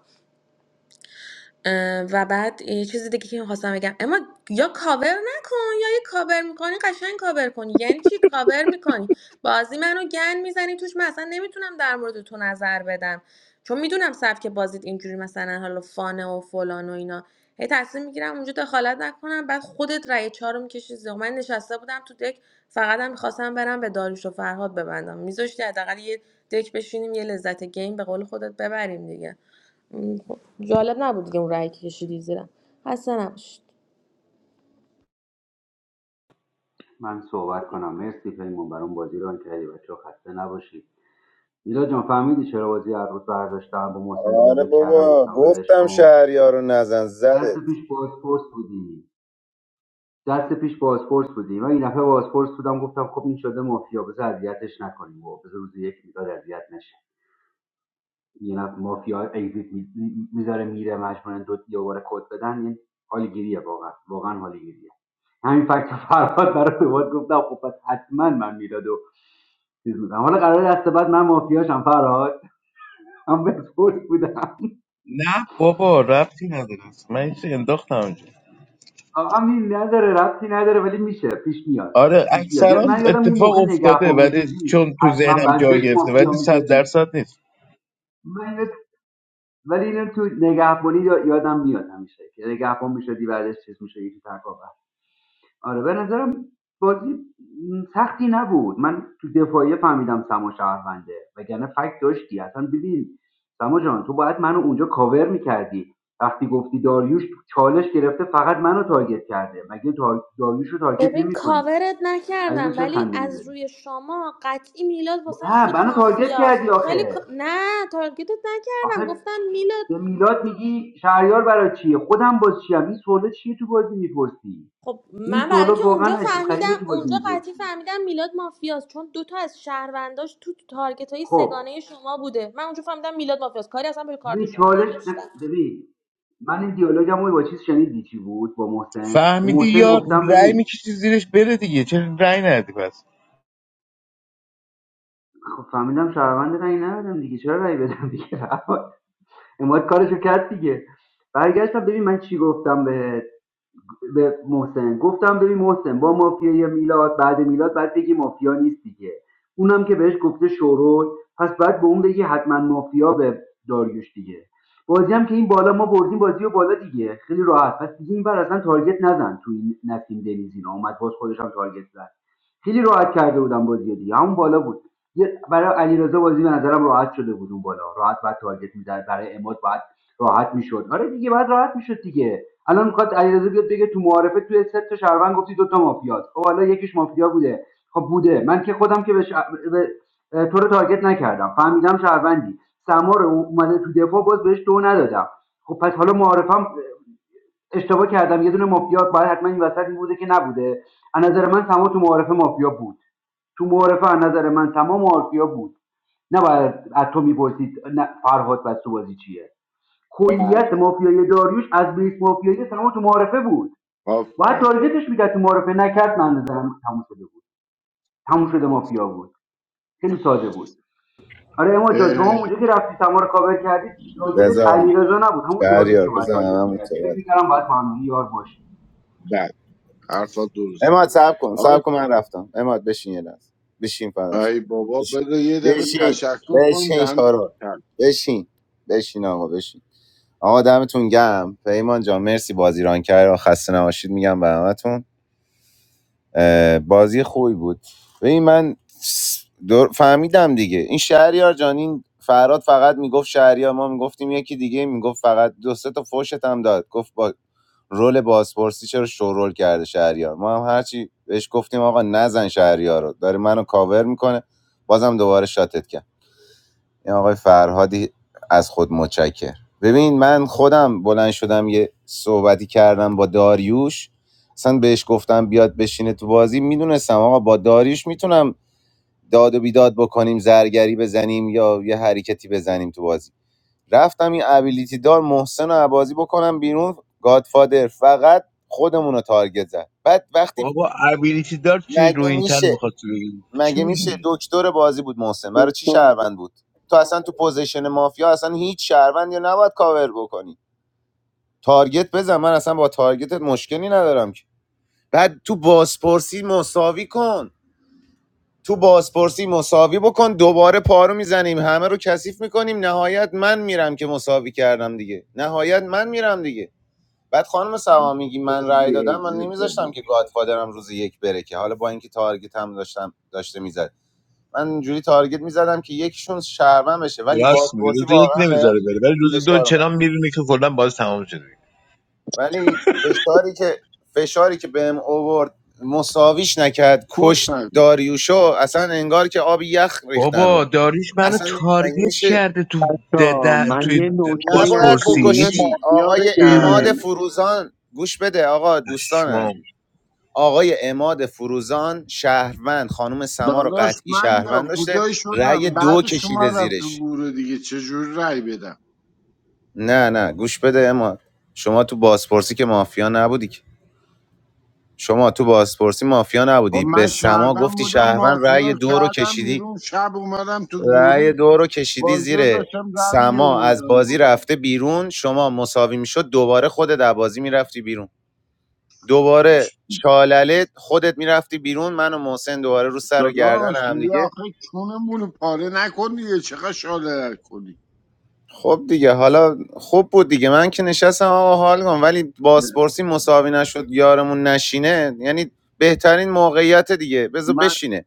اه، و بعد یه چیز دیگه که میخواستم بگم اما یا کاور نکن یا یه کاور میکنی قشنگ کاور کنی یعنی چی کاور میکنی بازی منو گن میزنی توش من اصلا نمیتونم در مورد تو نظر بدم چون میدونم سبک بازیت اینجوری مثلا حالا فانه و فلان و اینا هی تصمیم میگیرم اونجا دخالت نکنم بعد خودت رأی چهار رو میکشی زیر من نشسته بودم تو دک فقط هم میخواستم برم به داریوش و فرهاد ببندم میذاشتی حداقل یه دک بشینیم یه لذت گیم به قول خودت ببریم دیگه م، خب جالب نبود دیگه اون رأی که کشیدی زیرم خسته نباشید
من صحبت کنم مرسی پیمون برام بازی رو کردی بچه‌ها خسته نباشید میلا جان فهمیدی چرا بازی هر روز برداشتم با محسن
آره
دیالوگ کردم
بابا
گفتم ولش
گفتم
کن
شهریارو نزن
درس
زدت
پیش بازپرس بودی دست پیش بازپرس بودیم و این دفعه بازپرس بودم گفتم خب این شده مافیا بذار اذیتش نکنیم و بذار روز یک میداد اذیت نشه یه نفر مافیا اگزیت میذاره میره مجموعا دو یا بار کد بدن این حالگیریه واقعا واقعا حالگیریه همین فکت فرهاد برای دوبار گفتم خب پس حتما من میداد و چیز بودم حالا قرار دست بعد من مافیاشم فرهاد من بازپرس بودم
نه بابا ربطی نداره اصلا. من یه چیزی انداختم اونجا
آقا این نداره ربطی نداره ولی میشه پیش میاد
آره
آره پیش میاد یاد-
اکثرا
من یادم اون
اتفاق
موقع
افتاده
نگهبان
ولی
میشدی
چون تو
حتما
ذهنم جای
بعدش
گرفته
مافیا
ولی صد
میشدی
درصد نیست
من اینو ولی اینو تو نگهبانی یا- یادم میاد همیشه که نگهبان میشدی بعدش چیز میشه یکی آره به نظرم بازی سختی نبود من تو دفاعیه فهمیدم سما شهرونده وگرنه فکت داشتی اصلا ببین سما جان تو باید منو اونجا کاور میکردی وقتی گفتی داریوش چالش گرفته فقط منو تارگت کرده مگه تار... داریوش رو تارگت
ببین
نمیکنی
کاورت
عزیز
نکردم
چرا
ولی
خنده
از
میزنی
روی شما قطعی میلاد واسه
نه
شد
منو تارگت
مافیا
کردی
ولی کا-
آخه
نه تارگتت نکردم
آخه
گفتم میلاد
به میلاد میگی شهریار برای چیه خودم باز چیم این سوالو چیه تو بازی میپرسی
خب
این
من برای
سوالو
اینکه
واقعا
اونجا
عجیب غریبه
فهمیدم
تو بازی
اونجا قطعی
میپرسی
فهمیدم میلاد مافیاست چون دوتا از شهرونداش تو تارگت های
خب
سگانه شما بوده من اونجا فهمیدم میلاد مافیاست کاری اصلا به کارت
ببین
شما
چالش
نداشتم
ببین من این دیالوگم رو با چیز شنیدی چی بود با محسن به
فهمیدی
محسن
یا
گفتم
رأی
ببین
میکشی زیرش بره دیگه چرا رأی ندی پس
خب فهمیدم شهرونده رأی ندادم دیگه چرا رأی بدم دیگه [LAUGHS] اماد کارشو کرد دیگه برگشتم ببین من چی گفتم به به محسن گفتم ببین محسن با مافیای میلاد بعد میلاد بعد بگی مافیا نیست دیگه اونم که بهش گفته شورول پس بعد به اون بگی حتما مافیا به داریوش دیگه بازی هم که این بالا ما بردیم بازی و بالا دیگه خیلی راحت پس دیگه این بر اصلا تارگت نزن تو این نسیم دنیز اینا اومد باز خودش هم تارگت زد خیلی راحت کرده بودم بازی دیگه همون بالا بود یه- برای علیرضا بازی به نظرم راحت شده بود اون بالا راحت بعد تارگت میزد برای اماد بعد راحت می‌شد. آره دیگه بعد راحت میشد دیگه الان میخواد علیرضا بیاد بگه تو معارفه تو سه تا شهروند گفتی دو تا مافیاست خب حالا یکیش مافیا بوده خب بوده من که خودم که به, ش... به... تو رو تارگت نکردم فهمیدم شهروندی سمار اومده تو دفاع باز بهش دو ندادم خب پس حالا معارفم اشتباه کردم یه دونه مافیا باید حتما این وسط می بوده که نبوده از نظر من سمار تو معارفه مافیا بود تو معارفه از نظر من تمام مافیا بود نباید از تو میپرسید فرهاد بستوبازی چیه کلیت
بله
مافیای داریوش از بیس مافیایی تمام تو معارفه بود باید
آفر
تارگتش میداد. تو معارفه نکرد من نظرم تموم شده بود تموم شده مافیا بود خیلی ساده بود آره اما جان شما اونجا که رفتی سما رو کاور کردی تارگتت
بذار
علیرضا نبود همون داریوش
شهریار
رو باید
بزن
تارگت
همون
میکردی فکر
صحبت کن
میکردم باید معمولی یار باشی
بعد حرفا درست
اماد
آی,
صاحب کن من رفتم اماد بشین یه لحظه بشین فدات شم.
آی بابا بذار یه دقیقه
بشین
تشکر کن دن
بشین
کرد.
بشین بشین آقا بشین آقا دمتون گم پیمان جان مرسی بازی ران کرد و خسته نباشید میگم به همتون بازی خوبی بود ببین من در- فهمیدم دیگه این شهریار جان این فراد فقط میگفت شهریار ما میگفتیم یکی دیگه میگفت فقط دو سه تا فوشت هم داد گفت با رول بازپرسی چرا شورول کرده شهریار ما هم هرچی بهش گفتیم آقا نزن شهریار رو داره منو کاور میکنه بازم دوباره شاتت کرد این آقای فرهادی از خود متشکر ببین من خودم بلند شدم یه صحبتی کردم با داریوش اصلا بهش گفتم بیاد بشینه تو بازی میدونستم آقا با داریوش میتونم داد و بیداد بکنیم زرگری بزنیم یا یه حرکتی بزنیم تو بازی رفتم این ابیلیتی دار محسن رو بازی بکنم بیرون گادفادر فقط خودمون رو تارگت زد بعد وقتی
بابا ابیلیتی دار چی
مگه
رو این تن
میشه
میخواد تو بگی چی
مگه میشه
میگی
دکتر بازی بود محسن برای چی
کنم
شهروند بود تو اصلا تو پوزیشن مافیا اصلا هیچ شهروندی رو نباید کاور بکنی تارگت بزن من اصلا با تارگتت مشکلی ندارم که بعد تو بازپرسی مساوی کن تو بازپرسی مساوی بکن دوباره پارو میزنیم همه رو کثیف میکنیم نهایت من میرم که مساوی کردم دیگه نهایت من میرم دیگه بعد خانم سوا میگی من رأی
خوردی
دادم من
اگزیت
نمیذاشتم
دادی
که گادفادرم روز یک بره که حالا با اینکه تارگت هم داشتم داشته میزد من جوری تارگت میزدم که یکیشون شهروند بشه ولی
راست میگی روز
بازپرسی
یک
واقعا بهم
نمیذاره بره ولی روز دو
فشار اومد
چنان میبینی که کلا باز تمام شده
ولی فشاری که فشاری که بهم اوورد مساویش نکرد
فوت
کشت
نگو
داریوشو اصلا انگار که آب یخ ریختن
بابا
رو
داریش منو
اصلا مگه
تارگت
میشه
کرده تو د- د- توی د-
نباید
بازپرسی یه چی
بکشی آقای اماد
اه،
فروزان گوش بده آقا دوستان
پشمام
عزیز آقای اماد فروزان شهروند خانم سما رو
داداش
قطعی
من یا
شهروند داشته
کودای
رأی
شدم بعد
دو کشیده
شما رفت تو
زیرش
گوره دیگه چجور رای بدم
نه نه گوش بده اما شما تو بازپرسی که مافیا نبودی که. شما تو بازپرسی مافیا
خب
نبودی به
من
سما
شهردم
گفتی
بودم
شهروند رأی
مافیا
دو رو
کردم
کشیدی
بیرون شب اومدم تو
رأی
گروه
دو رو کشیدی
بازی رو
زیر
داشتم در می
سما از
آوردم
بازی
دیگه.
رفته بیرون شما مساوی میشد دوباره خودت از بازی میرفتی بیرون دوباره چالله خودت میرفتی بیرون من و محسن دوباره رو سر و گردن
داداش دیگه
همدیگه
آخه چونمون رو پاره نکن دیگه چقدر شاله کنی
خب دیگه حالا خوب بود دیگه من که نشستم آقا حال کنم ولی بازپرسی مساوی نشد یارمون نشینه یعنی بهترین موقعیت دیگه بذار
من
بشینه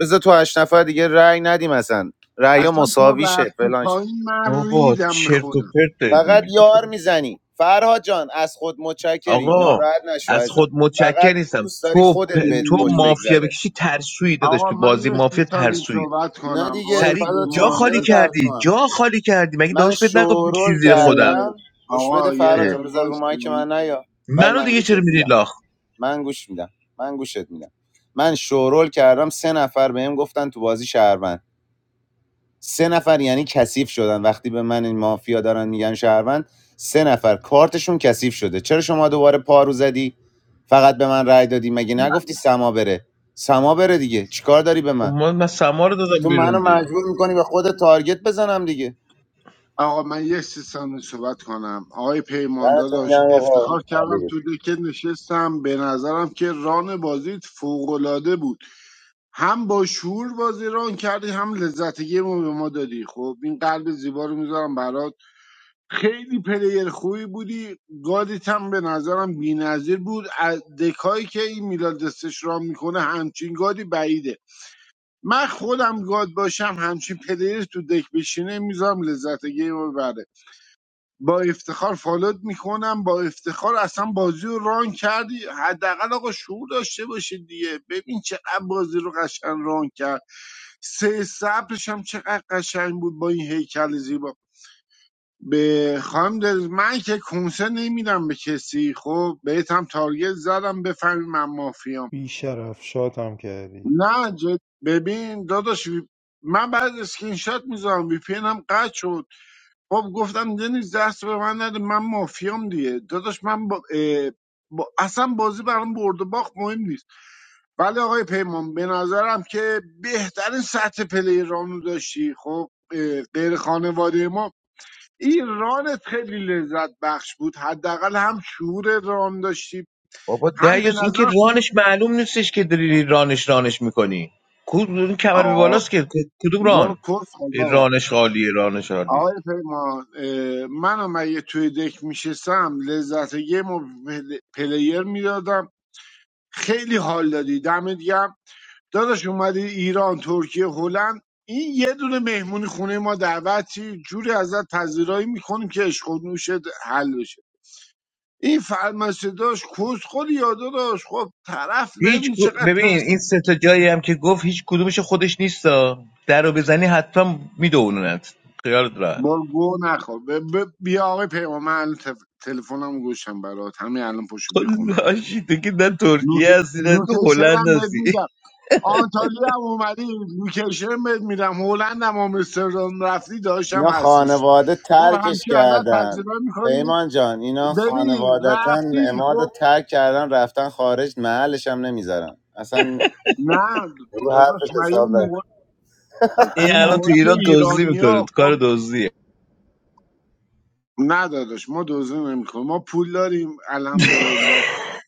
بذار تو هشت نفر دیگه رأی ندیم اصلا رأی
اصلا تو
مساوی شه
رفتی
فلان شه.
پایین من
بابا
ریدم به
چرت و
خودم
پرت دارید
فقط
میگید
یار
بخورید
میزنی فرهاد جان از خود متشکری
آقا
ناراحت نشو
از
ازم
خود متشکر
فقط
نیستم
دوست داری
تو پ...
خودت بهت
تو
خوش
اوه.
مافیا
بگذره
بکشی ترسویی داداش
آقا
تو
من
بازی
یه سی
مافیا
ثانیه
ترسویی
صحبت
نه
کنم
دیگه
آقای
سریع
فرهاد
جا
جان
پیمان
خالی
چرا ترس
کردی
کنم؟
جا خالی کردی مگه
من
داروش بهت نگفت بکشی
شورول
زیر خودم
اه،
کردم گوش بده
آقا یه
فرهاد
اه.
جان
دقیقه
بذار رو مایک
باشی
من نیا بعد
منو
من
دیگه
گوشت
چرا میری
میدم
لاخ
من گوش میدم من گوشت میدم من شورول کردم سه نفر بهم گفتن تو بازی شهروند سه نفر یعنی کثیف شدن وقتی به من این مافیا دارن میگن شهروند سه نفر کارتشون کثیف شده چرا شما دوباره پارو زدی فقط به من رأی دادی مگه نگفتی سما بره سما بره دیگه چیکار داری به
خب
من
من, من سما رو دادم
تو
بیرون
منو
دیگه.
مجبور میکنی به خود تارگت بزنم دیگه
آقا من یه سی ثانیه صحبت کنم آقای پیمان
دمتون
داداش
گرم آقا
افتخار
عالی
کردم
بود.
تو دکه نشستم به نظرم که ران بازیت فوقالعاده بود هم با شور بازی ران کردی هم لذت گیم رو به ما دادی خب این قلب زیبا رو میذارم برات خیلی پلیر خوبی بودی گادیت هم به نظرم بی‌نظیر بود از دکایی که این میلاد دستش ران میکنه همچین گادی بعیده من خودم گاد باشم همچین پلیر تو دک بشینه میذارم لذت گیم رو بره با افتخار فالوت میکنم با افتخار اصلا بازی رو ران کردی حداقل آقا شعور داشته باشید دیگه ببین چقدر بازی رو قشنگ ران کرد سه صبرش هم چقدر قشنگ بود با این هیکل زیبا به خانم دل من که کنسه نمیدم به کسی خب بهت هم تارگت زدم بفهمی من مافیام
بیشرف شاتم کردی
نه جد ببین داداش وی- من بعد اسکرین شات میذارم وی پی هم قطع شد خب گفتم دنیز دست به من نده من مافیام دیگه داداش من با, اه، با اصلا بازی برام برد و باخت مهم نیست ولی آقای پیمان به نظرم که بهترین سطح پلیران رو داشتی خب اه، غیر خانواده ما این رانت خیلی لذت بخش بود حداقل هم شعور ران داشتی
بابا
هم به
دیوس این که
نظر
رانش معلوم نیستش که داری رانش رانش میکنی کدوم کمر به
آقا
بالاست که کدوم
برو
ران
کس خال بابا
رانش خالیه رانش خالیه
آقای پیمان اه، من اگه توی دک میشستم لذت یه مو پل- پلیر میدادم خیلی حال دادی دمت گرم داداش اومدی ایران ترکیه هلند این یه دونه مهمونی خونه ما دعوتی جوری ازت پذیرایی میکنیم که عشق و نوشت حل بشه این فرمسه داشت کس خود یادا داشت خب طرف
هیچ
ببین
کو-
چقدر پس
ببین این سه تا جایی هم که گفت هیچ کدومش خودش نیستا در رو بزنی حتما میدونونت خیالت راحت
بار گو نخور ب- ب- بیا آقای پیمان من الان تف- تلفنم گوشم برات همین الان پشو بخونم
لاشی تو که نه ترکیه
نوت-
هستی نه تو هلند
نوتشرم بهت
هستی
میدم آنتالیا هم اومدی لوکیشن بهت میدم هلند هم آمستردام رفتی داشتم
اینا
هستش
خانواده
خب
ترکش
همچی ازت
کردن
تجربه میکنی
پیمان جان اینا
ببین
خانوادتا
رفتی
اماد رو
خب
ترک کردن رفتن خارج محلش هم نمیذارن اصلا
نه
رو
داداش
حرفش
من اون
حساب
موقع,
نکن
این
اون
الان تو
موقع که
ایران دزدی
ایرانی
میکنه
ها
کار
خب
دزدیه
نه داداش ما دوزه نمیکنیم ما پول داریم الحمدلله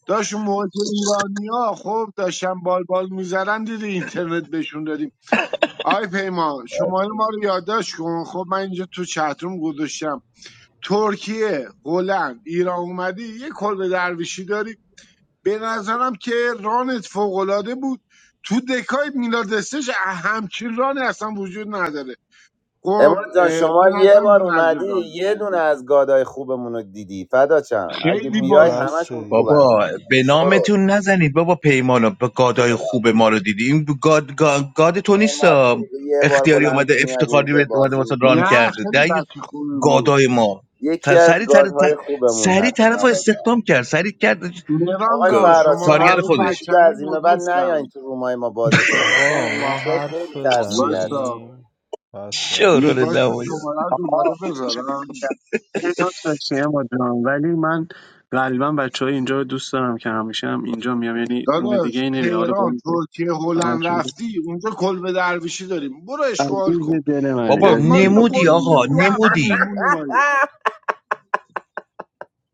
داشت اون موقع که ایرانی ها خب داشتن بال بال میزدن دیدی اینترنت بهشون دادیم آی پیمان شماره ما رو یادداشت کن خب من اینجا تو چتروم گذاشتم ترکیه هلند ایران اومدی یه کلبه درویشی داری به نظرم که رانت فوقالعاده بود تو دکای میلاد استش همچین رانی اصلا وجود نداره خب
اماد جان
به
شما یه
نظرم بی
بار
نظر
اومدی
ران
یه دونه
کردی
از گادای خوبمون رو دیدی فدا چم اگه
خیلی
این
بیای
باشو
بس
همشون
دیگه
خوبن
بود.
بابا به
شروع
نامتون نزنید بابا پیمانو به گادای خوب ما رو دیدی این گاد, گاد, گاد تو نیست
اماد فریدی یه بار
اختیاری
بلند
اومده
میاد
افتخاری
اینجا
به- اومده
بازی
واسه ران
میکنه
نه
کرده
خیلی
دقیق
بچه خوبی بود
گادای ما تا
یکی از
سری تر
گادهای خوبمون
سری
هستن
طرف رو
آقا
استخدام کرد سری کرد
مهران
آقای
جان
گ-
فراد
شماره
شما
رو
کارگر
هم
تو
میتونید
خودش
دیگه
بچنل
از این به بعد نیاین
گذاشتم
تو رومای ما بازی کنید چون
آقا ما
مافیا خیلی
حرف
ترسوی هست
واسا
بزنیم بچه
این
ها.
شورول
واسه
نمایان
شماره دوباره
آقا
بذارم
خیلی دوست داشتی اما جان ولی من غالبا بچه های اینجا رو دوست دارم که همیشه هم اینجا میام یعنی روم دیگه
داداش
ای نمیرم حالا با
تهران
این
ترکیه هلند
همشون
رفتی اونجا کلبه درویشی داریم برو اشغال کن
عزیز دل منی
بابا
خب
عزیز
ما اینو
نمودی
قول
آقا
میدیم دو هفته
نمودی
مهمون اومدیم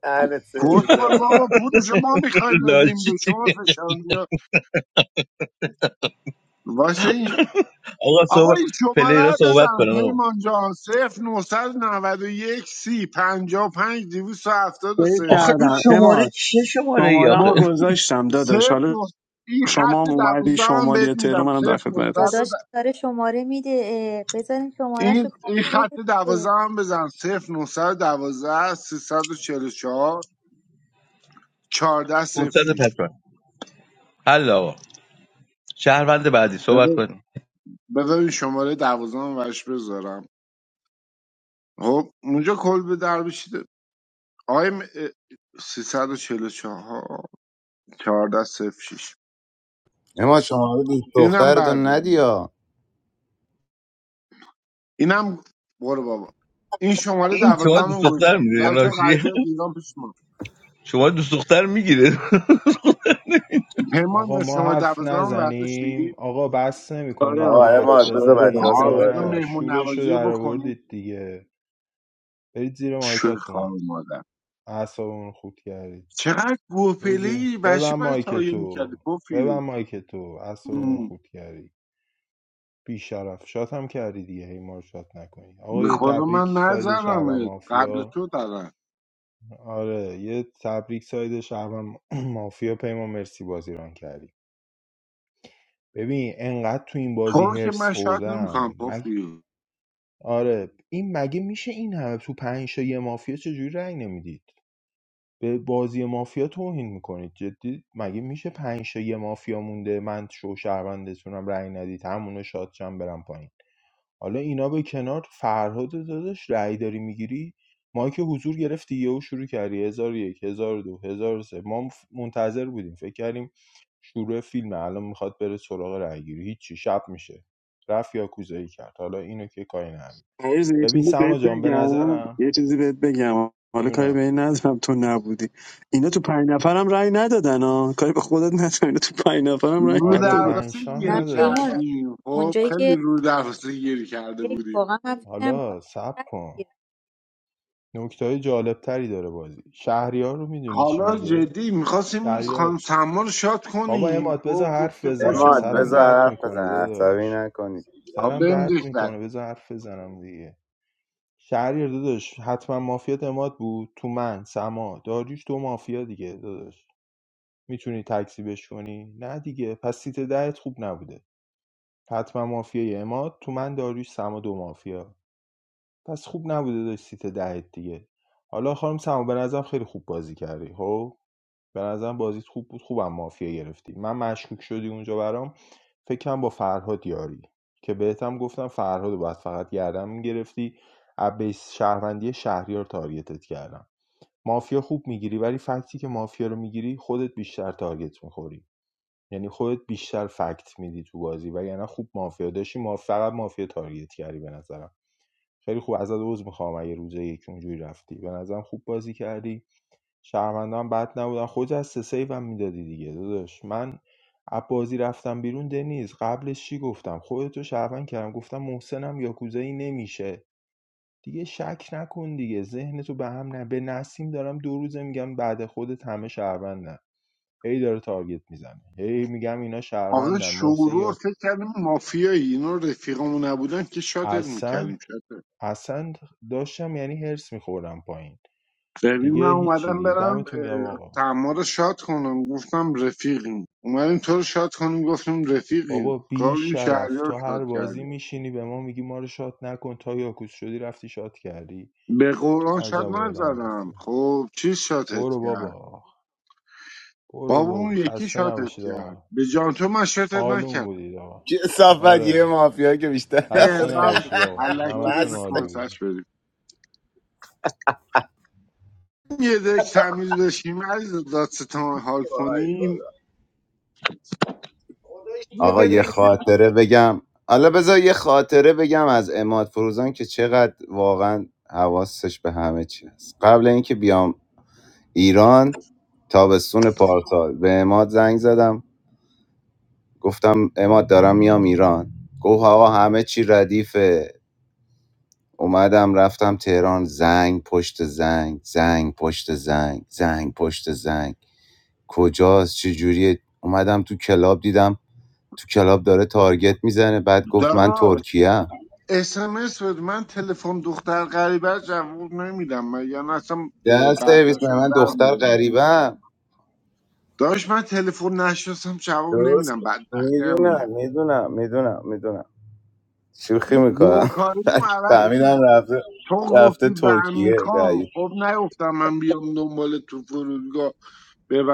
دهنت
کس
سرویس
قول
آقا.
بابا پولشو ما میخوایم
[LAUGHS]
بدیم
لاشی
به شما فشار میاد واسه این
آقا
آقا
صحبت
این شماره
پلیرا
رو
صحبت
بزن
کنن آقا
پیمان جان صفر نهصد نود و یک سی پنجاه و پنج دویست و هفتاد و
سیف
سه
آخه این
کردم
شماره
اماد
چه شماره ای
شمارم
آخه
رو
مر-
گذاشتم داداش
صفر
حالا
نه- این خط
شما هم اومدی
دوازده هم
شمال
بهت
یا تهران
میدم
منم در خدمت
صفر
هست
داداش داره شماره میده اه، بذارین شمارهشو
این
کافی
این خط
بده
دوازه
دیگه.
هم بزن صفر 912 344 14
فرصت پس
06
بر. حل آقا شهروند بعدی صحبت
بذار
کنیم
بذار این شماره دوازه هم برش بذارم خب اونجا کل به در بشیده آقای م- اه، 344 14 06
اما شما رو دوست
اینم
دخترتون
برداریم
ندیا
اینم برو بابا این شماره
این
دوازه
شما
هم
دوست
هم
دختر
گوشم
میده
بچه
راشی
قرار دیگران پیش ما
شما دوست دختر میگیره
پیمان
آقا
جان،
ما
شماره
حرف
دوازه هم
نزنیم
برداشتی
آقا بس نمی
آره
کنید
آقا
آره
ما حرف
داداش
اماد بذار
آره
بچه ها
بزنیم
آه
یا
صحبت
داداش
بذار
کنن.
نه
مهمون
شورشو
نوازی رو
در
بکنیم
آوردید دیگه برید زیر
شوی
مایکاتون
خواهر مادر
اعصابمون خود کردید
چقدر
برو زیر
گوپلی
ببن
بشی باید
مایک
تایه میکردی
تو ببن
پوفیو
مایک تو اعصابمون
ام.
خود کردی شرف شات هم کردی دیگه هی ما رو شات نکنی آقا
به
یه
خدا
تبریک
من
ساید شعب
نظرمه قبل
مافیا
تو دارم
آره یه تبریک ساید شهرم [CLEARS THROAT] مافیا پیمان مرسی بازی ران کردی ببین انقدر تو این
تو
بازی
رو که
هرس
من شاید
خوردم
نمیکنم
مگه
پوفیو
آره این مگه میشه این همه تو پنج تا یه مافیا چجوری رأی نمیدید به بازی مافیا توهین میکنید جدی مگه میشه پنج تا یه مافیا مونده من شو شهروندتونم رأی ندید همونو شادشم برم پایین حالا اینا به کنار فرهاد داداش رأی داری میگیری ما که حضور گرفتی یهو شروع کردی هزار و یک هزار و دو هزار و سه ما منتظر بودیم فکر کردیم شروع فیلم الان میخواد بره سراغ رأی گیری هیچی شب میشه رفت یا کوزایی کرد حالا اینو که کاری نداریم
عزیز، یه
ببین
چیزی
سما
بهت
جان به
بگم
نظرم
یه چیزی بهت بگم حالا کاری
جونم
به این ندارم تو نبودی اینا تو پنج نفرم رأی ندادن ها کاری به خودت ندارم اینا تو پنج نفرم رأی
رو
آره
ندادن
پنج
درواسه
شام
نه
گیر
ندادم
پیمان
کردیم خب
اونجایی
خیلی
که
رو درواسه گیر کرده
یک
بودیم
واقعا من فکرم
حالا
می‌خواد
صبر کن نکته های جالب تری داره بازی شهریار رو میدونی چی
حالا
میگه
جدی میخواستیم این
شهریار
خانم سما رو شاد
بابا
کنیم
اماد بذار
خب
حرف
گفته
بزنم
اماد
خوشمون
سرم
بذار
میده
درد
حرف
میکنه
بزن عصبی
داداش
نکنید
آ
سرم
بهم
درد
دکتر
میکنه بذار حرف بزنم دیگه شهریار داداش حتما مافیات اماد بود تو من سما داریوش دو مافیا دیگه داداش میتونی تکذیبش کنی نه دیگه پس سیت دهت خوب نبوده حتما مافیای اماد تو من داریوش سما دو مافیا پس خوب نبوده داشت سیت دهت دیگه حالا خانم سما به نظرم خیلی خوب بازی کردی خب به نظرم بازیت خوب بود خوبم مافیا گرفتی من مشکوک شدی اونجا برام فکرم با فرهاد یاری که بهتم گفتم فرهاد رو باید فقط گردم میگرفتی بیس شهروندی شهریار تارگتت کردم مافیا خوب میگیری ولی فکتی که مافیا رو میگیری خودت بیشتر تارگت میخوری یعنی خودت بیشتر فکت میدی تو بازی و یعنی خوب مافیا داشتی ما فقط مافیا تارگت کردی به نظرم خیلی خوب ازت عذر میخوام اگه روزه یک اونجوری رفتی به نظرم خوب بازی کردی شهروندا هم بد نبودن خودت از سه سیوم میدادی دیگه داداش من از بازی رفتم بیرون دنیز قبلش چی گفتم خودتو شهروند کردم گفتم محسنم یاکوزایی نمیشه دیگه شک نکن دیگه ذهنتو به هم نه به نسیم دارم دو روزه میگم بعد خودت همه شهروندن هی داره تارگت میزنه هی میگم اینا
آقا
شهروندن محسن
شورور
یا
فکر کردیم مافیایی اینا رفیقمون نبودن که شاتت
اصلا
میکردیم
اصلا داشتم یعنی هرس میخوردم پایین
ببین من
دیگه هیچی
اومدم
دیگه
برم
دمتون گم
اه،
آقا
تعما رو شاد کنم گفتم رفیقیم اومدیم تو رو شاد کنیم گفتیم رفیقیم
بابا بی
قابل این شهری
شرف تو
رو شاد
هر بازی
کردیم
میشینی به ما میگی ما رو شات نکن تا یاکوس شدی رفتی شات کردی
به
تو
قرآن شاد
عجب آدمی
نزدم
هستی
خب چی شاتت
برو
کرد
بابا برو
بابا
بابا
اون یکی
خسته
شاتت
نباشید
کرد
آقا
به جان تو من شاتت
آلون
نکرد
بودید آقا
چه صفت یه
آره
مافیا که بیشتر
اه،
خسته
نبود
من
نباشید آقا
[LAUGHS]
علکی
همتون
بده
مست
عالی
کنسش
بودید
بریم یه دک تمیز بشیم عزیز دادستان حال کنیم
آقا یه خاطره بگم حالا بذار یه خاطره بگم از اماد فروزان که چقدر واقعا حواسش به همه چی هست قبل اینکه بیام ایران تابستون پارسال به اماد زنگ زدم گفتم اماد دارم میام ایران گفت آقا همه چی ردیفه اومدم رفتم تهران زنگ پشت زنگ زنگ پشت زنگ زنگ پشت زنگ کجاست چجوریه اومدم تو کلاب دیدم تو کلاب داره تارگت میزنه بعد گفت من ترکیه ام،
اسمس بده من تلفن دختر غریبه رو جواب نمیدم من یعنی اصلا اه،
در سرویس
برداشت
من
رو
من
در
دختر
میارم
غریبم
داشت من تلفن نشستم جواب
درست
نمیدم بدبختی همینه
میدونم میدونم میدونم میدونم شوخی میکنم
گوکاری مو
[LAUGHS]
عوض
فهمیدم رفته
تو گفتی
رفته
به هم
ترکیه
میخوام
دایی
خب نگفتم من بیام دنبال تو فرودگاه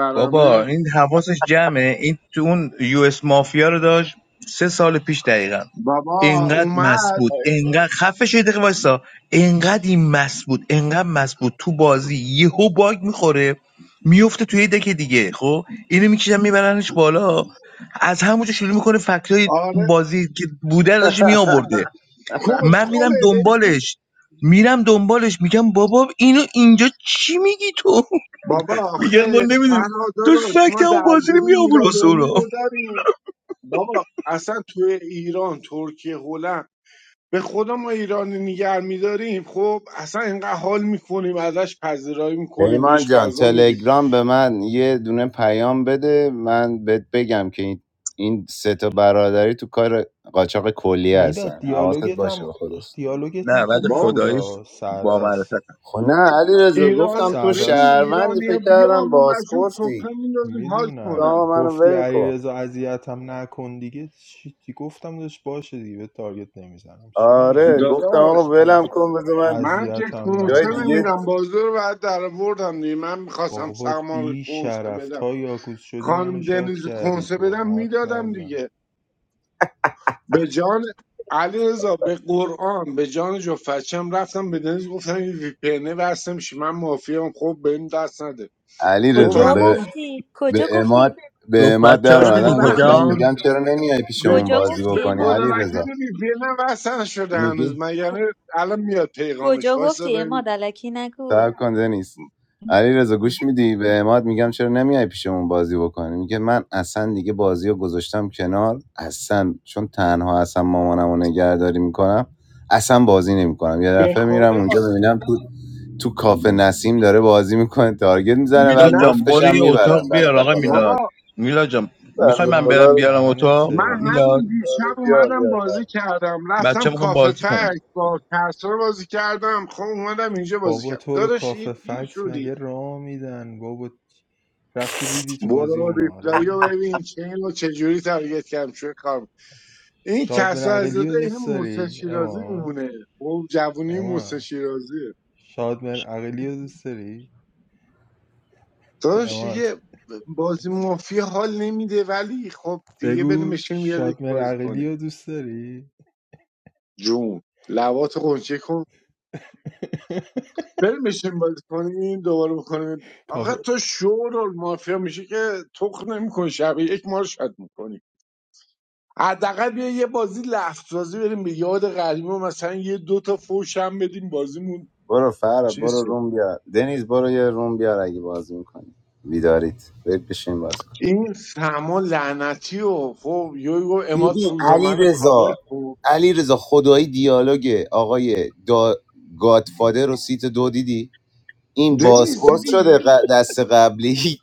[LAUGHS] بابا این حواسش جمعه این تو اون یو اس مافیا رو داشت سه سال پیش دقیقا
بابا
اینقدر مست
اومد
بود اینقدر خفه شده دقیقه وایسا اینقدر این مست بود اینقدر مست بود تو بازی یهو باگ میخوره میفته توی دک دیگه خب اینو میکشن میبرنش بالا از همونجا شروع میکنه فکرهای
آره
بازی که بوده رو داشته میآورده من
کسخله
میرم
بهش میگه
دنبالش میرم دنبالش میگم بابا اینو اینجا چی میگی تو [LAUGHS]
بابا
میگن
آخه
ما نمیدونیم
فرهاد
تو
داداش
فکت
ما
همون بازی رو
درگیری
میآور
میلاد
واسه اونا
امید رو داریم بابا اصلا توی ایران ترکیه هلند به خدا ما ایرانی نیگر میداریم خب اصلا اینقدر حال میکنیم ازش پذیرایی میکنیم
پیمان
بهش
جان
غذا میدیم
تلگرام به من یه دونه پیام بده من بهت بگم که این این سه تا برادری تو کار قاچاق کلیه
میلاد
هستن حواست
دیالوگت
باشه
هم
به خودش
دیالوگت هم
نه بعد
خوب
با
نبود
خداییش
آقا.
با
سردست
معرفت
خب نه علی رضا،
ایران
گفتم تو
ببین
سردست
شهروندی
ایرانی
فکر
بیا
کردم
ما برشون
بازپرسی
سفره میندازیم حال کنن
تا
میدونم
منو
گفتی
ول کن
علیرضا اذیتم نکن دیگه چی چی گفتم داشت باشه دیگه به تارگت نمیزنم چی بگم
آره
داشت
گفتم آقا
داداش
از
ولم کن بذار من
من که
اذیتم
جای
کنسه
نکن
دیگه
نمیدم بازی رو بعد در آوردم دیگه من میخواستم
بابات
سرما رو
بی
کنسه
شرف
بدم
تا یاکوس شدی منو
خانم
شاد
دنیز رو
کردی
کنسه
تو
بدم
حرف
میدادم
نزن
دیگه به جان علی به قرآن به جان جو فچم رفتم به دنیز گفتم این وی پی اینه وصل میشه من مافیام خب به این دست نده
علی
خب
رضا
کجا
به.
هنوز
گفتی
به
کجا
اماد
گفتی
به
جفت
اماد
بچه
در
هاش
به
میدونی
اومدن
خدا [LAUGHS]
گفتم
کجا
میگم چرا نمیای
به
پیشمون
کجا
بازی
به
گفتی
بکنی
خدا
اماد
علی رضا
وکیل وی پی اینم وصل نشده هنوز
میگی
مگر نه الان میاد پیغامش
کجا
وایسا
گفتی اما
ببین
الکی نگو
صبر کن دنیز علی رضا گوش میدی به اماد میگم چرا نمیای پیشمون بازی بکنی میگه من اصلا دیگه بازی رو گذاشتم کنار اصلا چون تنها اصلا مامانم رو نگهداری میکنم اصلا بازی نمیکنم یه
به
دفعه میرم
خدا
اونجا ببینم تو تو کافه نسیم داره بازی میکنه تارگت میزنه بعد
میلاد
نه
جان
مفتش
برو
هم
یه اتاق
میبرن
بیار آقا
بعد
بابا
میلاد میلاد جان میخوای من
اماد
برم بیارم
دهنت
اتاق
من
میلاد
همین
سرویسه
دیشب اومدم بازی کردم رفتم
بچه میخوام
کافه
بازی کنم
فک با کسرا بازی کردم خب اومدم اینجا بازی
بابا
کردم
تو رو
داداش یه
کافه
پیر
فکس
شدی
مگه را میدن بابا رفتی ریدی تو بازی
برو
اونا
ریپلای رو
آره
ببین که اینو چجوری تارگت کردم شوی کار این
شاد
کسا از
عقلی
داده
رو
این
دوست
موسی
داری
شیرازی
اماد
میمونه خب جوونی
اماد
موسی شیرازیه
شادمر عقیلی رو دوست داری؟
داداش
اماد
دیگه بازی مافیا حال نمیده ولی خب دیگه بریم
بگو
بشین بیاریم
شادمر
بازی کنیم
عقیلی رو دوست داری؟
جون لوات قنچه کن
[LAUGHS]
بریم بشین بازی کنیم دوباره بکنیم آقا
کاف-
تو شور مافیا میشه که تخ نمیکن شب یک ما رو شد حداقل بیا یه بازی لفت بازی بریم به یاد قدیما مثلا یه دو تا فوش هم بدیم بازیمون
برو فراد
چیز
برو
شه.
روم بیار دنیز برو یه روم بیار اگه بازی میکنی بیدارید برید بشین بازی کن
این سما لعنتی و خب یویو یو اماد
ببین
فوزا
علی
منو کاور
رضا
کن
علی رضا خدایی دیالوگ آقای دا... گادفادر و سیت دو دیدی این
دنیز
بازپرس شده
دیدی
ق- دست قبلی [LAUGHS]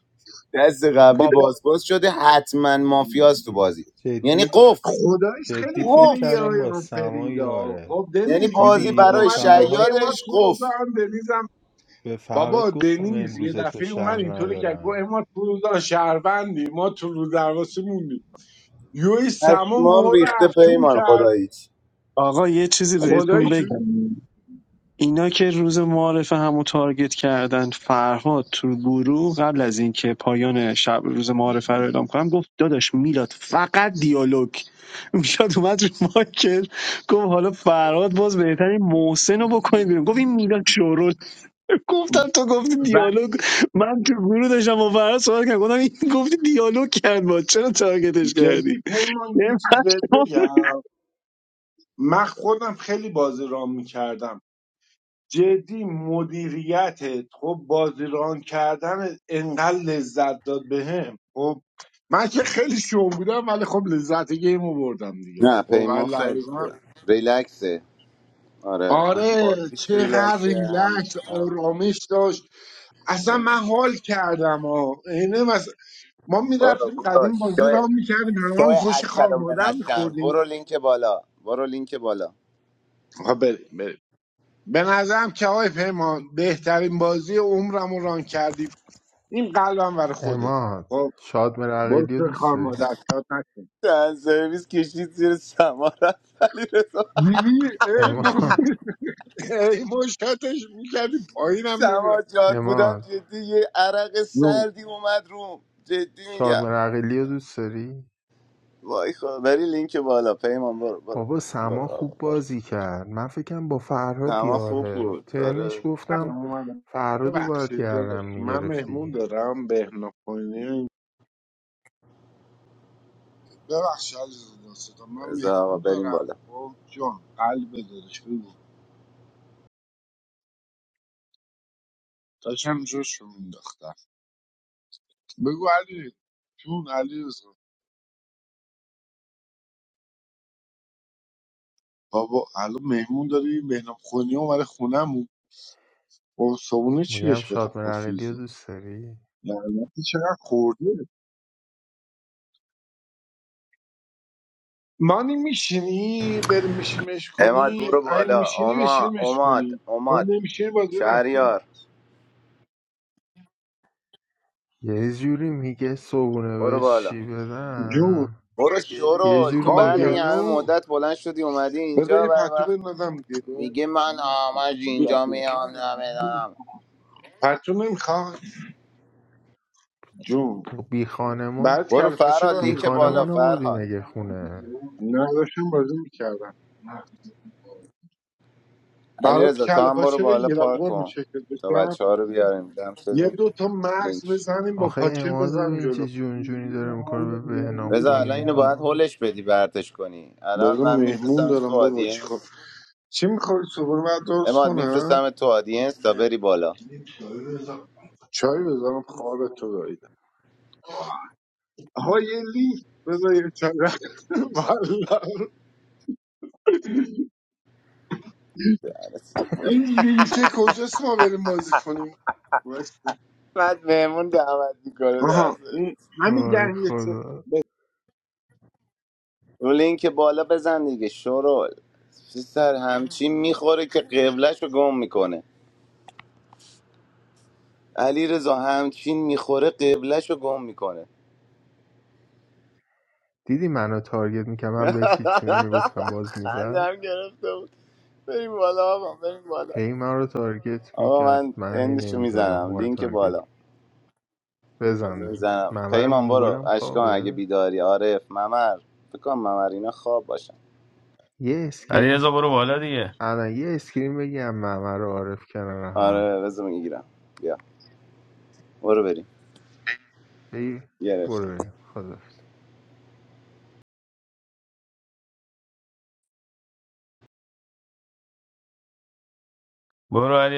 دست قبلی
بابا
بازپرس شده حتما مافیاست تو بازی یعنی
جدی
قفل
خدایش
جدی
خیلی
فکر
قفل
کردم
پلیرهای
با
اون
سما
فریدا
یاره
خب
یعنی
دنیز دیدی
بازی
تو
دیدی به
برای
اومدی گفتی
فرهاد
اماد
شیادش
فروزا
قفل
هم دنیزم
به فرهاد
بابا
گفتم
دنیز یه
امروز تو
دفعه اومد
شهر
اینطوری که گفت
ندارم
اماد فروزا شهروندی ما تو رو دروسی موندی یوی سما
پشمام
مور
ریخته
افکون
پیمان
کرد
خدایی.
آقا یه چیزی بهتون
خدایش
بگم اینا که روز معارف همو تارگت کردن فرهاد تو گروه قبل از اینکه پایان شب روز معارفه رو اعلام کنم گفت داداش میلاد فقط دیالوگ [LAUGHS] میلاد اومد رو مایکل گفت حالا فرهاد باز بهترین محسن رو بکنید بیرون گفت این میلاد شورول گفتم تو گفتی دیالوگ
ولی
من تو گروه داشتم با فراد صحبت کردم گفتم این گفتی دیالوگ کرد با چرا تارگتش کردی
جدی پیمان یه چیز بهت بگم من خودم خیلی بازی ران میکردم جدی مدیریت خب بازی ران کردن انقدر لذت داد بهم خب من که خیلی شوم بودم ولی خب لذت گیمو بردم دیگه
نه
خب
پیمان خیلی
اللحظه
خوبه ریلکسه آره هم
آره
بازیش
چقدر
ریلکسه هم
ریلکس
هم
آرامش داشت اصلا من حال کردم ها اینه مثلا ما
برو
میرفتیم
برو
قدیم بازی
شوی
را میکردیم همه هم
شوی
فش خار
اچل و
مادر
منشن
میخوردیم
برو لینک بالا برو لینک بالا
آقا بریم بریم به نظرم که آقای پیمان بهترین بازی عمرم رو ران کردی این قلبم برای خودت
اماد
خب
شادمر
برو
عقیلی رو
تو
دوست
خار
داری؟
مادر شاد نکن
از سرویس کشید زیر سما رفت علی رضا
دیدی ای ما
اماد
ای ما شاتش میکردی پایینم
سما
نمیرم
جاد بودم
اماد
جدی یه عرق
جون
سردی اومد روم جدی میگم
شادمر عقیلی رو دوست داری؟
وای خدا بری لینک بالا پیمان برو برو
بابا
برو
سما
آقا
خوب
برو
بازی کرد من فکرم با فرهاد
سما خوب
دیاره.
بود
ترنش
آره
گفتم
اومدم.
فرهاد رو باید
ببخشید
گردم
داداش من مهمون
میگرفتی
دارم بهنا پایینی ببخشید عزیز دستم من
رضا آقا
مهمون
بریم
دارم
بالا
خب جان قلب داداش بگو داشتم جوش رو مینداختم بگو علی جون علی بابا الان مهمون داری مهنم خونی اومده خونم با صابونه چی
میگم
بهش بدم
شاد
با
مرقلی رو
فیزو
دوست داری
لعنتی چقدر خورده مانی میشینی بریم میشیمش
اماد
کنی
برو
این
بالا
میشینی
اماد
بشیمش
اماد
کنی تو
اماد
نمیشینی بازی نکنی
شهریار
یه جوری میگه صبونه
برو
بهش
بالا
چی
جون
بدم
برو
یه
شورول تو
جوری
خوابی
بعد
میگه
این همه
هنو
مدت بلند شدی اومدی
بده
اینجا
یه
بعد
پتو
وقت
بندازم دیگه
میگه من آمج
بیا.
اینجا میام نمیدانم
پتو نمیخواه جون
بی خانمان
بعد
برو
کلپاچه
فرهاد
بی
برم
لینک بالا
خانمان
بگیرم
آوردی
فرهاد
مگه خونه
نه داشتم بازی میکردم
علی
برات
رضا تو
کله
هم برو
پاچه
بالا
بگیرم
پارک
قرم
کن
شکل
تا
بشم
بچه ها رو بیاریم دم
یه دو
شدیم
تا مغز
لینک
بزنیم با
آخه
پاچه
امادو به
بزنم
این
جلو
چه جون جونی داره میکنه به بهنام
رضا الان
خوینی.
اینو باید
ها
هولش بدی برتش کنی الان
بزن
من
مهمون
میفرستمش تو
دارم بابا چیکار
آدینس
چی میخوری صبح بعد درست
اماد
کنم
میفرستم تو آدینس تا بری بالا
چای بزنم خواب تو داییدم آها یه لینک بذار یه چای [LAUGHS] والا.
[LAUGHS]
این لینکه کجاست ما بریم بازی کنیم وایسا.
بعد مهمون دعوت
آها
میکنه
این همین
وای
دنگ
خدا
اون لینک بالا بزن دیگه شورول سر همچین میخوره که قبلش رو گم میکنه علی رضا همچین میخوره قبلش رو گم میکنه
دیدی منو تارگت میکنم من بهش هیچی
[LAUGHS]
نمیگفتم باز میزد
خندم گرفته بود بریم بالا آقا بریم بالا
هی من رو تارگت
آقا
میکرد
من
من هی
اندشو
نمیزدم
میزنم
ما رو
لینک
تارگت
بالا
بزن
بذار
داداش
میزنم
ممر
پیمان برو
منگولم
اشکان اگه
خوابه
بیداری عارف ممر فکر کنم ممر اینا خواب باشن
یه
Ali
اسکرین
azo buru valadi ye
الان یه اسکرین بگم ممر رو عارف کنار هم
آره بذار میگیرم بیا برو بریم
بگی
گرفتم
برو بریم خدافز
buru ali.